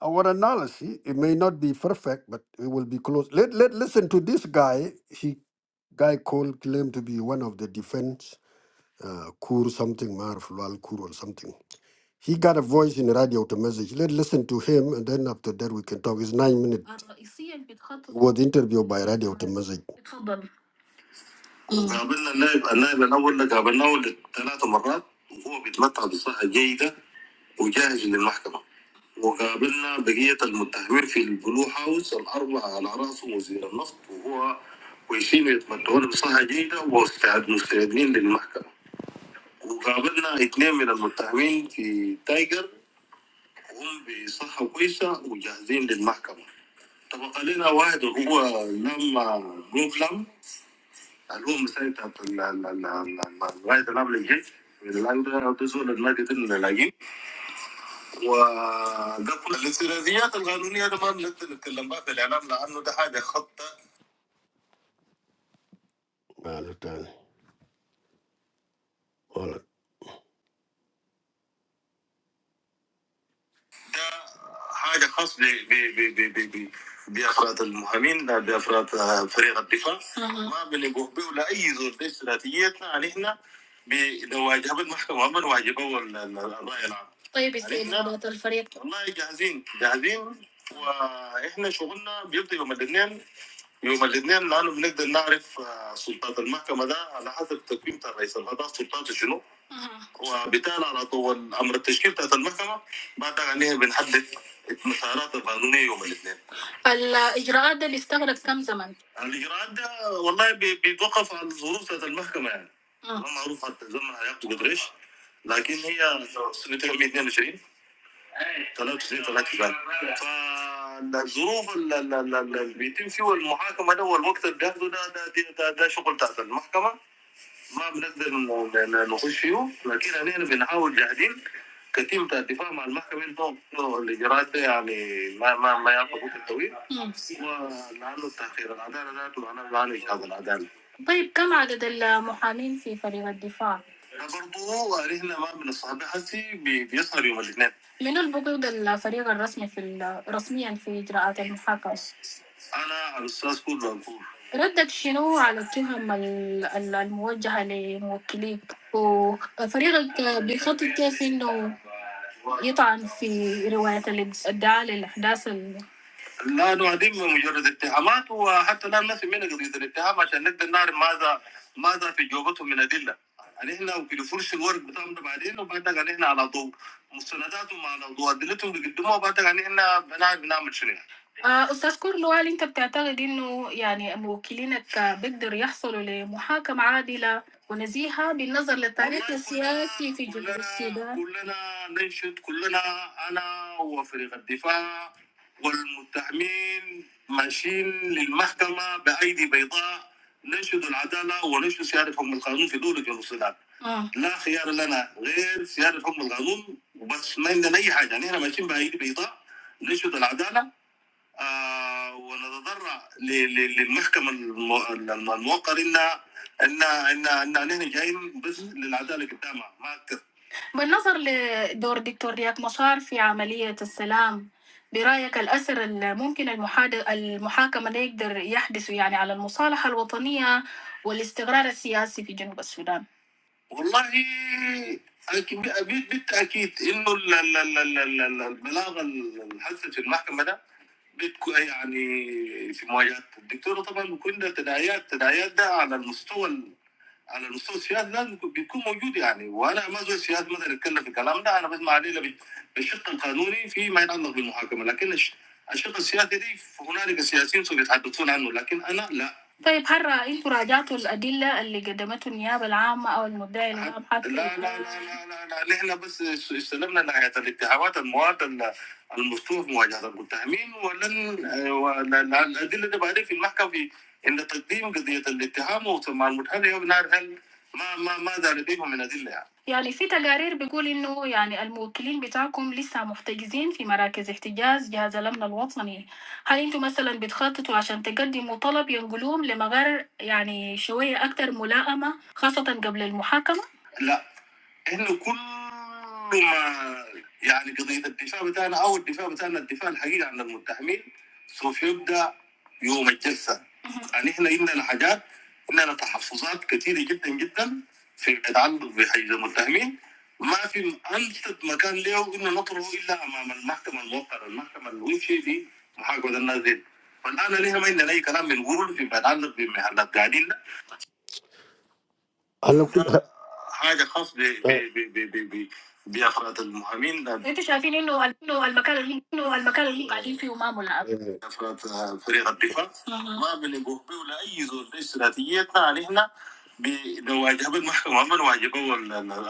Speaker 10: Our analysis, it may not be perfect, but it will be close. Let, let listen to this guy. He guy called claimed to be one of the defense uh, Kur something Marf Lal Kur or something. He got a voice in the radio to message. Let listen to him, and then after that we can talk. It's nine minutes. Was interviewed by radio to message. وقابلنا النائب النائب الاول ده قابلناه ثلاث مرات وهو بيتمتع بصحه جيده وجاهز للمحكمه وقابلنا بقيه المتهمين في البلو هاوس الاربعه على راسه وزير النفط وهو كويسين يتمتعون بصحه جيده واستعد مستعدين للمحكمه وقابلنا اثنين من المتهمين في تايجر هم بصحه كويسه وجاهزين للمحكمه تبقى لنا واحد وهو لما جوفلام الو مسيت لغايه قبل الجيش الان ده بيزول النادي ده لاقين وده كل الاستراتيجيات القانونيه ده ما بنقدر نتكلم بها في الاعلام لانه ده حاجه خطه ده حاجه خاص ب- ب- ب- ب- ب- ب- بافراد المهمين لا بافراد فريق الدفاع ما بنقوه به ولا اي زول ده استراتيجيتنا علينا ب- لو واجهوا المحكمه ما بنواجهوا ال- ال- الراي العام طيب ازاي نضبط الفريق؟ والله جاهزين جاهزين واحنا شغلنا بيبدا يوم الاثنين يوم الاثنين لانه بنقدر نعرف سلطات المحكمه ده على حسب تقييم بتاع القضاء سلطاته شنو أها. وبالتالي على طول امر التشكيل بتاعت المحكمه بعد عليها بنحدد المسارات القانونيه يوم الاثنين الاجراءات ده اللي استغرق كم زمن؟ الاجراءات ده والله بي- بيتوقف على الظروف بتاعت المحكمه يعني ما معروف حتى زمن هياخدوا قدر لكن هي سنه 2022 طلعوا كثيرين طلعت كثيرين فالظروف اللي بيتم فيها المحاكمه ده والوقت اللي بياخده ده ده, ده, ده, ده شغل تحت المحكمه ما بنقدر ن- ن- نخش فيه لكن علينا بنحاول جاهدين كتيم بتاع الدفاع مع المحكمة انه إنه الاجراءات دي يعني ما ما ما ياخذ وقت طويل مم. ولانه تاخير العداله ذاته معناه معالج هذا العدالة. طيب كم عدد المحامين في فريق الدفاع؟ برضو علينا ما من الصحابة حسي بي- بيسهر يوم الاثنين من البقود الفريق الرسمي في رسميا في اجراءات المحاكمه؟ انا الاستاذ كود بنكور ردك شنو على التهم ال- ال- الموجهة لموكليك وفريقك بيخطط كيف انه يطعن في رواية الإد- الادعاء للأحداث ال- لا نهدم مجرد اتهامات وحتى لا ننفي منها قضية الاتهام عشان نقدر نعرف ماذا ماذا في جوبتهم من أدلة يعني احنا في فرش الورق بتاعهم بعدين وبعدين يعني احنا على ضوء مستنداتهم على ضوء ادلتهم بيقدموها وبعدين يعني احنا بنعرف بنعمل شنو آه، أستاذ كورلو هل أنت بتعتقد إنه يعني موكلينك بيقدروا يحصلوا لمحاكمة عادلة ونزيهة بالنظر للتاريخ والله السياسي في جنوب كلنا- السودان؟ كلنا ننشد كلنا أنا وفريق الدفاع والمتهمين ماشيين للمحكمة بأيدي بيضاء ننشد العدالة وننشد سيادة حكم القانون في دولة جنوب السودان. آه. لا خيار لنا غير سيادة حكم القانون وبس ما عندنا أي حاجة، يعني إحنا ماشيين بأيدي بيضاء ننشد العدالة ونتضرع للمحكمة الموقر إن إن إن إن نحن جايين بس للعدالة قدامها ما أكثر بالنظر لدور دكتور رياض مشار في عملية السلام برأيك الأثر الممكن المحاد... ده يقدر يحدث يعني على المصالحة الوطنية والاستقرار السياسي في جنوب السودان والله أكيد بالتأكيد إنه ال- ال- ال- ال- ال- البلاغ الحث في المحكمة ده بتكون يعني في مواجهه الدكتوره طبعا بيكون ده تداعيات تداعيات ده على المستوى على المستوى السياسي لازم بيكون موجود يعني وانا ما زول سياسي مثلا يتكلم في الكلام ده انا بسمع عليه لب- بالشق القانوني فيما يتعلق بالمحاكمه لكن الش- الشق السياسي دي هنالك سياسيين سوف يتحدثون عنه لكن انا لا طيب حرة انتوا راجعتوا الادله اللي قدمته النيابه العامه او المدعي العام حتى لا لا لا لا لا, نحن بس استلمنا نهايه الاتهامات المواد المفتوح مواجهة المتهمين ولن آه، ولأن الادله دي بعدين في المحكمه في عند تقديم قضية الاتهام وثم المتهم يبنى هل ما ما ماذا لديهم من ادله يعني يعني في تقارير بيقول انه يعني الموكلين بتاعكم لسه محتجزين في مراكز احتجاز جهاز الامن الوطني هل انتم مثلا بتخططوا عشان تقدموا طلب ينقلوهم لمغار يعني شوية اكثر ملائمه خاصة قبل المحاكمة؟ لا انه كل ما يعني قضيه الدفاع بتاعنا او الدفاع بتاعنا الدفاع الحقيقي عن المتهمين سوف يبدا يوم الجلسه يعني احنا عندنا حاجات عندنا تحفظات كثيره جدا جدا في يتعلق بحجز المتهمين ما في انسب مكان له انه نطرحه الا امام المحكمه الموقره المحكمه الوفي دي محاكمه الناس دي فالان نحن ما عندنا اي كلام بنقوله فيما يتعلق بمحلات قاعدين انا كنت حاجه خاص ب ب ب ب ب ب بافراد المهاجمين انتوا شايفين انه انه المكان اللي انه المكان اللي قاعدين فيه ما ملعب افراد فريق الدفاع أها. ما بنقوه به ولا اي زول إيش استراتيجيتنا نحن بنواجه بالمحكمه ما نواجهه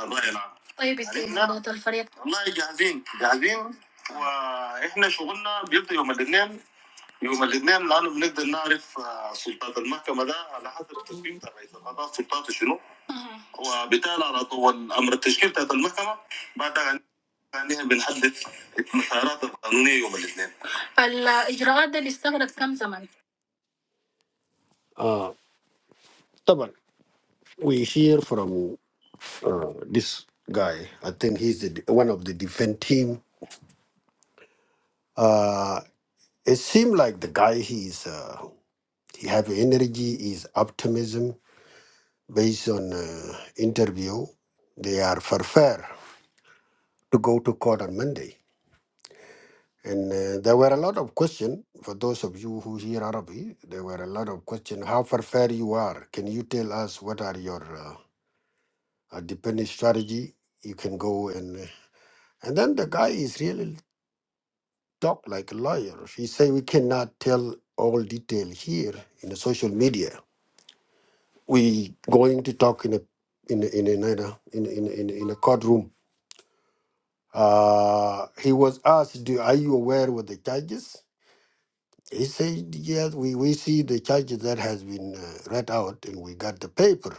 Speaker 10: الراي العام طيب استعدادات الفريق والله جاهزين جاهزين واحنا شغلنا بيبدا يوم الاثنين yeah, we hear from uh, this guy. I think he's the, one of the defense team. Uh, It seems like the guy he is. He have energy. He's optimism. Based on uh, interview, they are for fair to go to court on Monday. And uh, there were a lot of questions for those of you who hear Arabic. There were a lot of questions. How for fair you are? Can you tell us what are your uh, uh, dependent strategy? You can go and and then the guy is really talk like a lawyer. He say we cannot tell all detail here in the social media. We going to talk in a in a, in a, in a, in a, in a, in a courtroom Uh, he was asked, "Do are you aware with the charges?" He said, "Yes, we, we see the charges that has been uh, read out, and we got the paper,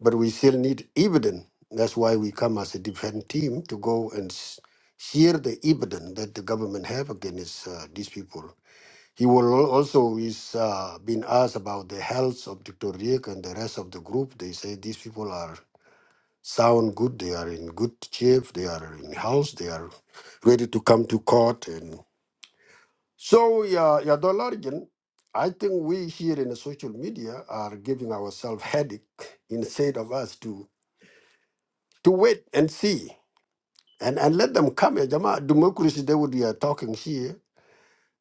Speaker 10: but we still need evidence. That's why we come as a defence team to go and s- share the evidence that the government have against uh, these people." He will al- also is uh, been asked about the health of Dr. Riek and the rest of the group. They say these people are sound good. They are in good shape. They are in house. They are ready to come to court. And so, yeah, yeah, Dollargen, I think we here in the social media are giving ourselves headache instead of us to to wait and see and and let them come. Eh, Jama, democracy. They would be uh, talking here.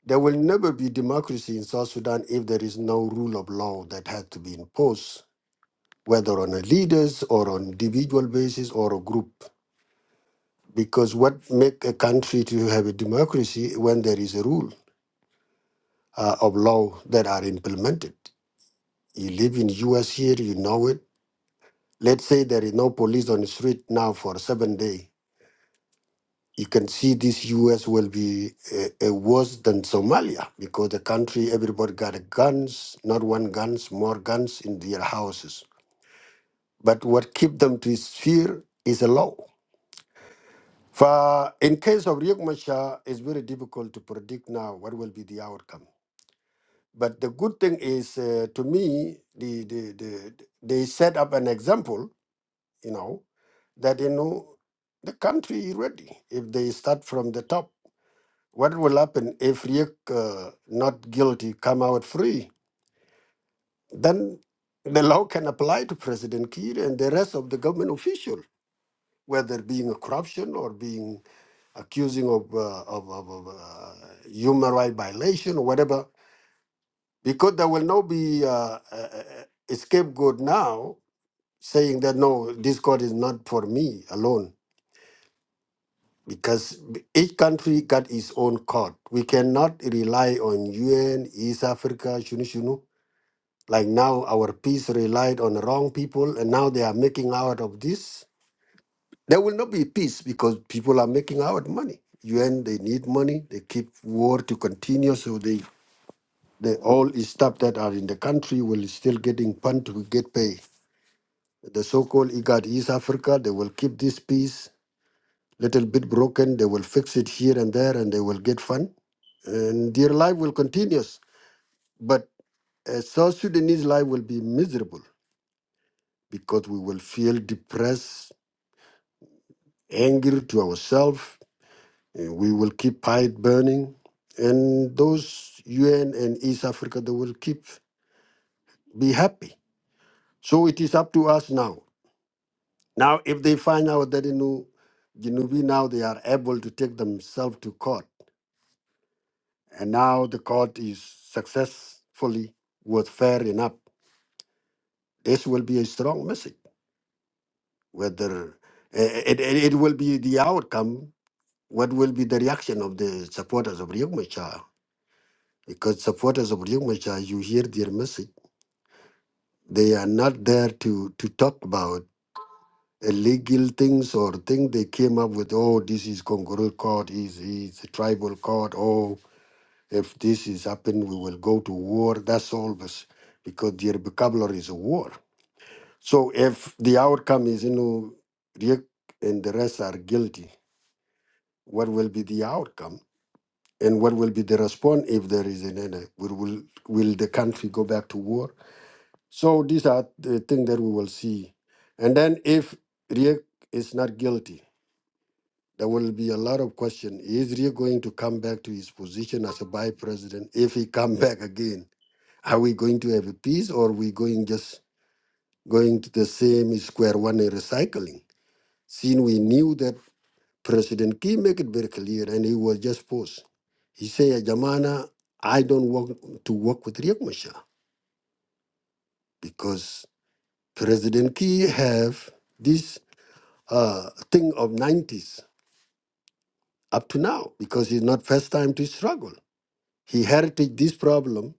Speaker 10: There will never be democracy in South Sudan if there is no rule of law that has to be imposed, whether on a leaders or on individual basis or a group. because what make a country to have a democracy when there is a rule uh, of law that are implemented you live in us here you know it let's say there is no police on the street now for seven days you can see this us will be uh, uh, worse than somalia because the country everybody got guns not one guns more guns in their houses but what keep them to is fear is a law for in case of Riek Machar, it's very difficult to predict now what will be the outcome. But the good thing is, uh, to me, the, the, the, they set up an example, you know, that, you know, the country is ready. If they start from the top, what will happen if Riek, uh, not guilty, come out free? Then the law can apply to President Kiir and the rest of the government official, whether being a corruption or being accusing of, uh, of, of, of uh, human right violation or whatever because there will not be uh, a, a scapegoat now saying that no, this court is not for me alone because each country got its own court. We cannot rely on UN, East Africa, shunu shunu. Like now, our peace relied on the wrong people, and now they are making out of this. There will not be peace because people are making out money. UN, they need money. They keep war to continue, so they, they all is stuff that are in the country will still getting pumped to get paid. the so-called IGAD East Africa, they will keep this peace little bit broken. They will fix it here and there, and they will get fun, and their life will continue. But a South Sudanese life will be miserable because we will feel depressed, angry to ourselves. and We will keep pipe burning, and those UN and East Africa, they will keep be happy. So it is up to us now Now, if they find out that you know, Genovese now they are able to take themselves to court, and now the court is successfully was fair enough. This will be a strong message. Whether eh, eh, it, it, it will be the outcome, what will be the reaction of the supporters of Riek Machar? Because supporters of Riek Machar, you hear their message. They are not there to to talk about illegal things or things they came up with. Oh, this is Congolese court, is is a tribal court. oh, If this is happened, we will go to war. That's always because the vocabulary is a war. So if the outcome is, you know, Riek and the rest are guilty, what will be the outcome? And what will be the response if there is an end? Will, will, will the country go back to war? So these are the things that we will see. And then if Riek is not guilty, There will be a lot of question. Is Rio going to come back to his position as a vice president? If he come back again, are we going to have a peace or are we going just going to the same square one and recycling? Since we knew that President Key make it very clear and he was just forced. He said, Jamana, I don't want to work with Riek Machar because President Key have this uh, thing of 90s up to now because it's not first time to struggle. He inherited this problem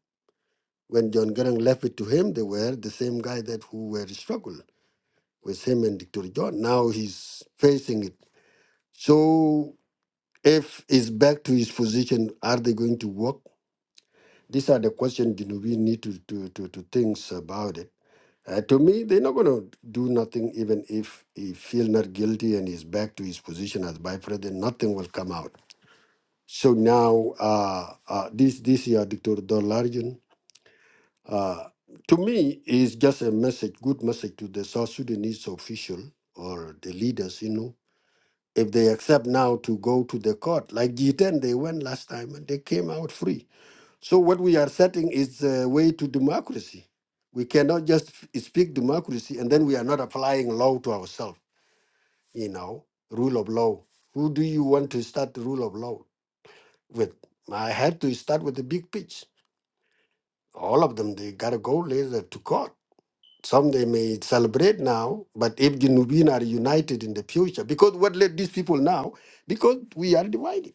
Speaker 10: when John Garang left it to him. They were the same guy that who were struggling with him and Dr. John. Now he's facing it. So if he's back to his position, are they going to work? These are the questions you know, we need to, to, to, to think about it. Uh, to me, they're not going to do nothing even if he feels not guilty and he's back to his position as vice president. Nothing will come out. So now, uh, uh, this this year, Dr. Dollarjan, Uh, to me, it's just a message, good message to the South Sudanese official or the leaders, you know, if they accept now to go to the court, like G10, they went last time and they came out free. So what we are setting is the way to democracy. We cannot just f- speak democracy and then we are not applying law to ourselves, you know, rule of law. Who do you want to start the rule of law with? I had to start with the big pitch. All of them, they got to go later to court Some they may celebrate now, but if Junubin are united in the future, because what led these people now? Because we are divided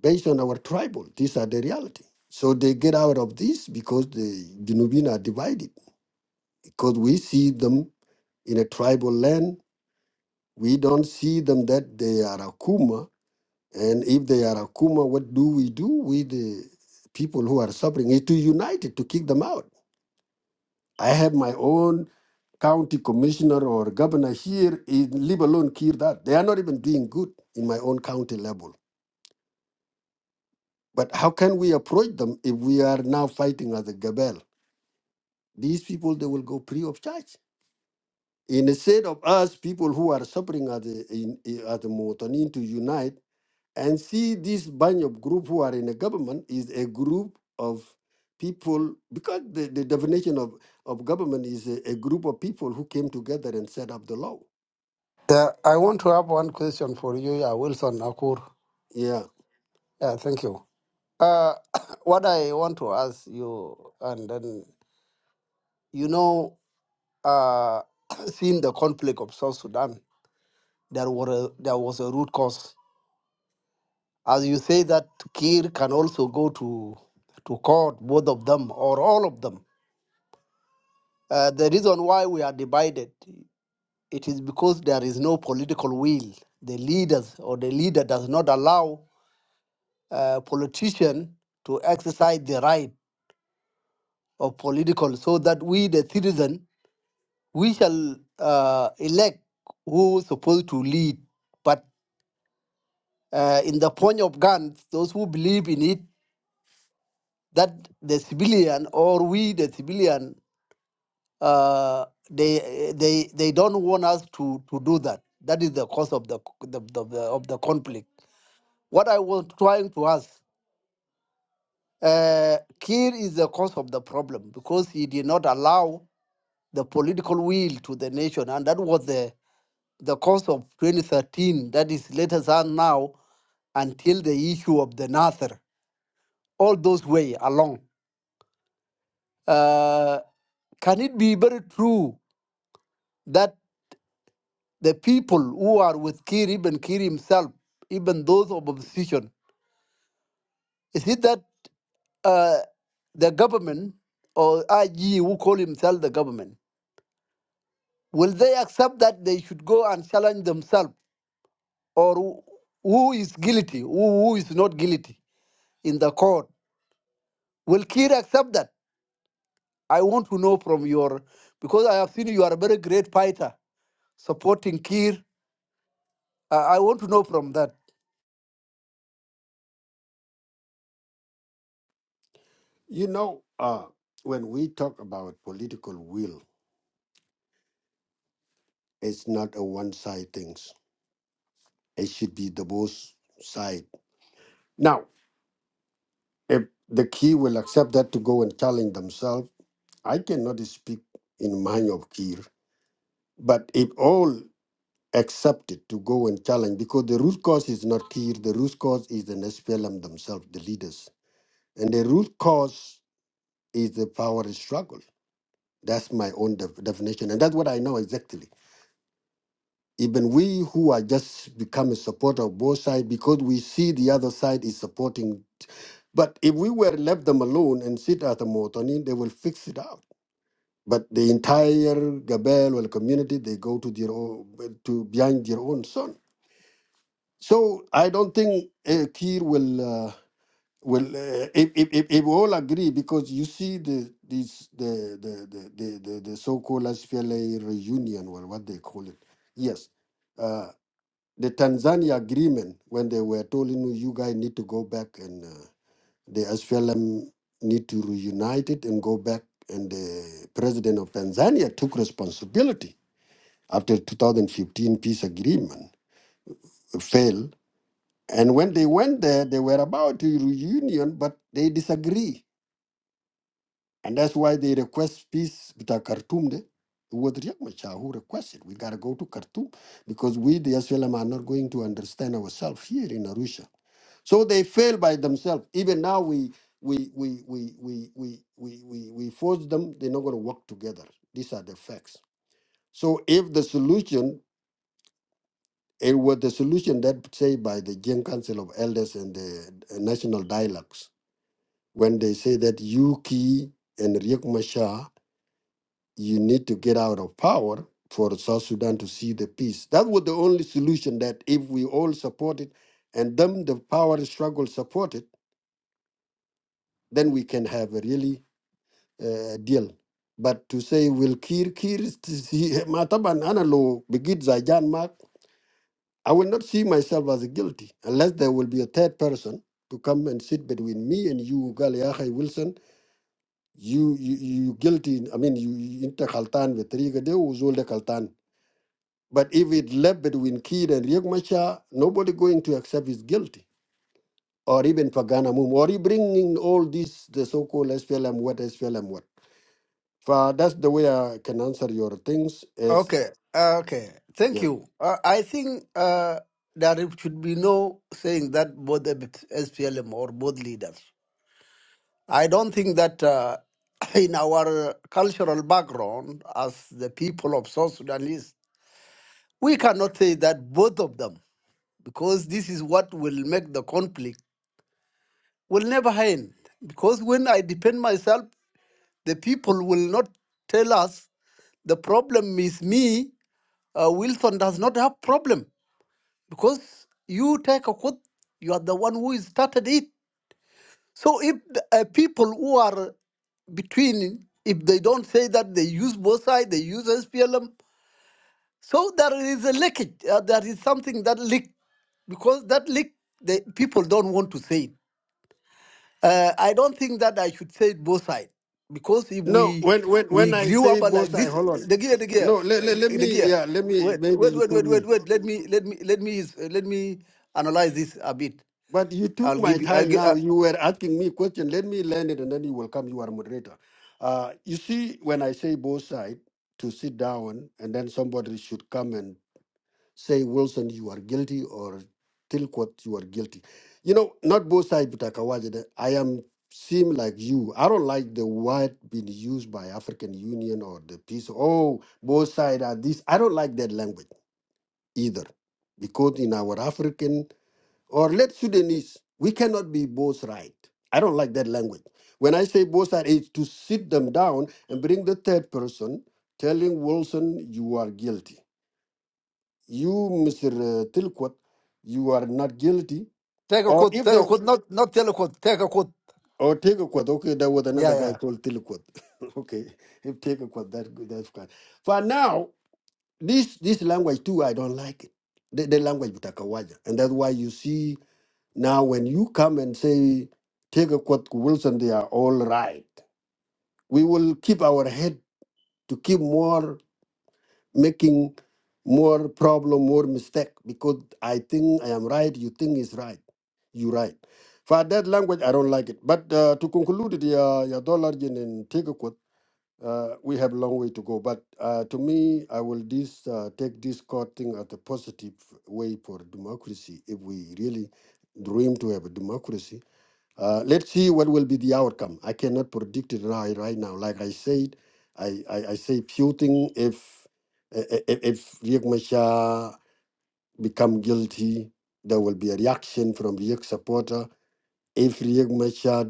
Speaker 10: based on our tribal. These are the reality. So they get out of this because the Junubin are divided. Because we see them in a tribal land, we don't see them that they are Akuma. And if they are Akuma, what do we do with the people who are suffering? Is to unite it, to kick them out. I have my own county commissioner or governor here, in, leave alone here that. They are not even doing good in my own county level. But how can we approach them if we are now fighting as a gabelle? These people, they will go free of charge. Instead of us, people who are suffering as a, in, as a Motonin to unite and see this bunch of group who are in a government is a group of people, because the, the definition of, of government is a, a group of people who came together and set up the law
Speaker 8: The, I want to have one question for you, yeah, Wilson Akur.
Speaker 10: Yeah,
Speaker 8: Yeah, thank you. Uh, what I want to ask you, and then, you know, uh, seeing the conflict of South Sudan, there, were a, there was a root cause. As you say that Kir can also go to, to court, both of them or all of them. Uh, the reason why we are divided, it is because there is no political will. The leaders or the leader does not allow uh, politician to exercise the right of political so that we the citizen we shall uh, elect who is supposed to lead but uh, in the point of guns those who believe in it that the civilian or we the civilian uh, they they they don't want us to to do that that is the cause of the the, the, the of the conflict what i was trying to ask uh, Kir is the cause of the problem because he did not allow the political will to the nation, and that was the the cause of 2013. That is later on now until the issue of the Nasser. All those way along. Uh, can it be very true that the people who are with Kir, even Kir himself, even those of opposition, is it that uh, the government or IG who call himself the government, will they accept that they should go and challenge themselves or who who is guilty, who, who is not guilty in the court. Will Kir accept that? I want to know from your, because I have seen you are a very great fighter supporting Kir. Uh, I want to know from that.
Speaker 10: you know, uh, when we talk about political will, it's not a one-side things. It should be the both side. Now, if the key will accept that to go and challenge themselves, I cannot speak in mind of Kir. But if all accept it to go and challenge, because the root cause is not Kir, the root cause is the SPLM themselves, the leaders, and the root cause is the power struggle. That's my own def- definition, and that's what I know exactly even we who are just become a supporter of both sides because we see the other side is supporting. But if we were left them alone and sit at the Motoni, they will fix it out. But the entire Gabel well community, they go to their own, to behind their own son. So I don't think uh, Kir will uh, will uh, if, if, if if we all agree because you see the these the the the the, the, the so-called SPLA reunion, well, what they call it, yes uh, the Tanzania agreement, when they were told, you, know, you guys need to go back and uh, the SPLM need to reunite it and go back, and the president of Tanzania took responsibility after 2015 peace agreement failed. And when they went there, they were about to reunion, but they disagree. And that's why they request peace with our Khartoum. There. It was Riek Machar who requested. We got to go to Khartoum because we, the SLM, are not going to understand ourselves here in Arusha. So they fail by themselves. Even now, we we we we we we we we, we force them. They're not going to work together. These are the facts. So if the solution, it was the solution that say by the Gen Council of Elders and the uh, National Dialogues when they say that Yuki and Riek Machar You need to get out of power for South Sudan to see the peace. That was the only solution that if we all support it and them the power struggle support it, then we can have a really uh, deal. But to say will Kir Kir is to see Mataban Analo Begid Zajan Mark, I will not see myself as guilty unless there will be a third person to come and sit between me and you, Galiahai Wilson. You, you you guilty. I mean, you you- inter kaltan with riga de uzul de Khaltan. But if it left between Kir and Riek Machar, nobody going to accept is guilty. Or even Pagana Mum, or you bringing all these, the so-called SPLM, what SPLM, what. So that's the way I can answer your things. Is
Speaker 8: Okay, uh, okay. Thank
Speaker 10: yeah.
Speaker 8: you. Uh, I think uh, that it should be no saying that both the SPLM or both leaders. I don't think that uh, in our cultural background as the people of South Sudanese, we cannot say that both of them. because this is what will make the conflict will never end because when i defend myself the people will not tell us the problem is me uh, wilson does not have problem because you take a quote you are the one who started it so if the, uh, people who are between if they don't say that they use both sides they use splm so there is a leakage uh, there is something that leak because that leak the people don't want to say it Uh, I don't think that I should say it both sides because if
Speaker 10: No,
Speaker 8: we
Speaker 10: when when
Speaker 8: we
Speaker 10: when I
Speaker 8: grew
Speaker 10: say
Speaker 8: up
Speaker 10: boss,
Speaker 8: like
Speaker 10: I
Speaker 8: this,
Speaker 10: hold on.
Speaker 8: the gear, the gear,
Speaker 10: No, let,
Speaker 8: uh,
Speaker 10: let, let
Speaker 8: the
Speaker 10: me
Speaker 8: gear.
Speaker 10: yeah, let me
Speaker 8: Wait,
Speaker 10: maybe
Speaker 8: wait,
Speaker 10: you
Speaker 8: wait,
Speaker 10: call
Speaker 8: wait, wait,
Speaker 10: me.
Speaker 8: wait. Let me, let me, let me, is- let me analyze this a bit.
Speaker 10: But you took
Speaker 8: I'll
Speaker 10: my
Speaker 8: give you. I'll
Speaker 10: time
Speaker 8: give,
Speaker 10: now.
Speaker 8: uh,
Speaker 10: You were asking me question. Let me learn it, and then you will come. You are moderator. Uh, you see, when I say both side to sit down, and then somebody should come and say Wilson, you are guilty, or Tilquat, you are guilty. You know, not both sides, but Akawajide, I am seem like you. I don't like the word being used by African Union or the peace. Oh, both sides are this. I don't like that language either, because in our African or let Sudanese, we cannot be both right. I don't like that language. When I say both sides, it's to sit them down and bring the third person telling Wilson you are guilty you, Mr. Tilquat, you are not guilty.
Speaker 8: take a
Speaker 10: Or
Speaker 8: quote.
Speaker 10: if
Speaker 8: Take
Speaker 10: they
Speaker 8: a quote. Not not tell a quote. Take a quote.
Speaker 10: or take a quote, okay, there was another
Speaker 8: Yeah,
Speaker 10: guy
Speaker 8: yeah.
Speaker 10: called Tilquat. okay, if take a quote, that that's fine. For now, this this language too, I don't like it. The, the language with Akawaja. And that's why you see now when you come and say take a quote Wilson, they are all right. We will keep our head to keep more making more problem, more mistake because I think I am right, you think is right, you right. For that language, I don't like it. But uh, to conclude, the uh, your dollar and take a quote, uh, we have a long way to go. But uh, to me, I will this uh, take this court thing as a positive way for democracy. If we really dream to have a democracy, uh, let's see what will be the outcome. I cannot predict it right, right now. Like I said, I, I, I say few things. If if, if Riek Machar become guilty, there will be a reaction from Riek supporter. If Riek Machar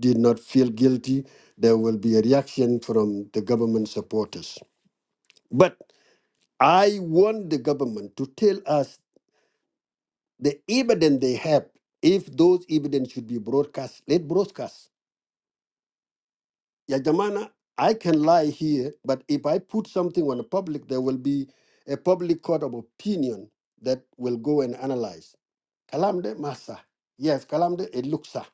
Speaker 10: did not feel guilty, there will be a reaction from the government supporters. But I want the government to tell us the evidence they have. If those evidence should be broadcast, let broadcast. Yajamana, I can lie here, but if I put something on the public, there will be a public court of opinion that will go and analyze. Kalamde Masa. Yes, Kalamde it looks ah.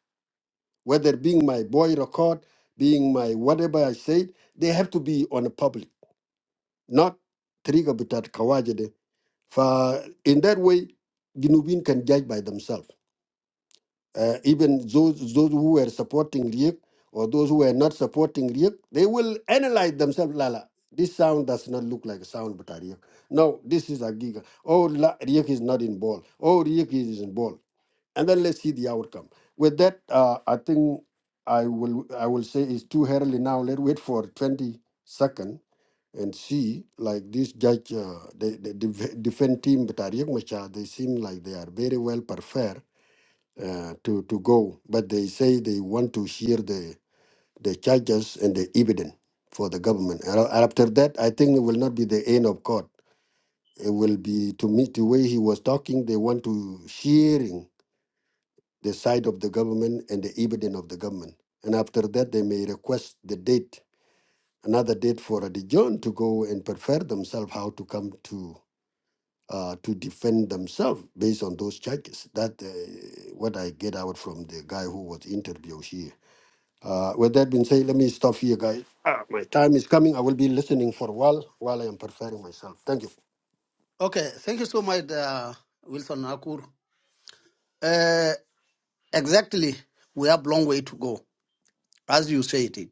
Speaker 10: Whether being my boy record, being my whatever I said, they have to be on the public, not Triga Butat Kawajede. For in that way, Ginubin can judge by themselves. Uh, even those those who were supporting Riek or those who were not supporting Riek, they will analyze themselves. Lala, this sound does not look like a sound, but a Riek. No, this is a giga. Oh, La- Riek is not in ball. Oh, Riek is in ball. And then let's see the outcome. With that, uh, I think I will I will say it's too early now. Let's wait for twenty second and see. Like this judge, uh, the, the def- defense team, but a Riek Machar, they seem like they are very well prepared uh, to to go, but they say they want to hear the the charges and the evidence for the government. And a- after that, I think it will not be the end of court. It will be to meet the way he was talking. They want to hearing the side of the government and the evidence of the government. And after that, they may request the date, another date for the John to go and prepare themselves how to come to. Uh, to defend themselves based on those charges. That uh, what I get out from the guy who was interviewed here. Uh, with that being said, let me stop here, guys. Ah, my time is coming. I will be listening for a while while I am preparing myself. Thank you.
Speaker 8: Okay. Thank you so much, uh, Wilson Akur. Uh, exactly. We have long way to go, as you said it.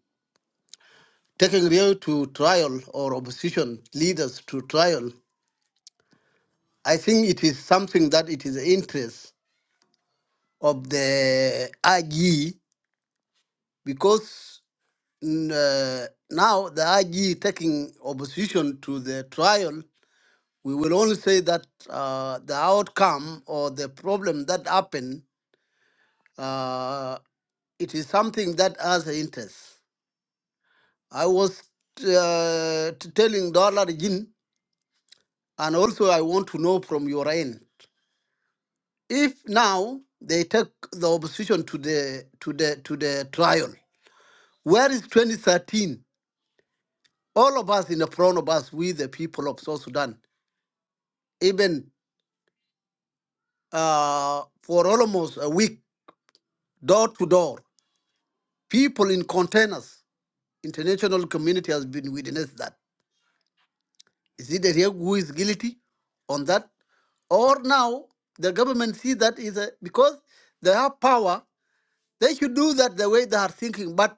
Speaker 8: Taking real to trial or opposition leaders to trial I think it is something that it is interest of the RG because mm, uh, now the RG taking opposition to the trial, we will only say that uh, the outcome or the problem that happened, uh, it is something that has an interest. I was uh, t- telling Dollar Jin, and also I want to know from your end If now they take the opposition to the to the to the trial, where is 2013? All of us in the front of us, we the people of South Sudan, even uh, for almost a week, door to door, people in containers, international community has been witness that. Is it the real who is guilty on that? Or now the government see that is a, because they have power, they should do that the way they are thinking. But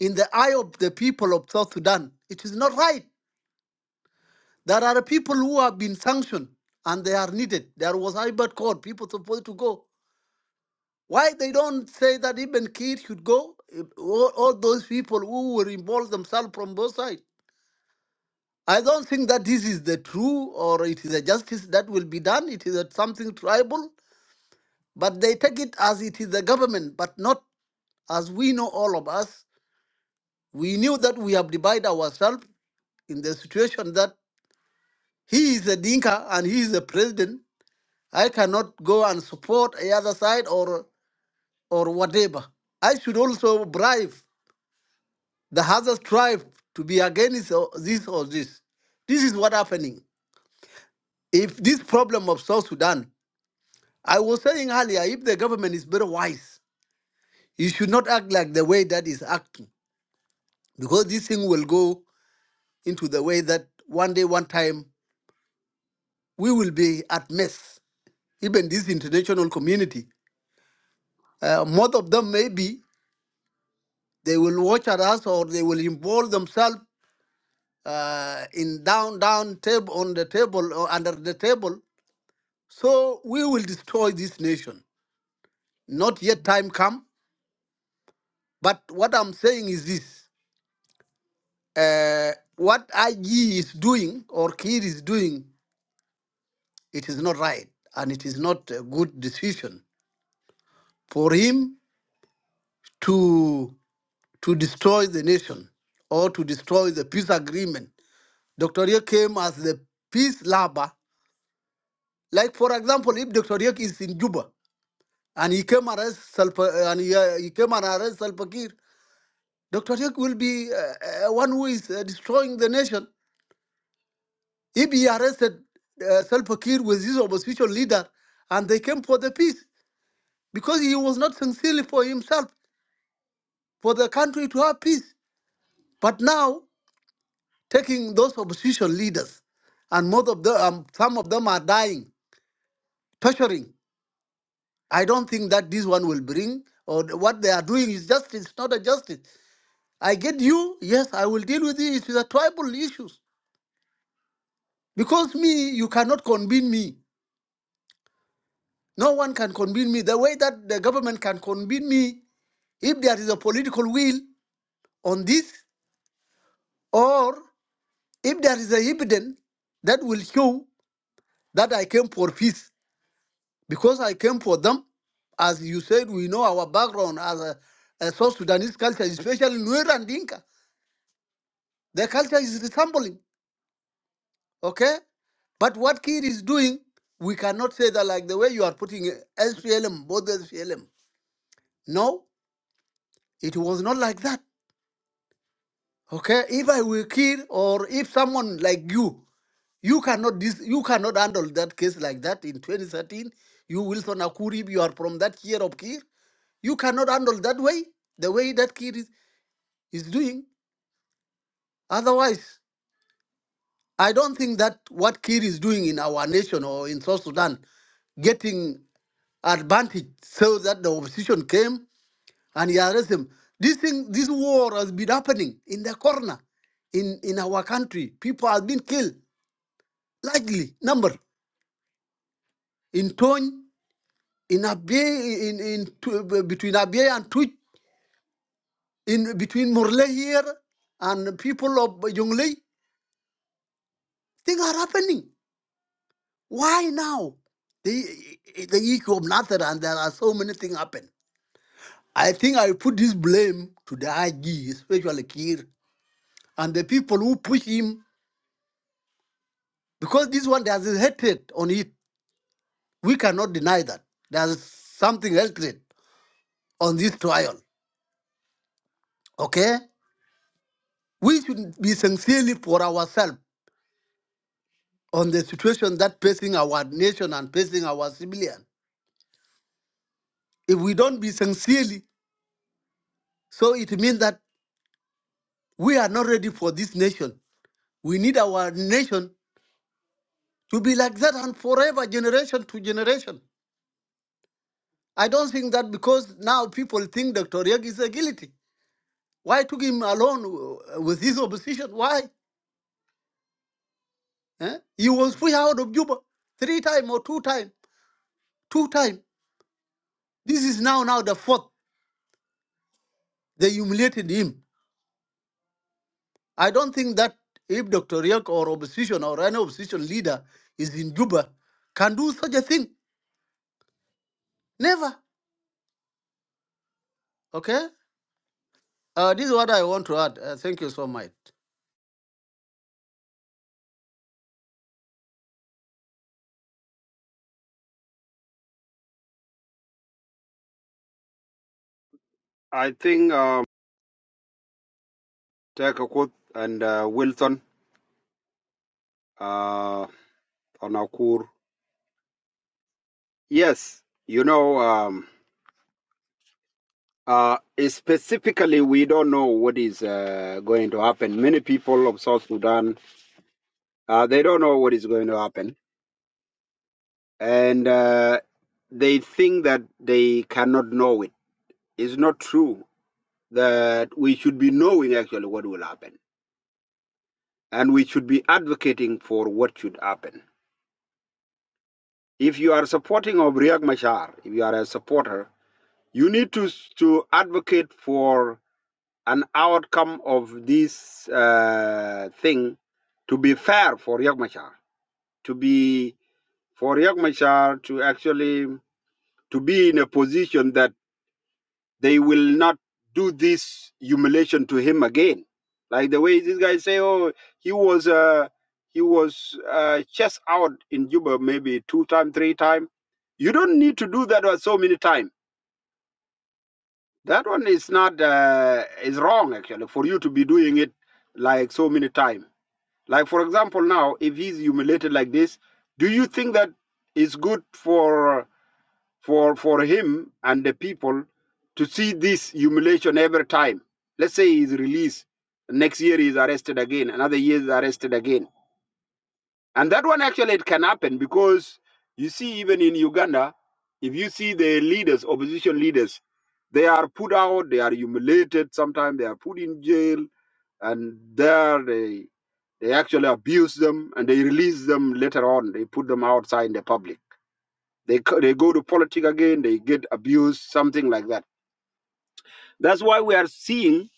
Speaker 8: in the eye of the people of South Sudan. It is not right. There are people who have been sanctioned and they are needed. There was Ibert Court, people supposed to go. Why they don't say that even kids should go? All, all those people who will involve themselves from both sides. I don't think that this is the true or it is a justice that will be done. It is a, something tribal, but they take it as it is the government, but not as we know all of us. We knew that we have divided ourselves in the situation that He is a Dinka and he is a president. I cannot go and support the other side or or whatever. I should also bribe the other tribe to be against or this or this. This is what happening. If this problem of South Sudan, I was saying earlier, if the government is very wise, you should not act like the way that is acting, because this thing will go into the way that one day, one time, we will be at mess. Even this international community, uh, most of them maybe They will watch at us or they will involve themselves uh, in down, down table, on the table or under the table. So we will destroy this nation. Not yet time come. But what I'm saying is this. Uh, what IG is doing or Kir is doing, it is not right. And it is not a good decision for him to, to destroy the nation or to destroy the peace agreement. Dr. Ye came as the peace lover Like for example, if Dr. Yek is in Juba and he came and arrest Salpa, and he, uh, he came and arrest Salva Kiir, Dr. Yek will be uh, uh, one who is uh, destroying the nation. If he arrested uh, Salva Kiir with his opposition leader, and they came for the peace because he was not sincerely for himself, for the country to have peace. But now taking those opposition leaders, and most of them, um, some of them are dying, torturing. I don't think that this one will bring or the- what they are doing is justice, it's not a justice. I get you, yes, I will deal with it. It's the tribal issues. Because me, you cannot convene me. No one can convene me. The way that the government can convene me, if there is a political will on this, or if there is a evidence that will show that I came for peace, because I came for them, as you said, we know our background as a, a South Sudanese culture, especially Nuer and Dinka. Their culture is resembling, okay? But what Kir is doing, we cannot say that like the way you are putting it, SPLM, both SPLM. No, it was not like that. Okay, if I were Kir or if someone like you, you cannot dis- you cannot handle that case like that in 2013. You Wilson Akurib, you are from that year of Kir. You cannot handle that way, the way that Kir is, is doing. Otherwise, I don't think that what Kir is doing in our nation or in South Sudan, getting advantage so that the opposition came and he arrested him. This thing, this war has been happening in the corner, in, in our country. People have been killed, likely number in Tony, in Abyei, in, in Tu- between Abyei and Twitch, in between Murle here and people of Jonglei. Things are happening. Why now? The, the issue of nothing, and there are so many things happen. I think I put this blame to the IG, especially Kir, and the people who push him, because this one there's a hatred on it. We cannot deny that. There's something hatred on this trial. Okay? We should be sincerely for ourselves on the situation that facing our nation and facing our civilian. If we don't be sincerely, so it means that we are not ready for this nation We need our nation to be like that and forever, generation to generation. I don't think that because now people think Dr. Yeg is a guilty. Why took him alone uh, with his opposition? Why? Eh? He was pushed out of Juba three times or two times. Two times. This is now now the fourth. They humiliated him. I don't think that if Dr. Yeg or opposition or any opposition leader is in Juba can do such a thing. Never. Okay? Uh, this is what I want to add. Uh, thank you so much.
Speaker 1: I think um, Tekakut and uh, Wilson uh, on Akur. Yes, you know, um, uh, specifically, we don't know what is uh, going to happen. Many people of South Sudan, uh, they don't know what is going to happen. And uh, they think that they cannot know it. It's not true. that we should be knowing actually what will happen. And we should be advocating for what should happen. If you are supporting of Riek Machar, if you are a supporter, you need to, to advocate for an outcome of this uh, thing to be fair for Riek Machar, to be for Riek Machar to actually to be in a position that They will not do this humiliation to him again. Like the way these guys say, oh, he was uh, he was uh, chest out in Juba maybe two time, three time. You don't need to do that one so many time. That one is not uh, is wrong actually for you to be doing it like so many time. Like for example, now if he's humiliated like this, do you think that is good for? for, for him and the people to see this humiliation every time. Let's say he's released. Next year he's arrested again. Another year he's arrested again. And that one actually it can happen because you see, even in Uganda, if you see the leaders, opposition leaders, they are put out, they are humiliated, sometimes they are put in jail, and there they they actually abuse them and they release them later on. They put them outside in the public they, co- they go to politics again, they get abused, something like that. That's why we are seeing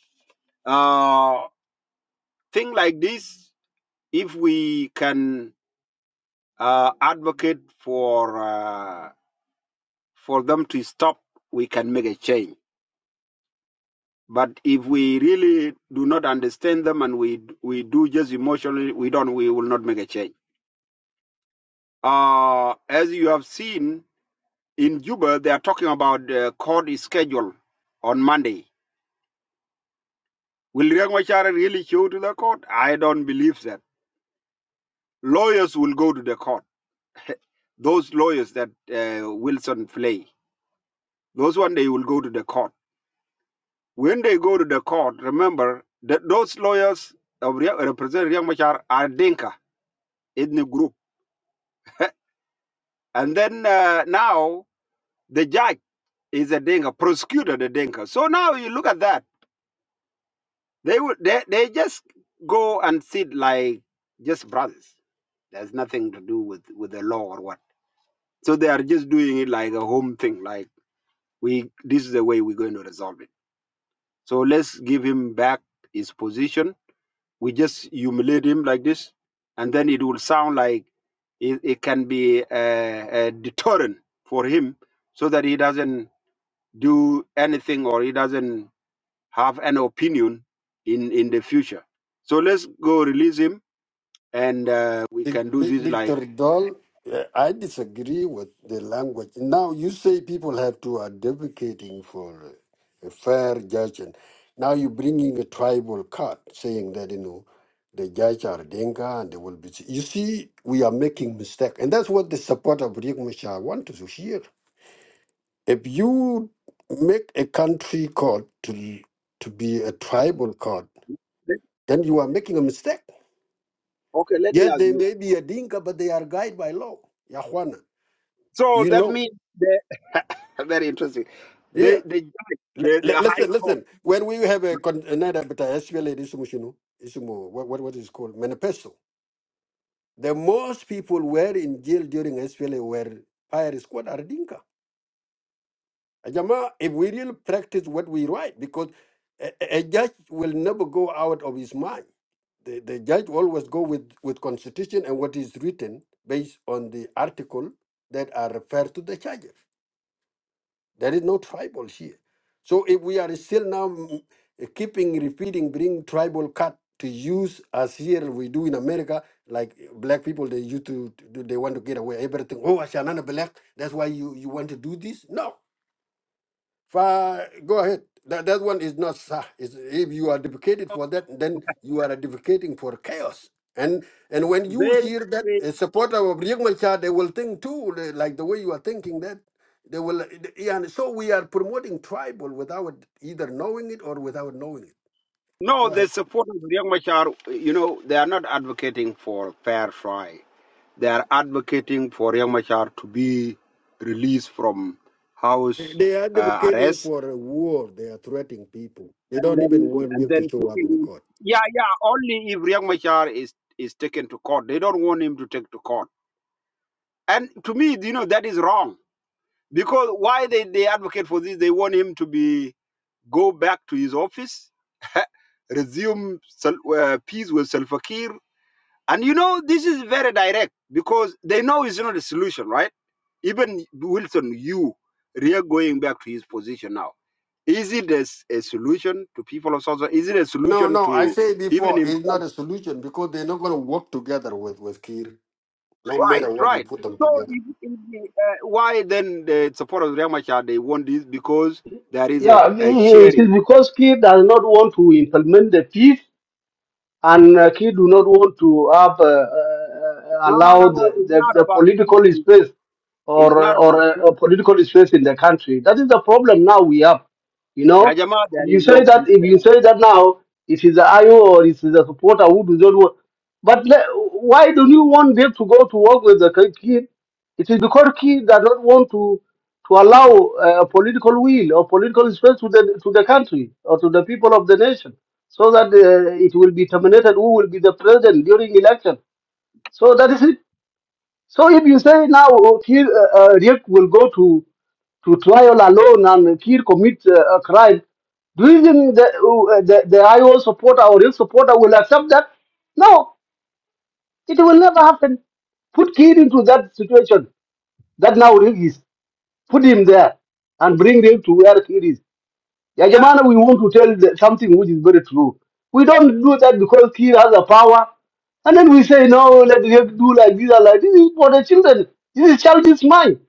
Speaker 1: uh, things like this. If we can uh, advocate for, uh, for them to stop, we can make a change. But if we really do not understand them and we, we do just emotionally, we don't, we will not make a change. Uh, as you have seen in Juba, they are talking about the court schedule on Monday Will Riek Machar really go to the court? I don't believe that. Lawyers will go to the court. Those lawyers that uh, Wilson play, those one they will go to the court. When they go to the court, remember that those lawyers of represent Riek Machar are Dinka in the group. And then uh, now the judge is a Dinka, prosecutor the Dinka. So now you look at that. They would they, they just go and sit like just brothers. There's nothing to do with, with the law or what. So they are just doing it like a home thing. Like we, this is the way we're going to resolve it. So let's give him back his position. We just humiliate him like this, and then it will sound like it, it can be a, a deterrent for him, so that he doesn't do anything or he doesn't have an opinion in in the future. So let's go release him, and uh, we
Speaker 10: Dic-
Speaker 1: can do
Speaker 10: Dic-
Speaker 1: this like.
Speaker 10: Dictor Doll, uh, I disagree with the language. Now you say people have to are advocating for a fair judge, and now you're bringing a tribal card, saying that you know the judge are Denga and they will be. You see, we are making mistake, and that's what the support of Riek Machar want to hear. If you make a country court to, to be a
Speaker 1: Uh,
Speaker 10: tribal court,
Speaker 1: let,
Speaker 10: then you are
Speaker 1: let
Speaker 10: making
Speaker 1: me
Speaker 10: a
Speaker 1: ask you.
Speaker 10: mistake.
Speaker 1: Okay, let me
Speaker 10: Yes,
Speaker 1: ask
Speaker 10: they
Speaker 1: you.
Speaker 10: may be a dinka, but they are guided by law. Yahwana.
Speaker 1: So
Speaker 10: You
Speaker 1: that
Speaker 10: know,
Speaker 1: means they very interesting.
Speaker 10: yeah.
Speaker 1: They the judge,
Speaker 10: L-
Speaker 1: the
Speaker 10: l-
Speaker 1: the high
Speaker 10: listen,
Speaker 1: court,
Speaker 10: listen. When we have a con- another but I SPLA this issue, issue, what what what is it called manifesto. The most people were in jail during SPLA were fire squad are dinka. Ajama, if we really practice what we write, because a, a a judge will never go out of his mind. The, the judge always go with, with constitution and what is written based on the article that are referred to the charges. There is no tribal here. So if we are still now mm, eh, keeping repeating, bring tribal cut to use as here we do in America, like eh, black people they used to, to do- they want to get away everything. Oh, Ashanana black, that's why you, you want to do this? No Fa, go ahead. That, that one is not sah. It's- If you are advocating for
Speaker 1: So
Speaker 10: that, then you are advocating for chaos. And and when you
Speaker 1: very
Speaker 10: hear that
Speaker 1: very
Speaker 10: a supporter of Riek Machar, they will think too, li- like the way you are thinking that. They will, yeah, and so we are promoting tribal without either knowing it or without knowing it.
Speaker 1: no,
Speaker 10: Go
Speaker 1: the
Speaker 10: ahead.
Speaker 1: supporters of Riek Machar, you know, they are not advocating for fair trial. They are advocating for Riek Machar to be released from
Speaker 10: They
Speaker 1: house
Speaker 10: they are
Speaker 1: uh,
Speaker 10: advocating
Speaker 1: arrest
Speaker 10: for a war. They are threatening people. They
Speaker 1: and
Speaker 10: don't even
Speaker 1: then
Speaker 10: want
Speaker 1: and
Speaker 10: Riek to
Speaker 1: then
Speaker 10: show up in the
Speaker 1: taken.
Speaker 10: court.
Speaker 1: Yeah, yeah. Only if Riek Machar is is taken to court, they don't want him to take to court. And to me, you know, that is wrong Because why they, they advocate for this, they want him to be go back to his office, resume uh, peace with Salva Kiir. And you know, this is very direct because they know it's not a solution, right? Even Wilson, you, Ria going back to his position now. Is it a, s- a solution to people of South Sudan? Is it a
Speaker 10: No,
Speaker 1: solution
Speaker 10: no, I
Speaker 1: to
Speaker 10: say
Speaker 1: even
Speaker 10: before, it's
Speaker 1: himself?
Speaker 10: not a solution because they're not going to work together with, with Kir. No
Speaker 1: Right,
Speaker 10: matter what you
Speaker 1: right.
Speaker 10: put them
Speaker 1: So
Speaker 10: together.
Speaker 1: if, if the, uh, why then the supporters of Riek Machar? they want this because there is
Speaker 8: Yeah,
Speaker 1: a,
Speaker 8: I
Speaker 1: a
Speaker 8: mean, it
Speaker 1: sharing.
Speaker 8: is because Kiev does not want to implement the peace and uh, he do not want to have uh, uh, uh,
Speaker 1: No, no,
Speaker 8: allow
Speaker 1: no, no.
Speaker 8: the,
Speaker 1: It's
Speaker 8: the,
Speaker 1: not
Speaker 8: the
Speaker 1: about
Speaker 8: political
Speaker 1: peace.
Speaker 8: space
Speaker 1: It's
Speaker 8: or uh,
Speaker 1: not about
Speaker 8: or a, a
Speaker 1: peace.
Speaker 8: political space in the country. That is the problem now we have. You
Speaker 1: Ya
Speaker 8: know,
Speaker 1: Jama, there
Speaker 8: if you
Speaker 1: is
Speaker 8: say
Speaker 1: no
Speaker 8: that
Speaker 1: peace
Speaker 8: if you
Speaker 1: there.
Speaker 8: say that now it is the IO or it is the supporter who does not want, but le- why do you want them to go to work with the kid? It is because kid that don't want to to allow uh, a political will or political space to the to the country or to the people of the nation so that uh, it will be terminated who will be the president during election. So that is it. So if you say now oh, Kir uh, uh, Riek will go to, to trial alone and Kir commit uh, a crime, do you think the, uh, the, the IO supporter or Riek supporter will accept that? No, it will never happen. Put Kir into that situation that now Riek is. Put him there and bring Riek to where Kir is. Yeah, Jamana,
Speaker 1: Yeah.
Speaker 8: we want to tell the, something which is very true. We don't do that because he has a power. And then we say, no, let him do like this and like this. This is for the children. This is childish mind.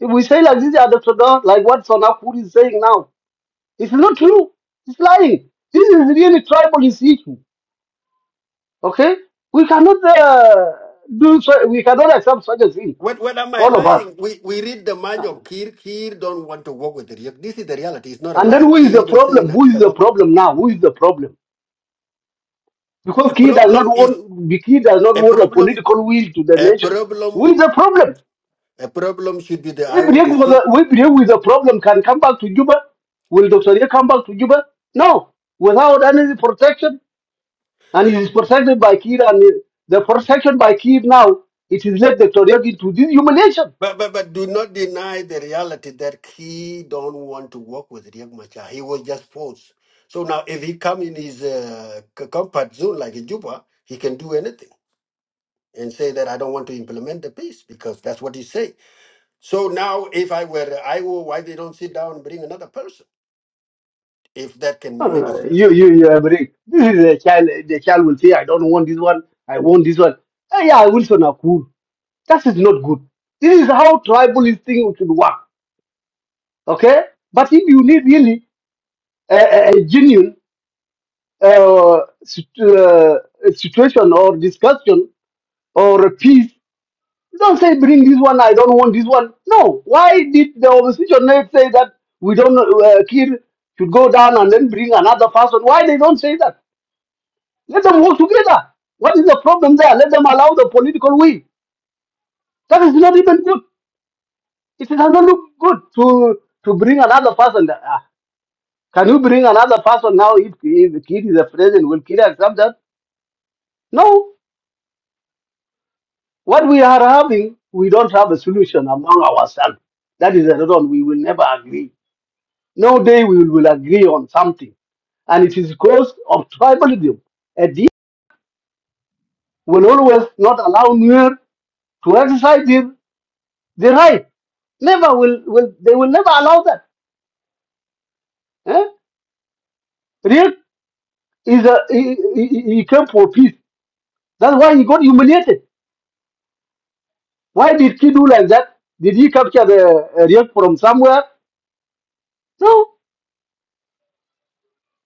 Speaker 8: If we say like this, other Sudan, like what Sonafuri is saying now, it's not true. It's lying. This is really tribalist issue. Okay? We cannot uh, do so, we cannot accept such a thing.
Speaker 10: What what am I
Speaker 8: All of us.
Speaker 10: lying? We we read the mind of
Speaker 8: And
Speaker 10: Kir. Kir don't want to work with Riek. This is the reality. It's not a
Speaker 8: then
Speaker 10: lie.
Speaker 8: who
Speaker 10: Kir
Speaker 8: is the
Speaker 10: even say in
Speaker 8: problem? Who
Speaker 10: Addis
Speaker 8: is the
Speaker 10: Ababa.
Speaker 8: problem now? Who is the problem?
Speaker 10: A
Speaker 8: Because he does not
Speaker 10: problem is
Speaker 8: want, he does not
Speaker 10: a
Speaker 8: want a
Speaker 10: problem.
Speaker 8: political will to the
Speaker 10: A
Speaker 8: nation. Who
Speaker 10: problem.
Speaker 8: is the problem?
Speaker 10: A problem should be the
Speaker 8: If
Speaker 10: IO to
Speaker 8: Riek was
Speaker 10: sit.
Speaker 8: a, if Riek with a problem can come back to Juba, will Dr. Riek come back to Juba? No, without any protection, and he is protected by Kir, and the protection by Kir now, it is led Dr. Riek into this humiliation.
Speaker 10: But, but but do not deny the reality that he don't want to work with Riek Machar. He was just forced. So now if he come in his uh, c- comfort zone like in Juba, he can do anything and say that I don't want to implement the peace because that's what he say. So now, if I were Iowa, why they don't sit down and bring another person if that
Speaker 8: No,
Speaker 10: can
Speaker 8: no,
Speaker 10: make a
Speaker 8: no. You,
Speaker 10: solution?
Speaker 8: you, you have Riek. This is a child, the child will say, I don't want this one, I want this one. Eh, yeah, Wilson Akur. That is not good. This is how tribalist thing should work. Okay, but if you need really a, a, a genuine uh, sit- uh, situation or discussion or a peace, don't say bring this one. I don't want this one. No, why did the opposition not say that we don't uh, kill should go down and then bring another person? Why they don't say that? Let them work together. What is the problem there? Let them allow the political will. That is not even good. It doesn't look good to to bring another person there. Can you bring another person now if, if the Kid is a president? Will Kid accept that? No. What we are having, we don't have a solution among ourselves. That is another one. we will never agree. No day we will agree on something. And it is because of tribalism. And this will always not allow Nuer to exercise their, their right. Never will, will they will never allow that. Eh? Riek is a he, he, he he came for peace. That's why he got humiliated Why did he do like that? Did he capture the uh, real from somewhere? No.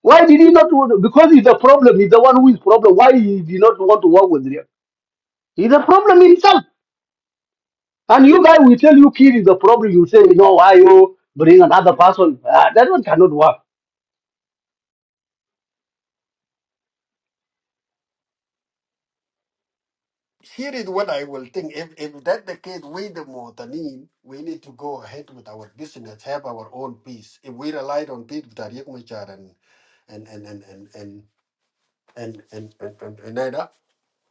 Speaker 8: Why did he not? want- Because he's a problem. He's the one who is problem. Why he did not want to work with real? He's a problem himself. And you guys will tell you kid is a problem. You say no. Why you bring another person? Ah, that one cannot work.
Speaker 10: Here is what I will think. If if that the case, we the Motanin, we need to go ahead with our business, have our own peace. If we relied on people that Machar and and and and and and and and and, and, and, and, and,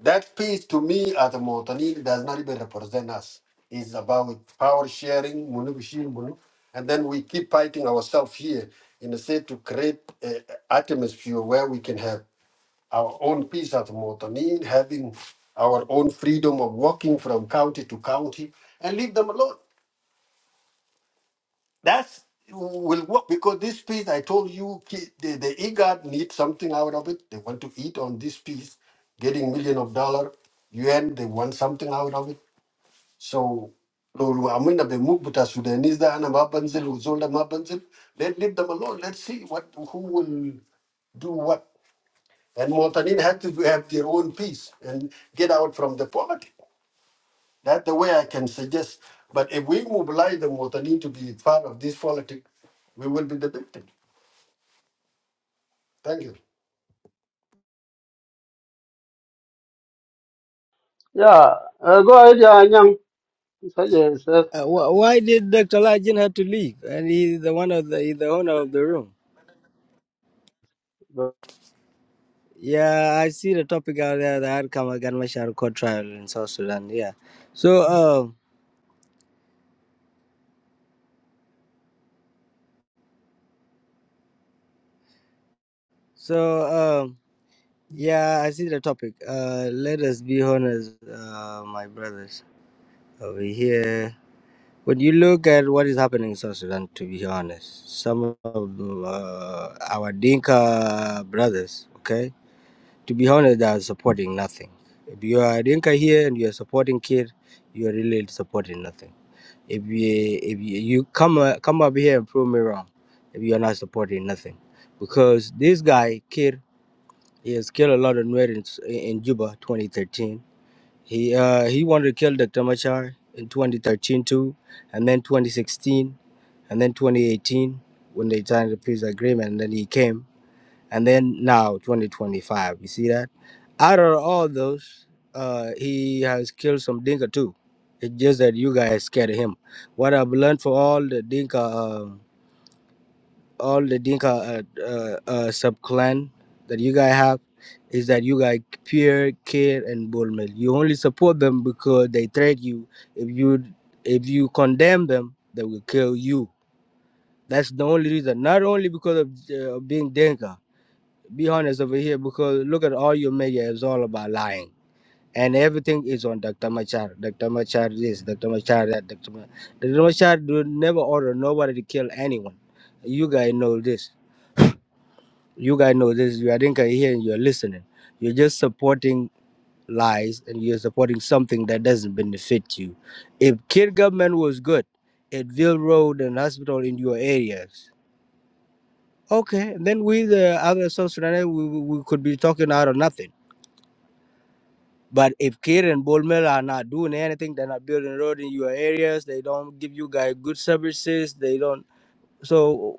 Speaker 10: That peace to me as a Montanil does not even represent us. It's about power sharing, munubishin, munu- and then we keep fighting ourselves here in the state to create an atmosphere where we can have our own peace as a Montanil, having our own freedom of walking from county to county and leave them alone. That's will work because this piece I told you ki- the the IGAD need something out of it. They want to eat on this piece, getting million of dollar. UN they want something out of it. So Lulu Amina Bemukbuta Sudanese da Anna Mabanzil, Uzolda Mabanzil, let leave them alone. Let's see what who will do what. And Montanin had to have their own peace and get out from the poverty. That's the way I can suggest. But if we mobilize the Mutani to be part of this politic, we will be the victim. Thank you.
Speaker 8: Yeah. Uh, go ahead, uh, Nyang. Yes, yes.
Speaker 11: Uh, wh- why did Dr. Lajin have to leave? And he's the one of the he's the owner of the room. Yeah, I see the topic out there, the outcome of Ganmashar court trial in South Sudan. Yeah. So um so um yeah, I see the topic. Uh let us be honest, uh my brothers over here. When you look at what is happening in South Sudan, to be honest, some of uh, our Dinka brothers, okay? To be honest, they are supporting nothing. If you are Dinka here and you are supporting kid, you are really supporting nothing. If you if you, you come uh, come up here and prove me wrong, if you are not supporting nothing, because this guy kid he has killed a lot of Nuer in, in Juba 2013. He uh, he wanted to kill Dr. Machar in 2013 too, and then 2016, and then 2018 when they signed the peace agreement, and then he came, and then now 2025. You see that? Out of all those, uh, he has killed some Dinka too. It's just that you guys scared of him. What I've learned for all the Dinka, um all the Dinka uh, uh, uh, sub clan that you guys have, is that you guys Pierre, Kid, and Bullman. You only support them because they threat you. If you if you condemn them, they will kill you. That's the only reason. Not only because of uh, being Dinka. Be honest over here, because look at all your media is all about lying and everything is on Dr. Machar. Dr. Machar this, Dr. Machar that, Dr. Machar. Dr. Machar do never order nobody to kill anyone. You guys know this. You guys know this. You are think here and you're listening. You're just supporting lies and you're supporting something that doesn't benefit you. If kid government was good, Edville Road and hospital in your areas, okay, then we the other South Sudanese, we, we we could be talking out of nothing But if Kid and Bull are not doing anything, they're not building road in your areas, they don't give you guys good services, they don't. So,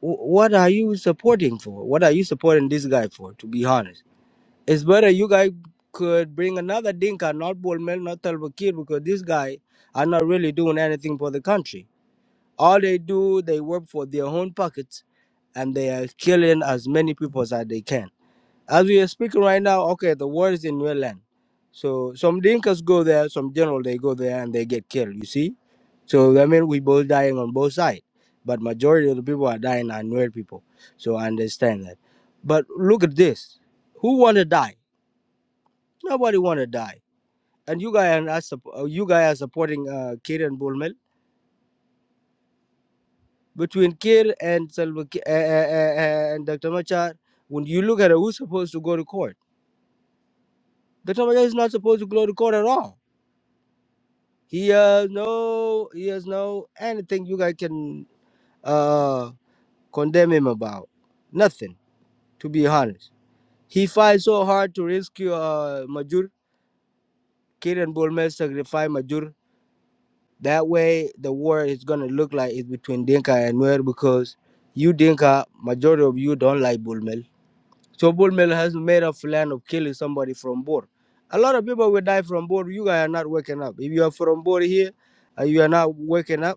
Speaker 11: wh- what are you supporting for? What are you supporting this guy for, to be honest? It's better you guys could bring another Dinka, not Bull Miller, not Talbot Kid, because this guy are not really doing anything for the country. All they do, they work for their own pockets and they are killing as many people as they can. As we are speaking right now, okay, the war is in Newland. So some Dinkas go there, some general they go there and they get killed, you see? So that means we both dying on both sides. But majority of the people are dying are Nuer people. So I understand that. But look at this. Who wanna die? Nobody wanna die. And you guys are not supp- uh, you guys are supporting uh, Kir and Bulmel. Between Kir and Salva Ki- uh, uh, uh, uh, and Dr. Machar, when you look at it, who's supposed to go to court? Dr. Machar is not supposed to go to court at all He has no, he has no anything you guys can uh, condemn him about. Nothing, to be honest. He fights so hard to rescue uh, Majur. Kid and Bulmel sacrifice Majur. That way, the war is gonna look like it's between Dinka and Nuer because you Dinka, majority of you don't like Bulmel. So Bulmel has made a plan of killing somebody from Bor. A lot of people will die from Bor. You guys are not waking up. If you are from Bor here, and you are not waking up.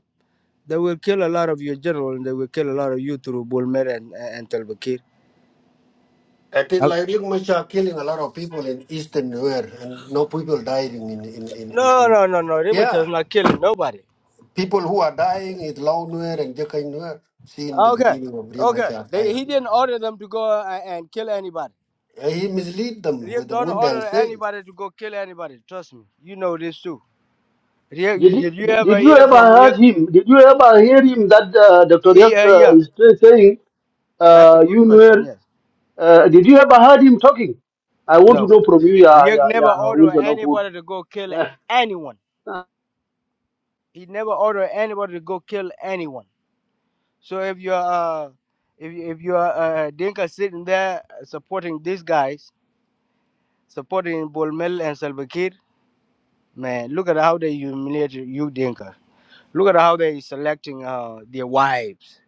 Speaker 11: They will kill a lot of your general and they will kill a lot of you through Bulmer and, and Salva Kiir.
Speaker 10: It is
Speaker 11: Uh,
Speaker 10: like Riek Machar killing a lot of people in Eastern Nuer, and no people dying in in in, in, in.
Speaker 11: No,
Speaker 10: in.
Speaker 11: no, no, no. Rimas
Speaker 10: Yeah,
Speaker 11: is not killing nobody.
Speaker 10: people who are dying is Lao Nuer and Jekai Nuer. See in the
Speaker 11: Okay,
Speaker 10: beginning of Riek
Speaker 11: okay.
Speaker 10: Machar
Speaker 11: They,
Speaker 10: Cairo.
Speaker 11: he didn't order them to go uh, and kill anybody.
Speaker 10: He mislead them
Speaker 11: Riek
Speaker 10: with the
Speaker 11: don't
Speaker 10: Wundang
Speaker 11: order
Speaker 10: saying.
Speaker 11: anybody to go kill anybody. Trust me. You know this too. Riek,
Speaker 8: Did
Speaker 11: did you
Speaker 8: you,
Speaker 11: ever
Speaker 8: did you
Speaker 11: hear
Speaker 8: ever
Speaker 11: from
Speaker 8: heard
Speaker 11: Riek?
Speaker 8: him? Did you ever hear him that uh, Dr. Yak
Speaker 11: Yeah,
Speaker 8: uh,
Speaker 11: yeah.
Speaker 8: is saying,
Speaker 11: That's a
Speaker 8: uh,
Speaker 11: good
Speaker 8: you
Speaker 11: question.
Speaker 8: know?
Speaker 11: Yes.
Speaker 8: Uh, did you ever heard him talking? I want to
Speaker 11: No.
Speaker 8: know from you, yeah,
Speaker 11: Riek
Speaker 8: yeah,
Speaker 11: never
Speaker 8: yeah,
Speaker 11: ordered
Speaker 8: Wilson Okur.
Speaker 11: anybody to go kill anyone. He never ordered anybody to go kill anyone. So if you're uh, if you- if you're uh, Dinka sitting there supporting these guys, supporting Bolmel and Salva Kiir, man, look at how they humiliate you, Dinka. Look at how they selecting uh, their wives.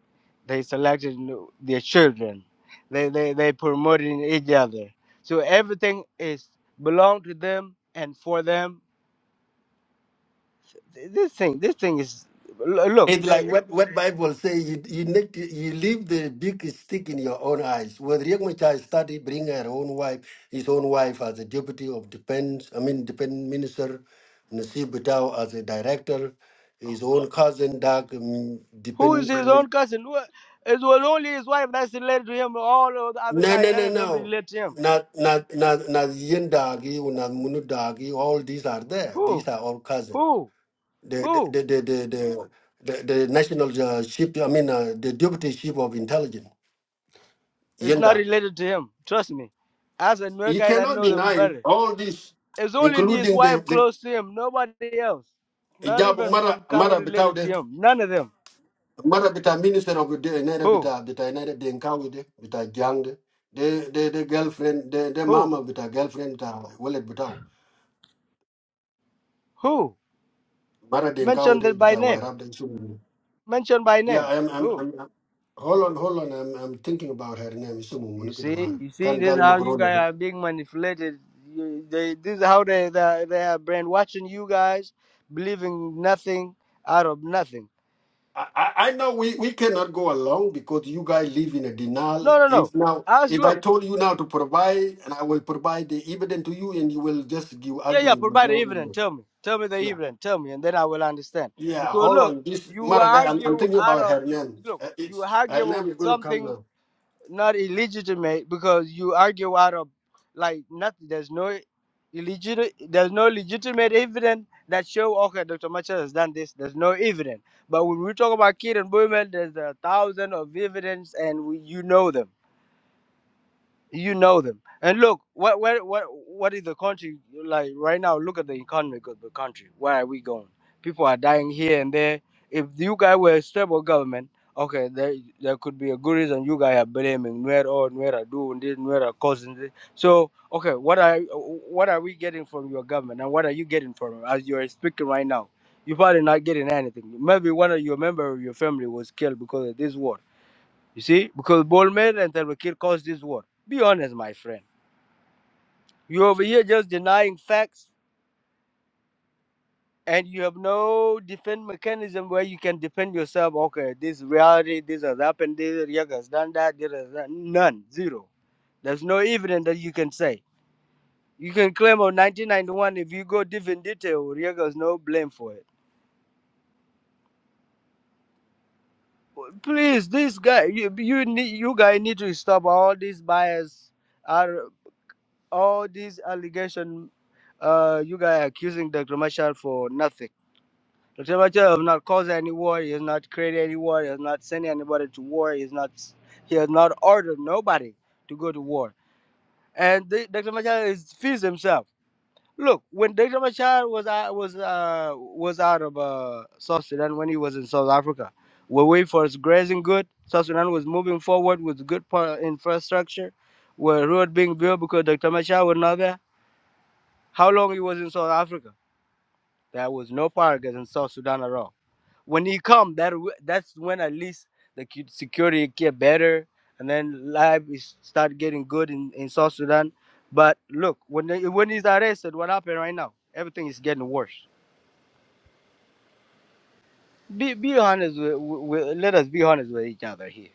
Speaker 11: They selected their children. They they they promoting each other. So everything is belong to them and for them. This thing, this thing is look.
Speaker 10: It's like what, what Bible say you you need to, you leave the big stick in your own eyes. When Riek Machar started bringing her own wife, his own wife as a deputy of defense, I mean defense minister, Nasib Bitao as a director, his own cousin Dak um,
Speaker 11: Who is
Speaker 10: defense.
Speaker 11: his own cousin? Who- It was only his wife that's related to him. All of the other
Speaker 10: No
Speaker 11: guy,
Speaker 10: no
Speaker 11: none
Speaker 10: no
Speaker 11: of them
Speaker 10: no.
Speaker 11: relate to him.
Speaker 10: Not not not not Yen Dagi or not Munu Dagi, all these are there. These
Speaker 11: Who?
Speaker 10: are all cousins.
Speaker 11: Who?
Speaker 10: The
Speaker 11: Who
Speaker 10: the the the the, the the national uh, ship, I mean, uh, the deputy chief of intelligence.
Speaker 11: is not
Speaker 10: Yenda.
Speaker 11: related to him? Trust me. As a new
Speaker 10: You
Speaker 11: guy that
Speaker 10: cannot
Speaker 11: know them
Speaker 10: deny
Speaker 11: better.
Speaker 10: all this,
Speaker 11: It's only his
Speaker 10: including
Speaker 11: wife
Speaker 10: the
Speaker 11: close to him. Nobody else.
Speaker 10: the
Speaker 11: Not
Speaker 10: job
Speaker 11: even
Speaker 10: mara
Speaker 11: Fonkang
Speaker 10: mara bitaw
Speaker 11: related to
Speaker 10: de
Speaker 11: him. None of them.
Speaker 10: mara bita minister of the eh, nere
Speaker 11: Who?
Speaker 10: bita bita nere de nkawi de bita jang de de de de girlfriend de de
Speaker 11: Who?
Speaker 10: mama bita girlfriend ta wallet bitaw
Speaker 11: Who?
Speaker 10: mara de nkawi
Speaker 11: Mention
Speaker 10: de
Speaker 11: that by
Speaker 10: bita
Speaker 11: name.
Speaker 10: wairab de sumu.
Speaker 11: Mention by
Speaker 10: Yeah,
Speaker 11: names.
Speaker 10: I'm I'm
Speaker 11: Who?
Speaker 10: I'm I'm- Hold on, hold on. I'm I'm thinking about her name. Isumu
Speaker 11: You
Speaker 10: Munuki Damar.
Speaker 11: see, you see,
Speaker 10: Kan
Speaker 11: this is how you
Speaker 10: gal
Speaker 11: guys are being manipulated. You, they, this is how they, they they are brainwashing you guys, believing nothing out of nothing.
Speaker 10: I, I I know we, we cannot go along because you guys live in a
Speaker 11: No,
Speaker 10: denial.
Speaker 11: no,
Speaker 10: If
Speaker 11: no.
Speaker 10: now,
Speaker 11: Us
Speaker 10: if I
Speaker 11: look,
Speaker 10: told you now to provide, and I will provide the evidence to you, and you will just give
Speaker 11: yeah, yeah.
Speaker 10: arguing with
Speaker 11: Provide
Speaker 10: no
Speaker 11: the evidence.
Speaker 10: evidence.
Speaker 11: Tell me, tell me the
Speaker 10: Yeah,
Speaker 11: evidence. Tell me, and then I will understand.
Speaker 10: yeah.
Speaker 11: Because
Speaker 10: Hold
Speaker 11: look,
Speaker 10: on, this
Speaker 11: you
Speaker 10: Marada. I'm, I'm
Speaker 11: argue
Speaker 10: thinking
Speaker 11: out
Speaker 10: about
Speaker 11: of
Speaker 10: her name.
Speaker 11: look,
Speaker 10: Uh,
Speaker 11: you
Speaker 10: it's her
Speaker 11: argue
Speaker 10: name
Speaker 11: of
Speaker 10: is going to come
Speaker 11: something
Speaker 10: now.
Speaker 11: not illegitimate because you argue out of like nothing. There's no illegitimate. There's no legitimate evidence that show okay, Dr. Machel has done this. There's no evidence. But when we talk about kid and women, there's a thousand of evidence, and we, you know them you know them. And look, what what what what is the country like right now? Look at the economy of the country. Where are we going? People are dying here and there. If you guys were a stable government, okay, there there could be a good reason you guys are blaming Nuer or Nuer are doing this, Nuer are causing this. So okay, what are what are we getting from your government and what are you getting from it as you're speaking right now? You're probably not getting anything. Maybe one of your member of your family was killed because of this war you see, because Bolman and Salva Kiir caused this war. Be honest, my friend. You over here just denying facts, and you have no defense mechanism where you can defend yourself. Okay, this reality, this has happened, this Riek has done that, this has done none, zero. There's no evidence that you can say. You can claim on 1991 if you go deep in detail. Riek has no blame for it. Please, this guy, you you need, you guys need to stop all these bias. our all these allegation uh, you guys are accusing Dr. Machar for nothing. Dr. Machar has not caused any war, he has not created any war, he has not sent anybody to war, he has not he has not ordered nobody to go to war. And the, Dr. Machar is feeds himself. Look, when Dr. Machar was out was uh, was out of uh, South Sudan when he was in South Africa, we wait for his grazing good. South Sudan was moving forward with good pro- infrastructure, where road being built because Dr. Machar was not there how long he was in South Africa? There was no paragas in South Sudan at all. When he come, that that's when at least the security get better, and then life is start getting good in, in South Sudan. But look, when they, when he's arrested, what happened right now? Everything is getting worse. Be be honest with, with, with- let us be honest with each other here.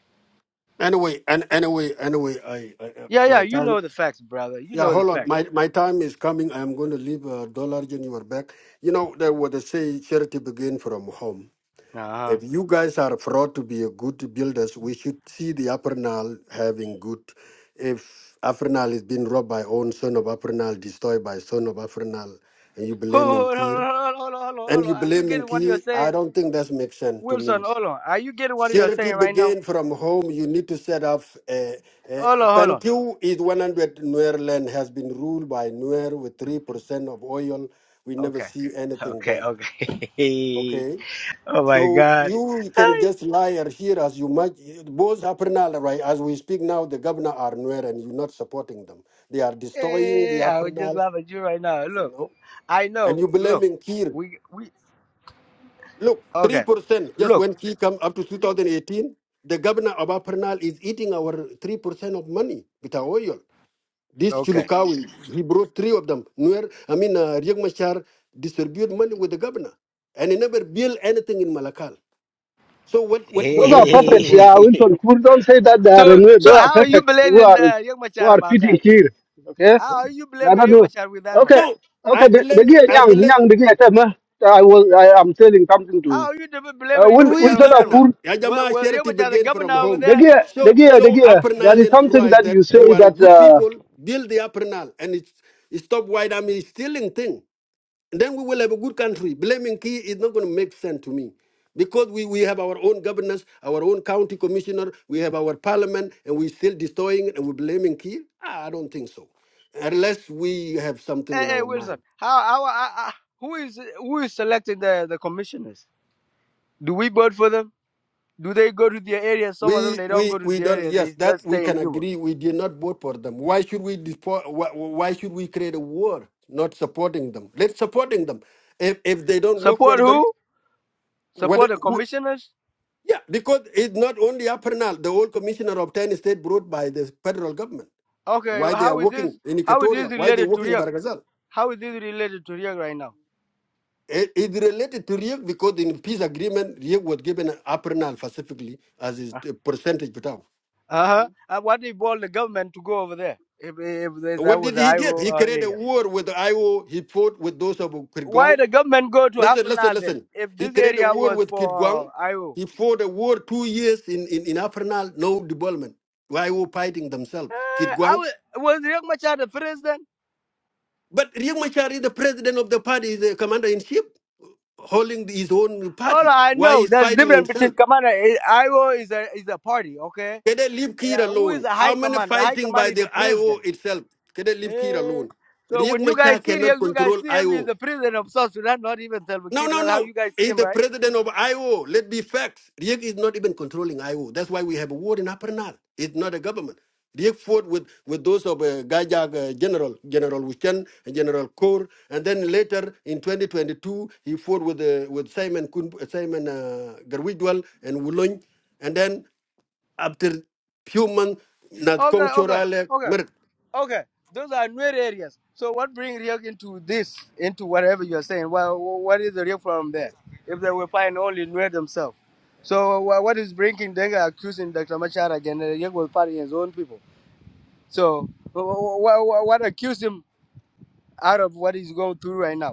Speaker 10: Anyway, and anyway, anyway, I, I uh,
Speaker 11: Yeah, yeah,
Speaker 10: my
Speaker 11: you
Speaker 10: time.
Speaker 11: know the facts, brother. You
Speaker 10: Yeah,
Speaker 11: know the
Speaker 10: hold on.
Speaker 11: facts.
Speaker 10: My my time is coming. I am going to leave a dollar in your back. You know, there was a say charity begin from home.
Speaker 11: Uh huh.
Speaker 10: if you guys are fraud to be a good builders, we should see the Apernal having good. If Apernal is being robbed by own son of Apernal, destroyed by son of Apernal, and you blaming
Speaker 11: Hold on, hold
Speaker 10: Kir,
Speaker 11: on, hold on, hold on,
Speaker 10: and
Speaker 11: hold on.
Speaker 10: you
Speaker 11: Are you
Speaker 10: blaming
Speaker 11: getting what
Speaker 10: Kir,
Speaker 11: you're
Speaker 10: I
Speaker 11: saying,
Speaker 10: don't think that makes sense to
Speaker 11: Wilson?
Speaker 10: me.
Speaker 11: Hold on. Are you getting what you're
Speaker 10: Charity
Speaker 11: saying right now?
Speaker 10: begin from home. You need to set up a, a,
Speaker 11: Hold
Speaker 10: a
Speaker 11: on, hold on.
Speaker 10: Pentu is 100 Nuer land has been ruled by Nuer with 3% of oil. We never
Speaker 11: Okay.
Speaker 10: see anything
Speaker 11: Okay.
Speaker 10: there.
Speaker 11: Okay.
Speaker 10: Okay
Speaker 11: oh my
Speaker 10: so
Speaker 11: God.
Speaker 10: you can
Speaker 11: Hi.
Speaker 10: just lie or here as you might. Both Apernal, right, as we speak now, the governor are nowhere and you're not supporting them. They are destroying the
Speaker 11: Hey, I would just
Speaker 10: Apernal,
Speaker 11: laugh at you right now.
Speaker 10: you
Speaker 11: Look,
Speaker 10: know,
Speaker 11: I
Speaker 10: and
Speaker 11: know.
Speaker 10: you
Speaker 11: Look,
Speaker 10: blaming Kir.
Speaker 11: we we
Speaker 10: Look,
Speaker 11: okay.
Speaker 10: 3% just
Speaker 11: Look,
Speaker 10: when Kir come up to 2018, the governor of Apernal is eating our 3% of money with our oil. This
Speaker 11: okay.
Speaker 10: Chulukawi, he brought three of them. Nuer, I mean, uh, Riek Machar distribute money with the governor and he never built anything in Malakal. So what, what, what,
Speaker 8: Those are
Speaker 10: what was going
Speaker 8: perfect.
Speaker 10: on here?
Speaker 8: Yeah, Wilson Kur, don't say that they are
Speaker 11: so
Speaker 8: anyway.
Speaker 11: so
Speaker 8: Those are
Speaker 11: how are you
Speaker 8: perfect. Who
Speaker 11: blaming
Speaker 8: are
Speaker 11: uh, Young
Speaker 8: who
Speaker 11: Machar
Speaker 8: are
Speaker 11: about
Speaker 8: feeding
Speaker 11: that?
Speaker 8: here? Okay,
Speaker 11: How are you
Speaker 8: they are
Speaker 11: blaming
Speaker 8: not.
Speaker 11: Young
Speaker 8: doing-
Speaker 11: Machar with that one?
Speaker 8: Okay,
Speaker 10: No, I
Speaker 8: okay. The the
Speaker 10: blame
Speaker 8: guy
Speaker 10: I
Speaker 8: young
Speaker 10: blame
Speaker 8: young the guy tell me, I was I am telling something
Speaker 11: How
Speaker 8: to
Speaker 11: are you de-
Speaker 8: uh,
Speaker 11: blaming Young
Speaker 8: Wil,
Speaker 10: Rui
Speaker 11: Machar
Speaker 8: Wilson
Speaker 11: on that one?
Speaker 10: governor.
Speaker 8: Kur.
Speaker 11: Well,
Speaker 10: Yajama
Speaker 11: well, Young
Speaker 10: charity
Speaker 11: Machar, the
Speaker 10: begin from
Speaker 11: governor over
Speaker 10: home.
Speaker 8: The
Speaker 11: there,
Speaker 8: guy the
Speaker 10: Show
Speaker 8: guy the
Speaker 10: show
Speaker 8: guy.
Speaker 10: Upper
Speaker 8: There is
Speaker 10: Nile
Speaker 8: something
Speaker 10: tribe
Speaker 8: that
Speaker 10: that
Speaker 8: you
Speaker 10: you
Speaker 8: say
Speaker 10: are a
Speaker 8: that
Speaker 10: good
Speaker 8: uh,
Speaker 10: people. Build the Upper Nile and it's it stop white army stealing thing. And then we will have a good country. Blaming Key is not going to make sense to me. Because we, we have our own governors, our own county commissioner, we have our parliament, and we're still destroying it and we're blaming Key? I don't think so. Unless we have something
Speaker 11: hey,
Speaker 10: in
Speaker 11: hey
Speaker 10: our mind.
Speaker 11: Wilson. How how, how, how who is who is selecting the the commissioners? Do we vote for them? Do they go to their area? Some of them
Speaker 10: We
Speaker 11: they don't
Speaker 10: we
Speaker 11: go to
Speaker 10: we
Speaker 11: the
Speaker 10: don't.
Speaker 11: area.
Speaker 10: Yes,
Speaker 11: They
Speaker 10: that
Speaker 11: just
Speaker 10: we
Speaker 11: stay in
Speaker 10: can
Speaker 11: Juba.
Speaker 10: agree. We did not vote for them. Why should we depo- why, why should we create a war not supporting them? Let's supporting them. If if they don't work for
Speaker 11: Support
Speaker 10: them,
Speaker 11: who?
Speaker 10: what?
Speaker 11: Support the
Speaker 10: Who,
Speaker 11: commissioners?
Speaker 10: yeah, because it's not only Apernal, the old commissioner of ten state brought by the federal government.
Speaker 11: Okay,
Speaker 10: Why they are
Speaker 11: how is
Speaker 10: working
Speaker 11: this?
Speaker 10: in
Speaker 11: How is this
Speaker 10: Equatoria? Why they
Speaker 11: related to
Speaker 10: working in
Speaker 11: Riek?
Speaker 10: Baragazal?
Speaker 11: How is this related to Riek right now?
Speaker 10: It, it related to Riek because in peace agreement, Riek was given Apernal specifically as his uh, percentage.
Speaker 11: Uh huh. And what they bought the government to go over there? If, if that
Speaker 10: What
Speaker 11: was
Speaker 10: did
Speaker 11: the
Speaker 10: he did?
Speaker 11: IO
Speaker 10: He
Speaker 11: uh,
Speaker 10: created a
Speaker 11: area,
Speaker 10: war with the IO. He fought with those of
Speaker 11: why
Speaker 10: Kirguang.
Speaker 11: the government go to
Speaker 10: Listen, listen,
Speaker 11: Afanal then?
Speaker 10: listen.
Speaker 11: If
Speaker 10: He
Speaker 11: this
Speaker 10: created a
Speaker 11: area
Speaker 10: war
Speaker 11: was
Speaker 10: with
Speaker 11: for uh,
Speaker 10: Kirguang.
Speaker 11: IO,
Speaker 10: He fought a war two years in in in Afrinal, no development. IO fighting themselves,
Speaker 11: uh, I
Speaker 10: Kirguang.
Speaker 11: was was Riek Machar the president?
Speaker 10: But Riek Machar is the president of the party, is the commander in chief, holding his own
Speaker 11: All
Speaker 10: party.
Speaker 11: I
Speaker 10: Why
Speaker 11: know,
Speaker 10: he's
Speaker 11: there's
Speaker 10: fighting
Speaker 11: difference
Speaker 10: himself?
Speaker 11: between Kamana. IO is a is a party, okay?
Speaker 10: Can they leave Kir
Speaker 11: yeah, who is
Speaker 10: alone?
Speaker 11: the
Speaker 10: How
Speaker 11: high
Speaker 10: many
Speaker 11: command? The high
Speaker 10: fighting
Speaker 11: command
Speaker 10: by
Speaker 11: is
Speaker 10: the
Speaker 11: the
Speaker 10: IO
Speaker 11: president.
Speaker 10: itself? Can they leave Kir
Speaker 11: Eh,
Speaker 10: alone?
Speaker 11: So
Speaker 10: Riek
Speaker 11: when you
Speaker 10: Machar
Speaker 11: guys see
Speaker 10: cannot
Speaker 11: him, you guys
Speaker 10: control
Speaker 11: see him
Speaker 10: IO.
Speaker 11: is the president of South Sudan, not even Salva
Speaker 10: No,
Speaker 11: Kiir.
Speaker 10: no,
Speaker 11: That's how
Speaker 10: no.
Speaker 11: you guys see
Speaker 10: He's
Speaker 11: him,
Speaker 10: the
Speaker 11: right?
Speaker 10: president of IO. Let be facts. Riek is not even controlling IO. That's why we have a war in Upper Nile. It's not a government. Riek fought with, with those of uh, Gajag uh, General, General Wushan, and General Kaur. And then later in 2022, he fought with uh, with Simon Kun, uh, Simon uh, Garwidwal and Wulong. And then after few months, Nad Kong
Speaker 11: Okay, okay,
Speaker 10: Chorale,
Speaker 11: okay, okay. Those are new areas. So what brings Riek into this, into whatever you're saying? Well, what is the Ryuk from there? If they will find only Nuer themselves. So wha- what is bringing Denga accusing Dr. Machar again? Riek was part of his own people. So wha- wha- wha- what accused him out of what he's going through right now?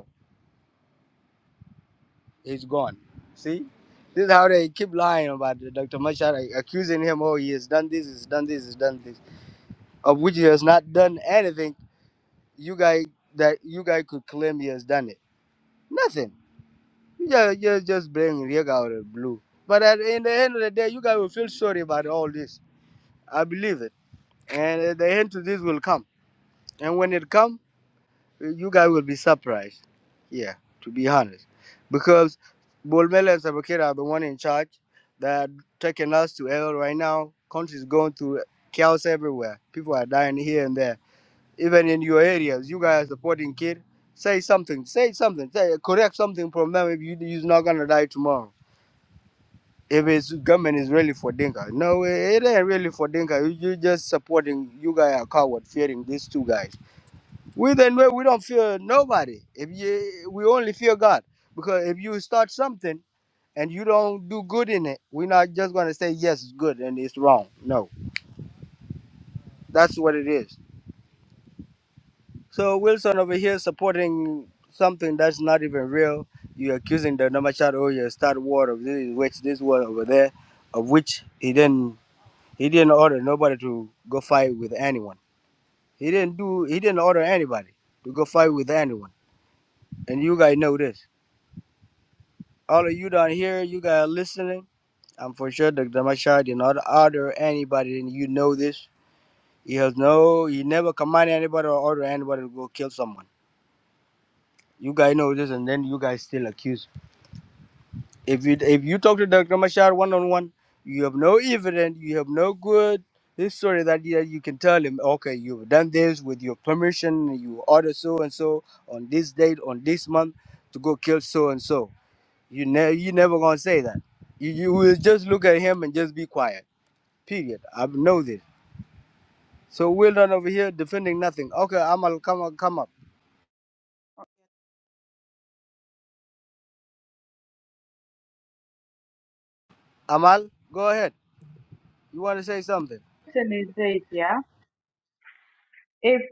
Speaker 11: He's gone. See, this is how they keep lying about Dr. Machar, accusing him. Oh, he has done this, he's done this, he's done this, of which he has not done anything. You guys that you guys could claim he has done it. Nothing. You just just, just bring Riek out of the blue. But at in the end of the day, you guys will feel sorry about all this. I believe it, and uh, the end to this will come. And when it comes. you guys will be surprised. Yeah, to be honest, because Bolmel and Sabakira are the one in charge. They're taking us to hell right now. Country's going through chaos everywhere. People are dying here and there. Even in your areas, you guys are supporting kid. Say something. Say something. Say correct something from them. If you you're not gonna die tomorrow. If it's government is really for Dinka, no, it ain't really for Dinka. You you just supporting. You guys are coward, fearing these two guys. We the Nuer, we don't fear nobody. If you, we only fear God, because if you start something and you don't do good in it, we're not just gonna say yes, it's good and it's wrong. No, that's what it is. So Wilson over here supporting something that's not even real. You're accusing the Namachad or you start war of this which this war over there, of which he didn't he didn't order nobody to go fight with anyone. He didn't do he didn't order anybody to go fight with anyone. And you guys know this. all of you down here, you guys listening, I'm for sure Dr. Mashar did not order anybody, and you know this. He has no, he never command anybody or order anybody to go kill someone. You guys know this, and then you guys still accuse. If you if you talk to Dr. Mashar one on one, you have no evidence, you have no good history that you, you can tell him, okay, you've done this with your permission, you order so and so on this date, on this month to go kill so and so You never you never gonna say that. You you will just look at him and just be quiet. Period. I know this. So we're not over here defending nothing. Okay, Amal, come on, come up. Amal, go ahead. You want to say something?
Speaker 12: question is this, yeah? If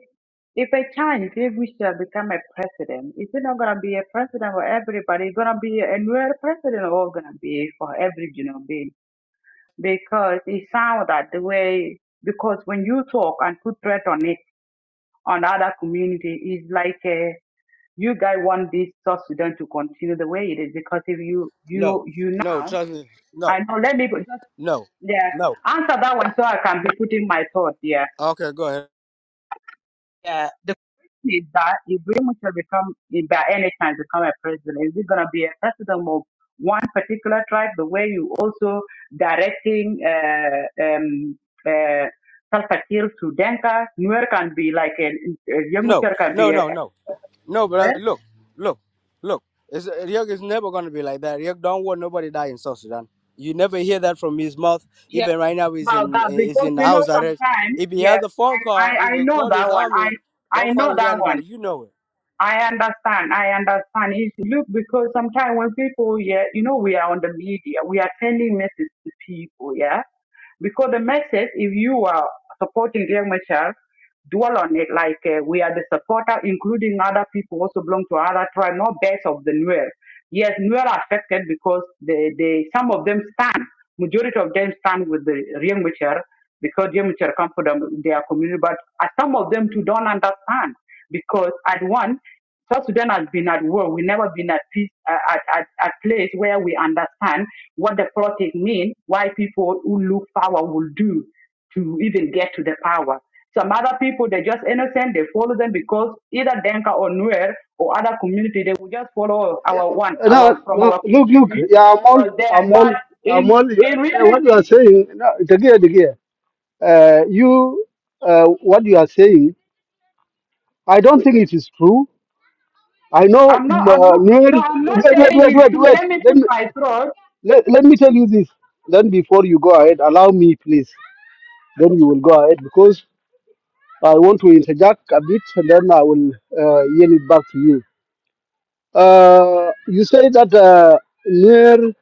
Speaker 12: if a chance if we shall become a president, is it not gonna be a president for everybody? It's gonna be a new president all gonna be for every human being. Because it sounds that the way because when you talk and put threat on it on other community it's like a, you guys want this South Sudan to continue the way it is because if you
Speaker 11: No,
Speaker 12: you you
Speaker 11: no,
Speaker 12: now
Speaker 11: trust me. No,
Speaker 12: I know let me go- just
Speaker 11: no,
Speaker 12: yeah
Speaker 11: no.
Speaker 12: answer that one so I can be putting my thought yeah.
Speaker 11: Okay, go ahead.
Speaker 12: Yeah, the question is that if Greenwich will become, if by any chance become a president, is it going to be a president of one particular tribe, the way you also directing uh, um, uh, Salva Kiir to Denka? Nuer can be like a, a young
Speaker 11: No,
Speaker 12: Mutter can
Speaker 11: no,
Speaker 12: be a,
Speaker 11: no,
Speaker 12: a
Speaker 11: no, no,
Speaker 12: Nuer.
Speaker 11: brother. Look, look, look. It's, uh, Ryuk is never gonna be like that. Ryuk don't want nobody die in South Sudan. You never hear that from his mouth.
Speaker 12: Yeah,
Speaker 11: Even right now, he's
Speaker 12: about
Speaker 11: in
Speaker 12: that
Speaker 11: he's
Speaker 12: because
Speaker 11: in
Speaker 12: you know
Speaker 11: house arrest.
Speaker 12: sometimes,
Speaker 11: If he
Speaker 12: yeah,
Speaker 11: has a phone
Speaker 12: I,
Speaker 11: call,
Speaker 12: I,
Speaker 11: he
Speaker 12: I
Speaker 11: will
Speaker 12: know
Speaker 11: call his
Speaker 12: that one. I
Speaker 11: army.
Speaker 12: I
Speaker 11: Don't fight
Speaker 12: know
Speaker 11: with
Speaker 12: that one.
Speaker 11: anybody. You know it.
Speaker 12: I understand. I understand. It's, look, because sometimes when people, yeah, you know, we are on the media, we are sending messages to people, yeah. Because the message, if you are supporting Dear Michelle, dwell on it like uh, we are the supporter, including other people also belong to other tribe, not best of the Nuer. Yes, Nuer are affected because they, they, some of them stand, majority of them stand with the Real Michelle because Real Michelle come from them, their community, but uh, some of them too don't understand because at one. South Sudan has been at war. We've never been at peace, uh, at, at, at place where we understand what the politics mean. why people who look power will do to even get to the power. Some other people, they're just innocent. They follow them because either Denka or Nuer or other community, they will just follow our one,
Speaker 8: no
Speaker 12: our from
Speaker 8: no
Speaker 12: our
Speaker 8: look look
Speaker 12: community
Speaker 8: yeah I'm all
Speaker 12: was there.
Speaker 8: I'm all
Speaker 12: But
Speaker 8: I'm
Speaker 12: in
Speaker 8: all you-
Speaker 12: in
Speaker 8: eh, what you are
Speaker 12: reality,
Speaker 8: saying no, the guy uh, you uh, what you are saying. I don't think it is true. I know.
Speaker 12: I'm
Speaker 8: mm,
Speaker 12: not. I'm
Speaker 8: Uh,
Speaker 12: not. No,
Speaker 8: Nuer-
Speaker 12: I'm not
Speaker 8: wait, wait,
Speaker 12: saying
Speaker 8: wait,
Speaker 12: it's
Speaker 8: wait,
Speaker 12: true. Let
Speaker 8: wait.
Speaker 12: me
Speaker 8: Let
Speaker 12: put
Speaker 8: me
Speaker 12: my throat.
Speaker 8: let, let me tell you this. Then before you go ahead, allow me, please. Then you will go ahead because I want to interject a bit, and then I will uh, yield it back to you. Uh, you say that uh, near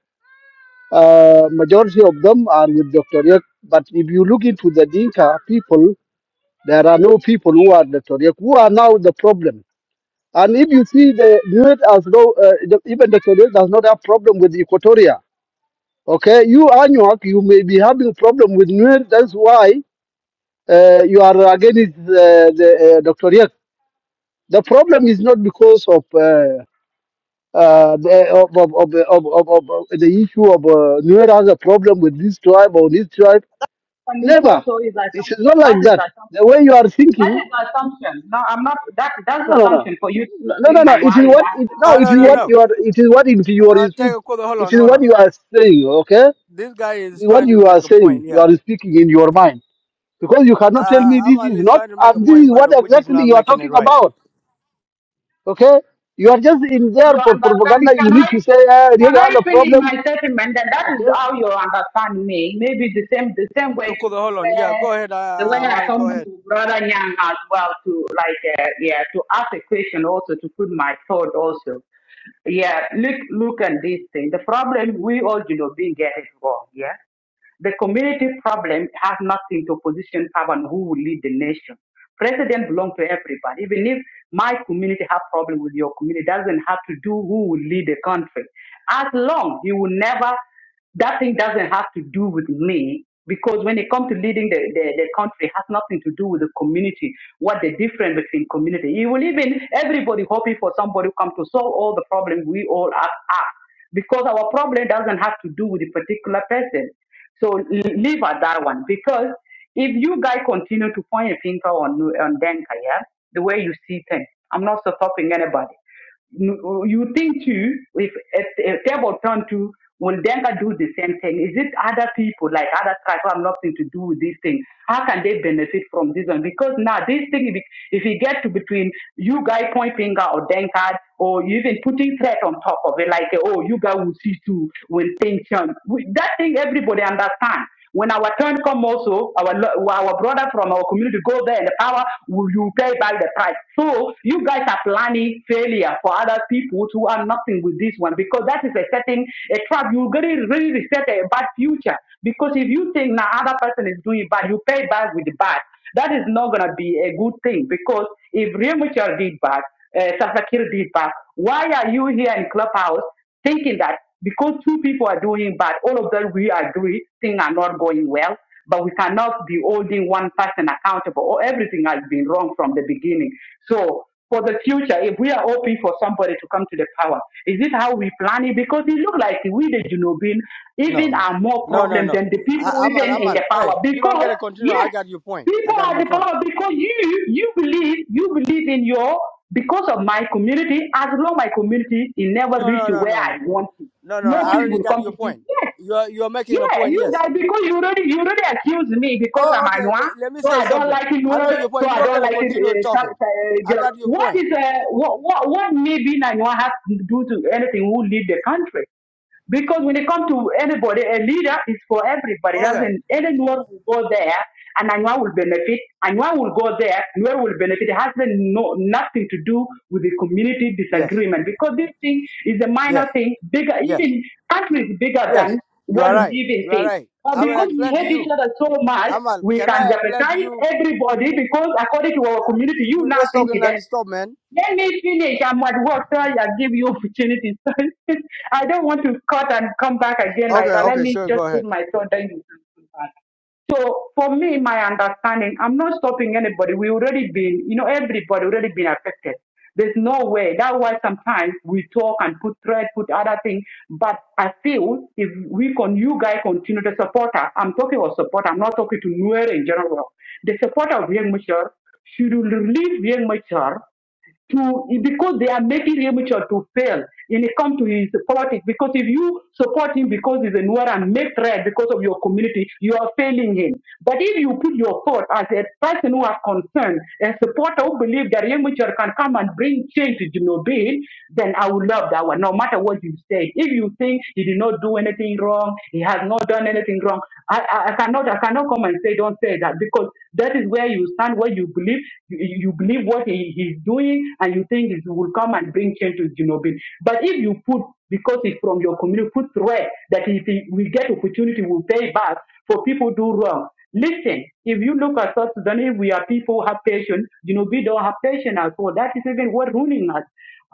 Speaker 8: uh, majority of them are with Dr. Yek, but if you look into the Dinka people, there are no people who are Dr. Yek, who are now the problem And if you see the Nuer as though uh, the, even the Togolese does not have problem with Equatoria, okay? You Anuak, you may be having problem with Nuer. That's why uh, you are against uh, the uh, Dr. Riek. The problem is not because of uh, uh, the of, of, of, of, of, of of the issue of uh, Nuer has a problem with this tribe or this tribe.
Speaker 12: And this
Speaker 8: Never.
Speaker 12: also is
Speaker 8: It's
Speaker 12: assumption.
Speaker 8: not
Speaker 12: That
Speaker 8: like
Speaker 12: is
Speaker 8: that.
Speaker 12: assumption.
Speaker 8: The way you are
Speaker 12: That
Speaker 8: thinking
Speaker 12: is the assumption. No, I'm not. That that's
Speaker 8: No,
Speaker 12: the
Speaker 8: no,
Speaker 12: assumption for you to
Speaker 8: no, no,
Speaker 12: say
Speaker 8: no, no.
Speaker 12: my
Speaker 8: It is
Speaker 12: wife is
Speaker 8: what
Speaker 12: that
Speaker 8: it, no.
Speaker 11: Oh
Speaker 12: uh,
Speaker 8: It
Speaker 11: no,
Speaker 8: is
Speaker 11: no,
Speaker 8: what
Speaker 12: against
Speaker 11: no.
Speaker 8: you are. It is what in your
Speaker 11: Uh, take
Speaker 8: speech.
Speaker 11: a quarter. Hold
Speaker 8: It
Speaker 11: on,
Speaker 8: is
Speaker 11: hold
Speaker 8: what
Speaker 11: on.
Speaker 8: you are saying. Okay, it
Speaker 11: This guy is
Speaker 8: is what
Speaker 11: trying to
Speaker 8: you are
Speaker 11: make a
Speaker 8: saying.
Speaker 11: point.
Speaker 8: You
Speaker 11: Yeah.
Speaker 8: are speaking in your mind because you cannot tell
Speaker 11: Uh,
Speaker 8: me this
Speaker 11: Amal
Speaker 8: is
Speaker 11: is
Speaker 8: not.
Speaker 11: trying to make a
Speaker 8: And this is
Speaker 11: point, but
Speaker 8: what
Speaker 11: Abuji is
Speaker 8: exactly
Speaker 11: not
Speaker 8: you are
Speaker 11: making it
Speaker 8: talking
Speaker 11: right.
Speaker 8: about. Okay, you are just in there
Speaker 12: your
Speaker 8: for
Speaker 12: understanding.
Speaker 8: propaganda. You
Speaker 12: Can
Speaker 8: need
Speaker 12: I
Speaker 8: to say uh, real
Speaker 12: can I
Speaker 8: other
Speaker 12: finish
Speaker 8: problem.
Speaker 12: my statement? And that is
Speaker 8: Okay.
Speaker 12: how you understand me. Maybe the same the same
Speaker 11: Take a
Speaker 12: way to
Speaker 11: quarter. Hold on. Yeah,
Speaker 12: where
Speaker 11: go ahead,
Speaker 12: the way
Speaker 11: uh,
Speaker 12: I
Speaker 11: Amal. Go
Speaker 12: come
Speaker 11: ahead.
Speaker 12: to brother Yang as well to like uh, yeah to ask a question also to put my thought also. Yeah, look look at this thing. The problem we all you know being get it wrong. yeah. The community problem has nothing to position power and who will lead the nation. President belongs to everybody. Even if my community have problem with your community, doesn't have to do who will lead the country. As long you will never, that thing doesn't have to do with me because when it comes to leading the, the, the country, it has nothing to do with the community, what the difference between community. You will even, everybody hoping for somebody who come to solve all the problems we all have. have because our problem doesn't have to do with a particular person. So l- leave at that one because if you guys continue to point a finger on on Denka, yeah, the way you see things, I'm not stopping anybody. You you think too, if a, a table turn to will Denka do the same thing? Is it other people like other tribes who have nothing to do with this thing? How can they benefit from this one? Because now this thing, if it if it get to between you guys point finger or Denka or you even putting threat on top of it, like oh you guys will see too when things change. That thing every everybody understand. When our turn come also, our lo- our brother from our community go there and the power will you pay back the price. So you guys are planning failure for other people who are nothing with this one because that is a setting a trap. You really really set a bad future because if you think now other person is doing bad, you pay back with bad. That is not gonna be a good thing because if Real Mutual did bad, uh, Sasakir did bad, why are you here in Clubhouse? thinking that because two people are doing bad, all of them we agree things are not going well, but we cannot be holding one person accountable or everything has been wrong from the beginning. So for the future, if we are hoping for somebody to come to the power, is it how we plan it? Because it looks like we, the Junubin
Speaker 11: No,
Speaker 12: even
Speaker 11: no,
Speaker 12: are more
Speaker 11: no, no,
Speaker 12: problem
Speaker 11: no.
Speaker 12: than the people
Speaker 11: I, Amal,
Speaker 12: even in
Speaker 11: Amal,
Speaker 12: the power.
Speaker 11: hey, you don't
Speaker 12: Because,
Speaker 11: get to continue. I
Speaker 12: yes,
Speaker 11: got your point. I
Speaker 12: People
Speaker 11: got your
Speaker 12: are
Speaker 11: point.
Speaker 12: developed because you you believe you believe in your because of my community. As long my community it never
Speaker 11: No,
Speaker 12: reach
Speaker 11: no,
Speaker 12: to
Speaker 11: no,
Speaker 12: where
Speaker 11: no,
Speaker 12: I
Speaker 11: no,
Speaker 12: want it,
Speaker 11: no, no.
Speaker 12: no
Speaker 11: I
Speaker 12: peace
Speaker 11: already
Speaker 12: will
Speaker 11: got
Speaker 12: come to
Speaker 11: your
Speaker 12: this.
Speaker 11: point.
Speaker 12: Yes,
Speaker 11: You're you're making a
Speaker 12: yeah,
Speaker 11: point.
Speaker 12: you
Speaker 11: Yes.
Speaker 12: guys because you already you already accuse me because I'm
Speaker 11: Oh,
Speaker 12: a
Speaker 11: okay.
Speaker 12: Anywa,
Speaker 11: le- let me
Speaker 12: so
Speaker 11: say
Speaker 12: I don't
Speaker 11: something.
Speaker 12: like it
Speaker 11: I know
Speaker 12: word,
Speaker 11: your point.
Speaker 12: so
Speaker 11: You
Speaker 12: I
Speaker 11: don't get
Speaker 12: don't
Speaker 11: to
Speaker 12: like it.
Speaker 11: continue
Speaker 12: Uh, some-
Speaker 11: talking.
Speaker 12: uh,
Speaker 11: I
Speaker 12: girl.
Speaker 11: got your
Speaker 12: what
Speaker 11: point.
Speaker 12: is uh, what what what maybe Anywa has to do to anything who lead the country? Because when it comes to anybody, a leader is for everybody.
Speaker 11: Okay.
Speaker 12: Doesn't anyone will go there and anyone will benefit. Anyone will go there, Anwar will benefit. It has no nothing to do with the community
Speaker 11: Yes.
Speaker 12: disagreement because this thing is a minor
Speaker 11: Yes.
Speaker 12: thing, bigger
Speaker 11: Yes.
Speaker 12: even countries bigger
Speaker 11: Yes.
Speaker 12: than
Speaker 11: You
Speaker 12: what
Speaker 11: are
Speaker 12: we
Speaker 11: right.
Speaker 12: even
Speaker 11: You are
Speaker 12: think.
Speaker 11: right.
Speaker 12: But
Speaker 11: I will
Speaker 12: because we
Speaker 11: explain to
Speaker 12: hate each
Speaker 11: you.
Speaker 12: other so much,
Speaker 11: Amal,
Speaker 12: we
Speaker 11: can
Speaker 12: can
Speaker 11: I explain to
Speaker 12: jeopardize
Speaker 11: you?
Speaker 12: everybody because according to our community, you
Speaker 11: You're
Speaker 12: now
Speaker 11: just
Speaker 12: think
Speaker 11: talking and
Speaker 12: that.
Speaker 11: stop, man.
Speaker 12: Let me finish. I'm at work. so I give you opportunity. Sorry. I don't want to cut and come back again
Speaker 11: Okay.
Speaker 12: like that. Let
Speaker 11: Okay.
Speaker 12: me
Speaker 11: Sure. Go
Speaker 12: just put
Speaker 11: ahead.
Speaker 12: my thought then you can come back. So for me, my understanding, I'm not stopping anybody. We already been, you know, everybody already been affected. There's no way. That's why sometimes we talk and put thread, put other things. But I feel if we con you guys continue to support her, I'm talking about support, I'm not talking to Nuer in general. The supporter of Young Mature should release Young Mature to because they are making amateur to fail when it comes to his politics. Because if you support him because he's a Nuer and make threat because of your community, you are failing him. But if you put your thought as a person who are concerned, a supporter who believe that amateur can come and bring change to Jinobin, then I would love that one, no matter what you say. If you think he did not do anything wrong, he has not done anything wrong, I, I, I cannot I cannot come and say don't say that because that is where you stand, where you believe you, you believe what he he, he's doing and you think it will come and bring change to Jinobin. But if you put, because it's from your community, put threat that if he, we get opportunity, we'll pay back for people do wrong. Listen, if you look at South Sudan, if we are people who have patience, Jinobin don't have patience at all. That is even what ruining us.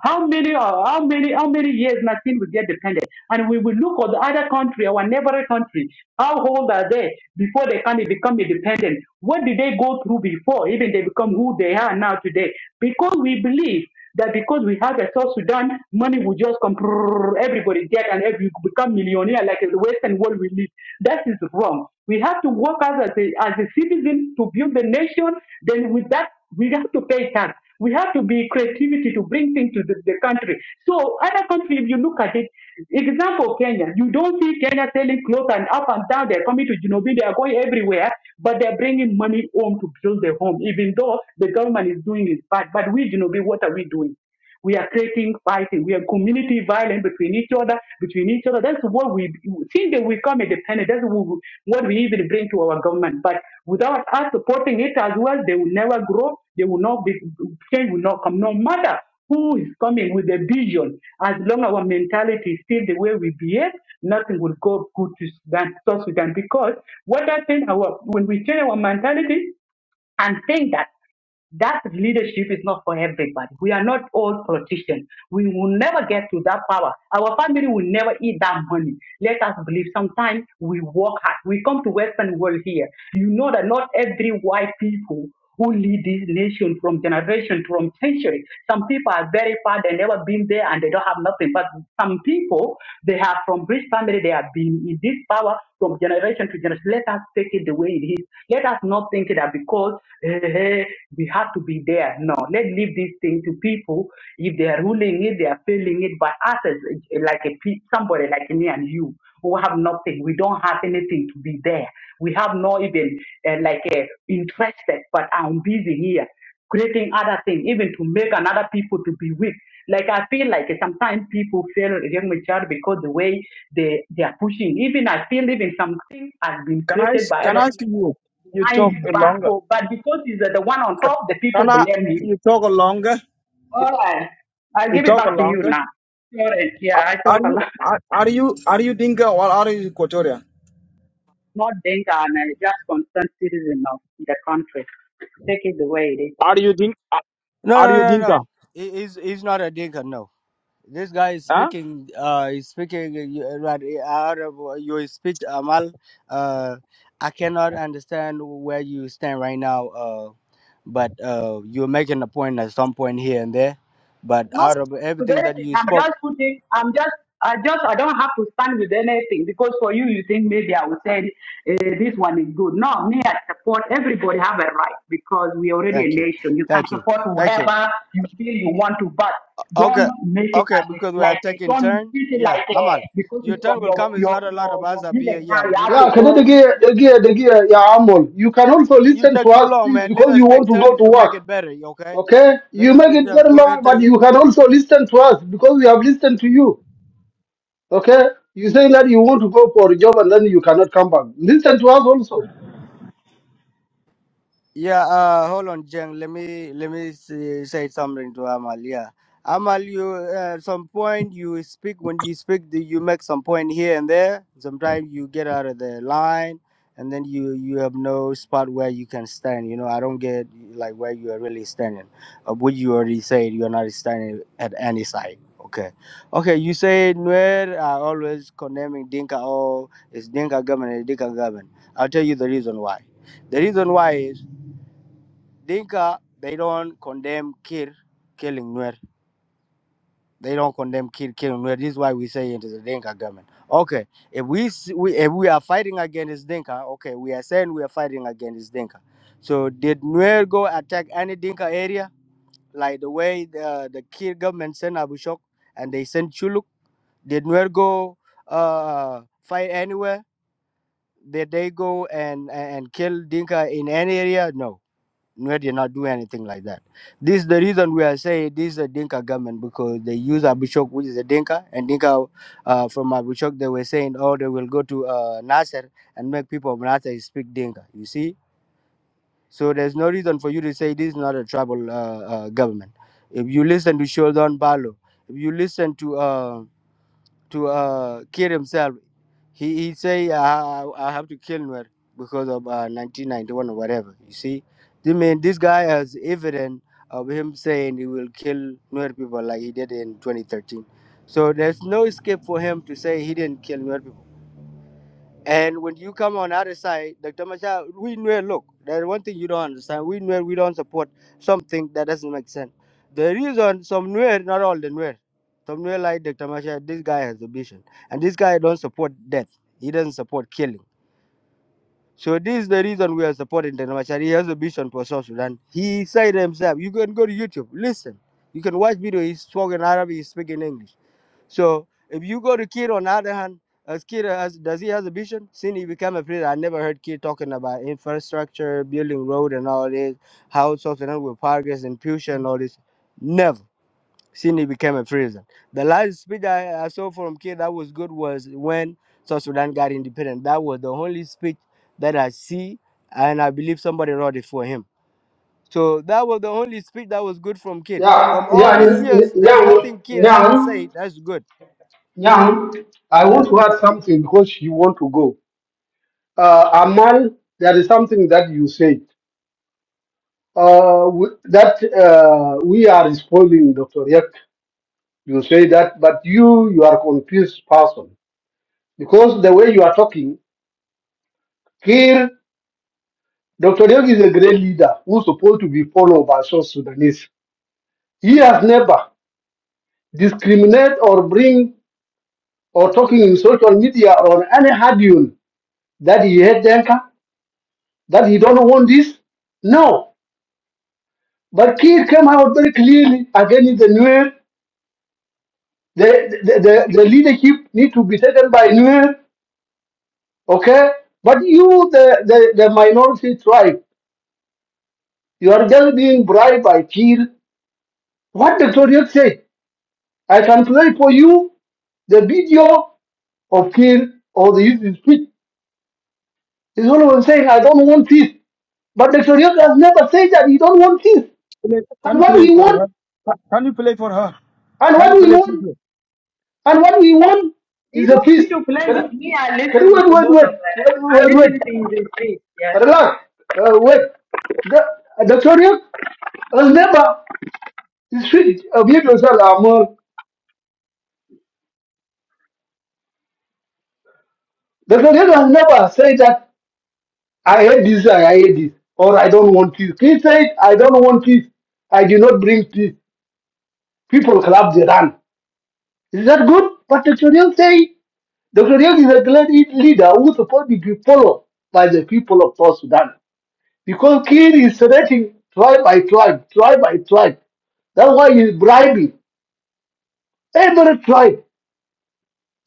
Speaker 12: How many, uh, how many, how many years nothing will get dependent? And we will look at the other country, our neighboring country. How old are they before they can become independent? What did they go through before even they become who they who they are now today because we believe that because we have a South Sudan, money will just come, prrrr, everybody get and every become millionaire like in the Western world we live. That is wrong. We have to work as a, as a citizen to build the nation. Then with that, we have to pay tax. We have to be creativity to bring things to the, the country. So other countries, if you look at it, example Kenya, you don't see Kenya selling clothes and up and down. They're coming to Junobi, they are going everywhere, but they're bringing money home to build their home, even though the government is doing it bad. But we Junobi, what are we doing? We are creating fighting. We are community violence between each other, between each other. That's what we think that we come independent. That's what we what we even bring to our government. But without us supporting it as well, they will never grow. They will not be change will not come. No matter who is coming with a vision, as long our mentality is still the way we behave, nothing will go good to Sudan, South Sudan. Because what happened our when we change our mentality, and think that that leadership is not for everybody. We are not all politicians. We will never get to that power. Our family will never eat that money. Let us believe sometimes we work hard. We come to Western world here. You know that not every white people who lead this nation from generation from century. Some people are very far, they never been there and they don't have nothing. But some people, they have from rich family, they have been in this power from generation to generation. Let us take it the way it is. Let us not think that because eh, eh, we have to be there. No, let's leave this thing to people. If they are ruling it, they are failing it. But us as eh, like a pe- somebody like me and you who have nothing, we don't have anything to be there. We have no even uh, like uh, interested, but I'm busy here creating other things, even to make another people to be weak. Like I feel like sometimes people feel young child because the way they they are pushing. Even I feel even something has been
Speaker 13: Can I
Speaker 12: created
Speaker 13: s-
Speaker 12: by
Speaker 13: can
Speaker 12: other
Speaker 13: I ask you?
Speaker 12: people
Speaker 13: You
Speaker 12: behind
Speaker 13: talk
Speaker 12: his
Speaker 13: a
Speaker 12: back.
Speaker 13: longer.
Speaker 12: So, but because he's uh, the one on top, the
Speaker 13: Can
Speaker 12: people
Speaker 13: I?
Speaker 12: blame him.
Speaker 13: You talk a longer. You,
Speaker 12: All right, I'll
Speaker 13: you
Speaker 12: give it
Speaker 13: talk a
Speaker 12: back to you
Speaker 13: longer.
Speaker 12: now. Sorry,
Speaker 13: Are
Speaker 12: yeah, I
Speaker 13: are
Speaker 12: talk a
Speaker 13: you
Speaker 12: lot.
Speaker 13: are, are you are you Dinka or are you Equatorian?
Speaker 12: Not Denka, and I just concerned citizen of the country. Take it the way it is.
Speaker 13: Are you Dinka?
Speaker 11: No,
Speaker 13: Are
Speaker 11: no,
Speaker 13: you
Speaker 11: no,
Speaker 13: Dinka?
Speaker 11: no. He, he's he's not a dinker. No. This guy is
Speaker 13: Huh?
Speaker 11: speaking. Uh, he's speaking uh, you- uh, right uh, out of uh, your speech, Amal. Uh, I cannot understand where you stand right now. Uh, but uh, you're making a point at some point here and there. But out of
Speaker 12: with
Speaker 11: everything that
Speaker 12: anything.
Speaker 11: you
Speaker 12: I'm
Speaker 11: spoke,
Speaker 12: just putting, I'm just, I just, I don't have to stand with anything because for you, you think maybe I will say eh, this one is good. No, me, I support everybody have a right because we are already a
Speaker 11: thank you,
Speaker 12: nation. You can
Speaker 11: thank you,
Speaker 12: support
Speaker 11: thank you.
Speaker 12: whoever you feel you want to, but don't
Speaker 11: Okay,
Speaker 12: make it
Speaker 11: okay,
Speaker 12: as a,
Speaker 11: because we are
Speaker 12: like a,
Speaker 11: taking
Speaker 12: don't
Speaker 11: turn.
Speaker 12: treat it
Speaker 11: Yeah,
Speaker 12: like a,
Speaker 11: Amal,
Speaker 12: because
Speaker 11: your
Speaker 12: it's
Speaker 11: turn
Speaker 12: from
Speaker 11: will
Speaker 12: your,
Speaker 11: come. It's
Speaker 12: your,
Speaker 11: not a lot of
Speaker 12: your,
Speaker 11: us
Speaker 12: your
Speaker 11: up here.
Speaker 12: village
Speaker 11: Yeah,
Speaker 12: now, you
Speaker 11: you
Speaker 12: have to
Speaker 8: Yeah,
Speaker 12: go.
Speaker 8: Kadege, Dege, Dege, yeah, Amol. You can also
Speaker 11: you
Speaker 8: listen to
Speaker 11: take too
Speaker 8: us,
Speaker 11: long,
Speaker 8: please,
Speaker 11: man. Let
Speaker 8: because
Speaker 11: us
Speaker 8: you want
Speaker 11: take
Speaker 8: to go
Speaker 11: turns
Speaker 8: to
Speaker 11: to make
Speaker 8: work.
Speaker 11: it better. Okay,
Speaker 8: Okay?
Speaker 11: let
Speaker 8: You
Speaker 11: us
Speaker 8: make
Speaker 11: take
Speaker 8: it
Speaker 11: turn.
Speaker 8: very
Speaker 11: Go
Speaker 8: long,
Speaker 11: ahead,
Speaker 8: but
Speaker 11: take.
Speaker 8: you can also listen to us because we have listened to you. Okay? You say that you want to go for a job and then you cannot come back. Listen to us also.
Speaker 11: Yeah, uh, hold on, Jen. Let me let me say, say something to Amal. Yeah, Amal, you uh, some point you speak when you speak, do you make some point here and there. Sometimes you get out of the line, and then you you have no spot where you can stand. You know, I don't get like where you are really standing. Uh, what you already said, you are not standing at any side. Okay, okay. You say Nuer are always condemning Dinka. Oh, it's Dinka government, it's Dinka government. I'll tell you the reason why. The reason why is. Dinka, they don't condemn Kir killing Nuer. They don't condemn Kir killing Nuer. This is why we say it is a Dinka government. Okay, if we, s- we if we are fighting against Dinka, okay, we are saying we are fighting against Dinka. So did Nuer go attack any Dinka area like the way the the Kir government sent Abu Shok and they sent Chuluk? Did Nuer go uh, fight anywhere? Did they go and and and kill Dinka in any area? No Nuer did not do anything like that. This is the reason we are saying this is a Dinka government because they use Abushok, which is a Dinka, and Dinka uh, from Abushok, they were saying, oh, they will go to uh, Nasser and make people of Nasser speak Dinka. You see? So there's no reason for you to say this is not a tribal uh, uh, government. If you listen to Sheldon Balo, if you listen to uh, to uh, kill himself. He he say I, I have to kill Nuer because of uh, 1991 or whatever. You see, I mean this guy has evidence of him saying he will kill Nuer people like he did in 2013. So there's no escape for him to say he didn't kill Nuer people. And when you come on other side, Dr. Machar, we know, look, there's one thing you don't understand. We know we don't support something that doesn't make sense. The reason some Nuer, not all the Nuer, some Nuer like Dr. Machar, this guy has a vision. And this guy don't support death. He doesn't support killing. So this is the reason we are supporting Dr. Machar. He has a vision for South Sudan. He said himself, you can go to YouTube, listen. You can watch video, he's spoken Arabic, he's speaking English. So if you go to Kir on the other hand, as Kir has, does he has a vision? Since he became a president, I never heard Kir talking about infrastructure, building road and all this, how South Sudan will progress and future and all this. Never. Since he became a president. The last speech I, I saw from Kir that was good was when South Sudan got independent. That was the only speech that I see and I believe somebody wrote it for him. So that was the only speech that was good from Kir.
Speaker 8: Yeah,
Speaker 11: From all
Speaker 8: yeah,
Speaker 11: these years, there's
Speaker 8: Nyang,
Speaker 11: nothing Kir ever
Speaker 8: Nyang,
Speaker 11: said that's good.
Speaker 8: Nyang. I
Speaker 11: Yeah.
Speaker 8: want to add something because you want to go. Uh, Amal, there is something that you said. Uh, we, that uh, we are spoiling Dr. Yak. You say that, but you, you are confused person because the way you are talking, here. Dr. Yogi is a great leader who's supposed to be followed by South Sudanese. He has never discriminated or bring or talking in social media or on any audience that he hate Denka, that he don't want this. No. But Kiir came out very clearly against the Nuer. The, the, the, the leadership need to be taken by Nuer, okay? But you, the, the, the minority tribe, you are just being bribed by Kiir. What Dr. Yogi said, I can play for you The video of Kir or the YouTube speech is always saying, I don't want peace. But Dr. Yusuf has never said that he don't want peace.
Speaker 13: Play- Can
Speaker 8: And
Speaker 13: you
Speaker 8: what
Speaker 13: play
Speaker 8: we
Speaker 13: for
Speaker 8: want,
Speaker 13: her? Ca- Can you play for her?
Speaker 8: and
Speaker 13: Can you
Speaker 8: what we
Speaker 13: play
Speaker 8: want,
Speaker 13: video?
Speaker 8: and what we want
Speaker 12: You
Speaker 8: is a
Speaker 12: don't need
Speaker 8: peace.
Speaker 12: to play
Speaker 8: Can I-
Speaker 12: it. Me, I
Speaker 8: can you
Speaker 12: listening
Speaker 8: wait,
Speaker 12: to
Speaker 8: wait,
Speaker 12: most of
Speaker 8: wait,
Speaker 12: that.
Speaker 8: wait,
Speaker 12: I
Speaker 8: wait,
Speaker 12: listen
Speaker 8: wait.
Speaker 12: to the street, yeah.
Speaker 8: Relax. Uh, wait. The, uh, Dr. Korean has never speak of universal armor. Dr. Korean has never said that I hate this, I hate this, or I don't want peace. He said, I don't want peace. I do not bring peace. People collapse Iran. Is that good? But Dr. Young say Dr. Young is a great leader who's supposed to be followed by the people of South Sudan. Because Kiir is threatening tribe by tribe, tribe by tribe. That's why he's bribing. Every tribe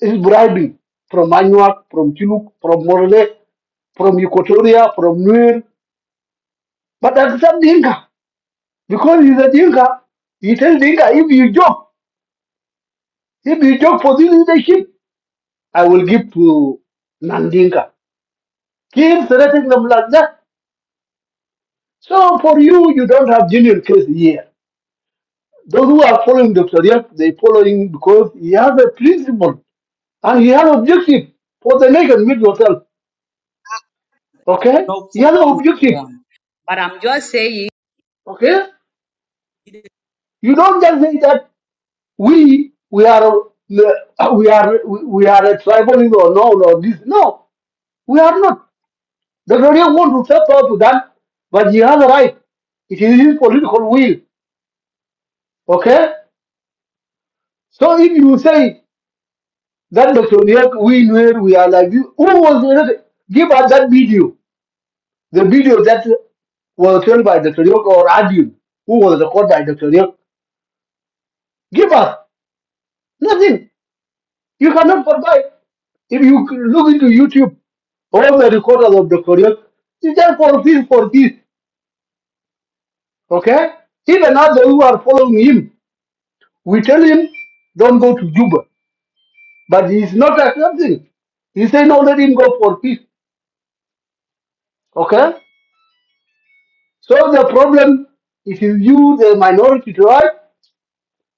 Speaker 8: is bribing. From Anuak, from Chiluk, from Morle, from Equatoria, from Nuer. But accept Dinka. Because he's a Dinka, he tells Dinka, if you job, if you job for this leadership, I will give to Nandinka. Keep threatening them like that. So for you, you don't have genuine case here. Those who are following Dr. Yap, they following because he has a principle and he has objective for the naked meet yourself. Okay?
Speaker 12: No
Speaker 8: He
Speaker 12: for
Speaker 8: has an objective.
Speaker 12: one. But I'm.
Speaker 8: Okay? You don't just say that we we are uh, we are we we are a tribal or no or this. No, we are not. Dr. Yap want to suffer to that, but he has a right. It is his political will. Okay? So if you say that Dr. Niak, we knew we are like you, who was it? Give us that video. The video that was told by Dr. Niak or audio, who was recorded by Dr. Niak. Give us nothing. You cannot provide. If you look into YouTube, all the recorders of Dr. Niak, it's just for this, for this. Okay? Even others who are following him, we tell him, don't go to Juba. But he's not accepting. He said, no, let him go for peace. Okay? So the problem it is you, the minority tribe,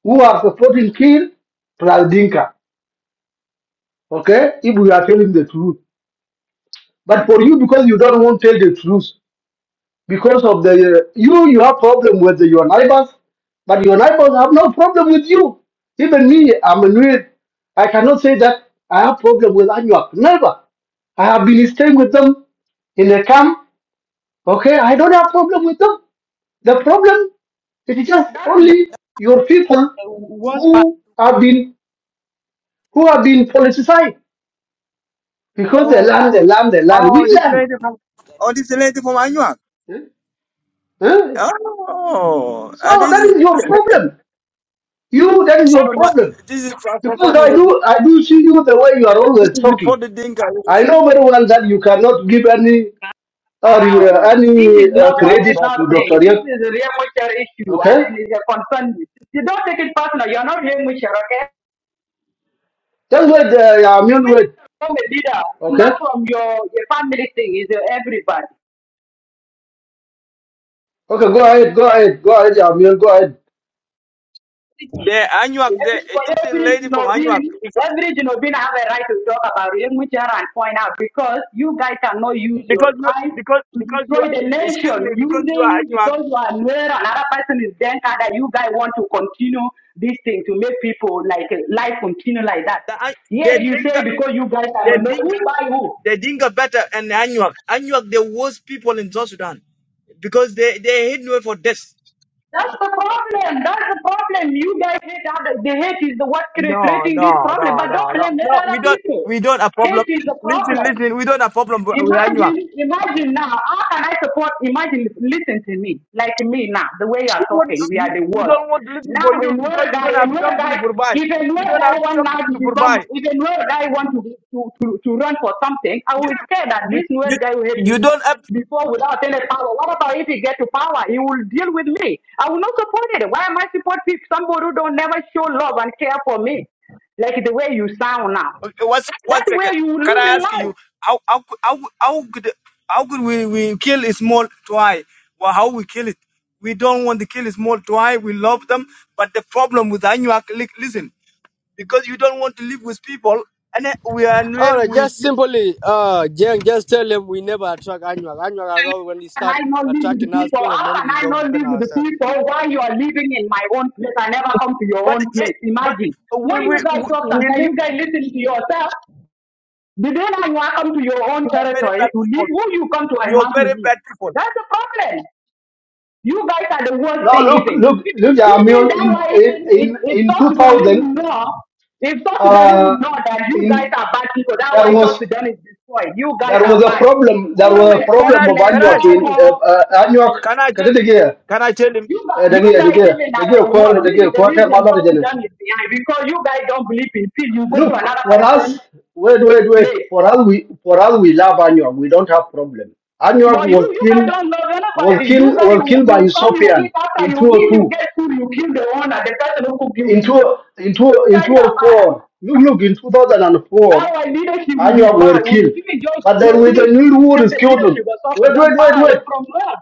Speaker 8: who are supporting Kir plus Dinka. Okay? If we are telling the truth. But for you, because you don't want to tell the truth, because of the, uh, you, you have problem with your neighbors, but your neighbors have no problem with you. Even me, I'm a new, I cannot say that I have problem with Anuak. Never. I have been staying with them in the camp. Okay? I don't have problem with them. The problem is just
Speaker 12: that is
Speaker 8: only your people who have been who have been politicized because they
Speaker 13: Oh,
Speaker 8: land, they land, they land.
Speaker 13: oh,
Speaker 8: We
Speaker 13: this
Speaker 8: land.
Speaker 13: lady from oh, this lady from Anuak.
Speaker 8: Eh? Eh?
Speaker 13: Oh, and
Speaker 8: So
Speaker 13: this
Speaker 8: that
Speaker 13: is
Speaker 8: is your
Speaker 13: this
Speaker 8: problem. You that is your
Speaker 13: is my-
Speaker 8: problem.
Speaker 13: this is a
Speaker 8: Because I
Speaker 13: problem with you.
Speaker 8: do I do see you the way you are always
Speaker 13: This is for
Speaker 8: talking.
Speaker 13: the Dinka. This
Speaker 8: I
Speaker 13: is-
Speaker 8: know very well that you cannot give any uh, re- uh,
Speaker 12: down. This is
Speaker 8: any uh,
Speaker 12: not
Speaker 13: they have a
Speaker 8: credit
Speaker 12: personal
Speaker 13: problem.
Speaker 8: to
Speaker 12: thing.
Speaker 8: Dr. Yek.
Speaker 12: This is a real mutual issue and,
Speaker 8: Okay?
Speaker 12: and it's a concern. You don't take it personal. You're not real mutual, okay?
Speaker 8: Just wait, uh, Yamian, wait.
Speaker 12: From a leader. It's
Speaker 8: Okay?
Speaker 12: not from your, your family thing. It's your everybody.
Speaker 8: Okay, go ahead, go ahead, go ahead, Yamian, go ahead.
Speaker 13: The Anuak, the
Speaker 12: Every,
Speaker 13: uh,
Speaker 12: but
Speaker 13: this is
Speaker 12: every
Speaker 13: lady from Anuak,
Speaker 12: Jinobin,
Speaker 13: because
Speaker 12: every Jinobin have a right to talk about Yemuchar and point out because you guys cannot use your
Speaker 13: because you
Speaker 12: tribe
Speaker 13: because
Speaker 12: to
Speaker 13: because you
Speaker 12: destroy the
Speaker 13: excuse me
Speaker 12: nation
Speaker 13: because you are
Speaker 12: using
Speaker 13: Anuak,
Speaker 12: because you are aware another person is then that you guys want to continue this thing to make people like uh, life continue like that.
Speaker 13: the An- the
Speaker 12: Yet you say
Speaker 13: Dinka,
Speaker 12: because you guys
Speaker 13: the
Speaker 12: are no
Speaker 13: Dinka,
Speaker 12: who by who.
Speaker 13: the Dinka better and Anuak. Anuak, the worst people in South Sudan because they they hate you for this.
Speaker 12: That's the problem. That's the problem. You guys hate other. The hate is the what cre-
Speaker 13: No,
Speaker 12: creating
Speaker 13: no,
Speaker 12: this
Speaker 13: no,
Speaker 12: problem. But don't
Speaker 13: no, no,
Speaker 12: blame the
Speaker 13: no. We
Speaker 12: other
Speaker 13: don't
Speaker 12: people.
Speaker 13: we don't have problem.
Speaker 12: Hate is the
Speaker 13: Listen,
Speaker 12: problem.
Speaker 13: listen, we don't have problem with with Anuak. What-
Speaker 12: Imagine, imagine now, how can I support, imagine, listen to me, like me now, the way you are talking, we are
Speaker 13: We
Speaker 12: the
Speaker 13: we
Speaker 12: worst.
Speaker 13: don't want to listen for
Speaker 12: Now
Speaker 13: you
Speaker 12: in
Speaker 13: because
Speaker 12: world
Speaker 13: you don't
Speaker 12: guy, in
Speaker 13: have
Speaker 12: world
Speaker 13: something to
Speaker 12: guy,
Speaker 13: provide.
Speaker 12: if a
Speaker 13: You
Speaker 12: world
Speaker 13: don't
Speaker 12: guy
Speaker 13: have
Speaker 12: want now
Speaker 13: something
Speaker 12: to
Speaker 13: to provide.
Speaker 12: become, if a world guy want to, be- to, to, to run for something, I
Speaker 13: you
Speaker 12: will scare that
Speaker 13: you
Speaker 12: this world
Speaker 13: you
Speaker 12: guy will hate me
Speaker 13: you don't have
Speaker 12: before without any power. What about if he get to power? He will deal with me. I will not support it. Why am I support people, somebody who don't never show love and care for me? Like the way you sound now.
Speaker 13: okay, one sec- one
Speaker 12: That's
Speaker 13: second.
Speaker 12: where you will
Speaker 13: Can
Speaker 12: lose
Speaker 13: I
Speaker 12: in
Speaker 13: ask
Speaker 12: life.
Speaker 13: you how how cou- how could- how could how could we, we kill a small toy? Well, how we kill it? We don't want to kill a small toy. We love them, but the problem with Anuak, li- listen, because you don't want to live with people, and then we are near
Speaker 11: Alright,
Speaker 13: with
Speaker 11: just
Speaker 13: you.
Speaker 11: simply, uh, Jen, just tell him we never attract Anuak. Anuak are all when they
Speaker 12: can
Speaker 11: start
Speaker 12: I not live with the
Speaker 11: attracting us,
Speaker 12: people?
Speaker 11: but and
Speaker 12: How
Speaker 11: then
Speaker 12: can
Speaker 11: we
Speaker 12: I
Speaker 11: go
Speaker 12: not
Speaker 11: defend
Speaker 12: live with the
Speaker 11: ourselves.
Speaker 12: people while you are living in my own place? I never come to your
Speaker 13: But
Speaker 12: own
Speaker 13: it,
Speaker 12: place.
Speaker 13: but
Speaker 12: Imagine.
Speaker 13: we
Speaker 12: When
Speaker 13: we
Speaker 12: you guys
Speaker 13: we
Speaker 12: talk
Speaker 13: we
Speaker 12: sometimes,
Speaker 13: live.
Speaker 12: you guys listen to yourself. The day I want to come to your own
Speaker 13: You are very
Speaker 12: territory
Speaker 13: bad
Speaker 12: to live,
Speaker 13: people.
Speaker 12: who you come to I
Speaker 13: You are
Speaker 12: want
Speaker 13: very
Speaker 12: to live.
Speaker 13: bad people.
Speaker 12: That's the problem. You guys are the worst
Speaker 8: No,
Speaker 12: thing
Speaker 8: look,
Speaker 12: even.
Speaker 8: look, look,
Speaker 12: Even,
Speaker 8: yeah, I mean,
Speaker 12: even that
Speaker 8: in,
Speaker 12: way,
Speaker 8: in,
Speaker 12: even if,
Speaker 8: in,
Speaker 12: if
Speaker 8: in
Speaker 12: South Sudanese
Speaker 8: 2000,
Speaker 12: would know, if South Sudanese
Speaker 8: uh,
Speaker 12: would know that you guys
Speaker 8: in,
Speaker 12: are bad people, that's
Speaker 8: there
Speaker 12: why South
Speaker 8: was,
Speaker 12: Sudan is destroyed. You guys
Speaker 8: there
Speaker 12: are
Speaker 8: was a
Speaker 12: bad
Speaker 8: problem, there was
Speaker 12: always
Speaker 8: a
Speaker 13: Can I
Speaker 8: problem of
Speaker 12: complain,
Speaker 13: can I
Speaker 8: Anyuak
Speaker 13: tell
Speaker 8: in,
Speaker 13: you?
Speaker 8: uh,
Speaker 12: trouble.
Speaker 8: uh, Anyuak,
Speaker 13: Can I tell?
Speaker 8: kati dege,
Speaker 13: Can I tell him?
Speaker 12: You,
Speaker 8: eh,
Speaker 12: you
Speaker 8: dege,
Speaker 12: guys
Speaker 8: dege,
Speaker 12: even at
Speaker 8: dege,
Speaker 12: the
Speaker 8: kor,
Speaker 12: world, this is
Speaker 8: dege,
Speaker 12: the
Speaker 8: kor, te
Speaker 12: reason
Speaker 8: mama de
Speaker 12: South
Speaker 8: jene.
Speaker 12: Sudan is behind because you guys don't believe in peace. You go to
Speaker 8: Look,
Speaker 12: another
Speaker 8: for
Speaker 12: person
Speaker 8: us, wait, wait, wait,
Speaker 12: place.
Speaker 8: for us, we, for us, we love Anyuak, we don't have problem.
Speaker 12: You
Speaker 8: Anyuak
Speaker 12: know, you,
Speaker 8: was
Speaker 12: you guys
Speaker 8: killed,
Speaker 12: don't love
Speaker 8: was
Speaker 12: anybody. You
Speaker 8: killed,
Speaker 12: guys,
Speaker 8: was
Speaker 12: you,
Speaker 8: killed by
Speaker 12: you come, you eat.
Speaker 8: Ethiopian
Speaker 12: After
Speaker 8: in
Speaker 12: you eat, you
Speaker 8: 202.
Speaker 12: get food. You kill the owner, the person who cook you food.
Speaker 8: into into
Speaker 12: You guys
Speaker 8: into
Speaker 12: are
Speaker 8: a
Speaker 12: bad.
Speaker 8: four. Look, look, in 2004,
Speaker 12: Our leadership would be
Speaker 8: Anyog
Speaker 12: far.
Speaker 8: were
Speaker 12: Would
Speaker 8: killed,
Speaker 12: even just
Speaker 8: but
Speaker 12: you
Speaker 8: there
Speaker 12: know,
Speaker 8: was a
Speaker 12: this,
Speaker 8: new war
Speaker 12: take
Speaker 8: is
Speaker 12: the
Speaker 8: killed them.
Speaker 12: leadership of South
Speaker 8: Wait, wait,
Speaker 12: Sudan
Speaker 8: wait,
Speaker 12: far away
Speaker 8: wait.
Speaker 12: from us.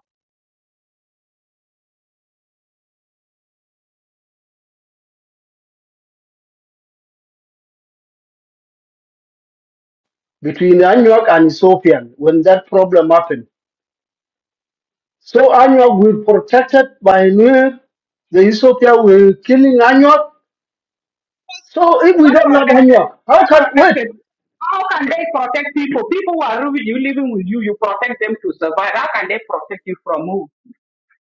Speaker 8: Between Anyog and Ethiopian, when that problem happened, so Anyog were protected by Nuer. The Ethiopia were killing Anyog. So if we
Speaker 12: What
Speaker 8: don't love
Speaker 12: protected?
Speaker 8: Anyog,
Speaker 12: What
Speaker 8: how can wait?
Speaker 12: protected? How can they protect people? People who are really living with you, you protect them to survive. How can they protect you from who?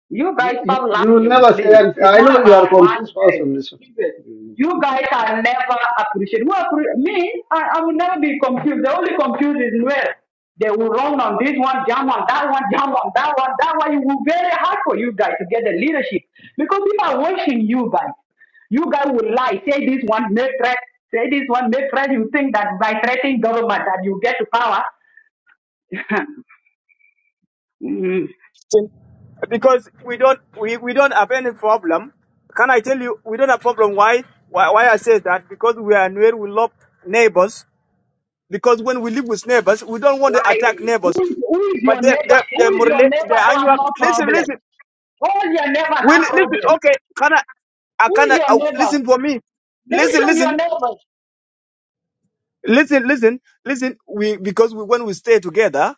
Speaker 12: You
Speaker 8: You,
Speaker 12: guys
Speaker 8: you,
Speaker 12: stop
Speaker 8: you will
Speaker 12: lying,
Speaker 8: never say.
Speaker 12: please.
Speaker 8: anything.
Speaker 12: It's
Speaker 8: I
Speaker 12: not
Speaker 8: know you are a
Speaker 12: about
Speaker 8: confused
Speaker 12: one day.
Speaker 8: person. Listen.
Speaker 12: Keep it. You guys are never appreciated. Who appre- me, I, I will never be confused. The only confused is where they will run on this one, jump on that one, jump on that one, that one. It will be very hard for you guys to get the leadership because people are watching you guys. You guys will lie, say this one, make threat, say this one, make threat. You think that by threatening government that you get to power.
Speaker 13: Because we don't we, we don't have any problem. Can I tell you we don't have problem? Why why, why I say that? Because we are where we love neighbors. Because when we live with neighbors, we don't want to attack
Speaker 12: lying. Who
Speaker 13: neighbors.
Speaker 12: is, who is
Speaker 13: But
Speaker 12: your
Speaker 13: the
Speaker 12: neighbor?
Speaker 13: the
Speaker 12: Who
Speaker 13: the,
Speaker 12: is your
Speaker 13: morale-
Speaker 12: neighbor
Speaker 13: the
Speaker 12: who have
Speaker 13: annual
Speaker 12: no
Speaker 13: listen
Speaker 12: problem?
Speaker 13: listen
Speaker 12: All your neighbors
Speaker 13: we
Speaker 12: have
Speaker 13: listen
Speaker 12: problems.
Speaker 13: okay can I I
Speaker 12: Who
Speaker 13: can
Speaker 12: is
Speaker 13: I,
Speaker 12: your
Speaker 13: oh,
Speaker 12: neighbor?
Speaker 13: listen for me listen
Speaker 12: Mention your
Speaker 13: listen
Speaker 12: neighbors
Speaker 13: Listen, listen, listen. We because we when we stay together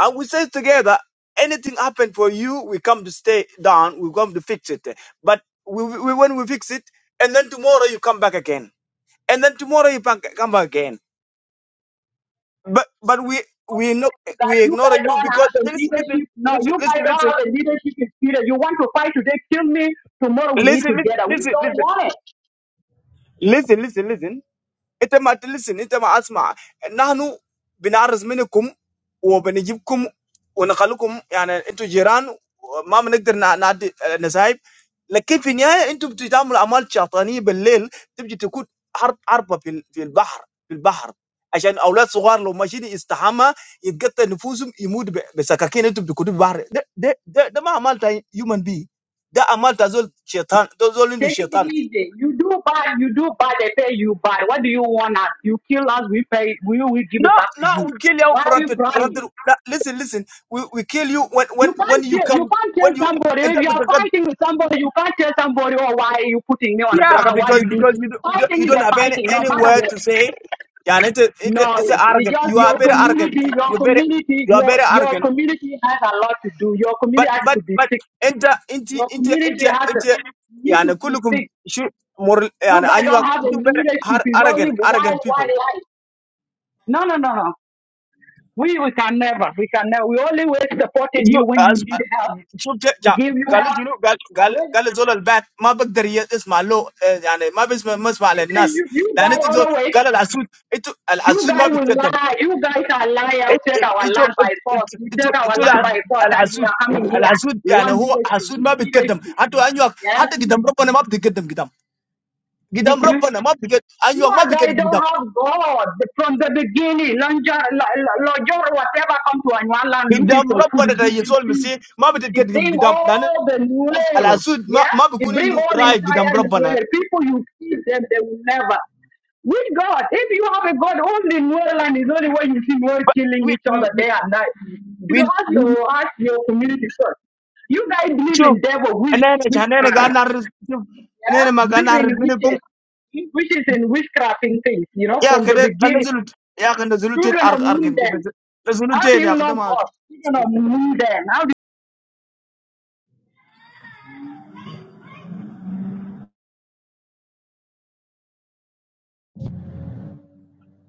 Speaker 13: and we stay together, anything happen for you, we come to stay down. We come to fix it. But we, we when we fix it, and then tomorrow you come back again, and then tomorrow you back, come back again. But but we we no
Speaker 12: that
Speaker 13: we
Speaker 12: you
Speaker 13: ignore
Speaker 12: guys
Speaker 13: you
Speaker 12: don't have
Speaker 13: because
Speaker 12: the
Speaker 13: listen listen
Speaker 12: leadership. No,
Speaker 13: listen
Speaker 12: you guys don't
Speaker 13: listen
Speaker 12: have the leadership in spirit. You want to fight today, kill me. Tomorrow we eat
Speaker 13: listen listen
Speaker 12: together.
Speaker 13: listen listen
Speaker 12: We don't
Speaker 13: listen
Speaker 12: want it.
Speaker 13: listen listen listen. انت ما تلسن انت ما اسمع نحن بنعرض منكم وبنجيبكم ونخليكم يعني انتوا جيران ما بنقدر نع- نعدي نسايب لكن في النهايه انتوا بتعملوا اعمال شيطانيه بالليل تبجي تكون حرب حربه في ال- في البحر في البحر عشان اولاد صغار لو ماشيين يستحمى يتقطع نفوسهم يموت ب- بسكاكين انتوا بتكونوا في البحر ده ده ده, ده ما عملت هيومن بي ده عملت زول شيطان ده زول عنده
Speaker 12: Take it
Speaker 13: شيطان
Speaker 12: easy. You do bad, you do bad, they pay you bad. What do you want us? You kill us, we pay, we will give
Speaker 13: No,
Speaker 12: it back to
Speaker 13: no, we
Speaker 12: you.
Speaker 13: kill you
Speaker 12: Why are
Speaker 13: front
Speaker 12: you
Speaker 13: with front with-
Speaker 12: crying?
Speaker 13: no, listen, listen. We we kill you when when
Speaker 12: You
Speaker 13: when
Speaker 12: can't
Speaker 13: you
Speaker 12: tell, you
Speaker 13: come
Speaker 12: can't
Speaker 13: when you
Speaker 12: tell somebody
Speaker 13: end
Speaker 12: if
Speaker 13: up
Speaker 12: you
Speaker 13: with
Speaker 12: are
Speaker 13: the gun.
Speaker 12: fighting with somebody. You can't tell somebody, oh, why are you putting me on the
Speaker 13: Yeah,
Speaker 12: ground? Why
Speaker 13: because
Speaker 12: you do
Speaker 13: because
Speaker 12: this?
Speaker 13: you don't, we don't,
Speaker 12: Fighting
Speaker 13: you
Speaker 12: is
Speaker 13: don't
Speaker 12: a
Speaker 13: have any
Speaker 12: fighting, no
Speaker 13: any
Speaker 12: matter
Speaker 13: word
Speaker 12: what.
Speaker 13: to say. Yeah, and it's a, it's a,
Speaker 12: No,
Speaker 13: it's a
Speaker 12: you
Speaker 13: arrogant.
Speaker 12: just
Speaker 13: You are
Speaker 12: your
Speaker 13: very arrogant.
Speaker 12: community,
Speaker 13: You,
Speaker 12: your
Speaker 13: you're very
Speaker 12: community,
Speaker 13: you are
Speaker 12: your
Speaker 13: very
Speaker 12: your
Speaker 13: arrogant.
Speaker 12: community has a lot to do. Your
Speaker 13: But
Speaker 12: community has
Speaker 13: but
Speaker 12: to be
Speaker 13: but
Speaker 12: fixed.
Speaker 13: enter into
Speaker 12: Your
Speaker 13: into
Speaker 12: community
Speaker 13: into
Speaker 12: has to
Speaker 13: into yeah,
Speaker 12: need
Speaker 13: and
Speaker 12: to be
Speaker 13: kulukum
Speaker 12: fixed.
Speaker 13: shoot more
Speaker 12: You
Speaker 13: yeah,
Speaker 12: guys
Speaker 13: and you
Speaker 12: don't
Speaker 13: are
Speaker 12: have a
Speaker 13: you very
Speaker 12: leadership.
Speaker 13: har-
Speaker 12: It's only
Speaker 13: arrogant
Speaker 12: why
Speaker 13: arrogant
Speaker 12: why
Speaker 13: people.
Speaker 12: why. No, no, no, no. We we can never, we can never. We only will supported
Speaker 13: جو
Speaker 12: you when you
Speaker 13: أز-
Speaker 12: need help.
Speaker 13: شوف جا
Speaker 12: We
Speaker 13: جا-
Speaker 12: give you
Speaker 13: قالوا
Speaker 12: help.
Speaker 13: شنو قال
Speaker 12: But
Speaker 13: قال
Speaker 12: when
Speaker 13: قال زول البعث ما بقدر ي- يسمع له آه، يعني ما بيسمع ما يسمع
Speaker 12: Listen,
Speaker 13: للناس
Speaker 12: you, you
Speaker 13: لان
Speaker 12: guys
Speaker 13: انت زول
Speaker 12: always,
Speaker 13: قال العسود انتوا
Speaker 12: you
Speaker 13: العسود ما
Speaker 12: guys will
Speaker 13: بيتكلم
Speaker 12: lie. You guys are liar. You
Speaker 13: إ-
Speaker 12: take
Speaker 13: إ-
Speaker 12: our
Speaker 13: انتوا
Speaker 12: land by force.
Speaker 13: انتوا
Speaker 12: You
Speaker 13: انتوا
Speaker 12: take our
Speaker 13: إنتوا
Speaker 12: land
Speaker 13: الع-
Speaker 12: by force, and you
Speaker 13: العسود
Speaker 12: are coming here.
Speaker 13: العسود
Speaker 12: We
Speaker 13: يعني
Speaker 12: want
Speaker 13: هو
Speaker 12: leadership.
Speaker 13: عسود
Speaker 12: We
Speaker 13: ما
Speaker 12: need
Speaker 13: بيتقدم
Speaker 12: leadership.
Speaker 13: حتى انيوك
Speaker 12: Yes.
Speaker 13: حتى قدام ربنا ما بيتقدم قدام قدام
Speaker 12: Mm-hmm.
Speaker 13: ربنا ما بيتقدم
Speaker 12: You
Speaker 13: انيوك ما
Speaker 12: are guys
Speaker 13: بيتقدم قدام
Speaker 12: don't have God from the beginning. Lonjor, whatever, come to our land looking
Speaker 13: قدام
Speaker 12: for food.
Speaker 13: ربنا ده
Speaker 12: we give
Speaker 13: يسوع
Speaker 12: him peace.
Speaker 13: المسيح ما
Speaker 12: You
Speaker 13: بيتقدم
Speaker 12: bring
Speaker 13: قدام لان
Speaker 12: all the Nuer,
Speaker 13: العسود ما
Speaker 12: yeah?
Speaker 13: ما
Speaker 12: You
Speaker 13: بيكون
Speaker 12: bring
Speaker 13: عنده
Speaker 12: all
Speaker 13: راي
Speaker 12: entire
Speaker 13: قدام ربنا
Speaker 12: Nuer. People you feed them, they will never. With God, if you have a God only in Nuer land, is only way you see Nuer
Speaker 13: But
Speaker 12: killing
Speaker 13: we
Speaker 12: each
Speaker 13: we
Speaker 12: other day and night. You
Speaker 13: we
Speaker 12: know, ask
Speaker 13: we
Speaker 12: your, ask your community first. You guys believe
Speaker 13: شوف
Speaker 12: in devil, wish,
Speaker 13: انا انا قاعد
Speaker 12: witchcraft,
Speaker 13: نعرف شوف
Speaker 12: yeah?
Speaker 13: انا ما قاعد
Speaker 12: Believe
Speaker 13: نعرف
Speaker 12: in
Speaker 13: منكم
Speaker 12: witches, wishes and witchcrafting things, you know,
Speaker 13: يا
Speaker 12: from the
Speaker 13: كده
Speaker 12: beginning.
Speaker 13: نزلت يا اخي نزلت
Speaker 12: Children of
Speaker 13: ارك ارك
Speaker 12: Minden,
Speaker 13: نزلت
Speaker 12: how do
Speaker 13: يا
Speaker 12: you
Speaker 13: اخي
Speaker 12: know
Speaker 13: ده ما
Speaker 12: God? Children of Minden, how do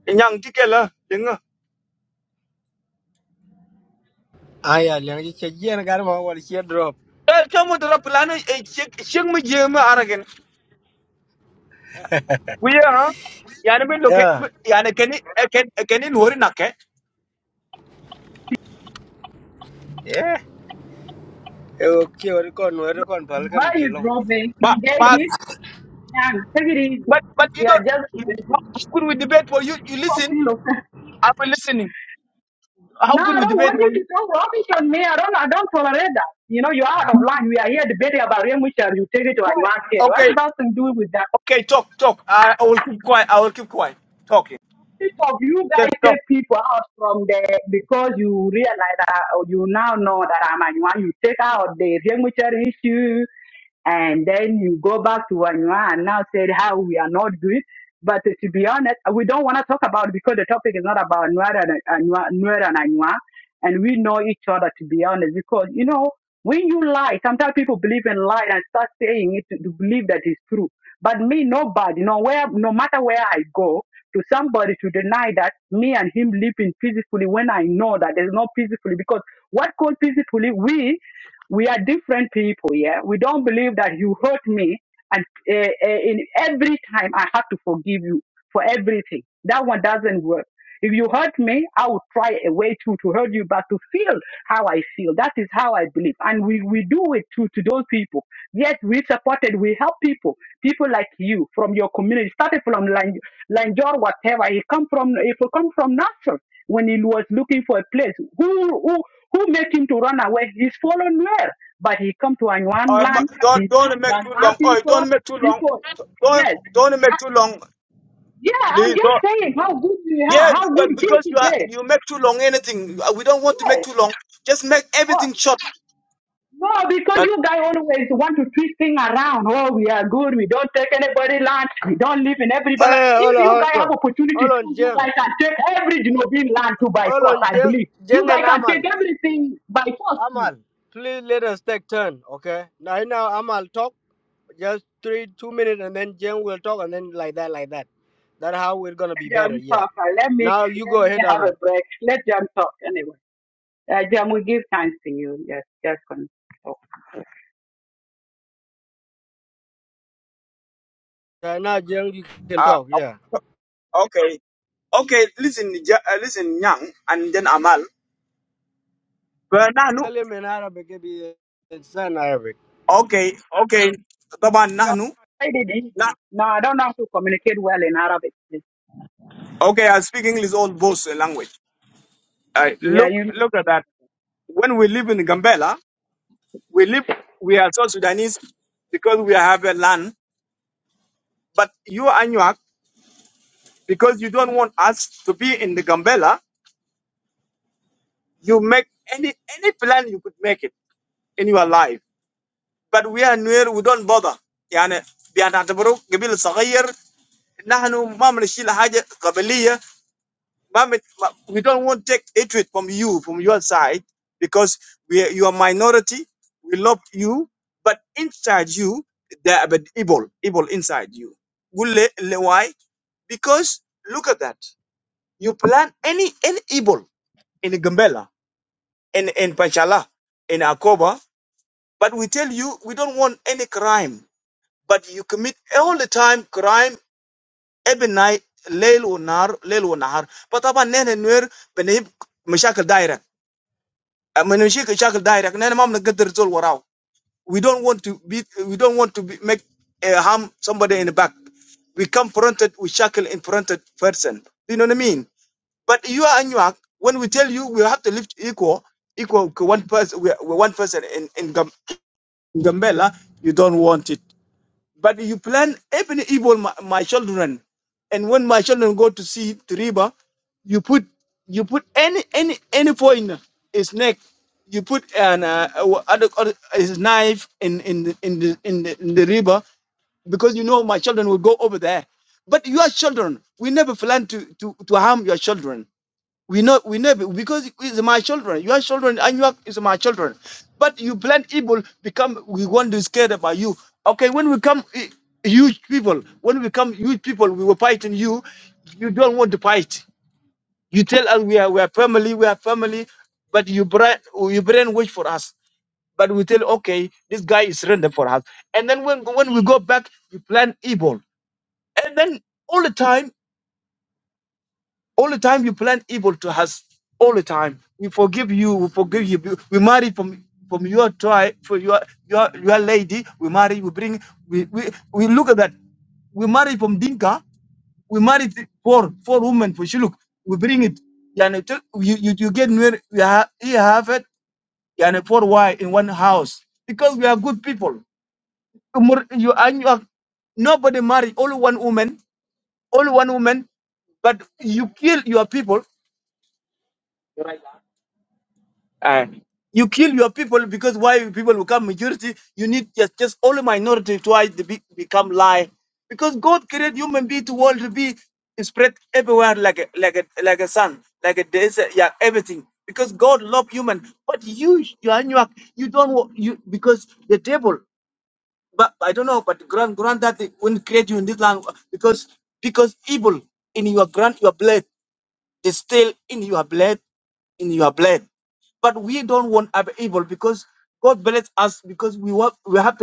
Speaker 13: yang tike la dinga
Speaker 11: Ah, yeah, Jen, you check Jen, got him on here drop.
Speaker 13: er kamu dara plano e chek chek mu je mu aragen wiya ha yani bin loke
Speaker 11: Yeah,
Speaker 13: yani keni ken keni hori nakke
Speaker 11: yeah. Eh, Okay, what you call, what you call,
Speaker 12: you,
Speaker 11: Palka,
Speaker 12: why
Speaker 11: me
Speaker 12: you
Speaker 11: long.
Speaker 12: drove me?
Speaker 13: ba
Speaker 12: You gave it? Young, take it easy.
Speaker 13: but but you
Speaker 12: We are
Speaker 13: don't
Speaker 12: just
Speaker 13: how
Speaker 12: debating.
Speaker 13: could we debate for you you
Speaker 12: Talk
Speaker 13: listen
Speaker 12: to you. Okay?
Speaker 13: i'm listening how
Speaker 12: No,
Speaker 13: could
Speaker 12: I
Speaker 13: we
Speaker 12: don't want you
Speaker 13: debate
Speaker 12: to talk rubbish on me. I don't I don't tolerate that. You know, you're out of line. We are here debating about real You take it to a
Speaker 13: quiet.
Speaker 12: kid. What
Speaker 13: Okay,
Speaker 12: does that to do with that?
Speaker 13: okay, talk, talk. I, I will keep quiet. I will keep quiet. Talking.
Speaker 12: Most of you
Speaker 13: Just
Speaker 12: guys
Speaker 13: talk.
Speaker 12: take people out from there because you realize that or you now know that I'm Anywa. You take out the Rengmucher issue and then you go back to Anywa and now say how we are not good. But uh, to be honest, we don't want to talk about it because the topic is not about Nuer and Anywa, Nuer and Anywa. And we know each other to be honest because, you know, when you lie, sometimes people believe in lie and start saying it to, to believe that it's true. But me, nobody, no, where, no matter where I go, to somebody to deny that me and him living peacefully when I know that there's no peacefully because what called peacefully we we are different people yeah we don't believe that you hurt me and uh, uh, in every time I have to forgive you for everything that one doesn't work if you hurt me I will try a way to to hurt you but to feel how I feel that is how I believe and we we do it to to those people yes we supported we help people people like you from your community started from Lanjing. Lanjor, whatever. He come from if he come from Nasser when he was looking for a place. Who who who made him to run away? He's fallen where? But he come to Anyuan
Speaker 13: Uh, ma-
Speaker 12: land,
Speaker 13: don't
Speaker 12: he live
Speaker 13: don't
Speaker 12: with
Speaker 13: make too
Speaker 12: Anyuan
Speaker 13: long. Oh, don't
Speaker 12: people,
Speaker 13: make too long.
Speaker 12: people
Speaker 13: Don't
Speaker 12: Yes.
Speaker 13: don't make too long,
Speaker 12: Yeah, I'm
Speaker 13: please.
Speaker 12: just
Speaker 13: Don't.
Speaker 12: saying how good we are,
Speaker 13: Yeah,
Speaker 12: how good
Speaker 13: but
Speaker 12: things
Speaker 13: because you are
Speaker 12: today? get.
Speaker 13: you make too long anything. uh, We don't want to make too long. Just make
Speaker 12: Yes.
Speaker 13: everything short.
Speaker 12: No, because
Speaker 13: That
Speaker 12: you guys always want to twist things around. Oh, we are good. We don't take anybody land. We don't live in everybody. land.
Speaker 11: Eh, hold
Speaker 12: If
Speaker 11: on,
Speaker 12: you guys
Speaker 11: hold
Speaker 12: have
Speaker 11: on.
Speaker 12: opportunity
Speaker 11: Hold
Speaker 12: to,
Speaker 11: on,
Speaker 12: you
Speaker 11: Jen.
Speaker 12: guys can take every Genovese land to by
Speaker 11: Hold
Speaker 12: force.
Speaker 11: on,
Speaker 12: I
Speaker 11: Jen.
Speaker 12: believe you
Speaker 11: Jen
Speaker 12: guys
Speaker 11: and
Speaker 12: can take
Speaker 11: Amal.
Speaker 12: everything by force too.
Speaker 11: Amal, please let us take turn, okay? Now, now Amal talk. Just three, two minutes, and then Jen will talk, and then like that, like that. That's how we're gonna be better.
Speaker 12: Jam
Speaker 11: Yeah.
Speaker 12: Papa, let me
Speaker 11: Now you
Speaker 12: let
Speaker 11: go
Speaker 12: me
Speaker 11: ahead,
Speaker 12: have a
Speaker 11: Ahmad.
Speaker 12: break. Let Jam talk anyway. Uh, Jam, we give time to you. Yes, just can talk.
Speaker 11: Uh, now Jen, you can
Speaker 13: uh,
Speaker 11: talk. Yeah.
Speaker 13: uh, okay, okay. Listen, Ja- uh, listen, Yang, and then Amal. But Nahnu,
Speaker 11: Tell him in Arabic, if he understand Arabic.
Speaker 13: okay, okay. Taban
Speaker 12: No,
Speaker 13: Nahnu,
Speaker 12: I did not
Speaker 13: nah.
Speaker 12: No, I don't know how to communicate well in Arabic.
Speaker 13: Okay, I speak English, all both uh, language. Uh,
Speaker 12: Yeah,
Speaker 13: look,
Speaker 12: you.
Speaker 13: look at that. when we live in Gambela, we live, we are South Sudanese because we have a land. But you, Anuak, because you don't want us to be in the Gambela, you make any any plan you could make it in your life. But we are near, we don't bother. يعني بنعتبره قبيلة صغير نحن ما بنشيل حاجة قبلية Ma'am, it- ma- we don't want to take hatred from you, from your side, because we are, you are minority. We love you, but inside you, there are but evil, evil inside you. Will le- le- Why? Because look at that. You plan any any evil in Gambela, in in Panchala, in Akoba, but we tell you we don't want any crime. But you commit all the time crime every night, leil or nar, leil or nahar. But aban nene nwer benib mashakal من مشي شكل دايركت نحن ما بنقدر زول وراه we don't want to be we don't want to be, make uh, harm somebody in the back we come fronted we shackle in fronted person you know what I mean But you are Anuak, when we tell you we have to lift equal, equal to one person, we we one person in, in, Gam- in Gambela, you don't want it. But you plan even evil my, my children, and when my children go to see the river, you put you put any any any point his neck, you put an uh, uh, other, other, his knife in in the, in the in the in the river because you know my children will go over there. But your children, we never plan to to to harm your children we know, we know be- because it's my children, your children, and your is my children. But you plan evil, become we want to scared about you. Okay, when we come eh, huge people, when we come huge people, we will fight in you. You don't want to fight. You tell us we are we are family, we are family, but you brain you brainwash for us. But we tell okay, this guy is random for us. And then when when we go back, you plan evil. And then all the time all the time you plan evil to us. All the time. We forgive you. We forgive you. We marry from from your tribe, for your your your lady. We marry. We bring. We we, we look at that. We marry from Dinka. We marry th- four four women for Shiluk. We bring it. Yani, to- you, you you get married. You have you have it. Yani four wife in one house because we are good people. Umur- You and you are nobody marry only one woman. Only one woman but you kill your people Uh, you kill your people because why people become majority, you need just just only minority twice to be, become lie. Because God created human being to what be is everywhere like a like a like a sun, like a de- yeah thing. Human, but you you are you, are- you don't want those people, but the- when because because evil in your grand your blood, they stay blood in your blood. But we don't want other- because God bless us.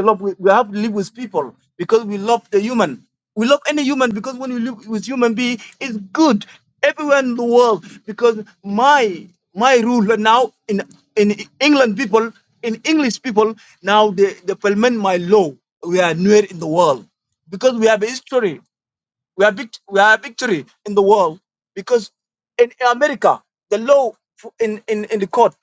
Speaker 13: love with, we have to live with people because we love the human. We love any human because when you live with human being, it's good everywhere in the world. Because my my rule now in in England people, in English people, now they, they implement my law. We are nowhere in the world because we have a history. We are vict- we are victory in the world because in America the law f- in in, in the court,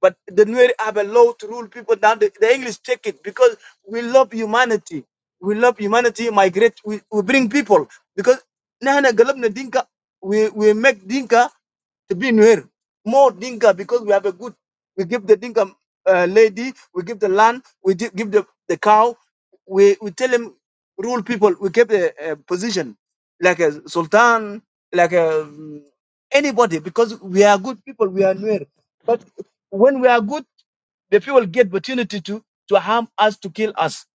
Speaker 13: but the Nuer have a law to rule people down. The, the English take it because we love humanity. We love humanity. Migrate. We, we bring people because nahana galabna dinka. We we make dinka to be Nuer more dinka because we have a good. We give the dinka uh, lady. We give the land. We di- give the the cow. We we tell him rule people. We give the uh, position like a sultan, like a, anybody, because we are good people, we are near. But when we are good, the people get opportunity to, to harm us, to kill us.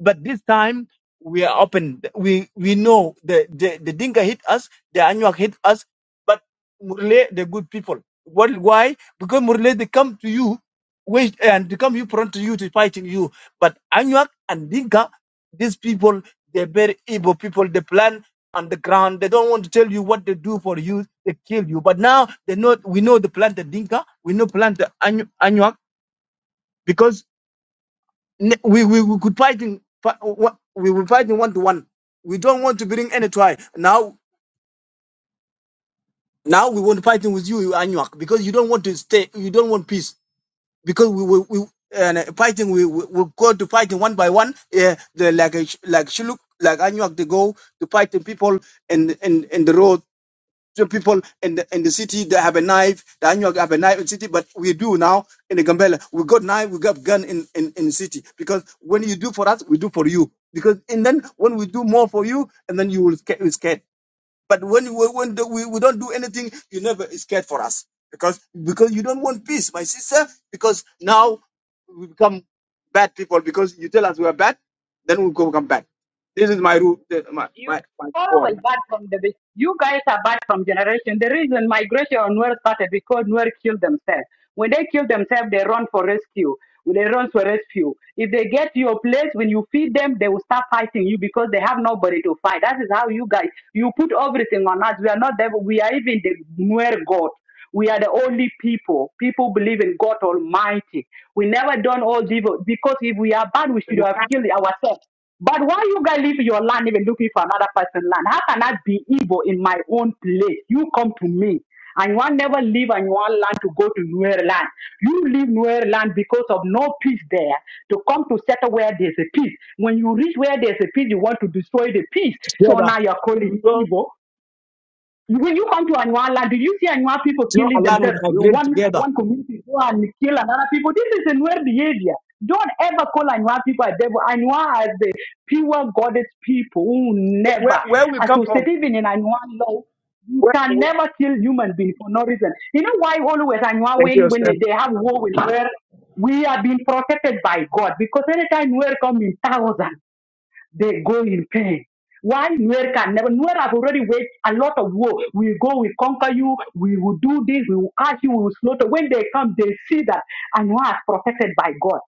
Speaker 13: But this time, we are open. We we know the, the, the Dinka hit us, the Anuak hit us, but Murle, the good people. What, why? Because Murle, they come to you wait, and they come you front to you to fighting you. But Anuak and Dinka, these people, they're very evil people. They plan underground. They don't want to tell you what they do for you. They kill you. But now they know we know the plant the Dinka, we know plant the Anyu- Anuak because ne- we, we we could fight in fi- wa- we were fighting one to one. We don't want to bring any try. Now now we want fighting with you Anuak because you don't want to stay. You don't want peace because we we. we and uh, fighting, we we we go to fighting one by one. Yeah, the like a like Shuluk, like Anuak, they go to fighting people in in in the road the people in the, in the city they have a knife. The Anyuag have a knife in the city, but we do now in the Gambela. We got knife, we got gun in, in, in the city. Because when you do for us, we do for you. Because and then when we do more for you, and then you will sca- you scared. But when we when the, we, we don't do anything, you never is scared for us. Because because you don't want peace, my sister. Because now we become bad people. Because you tell us we are bad, then we become bad. This is my rule. My
Speaker 12: You
Speaker 13: my, my
Speaker 12: always
Speaker 13: point.
Speaker 12: bad from the be- you guys are bad from generation. The reason migration on Nuer started because Nuer killed themselves. When they kill themselves, they run for rescue. When they run for rescue, if they get to your place, when you feed them, they will start fighting you because they have nobody to fight. That is how you guys you put everything on us. We are not devil. We are even the Nuer God. We are the only people. People believe in God Almighty. We never done all evil because if we are bad, we should have killed ourselves. But why you guys leave your land even looking for another person's land? How can I be evil in my own place? You come to me. And you want never leave and you want land to go to Nuer land. You leave Nuer land because of no peace there to come to settle where there's a peace. When you reach where there's a peace, you want to destroy the peace. So now you're calling
Speaker 13: So
Speaker 12: evil when you come to Anua land, do you see Anua people killing
Speaker 13: that
Speaker 12: themselves? One one community go and kill another people. This is a weird behavior. Don't ever call Anua people a devil. Anua as the pure goddess people who never
Speaker 13: where where we come
Speaker 12: associate
Speaker 13: from.
Speaker 12: even in Anua law. You
Speaker 13: Where,
Speaker 12: can never kill human being for no reason. You know why always Anua
Speaker 13: thank you,
Speaker 12: when when
Speaker 13: sir.
Speaker 12: they have war with where we are being protected by God because anytime we come in thousands they go in pain. Why Nuer can never? Nuer have already waged a lot of war. We go, we conquer you, we will do this, we will catch you, we will slaughter. When they come, they see that Anua is protected by God.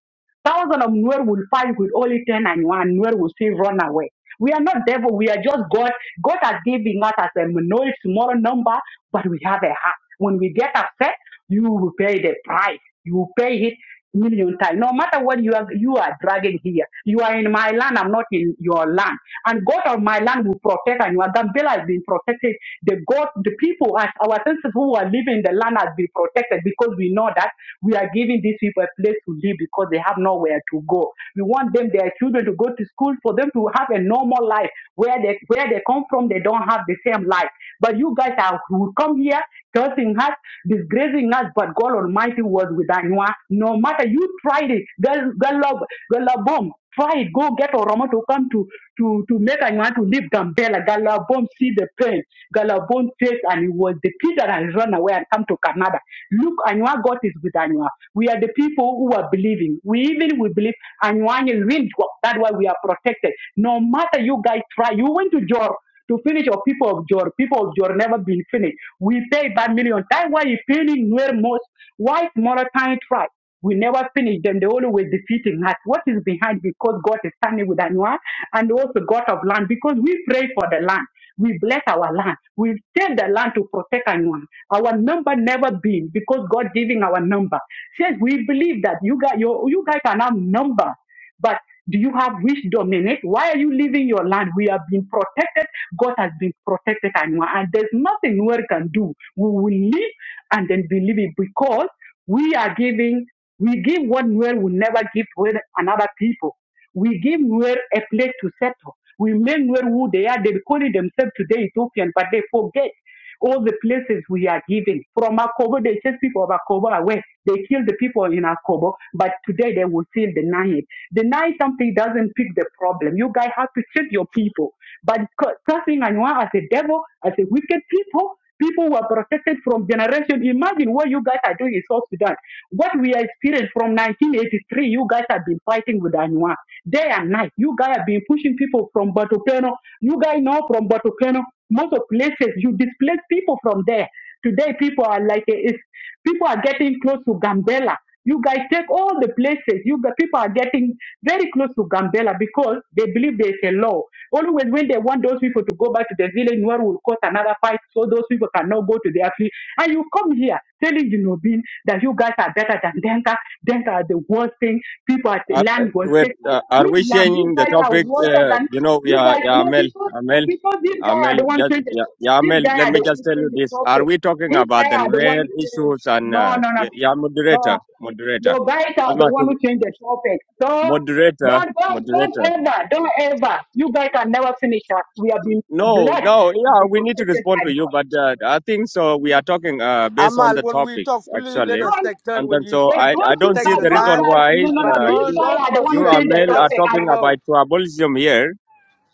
Speaker 12: Thousands of Nuer will fight with only 10 and 1. Nuer will still run away. We are not devil. We are just God. God has given us as a minority, small number, but we have a heart. When we get upset, you will pay the price. You will pay it million times. No matter what you are, you are dragging here. You are in my land. I'm not in your land. And God of my land will protect and your Gambela has been protected. God, the people, our senses, who are living in the land has been protected because we know that we are giving these people a place to live because they have nowhere to go. We want them, their children, to go to school for them to have a normal life where they where they come from. They don't have the same life. But you guys are who come here cursing us, disgracing us. But God Almighty was with Anua. No matter you tried it, God, God love, God love bomb. Try it. Go get Oromo to come to to to make anyone to leave Gambela. Galabon see the pain. Galabon face and it was the kid that has run away and come to Canada. Look, Anywa God is with Anywa. We are the people who are believing. We even we believe Anywa will work. That's why we are protected. No matter you guys try, you went to Jor to finish or people of Jor. People of Jor never been finished. We pay by million. That's why you feeling where most white Moroccani tribe. We never finish them. They always defeating us. What is behind? Because God is standing with Anua and also God of land. Because we pray for the land. We bless our land. We tell the land to protect Anua. Our number never been because God giving our number. Says we believe that you guys, you, you guys are now number. But do you have wisdom in it? Why are you leaving your land? We have been protected. God has been protected, and, and there's nothing we can do. We will live and then believe it because we are giving, we give what Nuer will never give to another people. We give Nuer a place to settle. We make Nuer who they are. They call it themselves today Ethiopian, but they forget all the places we are giving. From Akobo, they chase people of Akobo away. They kill the people in Akobo, but today they will still deny it. Deny something doesn't fix the problem. You guys have to check your people. But cu- cursing Anwar as a devil, as a wicked people, people who are protected from generation. Imagine what you guys are doing in South Sudan. What we are experiencing from 1983, you guys have been fighting with Anua day and night. You guys have been pushing people from Batupeno. You guys know from Batupeno, most of places you displace people from there. Today, people are like, eh, it's, people are getting close to Gambela. You guys take all the places. You got, people are getting very close to Gambela because they believe there's a law. Always when they want those people to go back to the village, Nwar will cause another fight so those people cannot go to their village. And you come here telling you know that you guys are better than Denka. Denka are the worst thing. People at the
Speaker 14: Are, uh,
Speaker 12: land was
Speaker 14: wait,
Speaker 12: taken.
Speaker 14: uh, are
Speaker 12: Which
Speaker 14: we
Speaker 12: land? You
Speaker 14: changing the
Speaker 12: guys are
Speaker 14: topic?
Speaker 12: worse
Speaker 14: Uh,
Speaker 12: than
Speaker 14: you know,
Speaker 12: you
Speaker 14: yeah,
Speaker 12: guys.
Speaker 14: yeah,
Speaker 12: No,
Speaker 14: Mel,
Speaker 12: because
Speaker 14: uh,
Speaker 12: no,
Speaker 14: Mel,
Speaker 12: because these
Speaker 14: uh,
Speaker 12: guys are the
Speaker 14: Mel,
Speaker 12: one
Speaker 14: just,
Speaker 12: who change the
Speaker 14: yeah,
Speaker 12: topic.
Speaker 14: yeah,
Speaker 12: These
Speaker 14: Mel,
Speaker 12: guys are the
Speaker 14: let me
Speaker 12: one who
Speaker 14: just tell you
Speaker 12: change the
Speaker 14: this. Are
Speaker 12: topic.
Speaker 14: we talking
Speaker 12: These
Speaker 14: about the
Speaker 12: guys are the one
Speaker 14: rare
Speaker 12: who change.
Speaker 14: issues and,
Speaker 12: No,
Speaker 14: uh,
Speaker 12: no, no, no.
Speaker 14: yeah, yeah, moderator,
Speaker 12: No.
Speaker 14: moderator,
Speaker 12: Your guys are
Speaker 14: Asma,
Speaker 12: the one who
Speaker 14: to-
Speaker 12: changed the topic. So
Speaker 14: moderator,
Speaker 12: don't, don't, don't
Speaker 14: moderator.
Speaker 12: ever, don't ever. You guys can never finish us. We have been
Speaker 14: No,
Speaker 12: blessed
Speaker 14: no,
Speaker 12: and
Speaker 14: yeah,
Speaker 12: been
Speaker 14: we need to
Speaker 12: protected
Speaker 14: respond
Speaker 12: by
Speaker 14: to you,
Speaker 12: God.
Speaker 14: but uh, I think so. We are talking uh, based on
Speaker 11: Amal,
Speaker 14: the
Speaker 11: when we talk,
Speaker 14: topics,
Speaker 11: please let
Speaker 14: actually.
Speaker 11: us
Speaker 12: Don't,
Speaker 11: take turn.
Speaker 14: And
Speaker 11: When
Speaker 14: then
Speaker 11: you
Speaker 14: so
Speaker 12: they
Speaker 11: speak,
Speaker 14: I, I
Speaker 12: don't
Speaker 14: don't
Speaker 12: think
Speaker 11: take
Speaker 14: see
Speaker 12: that
Speaker 11: your
Speaker 14: the
Speaker 12: those
Speaker 14: reason
Speaker 11: time,
Speaker 12: guys,
Speaker 14: why
Speaker 12: you
Speaker 11: uh,
Speaker 12: know, no,
Speaker 11: but
Speaker 14: uh,
Speaker 12: these
Speaker 11: don't
Speaker 14: you,
Speaker 12: guys
Speaker 11: don't
Speaker 12: are the one
Speaker 14: you,
Speaker 12: who
Speaker 11: frustrate.
Speaker 12: changed the
Speaker 11: Let
Speaker 14: Amel, are
Speaker 11: us,
Speaker 12: topic. I,
Speaker 14: talking
Speaker 11: you
Speaker 14: about
Speaker 11: know.
Speaker 14: tribalism here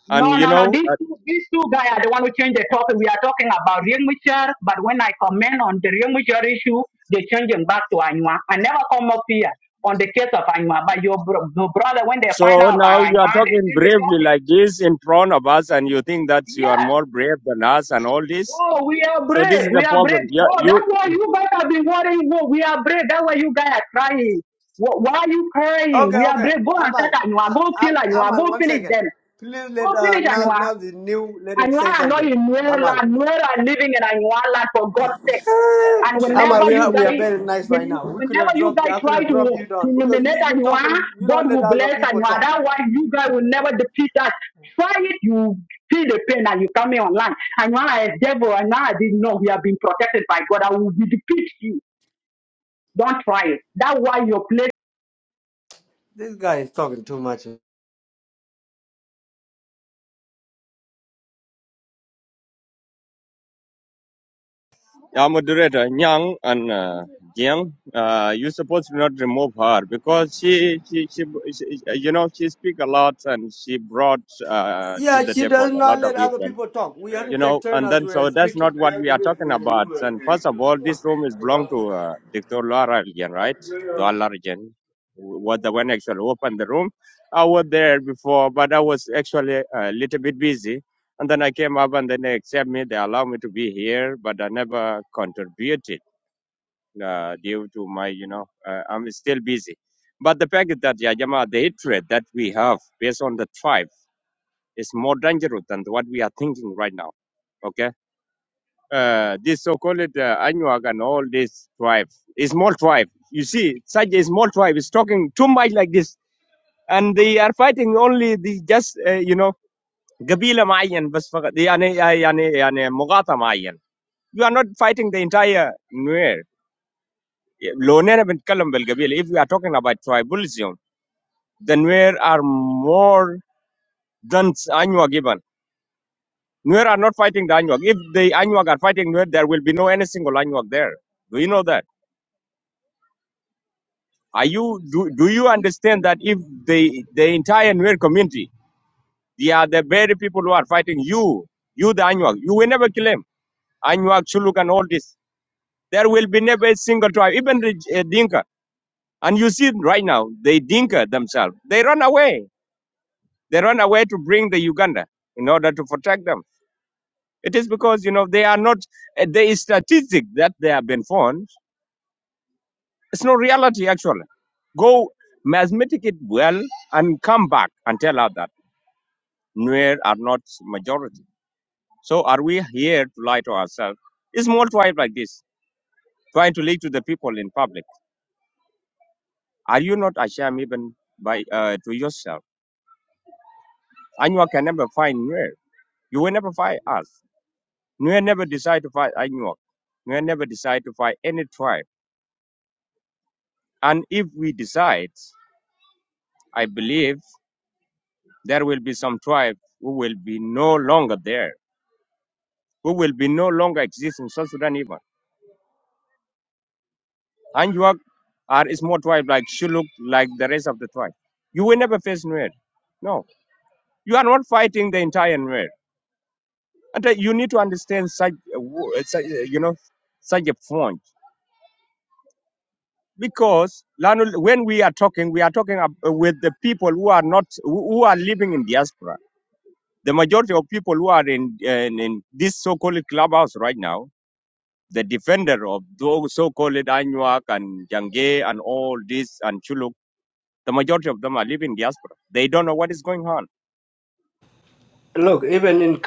Speaker 12: no,
Speaker 14: And you
Speaker 12: no, no.
Speaker 14: know,
Speaker 12: These
Speaker 14: uh,
Speaker 12: two, these two guys are the one who changed the topic. We are talking about Riek Machar, but when I comment on the Riek Machar issue, they change them back to Anua. I never come up here on the case of Anua, but your, bro- your brother, when they find
Speaker 14: so
Speaker 12: out
Speaker 14: now
Speaker 12: about
Speaker 14: you are
Speaker 12: Anua, they
Speaker 14: talking
Speaker 12: change the
Speaker 14: bravely
Speaker 12: topic.
Speaker 14: like this in front of us, and you think that you are
Speaker 12: Yes.
Speaker 14: more brave than us and all this.
Speaker 12: Oh, we are
Speaker 14: So this is
Speaker 12: brave. We
Speaker 14: the
Speaker 12: are brave.
Speaker 14: problem. Yeah,
Speaker 12: Oh, that's
Speaker 14: you,
Speaker 12: why you guys have been worrying. Oh, we are brave. That's why you guys are crying. Wh- Why are you crying?
Speaker 11: Okay,
Speaker 12: We are
Speaker 11: okay.
Speaker 12: brave. Go and check
Speaker 11: Amal, uh,
Speaker 12: Anua. Go
Speaker 11: uh,
Speaker 12: kill Anua.
Speaker 11: Amal,
Speaker 12: Go
Speaker 11: one
Speaker 12: finish
Speaker 11: second.
Speaker 12: them.
Speaker 11: Please
Speaker 12: Go
Speaker 11: let uh,
Speaker 12: finish
Speaker 11: now
Speaker 12: Anua.
Speaker 11: now the new let him say
Speaker 12: Anyuala not
Speaker 11: something.
Speaker 12: in Nuera.
Speaker 11: Amal.
Speaker 12: Nuera are living in Anyuala for God's sake. And whenever
Speaker 11: Amar, we
Speaker 12: you
Speaker 11: are we are
Speaker 12: guys,
Speaker 11: very nice
Speaker 12: when
Speaker 11: right now. We could
Speaker 12: whenever
Speaker 11: have
Speaker 12: you
Speaker 11: dropped you.
Speaker 12: guys
Speaker 11: I could
Speaker 12: try
Speaker 11: have
Speaker 12: to,
Speaker 11: dropped you down
Speaker 12: to
Speaker 11: because
Speaker 12: nominate
Speaker 11: you you
Speaker 12: Anyuala,
Speaker 11: talking. You don't
Speaker 12: God
Speaker 11: let
Speaker 12: will
Speaker 11: other
Speaker 12: bless
Speaker 11: people
Speaker 12: Anyuala.
Speaker 11: talk.
Speaker 12: That's why you guys will never defeat us. Try it, you feel the pain and you come here online. Anyuala is devil. Anyuala didn't know we have been protected by God. I will defeat you. Don't try it. That's why your place.
Speaker 11: This guy is talking too much.
Speaker 14: our moderator Nyang and uh, Jiang, uh, you supposed to not remove her because she, she, she, she, uh, you know, she speak a lot and she brought uh, to
Speaker 11: Yeah,
Speaker 14: the
Speaker 11: she
Speaker 14: table
Speaker 11: does
Speaker 14: a lot
Speaker 11: not
Speaker 14: of
Speaker 11: let other
Speaker 14: people.
Speaker 11: people talk. We have to
Speaker 14: you
Speaker 11: take
Speaker 14: know,
Speaker 11: turns
Speaker 14: and
Speaker 11: as
Speaker 14: then
Speaker 11: we're
Speaker 14: so that's not
Speaker 11: speaking.
Speaker 14: what we are talking about. And first of all, this room is belong to uh, Dr. Laura again, right? Laura again was the one actually opened the room. I was there before, but I was actually a little bit busy. And then I came up and then they accept me. They allow me to be here, but I never contributed uh, due to my, you know, uh, I'm still busy. But the fact is that, yeah, Jama, the hatred that we have based on the tribe is more dangerous than what we are thinking right now Okay uh, this so-called uh, Anuag and all this tribe, a small tribe. You see, such a small tribe is talking too much like this, and they are fighting only the just uh, you know قبيلة معين بس فقط يعني يعني يعني مقاطعة معين. You are not fighting the entire Nuer. لو أنا بنتكلم بالقبيلة, if we are talking about tribalism, the Nuer are more than Anuag even. Nuer are not fighting the Anuag. If the Anuag are fighting Nuer, there will be no any single Anuag there. Do you know that? Are you do, do you understand that if the the entire Nuer community, they are the very people who are fighting you, you the Anuak, you will never kill them. Anuak, Shuluk and all this. There will be never a single tribe, even the uh, Dinka. And you see right now, they Dinka themselves. They run away. They run away to bring the Uganda in order to protect them. It is because you know they are not. Uh, the statistic that they have been found. It's not reality actually. Go mathematic it well and come back and tell us that. Nuer are not majority. So are we here to lie to ourselves? It's small tribe like this, trying to lie to the people in public. Are you not ashamed even by uh, to yourself? Anyua can never find Nuer. You will never find us. Nuer never decide to fight Anyua. Nuer never decide to fight any tribe. And if we decide, I believe there will be some tribe who will be no longer there, who will be no longer exist in South Sudan even. Anjuak are a small tribe like Shuluk, like the rest of the tribe. You will never face Nuer. No, you are not fighting the entire Nuer. And uh, you need to understand such, uh, wo- uh, such uh, you know, such a point. Because Lanu, when we are talking, we are talking ab- uh, with the people who are not, who who are living in diaspora. The majority of people who are in, in, in this so-called clubhouse right now, the defender of those so-called Anuak and Jange and all this and Chuluk. The majority of them are living in hospitals. They don't know what is going on.
Speaker 11: Look, even in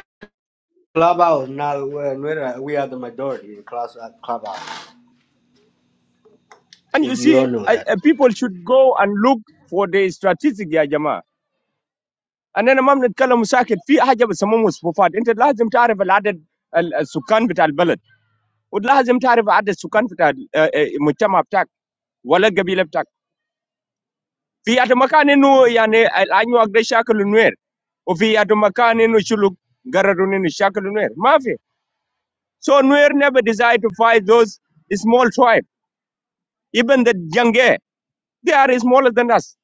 Speaker 11: clubhouse now, when we're, we are the majority in class uh, clubhouse.
Speaker 14: And
Speaker 11: If
Speaker 14: you
Speaker 11: you
Speaker 14: see,
Speaker 11: don't know
Speaker 14: uh,
Speaker 11: that,
Speaker 14: uh, people should go and look for the strategic Jama. And then Imam let kala musakid fi hijab semumus pufad. It's lazim tarev added sukkan fital bilad. It's lazim tarev added sukkan fital muttam abtak walad gabil abtak. Fi adu makani nu yane alanyu agde shakel nuweer. O fi adu makani nu shuluk garaduni nu shakel nuweer. Ma fi so nuweer never decide to fight those small tribes, even the younger. They are smaller than us.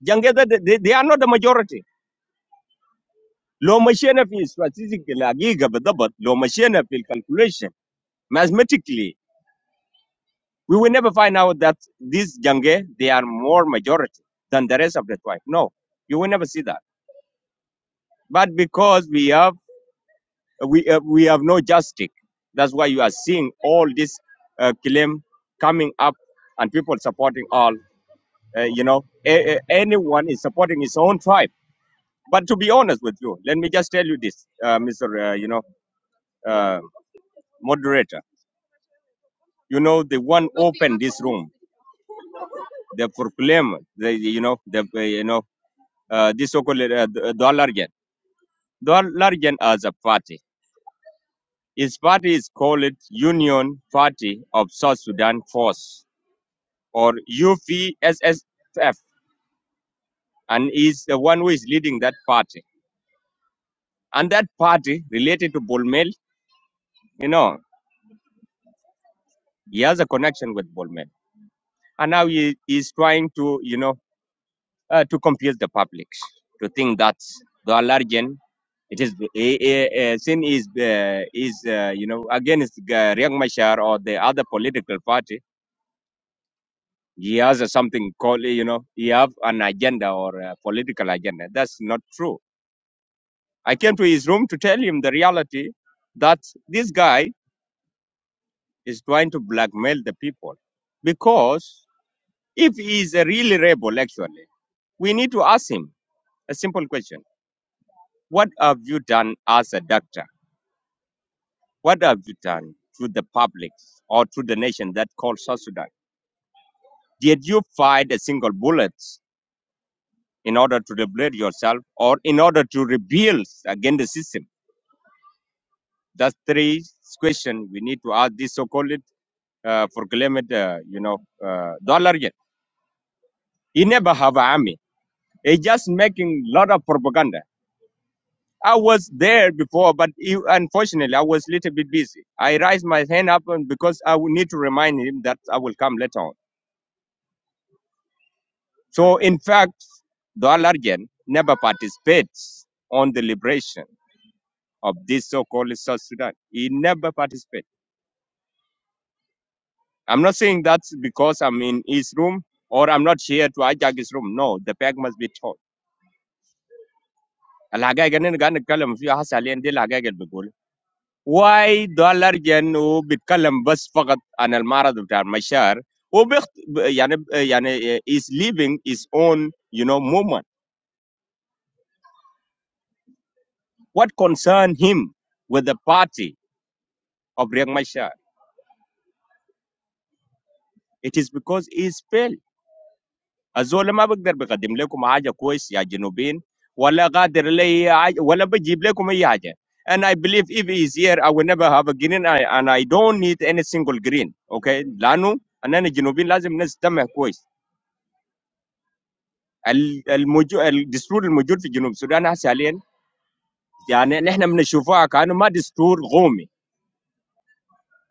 Speaker 14: Younger they, they are not the majority. Low machine of is statistically a giga but the- but low machine of the calculation. Mathematically, we will never find out that these Jange they are more majority than the rest of the tribe. No, you will never see that. But because we have we uh, we have no justice, that's why you are seeing all this uh, claim coming up and people supporting all. Uh, you know, a- a- anyone is supporting his own tribe But to be honest with you, let me just tell you this, uh, Mr. Uh, you know, uh, moderator. You know, the one opened this room, the proclaim, the you know, the uh, you know, uh, this so-called uh, Dolargen. Dolargen as a party. His party is called Union Party of South Sudan Force or UPSSF, and he's the one who is leading that party. And that party related to Bolmel, you know, he has a connection with Bolmel and now he is trying to you know uh, to confuse the public to think that the allergen it is eh, eh, eh, sin is uh, is uh, you know against uh, Riek Machar or the other political party. He has a something called eh, you know he have an agenda or a political agenda. That's not true. I came to his room to tell him the reality that this guy is trying to blackmail the people because if he is a really rebel, actually, we need to ask him a simple question: What have you done as a doctor? What have you done to the public or to the nation that calls South Sudan? Did you find a single bullet in order to liberate yourself or in order to rebel against the system? That's three questions we need to ask this so-called uh, for climate, uh, you know, uh, dollar yet. He never have an army. He just making lot of propaganda. I was there before, but he, unfortunately, I was a little bit busy. I raised my hand up and because I will need to remind him that I will come later on. So in fact, the Alarjan never participates on the liberation of this so-called South Sudan. He never participates. I'm not saying that's because I'm in his room or I'm not here to hijack his room. No, the peg must be taught. الحقائق اننا قاعد نتكلم فيها هسه حاليا دي الحقائق اللي بقولها. Why the Alarjan هو بيتكلم بس فقط عن المعرض بتاع المشاعر وبيخت... يعني يعني is leaving his own you know movement. What concern him with the party of Riek Machar? It is because he's failed. Azola ma bok der be kadim leku mahaja kois ya genobin. Walla qader lei ay. Walla baji bleku ma yaja. And I believe if he is here, I will never have a green, I, and I don't need any single green. Okay, lanu ane genobin lazim nes tamak kois. Al al muj al destroy al mujud fi genom Sudan. Ha salen yaane. Naha mina shufa akano ma destroy gomi.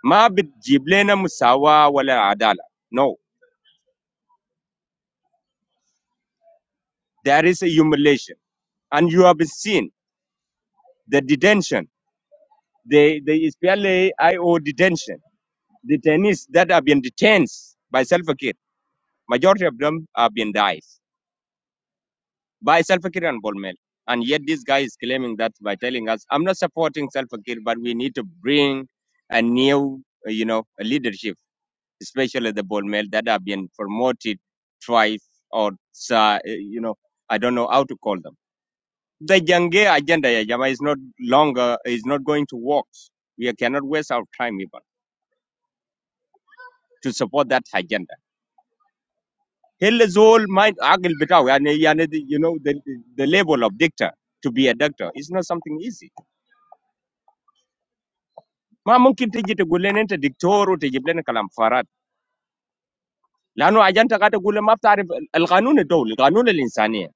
Speaker 14: Ma baji ble nu sama walla adala. No, there is a humiliation, and you have seen the detention. the, the SPLA IO detention, detainees that have been detained by Salva Kiir, majority of them have been died by Salva Kiir and Bolmel. And yet this guy is claiming that by telling us, I'm not supporting Salva Kiir, but we need to bring a new, uh, you know, leadership, especially the Bolmel that have been promoted twice or, uh, you know, I don't know how to call them. The Jange agenda, ya jamaa, is not longer, is not going to work. We cannot waste our time even. To support that agenda. Hello, Zol. Mind, I will be there. You know the the label of doctor to be a doctor is not something easy. Ma mungkin tige te gulene te doktoru tige plene kalamparat. Lano agente kate gulene maftarare. Al kanun e dol kanun e linsaniya.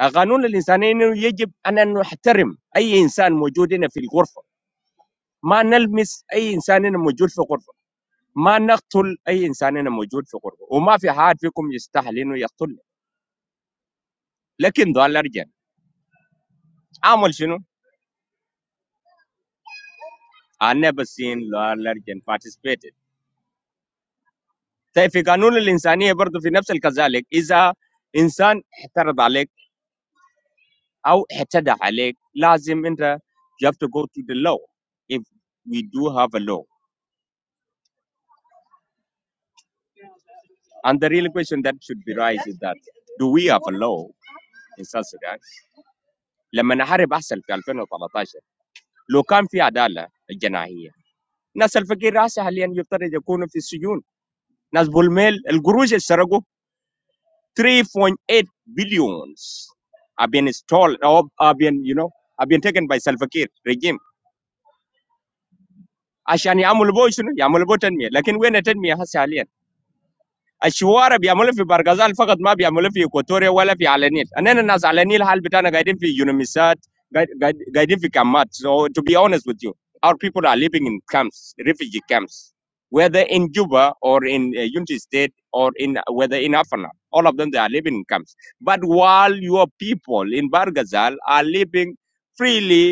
Speaker 14: Al kanun e linsaniya ino yijib ane nuhhterim. Aiyi insan majud ine fil qurfa. Ma nalmis aiyi insan ine majud fil qurfa. Ma naktul aiyi insan ine majud fil qurfa. O ma fi harfi kum yistahli nuh yaktul. Lekin do al argen. Aamal shino. I've never seen lawyers get participated. So if we can null the insanity, but if we don't, the case, like if a person is charged, or is charged, it's necessary you have to go to the law, if we do have a law. And the real question that should be raised is that do we have a law in South Sudan? Let me now hear the case in 2018. Local fair trial is denied. Now, South Sudanese are being held in prison. Now, the email, the government is struggling. 3.8 billions have been installed or have been, you know, have been taken by Salva Kiir regime. عشان يعملوا بوشنو يعملوا بو تنمية لكن وين التنمية هسه حاليا الشوارع بيعملوا في برغازال فقط ما بيعملوا في اكواتوريا ولا في على النيل اننا الناس على النيل حال بتاعنا قاعدين في يونميسات قاعد- قاعد- قاعدين في كامات so to be honest with you our people are living in camps refugee camps whether in Juba or in uh, Unity State or in uh, whether in Afana all of them they are living in camps but while your people in Bargazal are living freely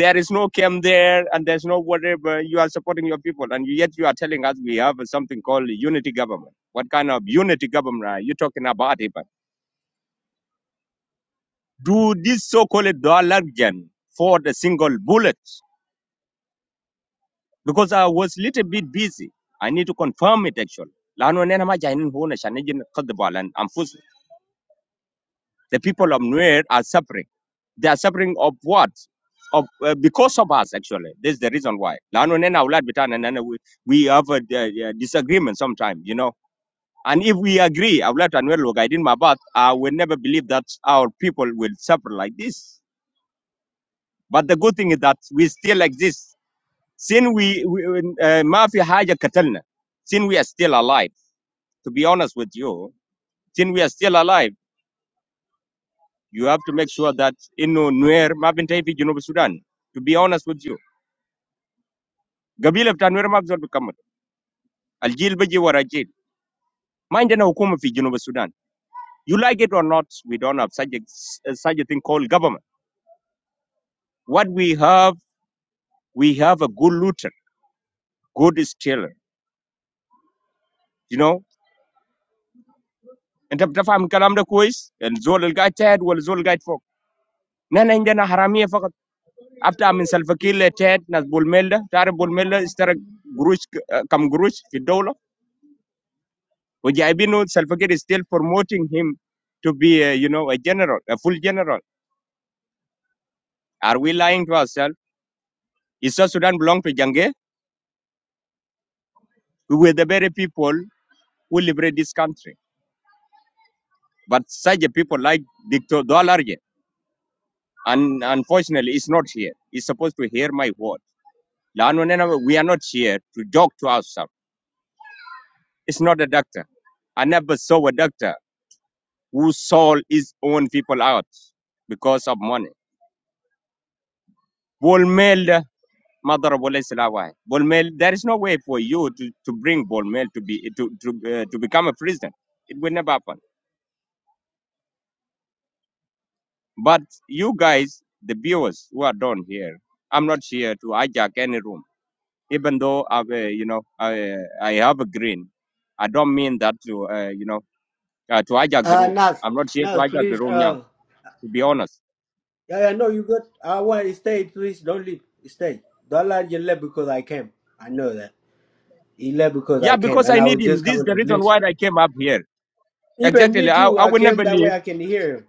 Speaker 14: there is no camp there and there's no whatever you are supporting your people and yet you are telling us we have something called unity government what kind of unity government are you talking about even? Do this so-called Dolargen for the single bullet? Because I was a little bit busy. I need to confirm it actually. لأنه أنا ما جايين هنا عشان نجي نقدم على أنفسنا. The people of Nuer are suffering. They are suffering of what? Of, uh, because of us actually. This is the reason why. لأنه أنا أولاد بتاعنا أنا we, we have a, uh, uh, disagreement sometimes, you know. And if we agree, I've let Anuel Logaidin Mabat, I will never believe that our people will suffer like this. But the good thing is that we still exist. Since we, we uh, Mafi Haja Katalna, since we are still alive, to be honest with you, since we are still alive, you have to make sure that in Nuer Mafin Taifi Junub Sudan, to be honest with you. Gabila بتاع نوير ما بزول Aljil الجيل warajil. ورا جيل ما عندنا حكومة Sudan. you like it or not we don't have such a, uh, such a thing called government what we have we have a good looter good stealer you know انت بتفهم الكلام ده and الزول القاعد تحت والزول القاعد فوق نحن عندنا حراميه فقط افتح من سلفكير لتيت ناس بولميلا تعرف بولميلا اشترى قروش ك- كم قروش في الدوله وجايبينه سلفكير is still promoting him to be a, you know a general a full general are we lying to ourselves is South Sudan belong to Jange we were the very people who liberate this country but such a people like Dictor Dolarje and unfortunately is not here he's supposed to hear my word لأنه نحن- we are not here to joke to ourselves it's not a doctor I never saw a doctor who sold his own people out because of money. Bolmel Madarabole Silawai. Bolmel, there is no way for you to, to bring Bolmel to be to to, uh, to become a president. It will never happen. But you guys, the viewers who are down here, I'm not here to hijack any room. Even though I've uh, you know I I have a green, I don't mean that to uh, you know uh, to hijack the
Speaker 11: uh,
Speaker 14: room.
Speaker 11: Nas,
Speaker 14: I'm not here to
Speaker 11: Nas,
Speaker 14: hijack the
Speaker 11: please.
Speaker 14: room, young.
Speaker 11: Uh,
Speaker 14: To be honest,
Speaker 11: Yeah, I know you good. I want to stay, please. Don't leave. Stay. Don't let you leave because I came. I know that. He left because
Speaker 14: yeah,
Speaker 11: I came,
Speaker 14: because
Speaker 11: and
Speaker 14: I
Speaker 11: I was
Speaker 14: need him.
Speaker 11: just
Speaker 14: This is
Speaker 11: coming to
Speaker 14: the reason why
Speaker 11: listen.
Speaker 14: I came up here
Speaker 11: Even
Speaker 14: exactly.
Speaker 11: me
Speaker 14: I,
Speaker 11: too.
Speaker 14: I
Speaker 11: I
Speaker 14: will
Speaker 11: came
Speaker 14: never
Speaker 11: that way.
Speaker 14: leave.
Speaker 11: I can hear him.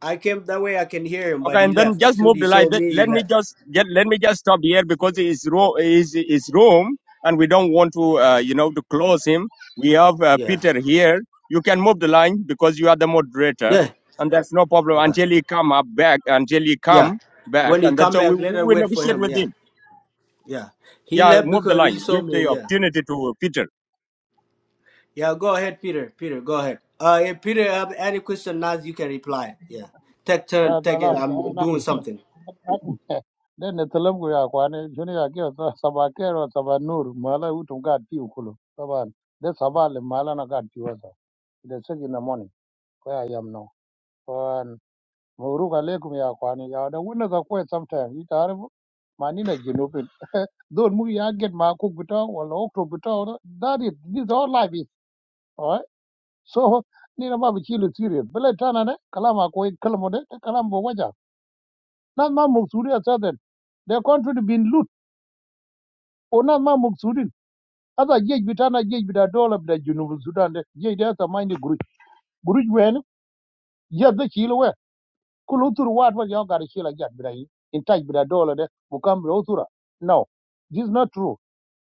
Speaker 11: I came that way. I can hear him, but
Speaker 14: Okay,
Speaker 11: he
Speaker 14: and then
Speaker 11: left. As
Speaker 14: just
Speaker 11: soon
Speaker 14: move
Speaker 11: he
Speaker 14: the light.
Speaker 11: saw
Speaker 14: Let
Speaker 11: me, he
Speaker 14: let me
Speaker 11: left.
Speaker 14: just get. Let me just stop here because it's ro- is is room, and we don't want to, uh,
Speaker 11: Yeah.
Speaker 14: you know, to close him. We have uh,
Speaker 11: Yeah.
Speaker 14: Peter here. You can move the line because you are the moderator,
Speaker 11: Yeah.
Speaker 14: and that's no problem
Speaker 11: Okay.
Speaker 14: until he come up back. Until he
Speaker 11: Yeah.
Speaker 14: come back,
Speaker 11: When he
Speaker 14: and that's
Speaker 11: come
Speaker 14: how we
Speaker 11: back, let
Speaker 14: we,
Speaker 11: her
Speaker 14: we
Speaker 11: wait for
Speaker 14: negotiate
Speaker 11: him.
Speaker 14: with
Speaker 11: Yeah.
Speaker 14: him.
Speaker 11: Yeah. He
Speaker 14: Yeah,
Speaker 11: left
Speaker 14: move the
Speaker 11: because he
Speaker 14: line.
Speaker 11: saw
Speaker 14: Give
Speaker 11: me.
Speaker 14: the
Speaker 11: Yeah.
Speaker 14: opportunity to Peter.
Speaker 11: Yeah, go ahead, Peter. Peter, go ahead. Uh, if Peter have any question now, you can reply. Yeah, take turn,
Speaker 15: Ah,
Speaker 11: take
Speaker 15: salam,
Speaker 11: it. I'm doing
Speaker 15: salam.
Speaker 11: something.
Speaker 15: Then the Telugu ya kwane, shuni ya kio sa- sabakero sabanur, mala utu mkati ukulu. Saban, de sabale mala na kati wasa. De six in the morning, where I am now. Kwan, muruka lekum ya kwane, ya wada wuna za kwe sometime, ita haribu, manina jinupin. Those mu ya get ma kukuta, wala okto kuta, that is, this all life is, alright? So, nina babu chilu serious. Bele tana ne, kalama kwe kalamu de, kalama waja. nas ma muksuri asaden the country been loot o nas ma muksurin asa jej bitana jej bita dola bita junub sudan de jej de asa mind guruj guruj wen ya de chilo we kulu tur wat wa yo gar chila jat bita yi in touch bita dola de bukam bita no this is not true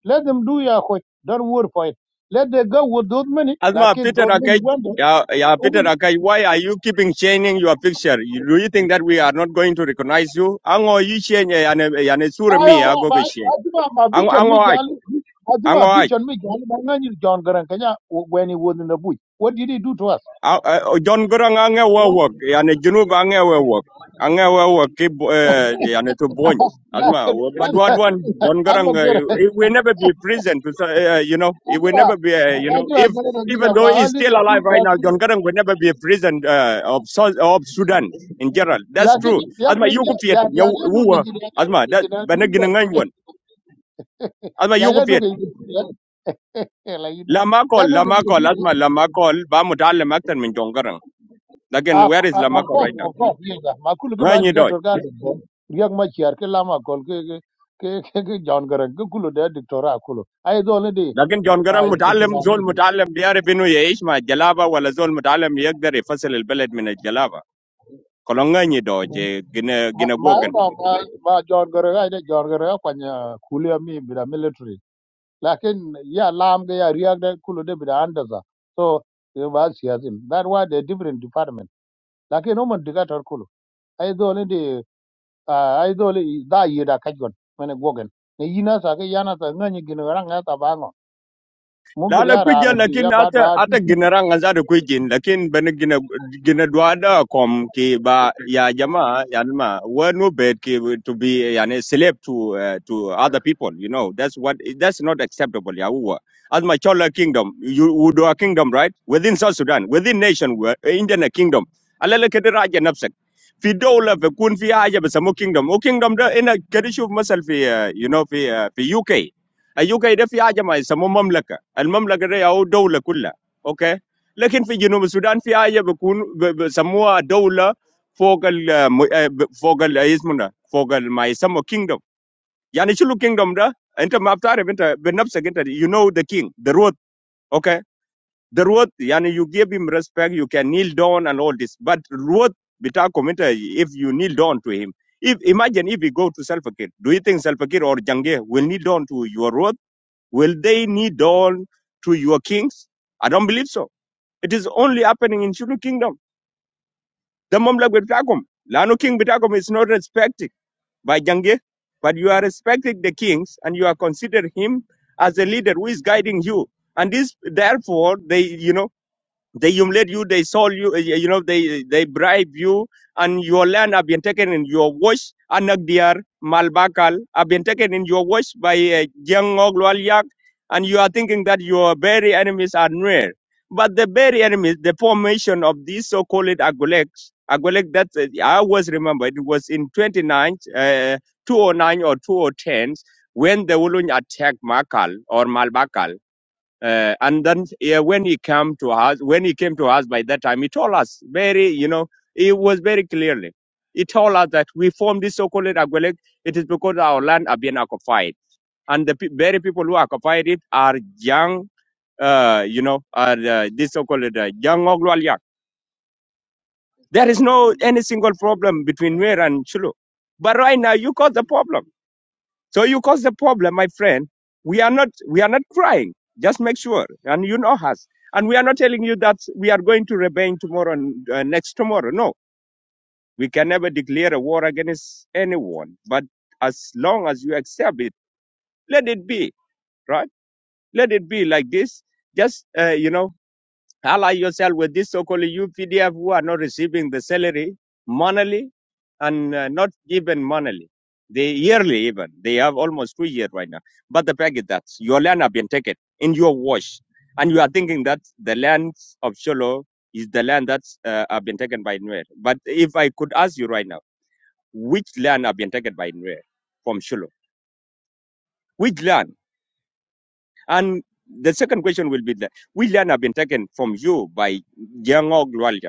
Speaker 15: let them do ya khoi don't worry for it let them go with those money like
Speaker 14: Asma,
Speaker 15: it
Speaker 14: Peter
Speaker 15: those money
Speaker 14: Akaj,
Speaker 15: went
Speaker 14: yeah, yeah,
Speaker 15: there.
Speaker 14: Peter Akaj, why are you keeping changing your picture? You- Do you think that we are not going to recognize you? Ango, you change, eh, yane, yane sura mi, ago ge change.
Speaker 15: Azuma ma
Speaker 14: Ango,
Speaker 15: beach on me gal.
Speaker 14: ango,
Speaker 15: Azuma
Speaker 14: aj,
Speaker 15: beach on me gal. Mangani John Garang Kenya when he was in the bush. What did he do to us?
Speaker 14: Ah, eh, John Grang ange
Speaker 15: What
Speaker 14: wewok, yani Junub ange work, ange wewok ki bo- eh, yani to bonj.
Speaker 15: like
Speaker 14: Alma, but what one? John
Speaker 15: I'm a
Speaker 14: Grang, uh,
Speaker 15: girl.
Speaker 14: he will never be prison. To, say, uh, you know, he will
Speaker 15: Azuma
Speaker 14: never be. Uh, you know,
Speaker 15: Azuma
Speaker 14: if
Speaker 15: Garang
Speaker 14: even
Speaker 15: Kenya
Speaker 14: though
Speaker 15: ma
Speaker 14: he's
Speaker 15: hali
Speaker 14: still
Speaker 15: the two
Speaker 14: alive right now, John
Speaker 15: bagu.
Speaker 14: Grang will never be a prison uh, of Sou- of Sudan in general. That's true.
Speaker 15: Lakini ya
Speaker 14: Asma, you
Speaker 15: ya
Speaker 14: go fiat,
Speaker 15: ya ya
Speaker 14: you
Speaker 15: ya no ngi
Speaker 14: were.
Speaker 15: ya ya no
Speaker 14: Asma, that
Speaker 15: ngi
Speaker 14: beneginangan one. Asma,
Speaker 15: ya
Speaker 14: you go
Speaker 15: ya no
Speaker 14: fiat.
Speaker 15: ngi la yin
Speaker 14: Lama call,
Speaker 15: ya no
Speaker 14: asma, lama
Speaker 15: ngi
Speaker 14: call, ba mutalem aktan min John Grang. Again,
Speaker 15: Ah,
Speaker 14: where is
Speaker 15: ah,
Speaker 14: Lama
Speaker 15: of course,
Speaker 14: right now?
Speaker 15: of course, yes. ah. Makulu ke
Speaker 14: ngay
Speaker 15: ba
Speaker 14: ni
Speaker 15: diga
Speaker 14: doj
Speaker 15: torka riak ma chiar ke lama kol ke ke ke ke ke John Garang ke kulu de dictora kulu. Ai do ne di
Speaker 14: lakin jon
Speaker 15: ah,
Speaker 14: garang mutaalim zol mutaalim biarif inu yeish ma jalaba wala zol mutaalim yagdar ifasil albalad min aljalaba kolonga ni doj gina
Speaker 15: ma
Speaker 14: gina
Speaker 15: ma ma ma ma John Garang ai de John Garang kwanya kulu ya mi bida military. Lakin ya lam ke ya riak de kulu de bida andaza. So ke ba siasim. That why they different department. Lakin no man diga tor kulu. Ai do ne Ah, ai dole i- da yi da ka gon mene gogen ne yina sa ke yana sa ngani gino ran ga ta bango mu
Speaker 14: la
Speaker 15: gir
Speaker 14: la
Speaker 15: ya
Speaker 14: kwi
Speaker 15: ra
Speaker 14: jen
Speaker 15: ngi
Speaker 14: lakin
Speaker 15: ya ba
Speaker 14: ata
Speaker 15: ba ti
Speaker 14: ata gina ranga zada kwi jin lakin bani gina gina dwada kom ki ba ya jama yani ma were no bad ki to be yani slave to uh, to other people you know that's what that's not acceptable ya uwa as my chola kingdom you would do a kingdom right within south sudan within nation were- indian kingdom alala kedi raja nafsak fi dawla fi kun fi haja bisamu kingdom o kingdom da ina kedi shuf masal fi uh, you know fi uh, fi uk ايوكا ده في حاجه ما يسموه مملكه المملكه ده او دوله كلها اوكي لكن في جنوب السودان في حاجه بيكون ب- بيسموها دوله فوق ال فوق ال اسمنا فوق ال- ما يسمى kingdom يعني شنو kingdom ده انت ما بتعرف انت بنفسك انت you know the king the road okay the road يعني you give him respect you can kneel down and all this but road بتاعكم انت if you kneel down to him if imagine if we go to Salva Kiir do you think Salva Kiir or Jange will kneel down to your road Will they kneel down to your kings? I don't believe so. It is only happening in Shulu Kingdom. The Mamlak Bitagum. Lano King Bitagum is not respected by Jange, but you are respecting the kings and you are considering him as a leader who is guiding you. And this, therefore, they, you know they humiliate you they sold you uh, you know they they bribe you and your land have been taken in your wash anagdiar malbakal have been taken in your wash by uh, Jangog Lwalyak, and you are thinking that your very enemies are near but the very enemies the formation of these so-called agoleks agolek that uh, i always remember it was in 29 uh, 209 or 2010 when the Wulun attacked Makal or Malbakal uh, and then yeah, when he came to us, when he came to us by that time, he told us very, you know, it was very clearly. He told us that we formed this so-called Agwelek. It is because our land are being occupied, and the pe- very people who occupied it are young, uh, you know, are uh, this so-called uh, young Ogwalyak. There is no any single problem between Nuer and Shulu. But right now, you caused the problem. So you cause the problem, my friend. We are not we are not crying. Just make sure, and you know us. And we are not telling you that we are going to rebel tomorrow and uh, next tomorrow. No, we can never declare a war against anyone. But as long as you accept it, let it be right. Let it be like this. Just uh, you know. Ally yourself with this so-called UPDF who are not receiving the salary monthly and uh, not even monthly. They yearly even. They have almost two years right now. But the fact is that your land have been taken in your wash. And you are thinking that the land of Sholo is the land that uh, have been taken by Nuer. But if I could ask you right now, which land have been taken by Nuer from Sholo? Which land? And the second question will be that which land have been taken from you by Jiangog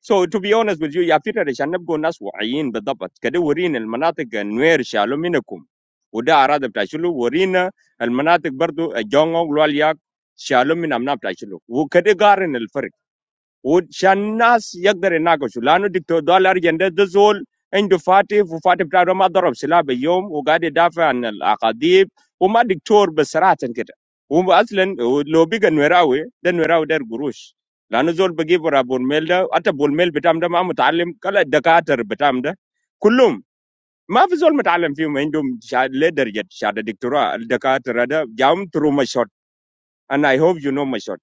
Speaker 14: So to be honest with you, I feel that I should not go and assign the job. Because we are in the areas where we are from, we are already familiar with the areas. We are not familiar with the areas where the differences are. وعشان الناس يقدر يناقشوا لانه دكتور دولار جنده ده زول عنده فاتف وفاتف بتاعه ده ما ضرب سلاح باليوم وقاعد يدافع عن الاكاذيب وما دكتور بصراحه كده هو اصلا لو بقى نوراوي ده نوراوي داير قروش لانه زول بجيب ورا بولميل ده حتى بولميل بتاعهم ده ما متعلم كلا الدكاتره بتاعهم ده كلهم ما في زول متعلم فيهم عندهم شهاده لدرجه شهاده دكتوراه الدكاتره ده جاهم ترو مشوت انا اي هوب يو نو مشوت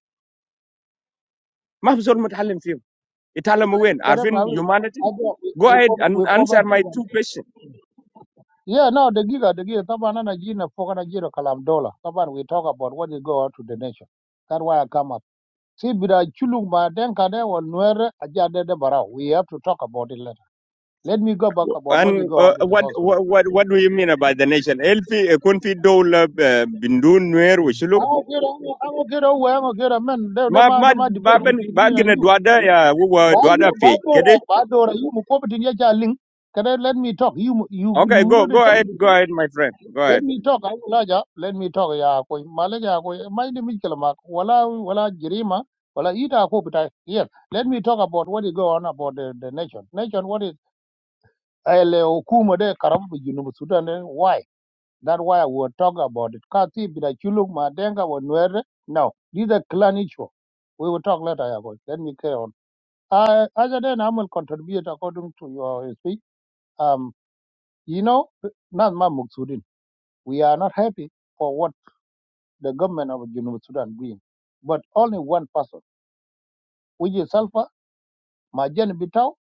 Speaker 14: ما في زول متعلم فيهم يتعلموا وين
Speaker 15: kare ba
Speaker 14: عارفين
Speaker 15: wi
Speaker 14: humanity
Speaker 15: ajo
Speaker 14: Go ahead
Speaker 15: we
Speaker 14: and
Speaker 15: ko ba
Speaker 14: answer
Speaker 15: ti
Speaker 14: my
Speaker 15: ba
Speaker 14: two questions.
Speaker 15: yeah no the giga the giga ta bana na gina fo kana jiro kalam dollar. ta ban we talk about what is go out to the nation that why i come up see bida chulung ba den ka de won nuer aja de de bara we have to talk about it later let me go back about what is
Speaker 14: And
Speaker 15: go on
Speaker 14: uh,
Speaker 15: to the
Speaker 14: what,
Speaker 15: south sudan
Speaker 14: what what what do you mean about the nation? Elfi eh, kunfi dola eh, bindun nuer wishuluk.
Speaker 15: i'm okay i'm okay i'm okay man de de
Speaker 14: Ma
Speaker 15: ma
Speaker 14: ma
Speaker 15: de ma
Speaker 14: ba
Speaker 15: debate
Speaker 14: ben
Speaker 15: between me
Speaker 14: ba
Speaker 15: and
Speaker 14: gina
Speaker 15: you
Speaker 14: dwada ya wuwa
Speaker 15: Ba
Speaker 14: dwada
Speaker 15: you, ba
Speaker 14: page.
Speaker 15: dora,
Speaker 14: Kede?
Speaker 15: ba dora. You mukobe tinia jaling. Can I let me talk. You mu- you you
Speaker 14: Okay, go
Speaker 15: already
Speaker 14: go
Speaker 15: talk.
Speaker 14: ahead, go
Speaker 15: before.
Speaker 14: ahead, my friend. Go
Speaker 15: Let
Speaker 14: ahead.
Speaker 15: me talk. I will aja. Let me talk. Ya koi malek ya koi. Mind me kalama. Wala wala jirima. Wala ita ako bitai. Yes. Let me talk about what is going on about the, the nation. Nation what is ele okuma de karabu jinu Sudan. eh, Why? That's why I will talk about it. Kati bila chuluk madenga wa nwere. No. These are clan issue. We will talk later. Ya koi. Let me care. Uh, as a then I will contribute according to your speech. Um, you know, not my Muksudin. We are not happy for what the government of Junub Sudan doing, but only one person, which is Alpha, Majan Bitao,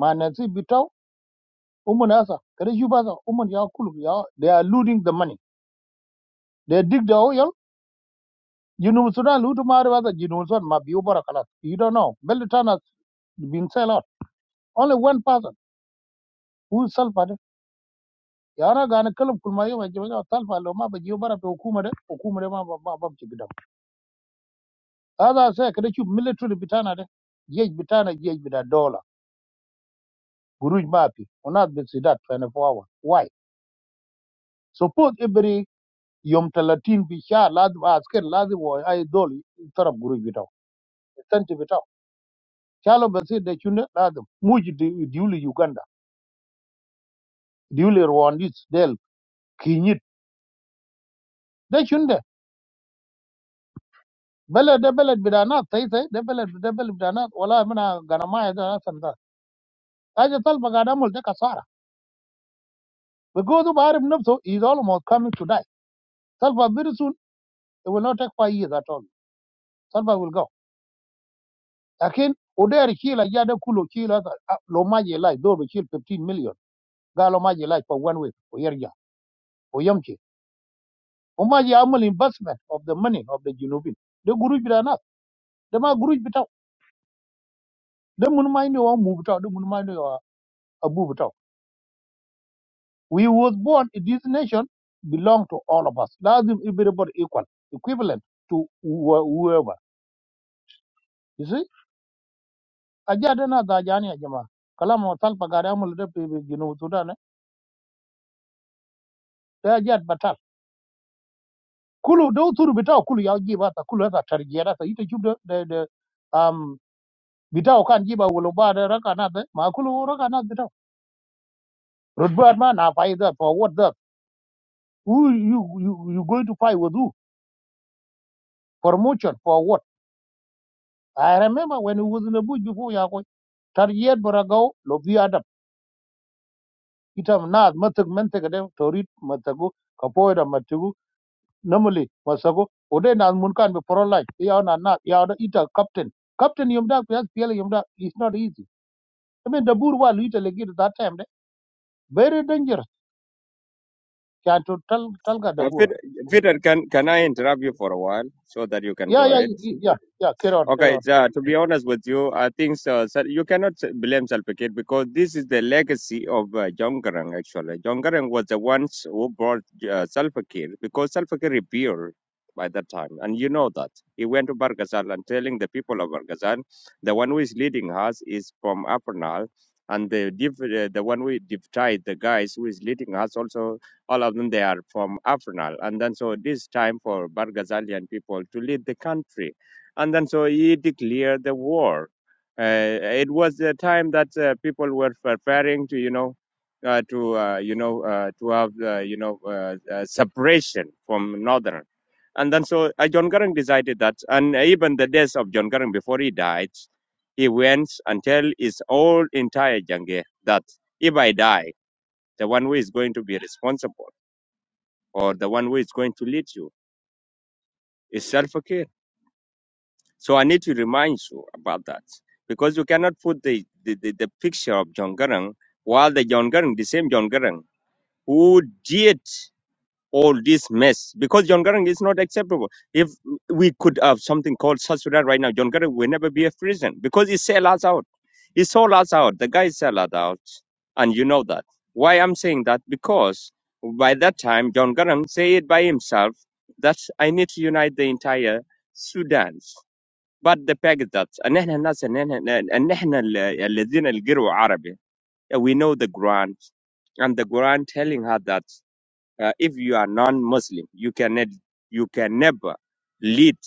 Speaker 15: Manasi Bitao, Umunasa, Kerejubasa, Umun Yakulu. ya- They are looting the money. They dig the oil. Junub Sudan loot Marivasa, Junub Sudan, Mabiubara Kalas. You don't know. Beltana has been sell out. Only one person who is Alpha. ya na ga na kalam kulma yau mai jama'a talfa lo ma ba jiyo bara to hukuma da hukuma da ma ba ba ba ci gidan hada sai ka ki military bitana da jej bitana jej bida dollar buruj mafi unat bi sidat 24 hour why suppose every yom talatin bi sha lazim a asker lazim wa ai dol tarab buruj bitaw tanti bitaw chalo ba sai da chunde lazim muji di- diuli uganda diuli rwandis del kinyit da chunde بلد ده بلد بلا ناس تاي تاي ده بلد ده بلد بلا ناس ولا منا غنما هذا سندا Aja Salva Gadamol take a Sara Because of Arab Nupso is almost coming to die. Salva very soon, it will not take five years at all. Salva will go. Again, Oderi Kila Yada Kulo Kila Lomaji Lai, though we kill 15 million. Galomaji Lai for one week, Oyerja, Oyamchi. Omaji Amal investment of the money of the Junubin. The Guru Bidana, the Ma Guru Bitao, the Munmaino or Mubitao, the Munmaino or Abubitao. We was born in this nation belong to all of us. Lazim everybody equal, equivalent to whoever. You see, ajat na da jani ya jama. Kala mo tal pagare amul de pe gino tuda ne. De ajat batal. Kulu do turu bitaw kulu yaw jiba ta kulu ta tarjera ta ite chubde de de um bitaw kan jiba wulo ba de raka na de ma kulu raka na bitaw. Rodbar ma na fight that for what that? Who you you you going to fight with who? For motion for what? I remember when he was in the bush before Yako. Tarjiyat baragao lobi adam. Itam naad matak mentek de torit matagu kapoida normally masago ode na mun kan be pro like ya na na ya da ita captain captain yum da ya pele yum da is not easy i mean the bur wa lu ita legi that time de very dangerous can to tal talga da
Speaker 14: Uh,
Speaker 15: bura
Speaker 14: Peter, Peter, can can I interrupt you for a while so that you can
Speaker 15: ya
Speaker 14: go
Speaker 15: ya
Speaker 14: ahead?
Speaker 15: ya ya kerot
Speaker 14: Okay,
Speaker 15: kerot
Speaker 14: uh, to be honest with you, I think so, so you cannot blame Salva Kiir because this is the legacy of uh, Jongarang, actually. Jongarang was the ones who brought uh, Salva Kiir because Salva Kiir rebelled by that time, and you know that. He went to Bargazal and telling the people of Bargazal, the one who is leading us is from Apernal, and the div- uh, the one we divide the guys who is leading us also, all of them, they are from Apernal. And then so this time for Bargazalian people to lead the country and then so he declared the war. Uh, it was a time that uh, people were preparing to, you know, uh, to uh, you know uh, to have uh, you know uh, uh, separation from northern. And then so uh, John Garang decided that, and even the days of John Garang before he died, he went and tell his whole entire Jange that if I die, the one who is going to be responsible or the one who is going to lead you is self So I need to remind you about that because you cannot put the, the, the, the picture of John Garang while the John Garang, the same John Garang who did all this mess because John Garang is not acceptable. If we could have something called South Sudan right now, John Garang will never be a prison because he sell us out. He sold us out. The guy sell us out. And you know that. Why I'm saying that? Because by that time, John Garang say it by himself that I need to unite the entire Sudan but the fact that ان احنا الناس ان احنا ان احنا ال- الذين القروا عربي we know the Quran and the Quran telling her that uh, if you are non-Muslim you can you can never lead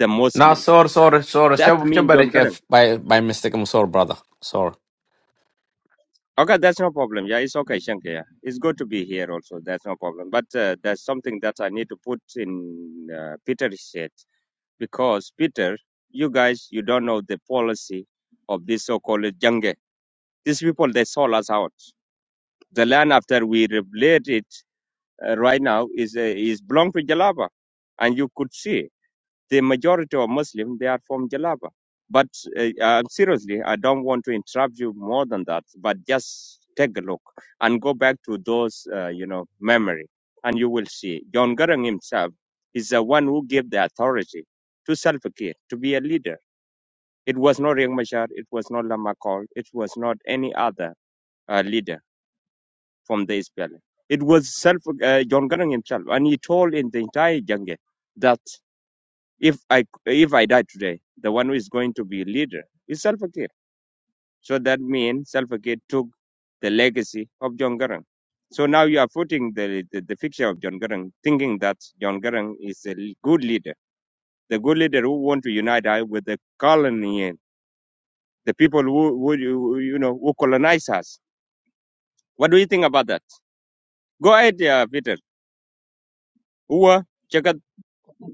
Speaker 14: the
Speaker 9: now
Speaker 14: Muslim
Speaker 9: sorry, sorry, sorry.
Speaker 14: that
Speaker 9: Chab-
Speaker 14: means John
Speaker 9: Chabari
Speaker 14: Gordon
Speaker 9: kef- By by mistake, I'm sorry, brother. Sorry.
Speaker 14: okay that's no problem yeah it's okay Shankar yeah. it's good to be here also that's no problem but uh, there's something that I need to put in uh, Peter's head because Peter you guys you don't know the policy of this so-called jungle These people they sold us out. The land after we rebuilt it uh, right now is uh, is belong to Jalaba, and you could see the majority of Muslims they are from Jalaba. But uh, uh, seriously, I don't want to interrupt you more than that. But just take a look and go back to those uh, you know memory, and you will see John Garang himself is the one who gave the authority to Salva Kiir to be a leader. It was not Riek Machar, it was not Lama Lamakol, it was not any other uh, leader from the SPLA. It was self uh, John Garang himself, and he told in the entire jungle that if I if I die today, the one who is going to be leader is Salva Kiir. So that means Salva Kiir took the legacy of John Garang. So now you are putting the, the, the picture of John Garang, thinking that John Garang is a good leader, the good leader who want to unite us with the colony, the people who, who you know who colonize us. What do you think about that? Go ahead, uh, Peter. Uwa,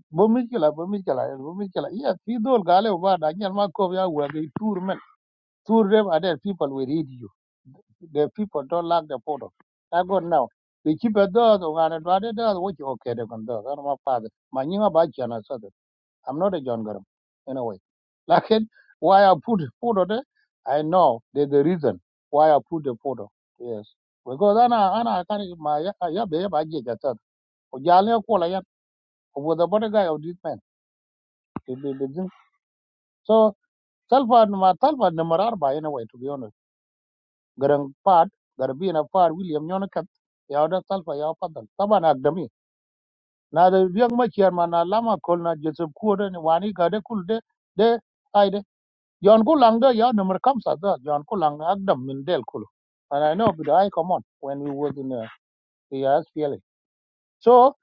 Speaker 15: bo miskila bo miskila bo miskila ya fi dol gale ba da nyal ma ko ya wa be tour men tour them are there people will read you the people don't like the photo i go now they keep a dog, and I do what you okay, they can do. I my father. My name about you, and I said I'm not a John Garang in a way. Like it, why I put photo there, I know there's a reason why I put the photo. Yes. Because Anna Anna I can't my yeah baby I get that. Ojale kola yan over the body guy of this man. The- the- the thing. So Talpa ma Talpa number arba in a way to be honest. Garang part garbi in a part William Yonakat yawda Talpa yaw padal. Taban agdami. Now the young much here man lama kolna Joseph Kuoden wani gade kulde de John Kulanga, yeah, number comes at that. John Kulanga, Agdam, Mindel Kulu. And I know, but I come on when we was in uh, the SPLA. So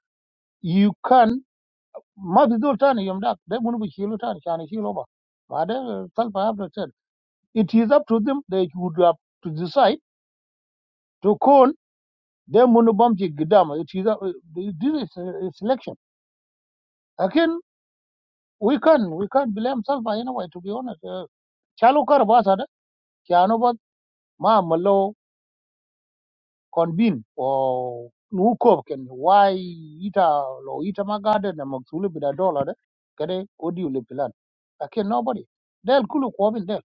Speaker 15: you can, Mabidul Tani, Yum Dak, they wouldn't be Shilu Tani, Shani Shilova. But I have said, it is up to them. They would have to decide to call them Munubamji Gidam. It is, up- uh, this is uh, a selection. Again, we can, we can't blame Salva anyway, to be honest. Uh, Chalu Karabasada, Kianovat, Ma Malo. convene o nuko ken why ita lo ita magade na maksulu bida dollar de kade odi le plan akin nobody del kulu ko bin del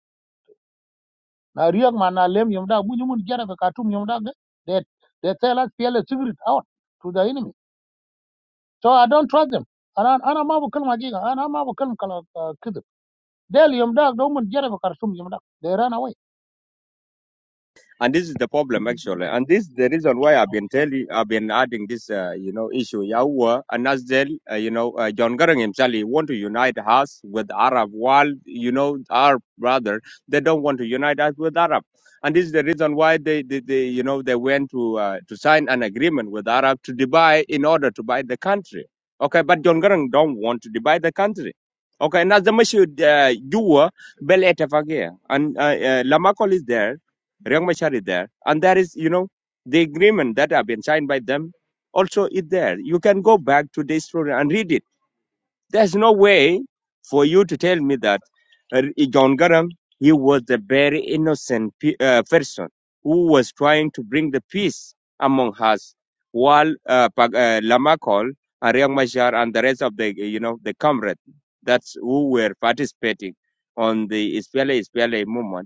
Speaker 15: na riyak ma na lem yom da bunyu mun jara ka tum yom da de they they tell us fearless secret out to the enemy so i don't trust them ana ana ma bu kalma giga ana ma bu kalma kala kid del yom da do mun jara ka tum yom da they ran away
Speaker 14: and this is the problem actually and this is the reason why i've been telling i've been adding this uh, you know issue Yahua and Nasdel, uh, you know uh, john garang himself he want to unite us with arab world you know our brother they don't want to unite us with arab and this is the reason why they, they, they you know they went to uh, to sign an agreement with arab to divide in order to buy the country okay but john garang don't want to divide the country okay now the issue uh, you were bel Etafagia, and uh, uh, lamakol is there Riek Machar is there. And that is, you know, the agreement that have been signed by them also is there. You can go back to this story and read it. There's no way for you to tell me that uh, John Garang, he was a very innocent pe- uh, person who was trying to bring the peace among us while uh, Pag- uh, Lamakol and Riek Machar and the rest of the, you know, the comrades that's who were participating on the Ispiale Ispiale movement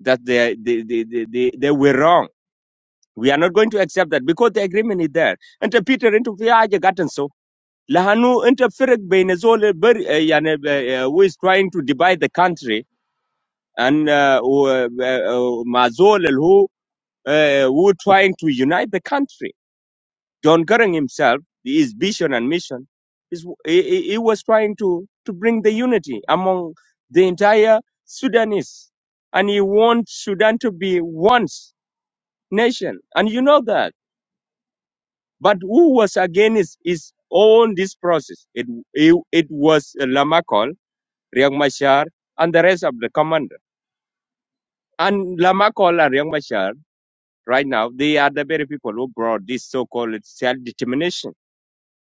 Speaker 14: that they, they, they, they, they, they were wrong. We are not going to accept that because the agreement is there. And to Peter into Viaja gotten so. لأنه أنت فرق بين زول بر يعني uh, who is trying to divide the country and uh, و- uh, مع زول uh, who trying to unite the country. John Garang himself, his vision and mission, is he, he he was trying to to bring the unity among the entire Sudanese, and he wants Sudan to be once. nation, and you know that. But who was against his own this process? It it, it was Lamakol, Riek Machar, and the rest of the commander. And Lamakol and Riek Machar, right now, they are the very people who brought this so-called self-determination.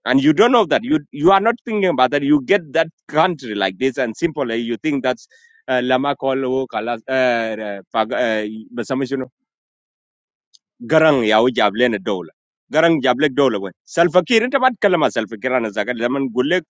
Speaker 14: And you don't know that. You you are not thinking about that. You get that country like this, and simply you think that's uh, Lamakol, who, uh, uh, Pag- uh, Garang ya wu jablen doola. Garang jablek doola. Selfieker inta mad kalama selfieker nazaqa. Laman gullek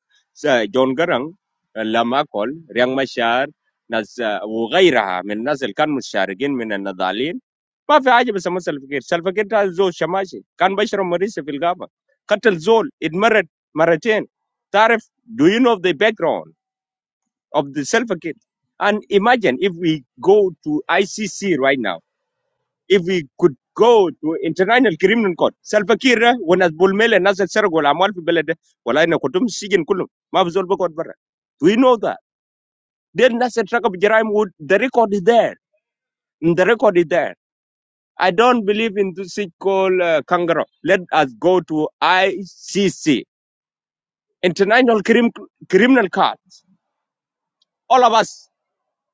Speaker 14: John Garang Lamakol Riang Mashar naza wu gairaha min nazi elkan Mashar gin min elnadalin. Pa fi aja bismas selfieker. Selfieker ta zo shmaji kan bishromarise filgaba. Cutel zol admire maraten. Tarf do you know the background of the selfieker? And imagine if we go to ICC right now if we could go to international criminal court Salva Kiir ده والناس بولميل الناس اللي سرقوا الاموال في البلد ده ولا ان كنتم السجن كلهم ما في زول بيقعد برا we know that دي الناس اللي ارتكبوا جرائم و- the record is there the record is there I don't believe in this thing called uh, kangaroo let us go to ICC international crim- criminal court all of us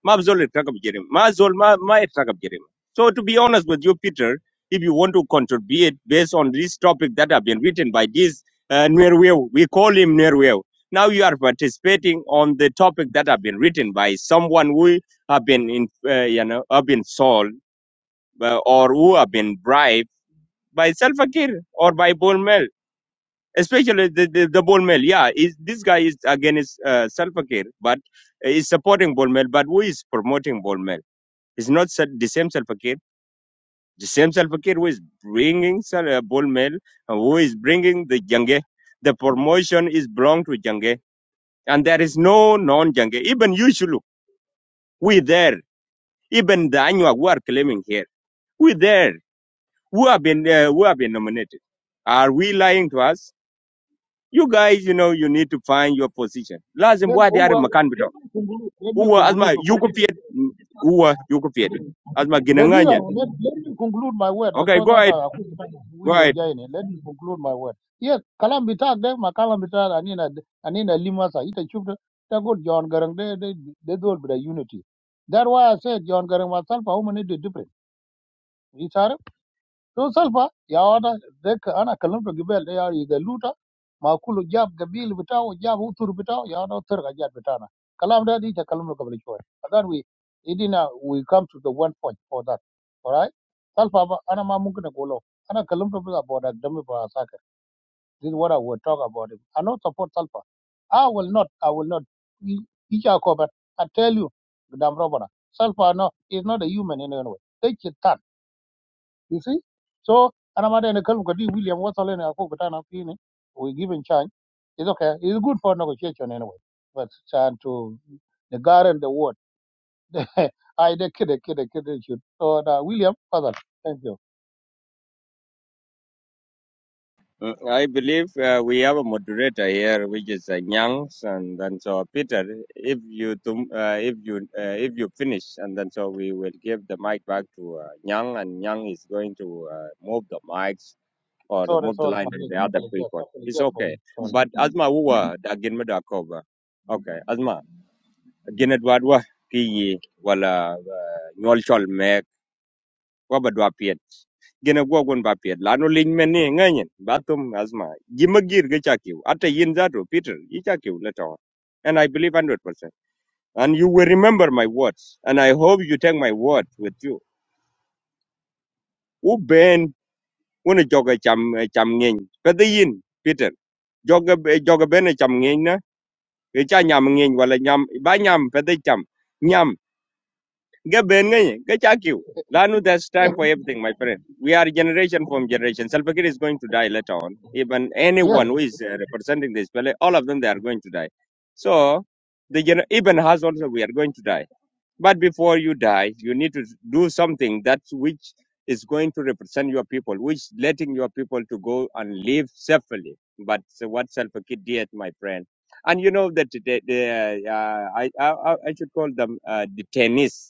Speaker 14: ما بزول يرتكب جريمه ما زول ما ما يرتكب جريمه so to be honest with you Peter if you want to contribute based on this topic that have been written by this uh, Nwerweu, we call him Nwerweu. Now you are participating on the topic that have been written by someone who have been in, uh, you know have been sold uh, or who have been bribed by Salva Kiir or by Bolmel, especially the the, the Bolmel. Yeah, is this guy is against uh, Salva Kiir, but uh, is supporting Bolmel, but who is promoting Bolmel? It's not Sal- the same Salva Kiir. The same Salva Kiir who is bringing Sal- uh, Bol Mel, who is bringing the Jange. The promotion is belong to Jange. And there is no non-Jange. Even you, Shulu, we there. Even the Anyuak who are claiming here, we there. Who have been uh, who have been nominated? Are we lying to us? You guys, you know, you need to find your position. Lazim
Speaker 15: then who
Speaker 14: wadi are
Speaker 15: will
Speaker 14: makan
Speaker 15: let
Speaker 14: bito.
Speaker 15: me conclude let me
Speaker 14: Uwa azma
Speaker 15: conclude
Speaker 14: yuko piet. Uwa yuko piet. Asma
Speaker 15: The dealer,
Speaker 14: ginanganyan.
Speaker 15: let, let me conclude my word
Speaker 14: Okay,
Speaker 15: because
Speaker 14: go
Speaker 15: that's
Speaker 14: ahead.
Speaker 15: a
Speaker 14: Go ahead.
Speaker 15: William Jaini. Let me conclude my word. Yes, kalam bitak de ma kalam bitak anina anina lima sa ita chupta ta good John Garang de de de dol bida unity. That why I said John Garang myself how many different so salfa ya wata deka ana kalamta gibel da yari ga luta ma kulu jab gabil bitaw jab utur bitaw ya wata utur ga jab bitana kalam da di ta kalamta gabal choy adan we idina we come to the one point for that all right salfa ba ana ma mun kana golo ana kalamta ba boda dami ba saka this is what i will talk about it i not support salfa i will not i will not each but i tell you madam robana salfa no is not a human in any way take it you see? So, and I'm Anamada and Kalukadi, William Wassel and Akokutana Fini, we give him chance. It's okay. It's good for negotiation anyway. But trying to the guard and the word. I the kid, the kid, the kid, the shoot. So, uh, William, father, thank you.
Speaker 14: Mm, I believe uh, we have a moderator here, which is uh, Nyangs, and then so uh, Peter, if you tum- uh, if you uh, if you finish, and then so we will give the mic back to uh, Nyang, and Nyang is going to uh, move the mics or
Speaker 15: Sorry,
Speaker 14: move the
Speaker 15: sorry, my
Speaker 14: line to the other
Speaker 15: apologies.
Speaker 14: people.
Speaker 15: Apologies
Speaker 14: It's
Speaker 15: for
Speaker 14: okay.
Speaker 15: you. Sorry.
Speaker 14: But Asma Uwa dagin medakova. Okay, Asma ginedwadwa kiyi wala nyolchol wa ba dwa piet gene go gon ba piet la no lin men ni nganyen ba tum asma gima ge chakiu ate yin zato peter yi chakiu le to and i believe 100% and you will remember my words and i hope you take my word with you u ben wona joga cham cham ngeng pe de yin peter joga joga ben cham ngeng na e cha nyam ngeng wala nyam ba nyam pe de cham nyam Ga ben ngay, ga chakiu. Lanu, there's time for everything, my friend. We are generation from generation. Salpakir is going to die later on. Even
Speaker 15: yes.
Speaker 14: anyone who is uh, representing this, well, all of them, they are going to die. So, the gener- even has also, we are going to die. But before you die, you need to do something that which is going to represent your people, which letting your people to go and live safely. But so what Salpakir did, my friend. And you know that the, the, uh, I, I, I I should call them uh, detainees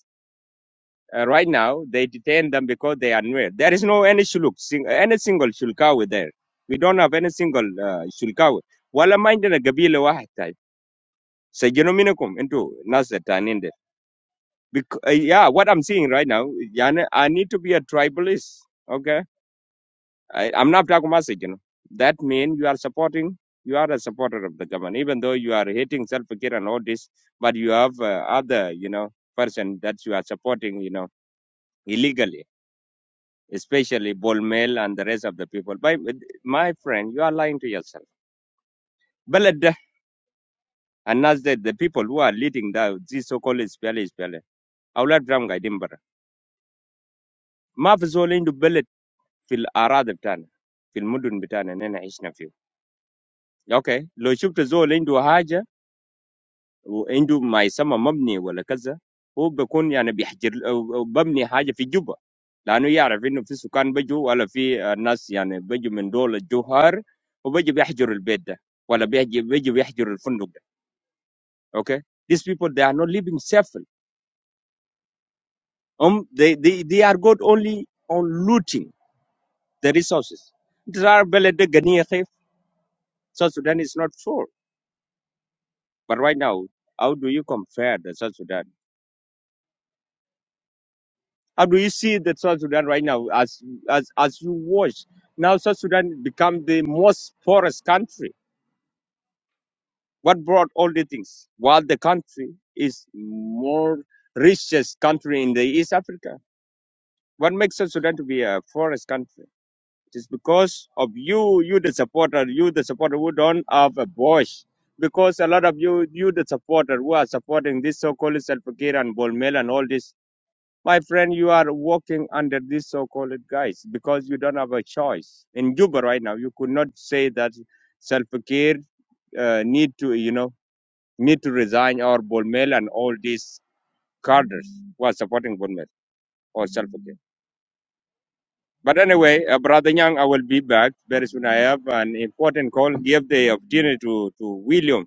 Speaker 14: uh, right now, they detain them because they are new. There is no any shuluk, sing, any single shulkawi there. We don't have any single uh, shulkawi. ولا ما عندنا قبيلة واحد طيب. سجنوا منكم انتوا ناس التانيين uh, yeah, what I'm seeing right now, يعني I need to be a tribalist. Okay? I, I'm not talking about سجنوا. That means you are supporting, you are a supporter of the government, even though you are hating self care and all this, but you have uh, other, you know, person that you are supporting, you know, illegally. especially Bol Mel and the rest of the people. By, my friend, you are lying to yourself. Belad and as the, the people who are leading the this so-called SPLA, SPLA, أولاد برام قاعدين برا ما في زول عنده بلد في الأراضي بتاعنا في المدن بتاعنا اللي احنا عشنا فيه. Okay. لو شفت زول عنده حاجة و انجو ما يسمى مبني ولا كذا هو بيكون يعني بيحجر ووو ببني حاجة في جوا لأنه يعرف إنه في سكان بيجو ولا في آه، ناس يعني بيجو من دول الجوار هو بيجو بيحجر البيت ده ولا بييجي بيجو بيحجر الفندق أوكيه these people they are not living safely um they they they are good only on looting the resources there are plenty of resources Sudan is not full but right now how do you compare the South Sudan? How do you see that South Sudan right now as as as you watch? Now South Sudan become the most poorest country. What brought all the things? While the country is more richest country in the East Africa. What makes South Sudan to be a poorest country? It is because of you, you the supporter, you the supporter who don't have a voice. Because a lot of you, you the supporter who are supporting this so-called Salva Kiir and Bolmel and all this My friend, you are walking under this so-called guise because you don't have a choice. In Juba right now, you could not say that self-care uh, need to, you know, need to resign or Bolmel and all these cadres who are supporting Bolmel or self-care. But anyway, uh, Brother Young, I will be back very soon. I have an important call. Give the opportunity to, to William.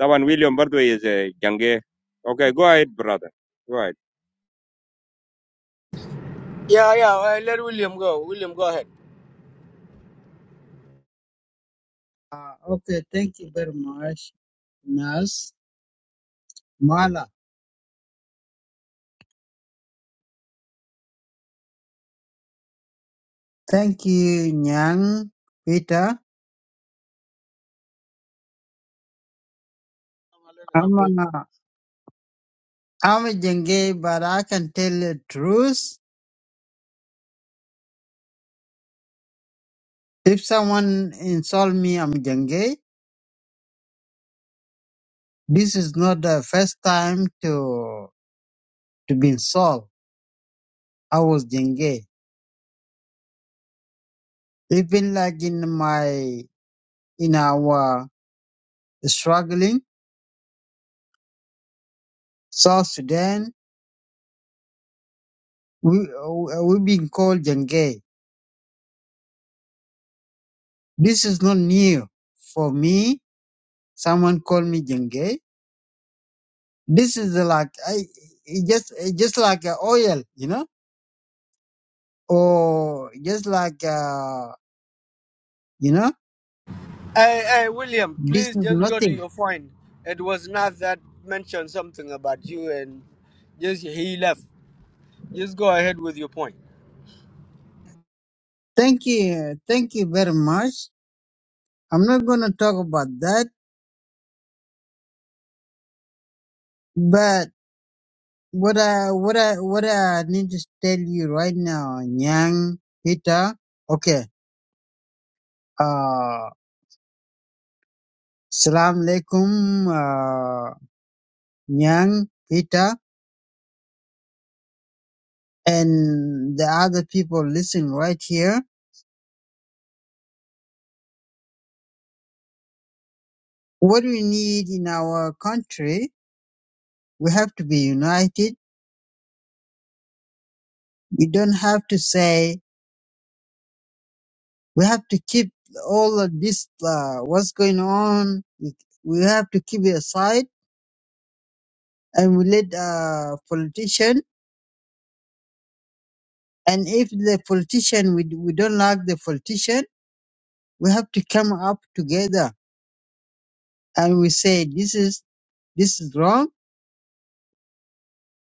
Speaker 14: That one, William, by the way, is a Jange. Okay, go ahead, brother. Go ahead.
Speaker 11: Yeah, yeah. Uh, let William go. William, go ahead.
Speaker 16: Ah, okay, thank you very much, Nas Mala. Thank you, Nyang, Peter. I'm
Speaker 15: Agoy,
Speaker 16: a, I'm a Jenge, but I can tell the truth. If someone insult me, I'm Jenge. This is not the first time to to be insult. I was Jenge. Even like in my in our struggling South Sudan, we we we been called Jenge. This is not new for me Someone called me jenge. This is like I it just it just like uh, oil, you know, or just like uh, you know.
Speaker 11: Hey, hey, William,
Speaker 16: This
Speaker 11: please
Speaker 16: is
Speaker 11: just go to
Speaker 16: nothing.
Speaker 11: your phone. It was not that mentioned something about you, and just he left. Just go ahead with your point.
Speaker 16: Thank you, thank you very much. I'm not gonna talk about that, but what I what I what I need to tell you right now, Nyang Peter. Okay. Uh, Salam alaikum, uh, Nyang Peter, and the other people listening right here. what we need in our country, we have to be united. We don't have to say, we have to keep all of this, uh, what's going on. We we have to keep it aside and we let, uh, politician. And if the politician, we, we don't like the politician, we have to come up together and we say, this is, this is wrong.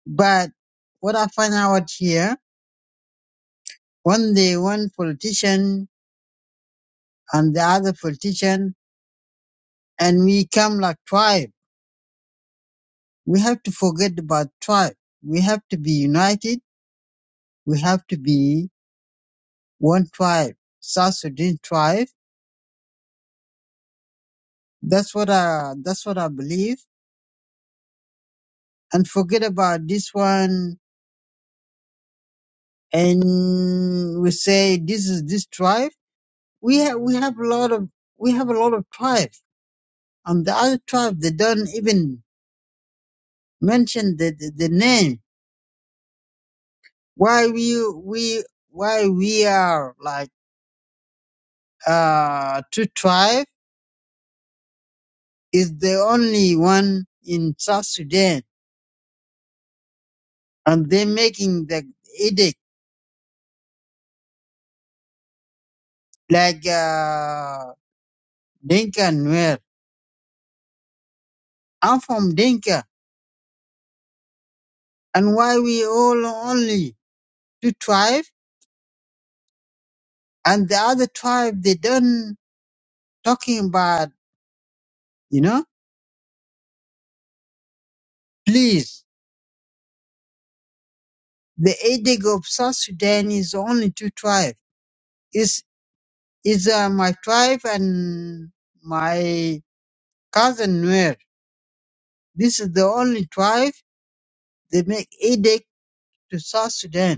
Speaker 16: But what I find out here, when they one politician and the other politician and we come like tribe. We have to forget about tribe. We have to be united. We have to be one tribe, South Sudan tribe. That's what I, that's what I believe. And forget about this one. And we say this is this tribe. We have, we have a lot of, we have a lot of tribe. And the other tribe, they don't even mention the, the, the name. Why we, we, why we are like, uh, two tribe is the only one in South Sudan, and they're making the edict like uh, Dinka and Nuer. I'm from Dinka, and why we all only two tribes, and the other tribe they don't talking about, you know? Please, the edict of South Sudan is only two tribes. Is is uh, my tribe and my cousin Nuer. This is the only tribe they make edict to South Sudan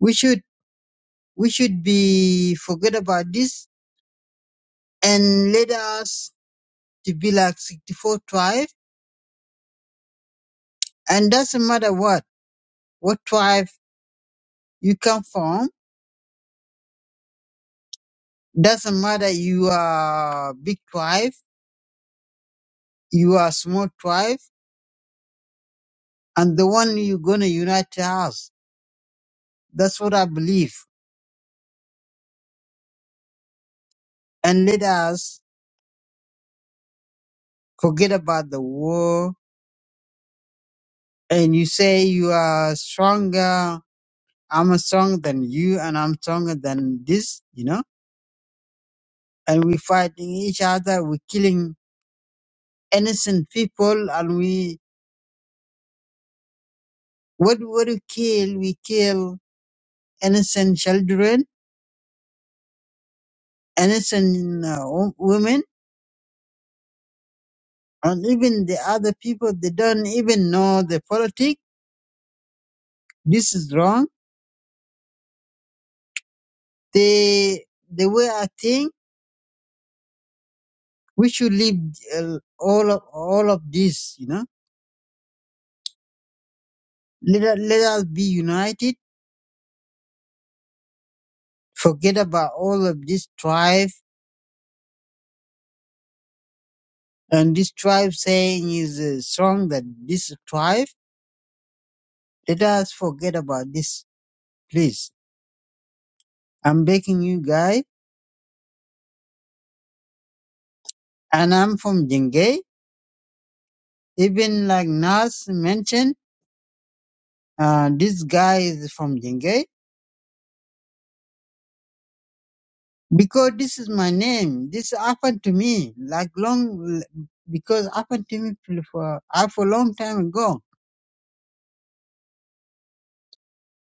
Speaker 16: we should we should be forget about this and let us to be like 64 tribe and doesn't matter what what tribe you come from doesn't matter you are big tribe you are small tribe and the one you're gonna unite to us that's what i believe and let us forget about the war and you say you are stronger i'm stronger than you and i'm stronger than this you know and we fighting each other, we killing innocent people, and we what what we kill, we kill innocent children, innocent uh, wo- women, and even the other people they don't even know the politics. This is wrong. They the way I think we should leave uh, all of all of this. You know, let us- let us be united. Forget about all of this strife and this tribe saying is uh, strong that this tribe. Let us forget about this, please. I'm begging you guys, and I'm from Jengay. Even like Nas mentioned, uh, this guy is from Jengay because this is my name. This happened to me like long because happened to me for uh, for a long time ago.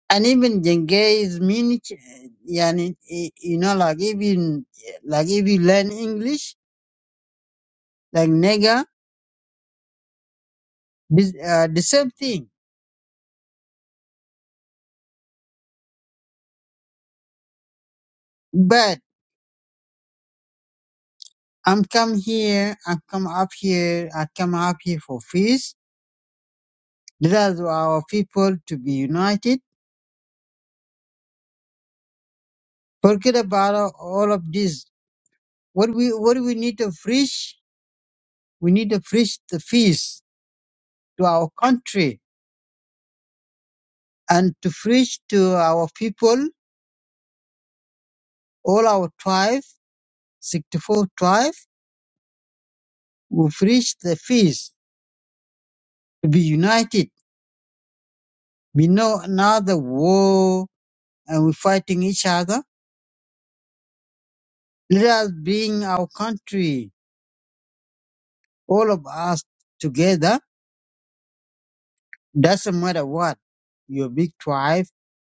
Speaker 16: And even Jengay is Munich, uh, yani, eh, you know, like even like if you learn English, like nigger, this, uh, the same thing. But I'm come here, I come up here, I come up here for peace. Let us our people to be united. Forget about all of this. What we what we need to preach, we need to preach the peace to our country and to preach to our people, all our tribe, 64 tribe, we preach the peace to be united. We know another war and we're fighting each other. Let us bring our country all of us together, doesn't matter what, your big tribe,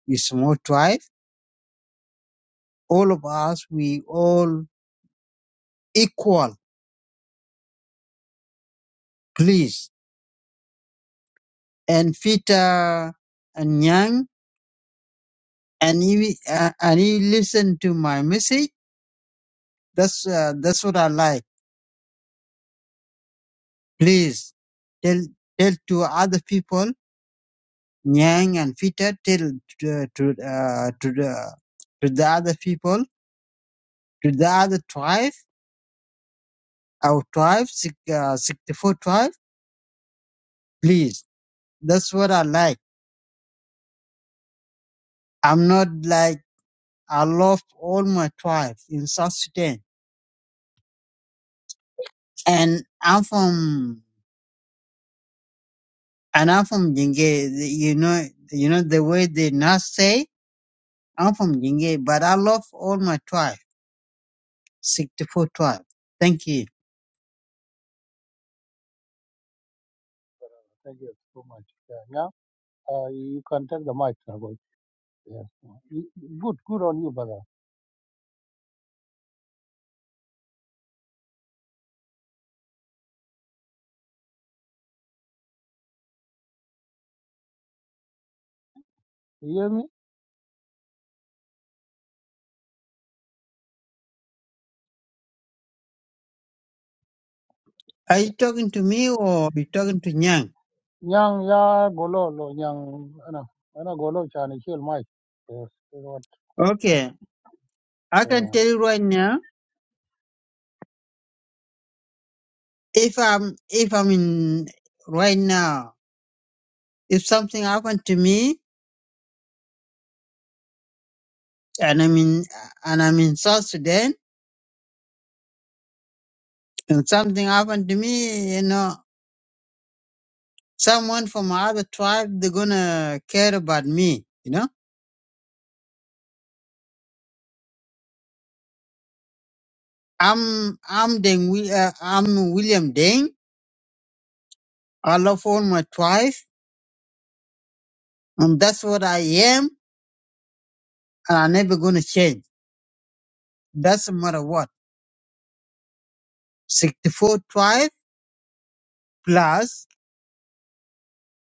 Speaker 16: your small tribe, all of us, we all equal, please. And Peter and Yang, and he, uh, and he listened to my message. That's, uh, that's what I like. Please tell, tell to other people, Yang and Peter, tell to, uh, to, uh, to the, to the other people, to the other tribe, our tribe, six- uh, 64 tribe Please, that's what I like. I'm not like, I love all my tribe in South Sudan. And I'm from, and I'm from Jinge, you know, you know, the way they now say, I'm from Jinge, but I love all my tribe, 64 tribe. Thank you.
Speaker 15: Thank you so much. Yeah. Now, uh, you can take the mic, Agoy. Yes. Good, good on you, brother. You hear me?
Speaker 16: Are you talking to me or you talking to Nyang?
Speaker 15: Nyang ya golo lo nyang ana ana golo chani chil mai. Yes, is what.
Speaker 16: Okay. I can
Speaker 15: uh,
Speaker 16: tell you right now, if I'm, if I'm in, right now, if something happened to me and I'm in, and I'm in South Sudan, And something happened to me, you know, someone from other tribe, they're gonna care about me, you know. I'm, I'm Deng, Wi- uh, I'm William Deng. I love all my tribe. And that's what I am. And I'm never gonna change. Doesn't matter what. 64 tribe plus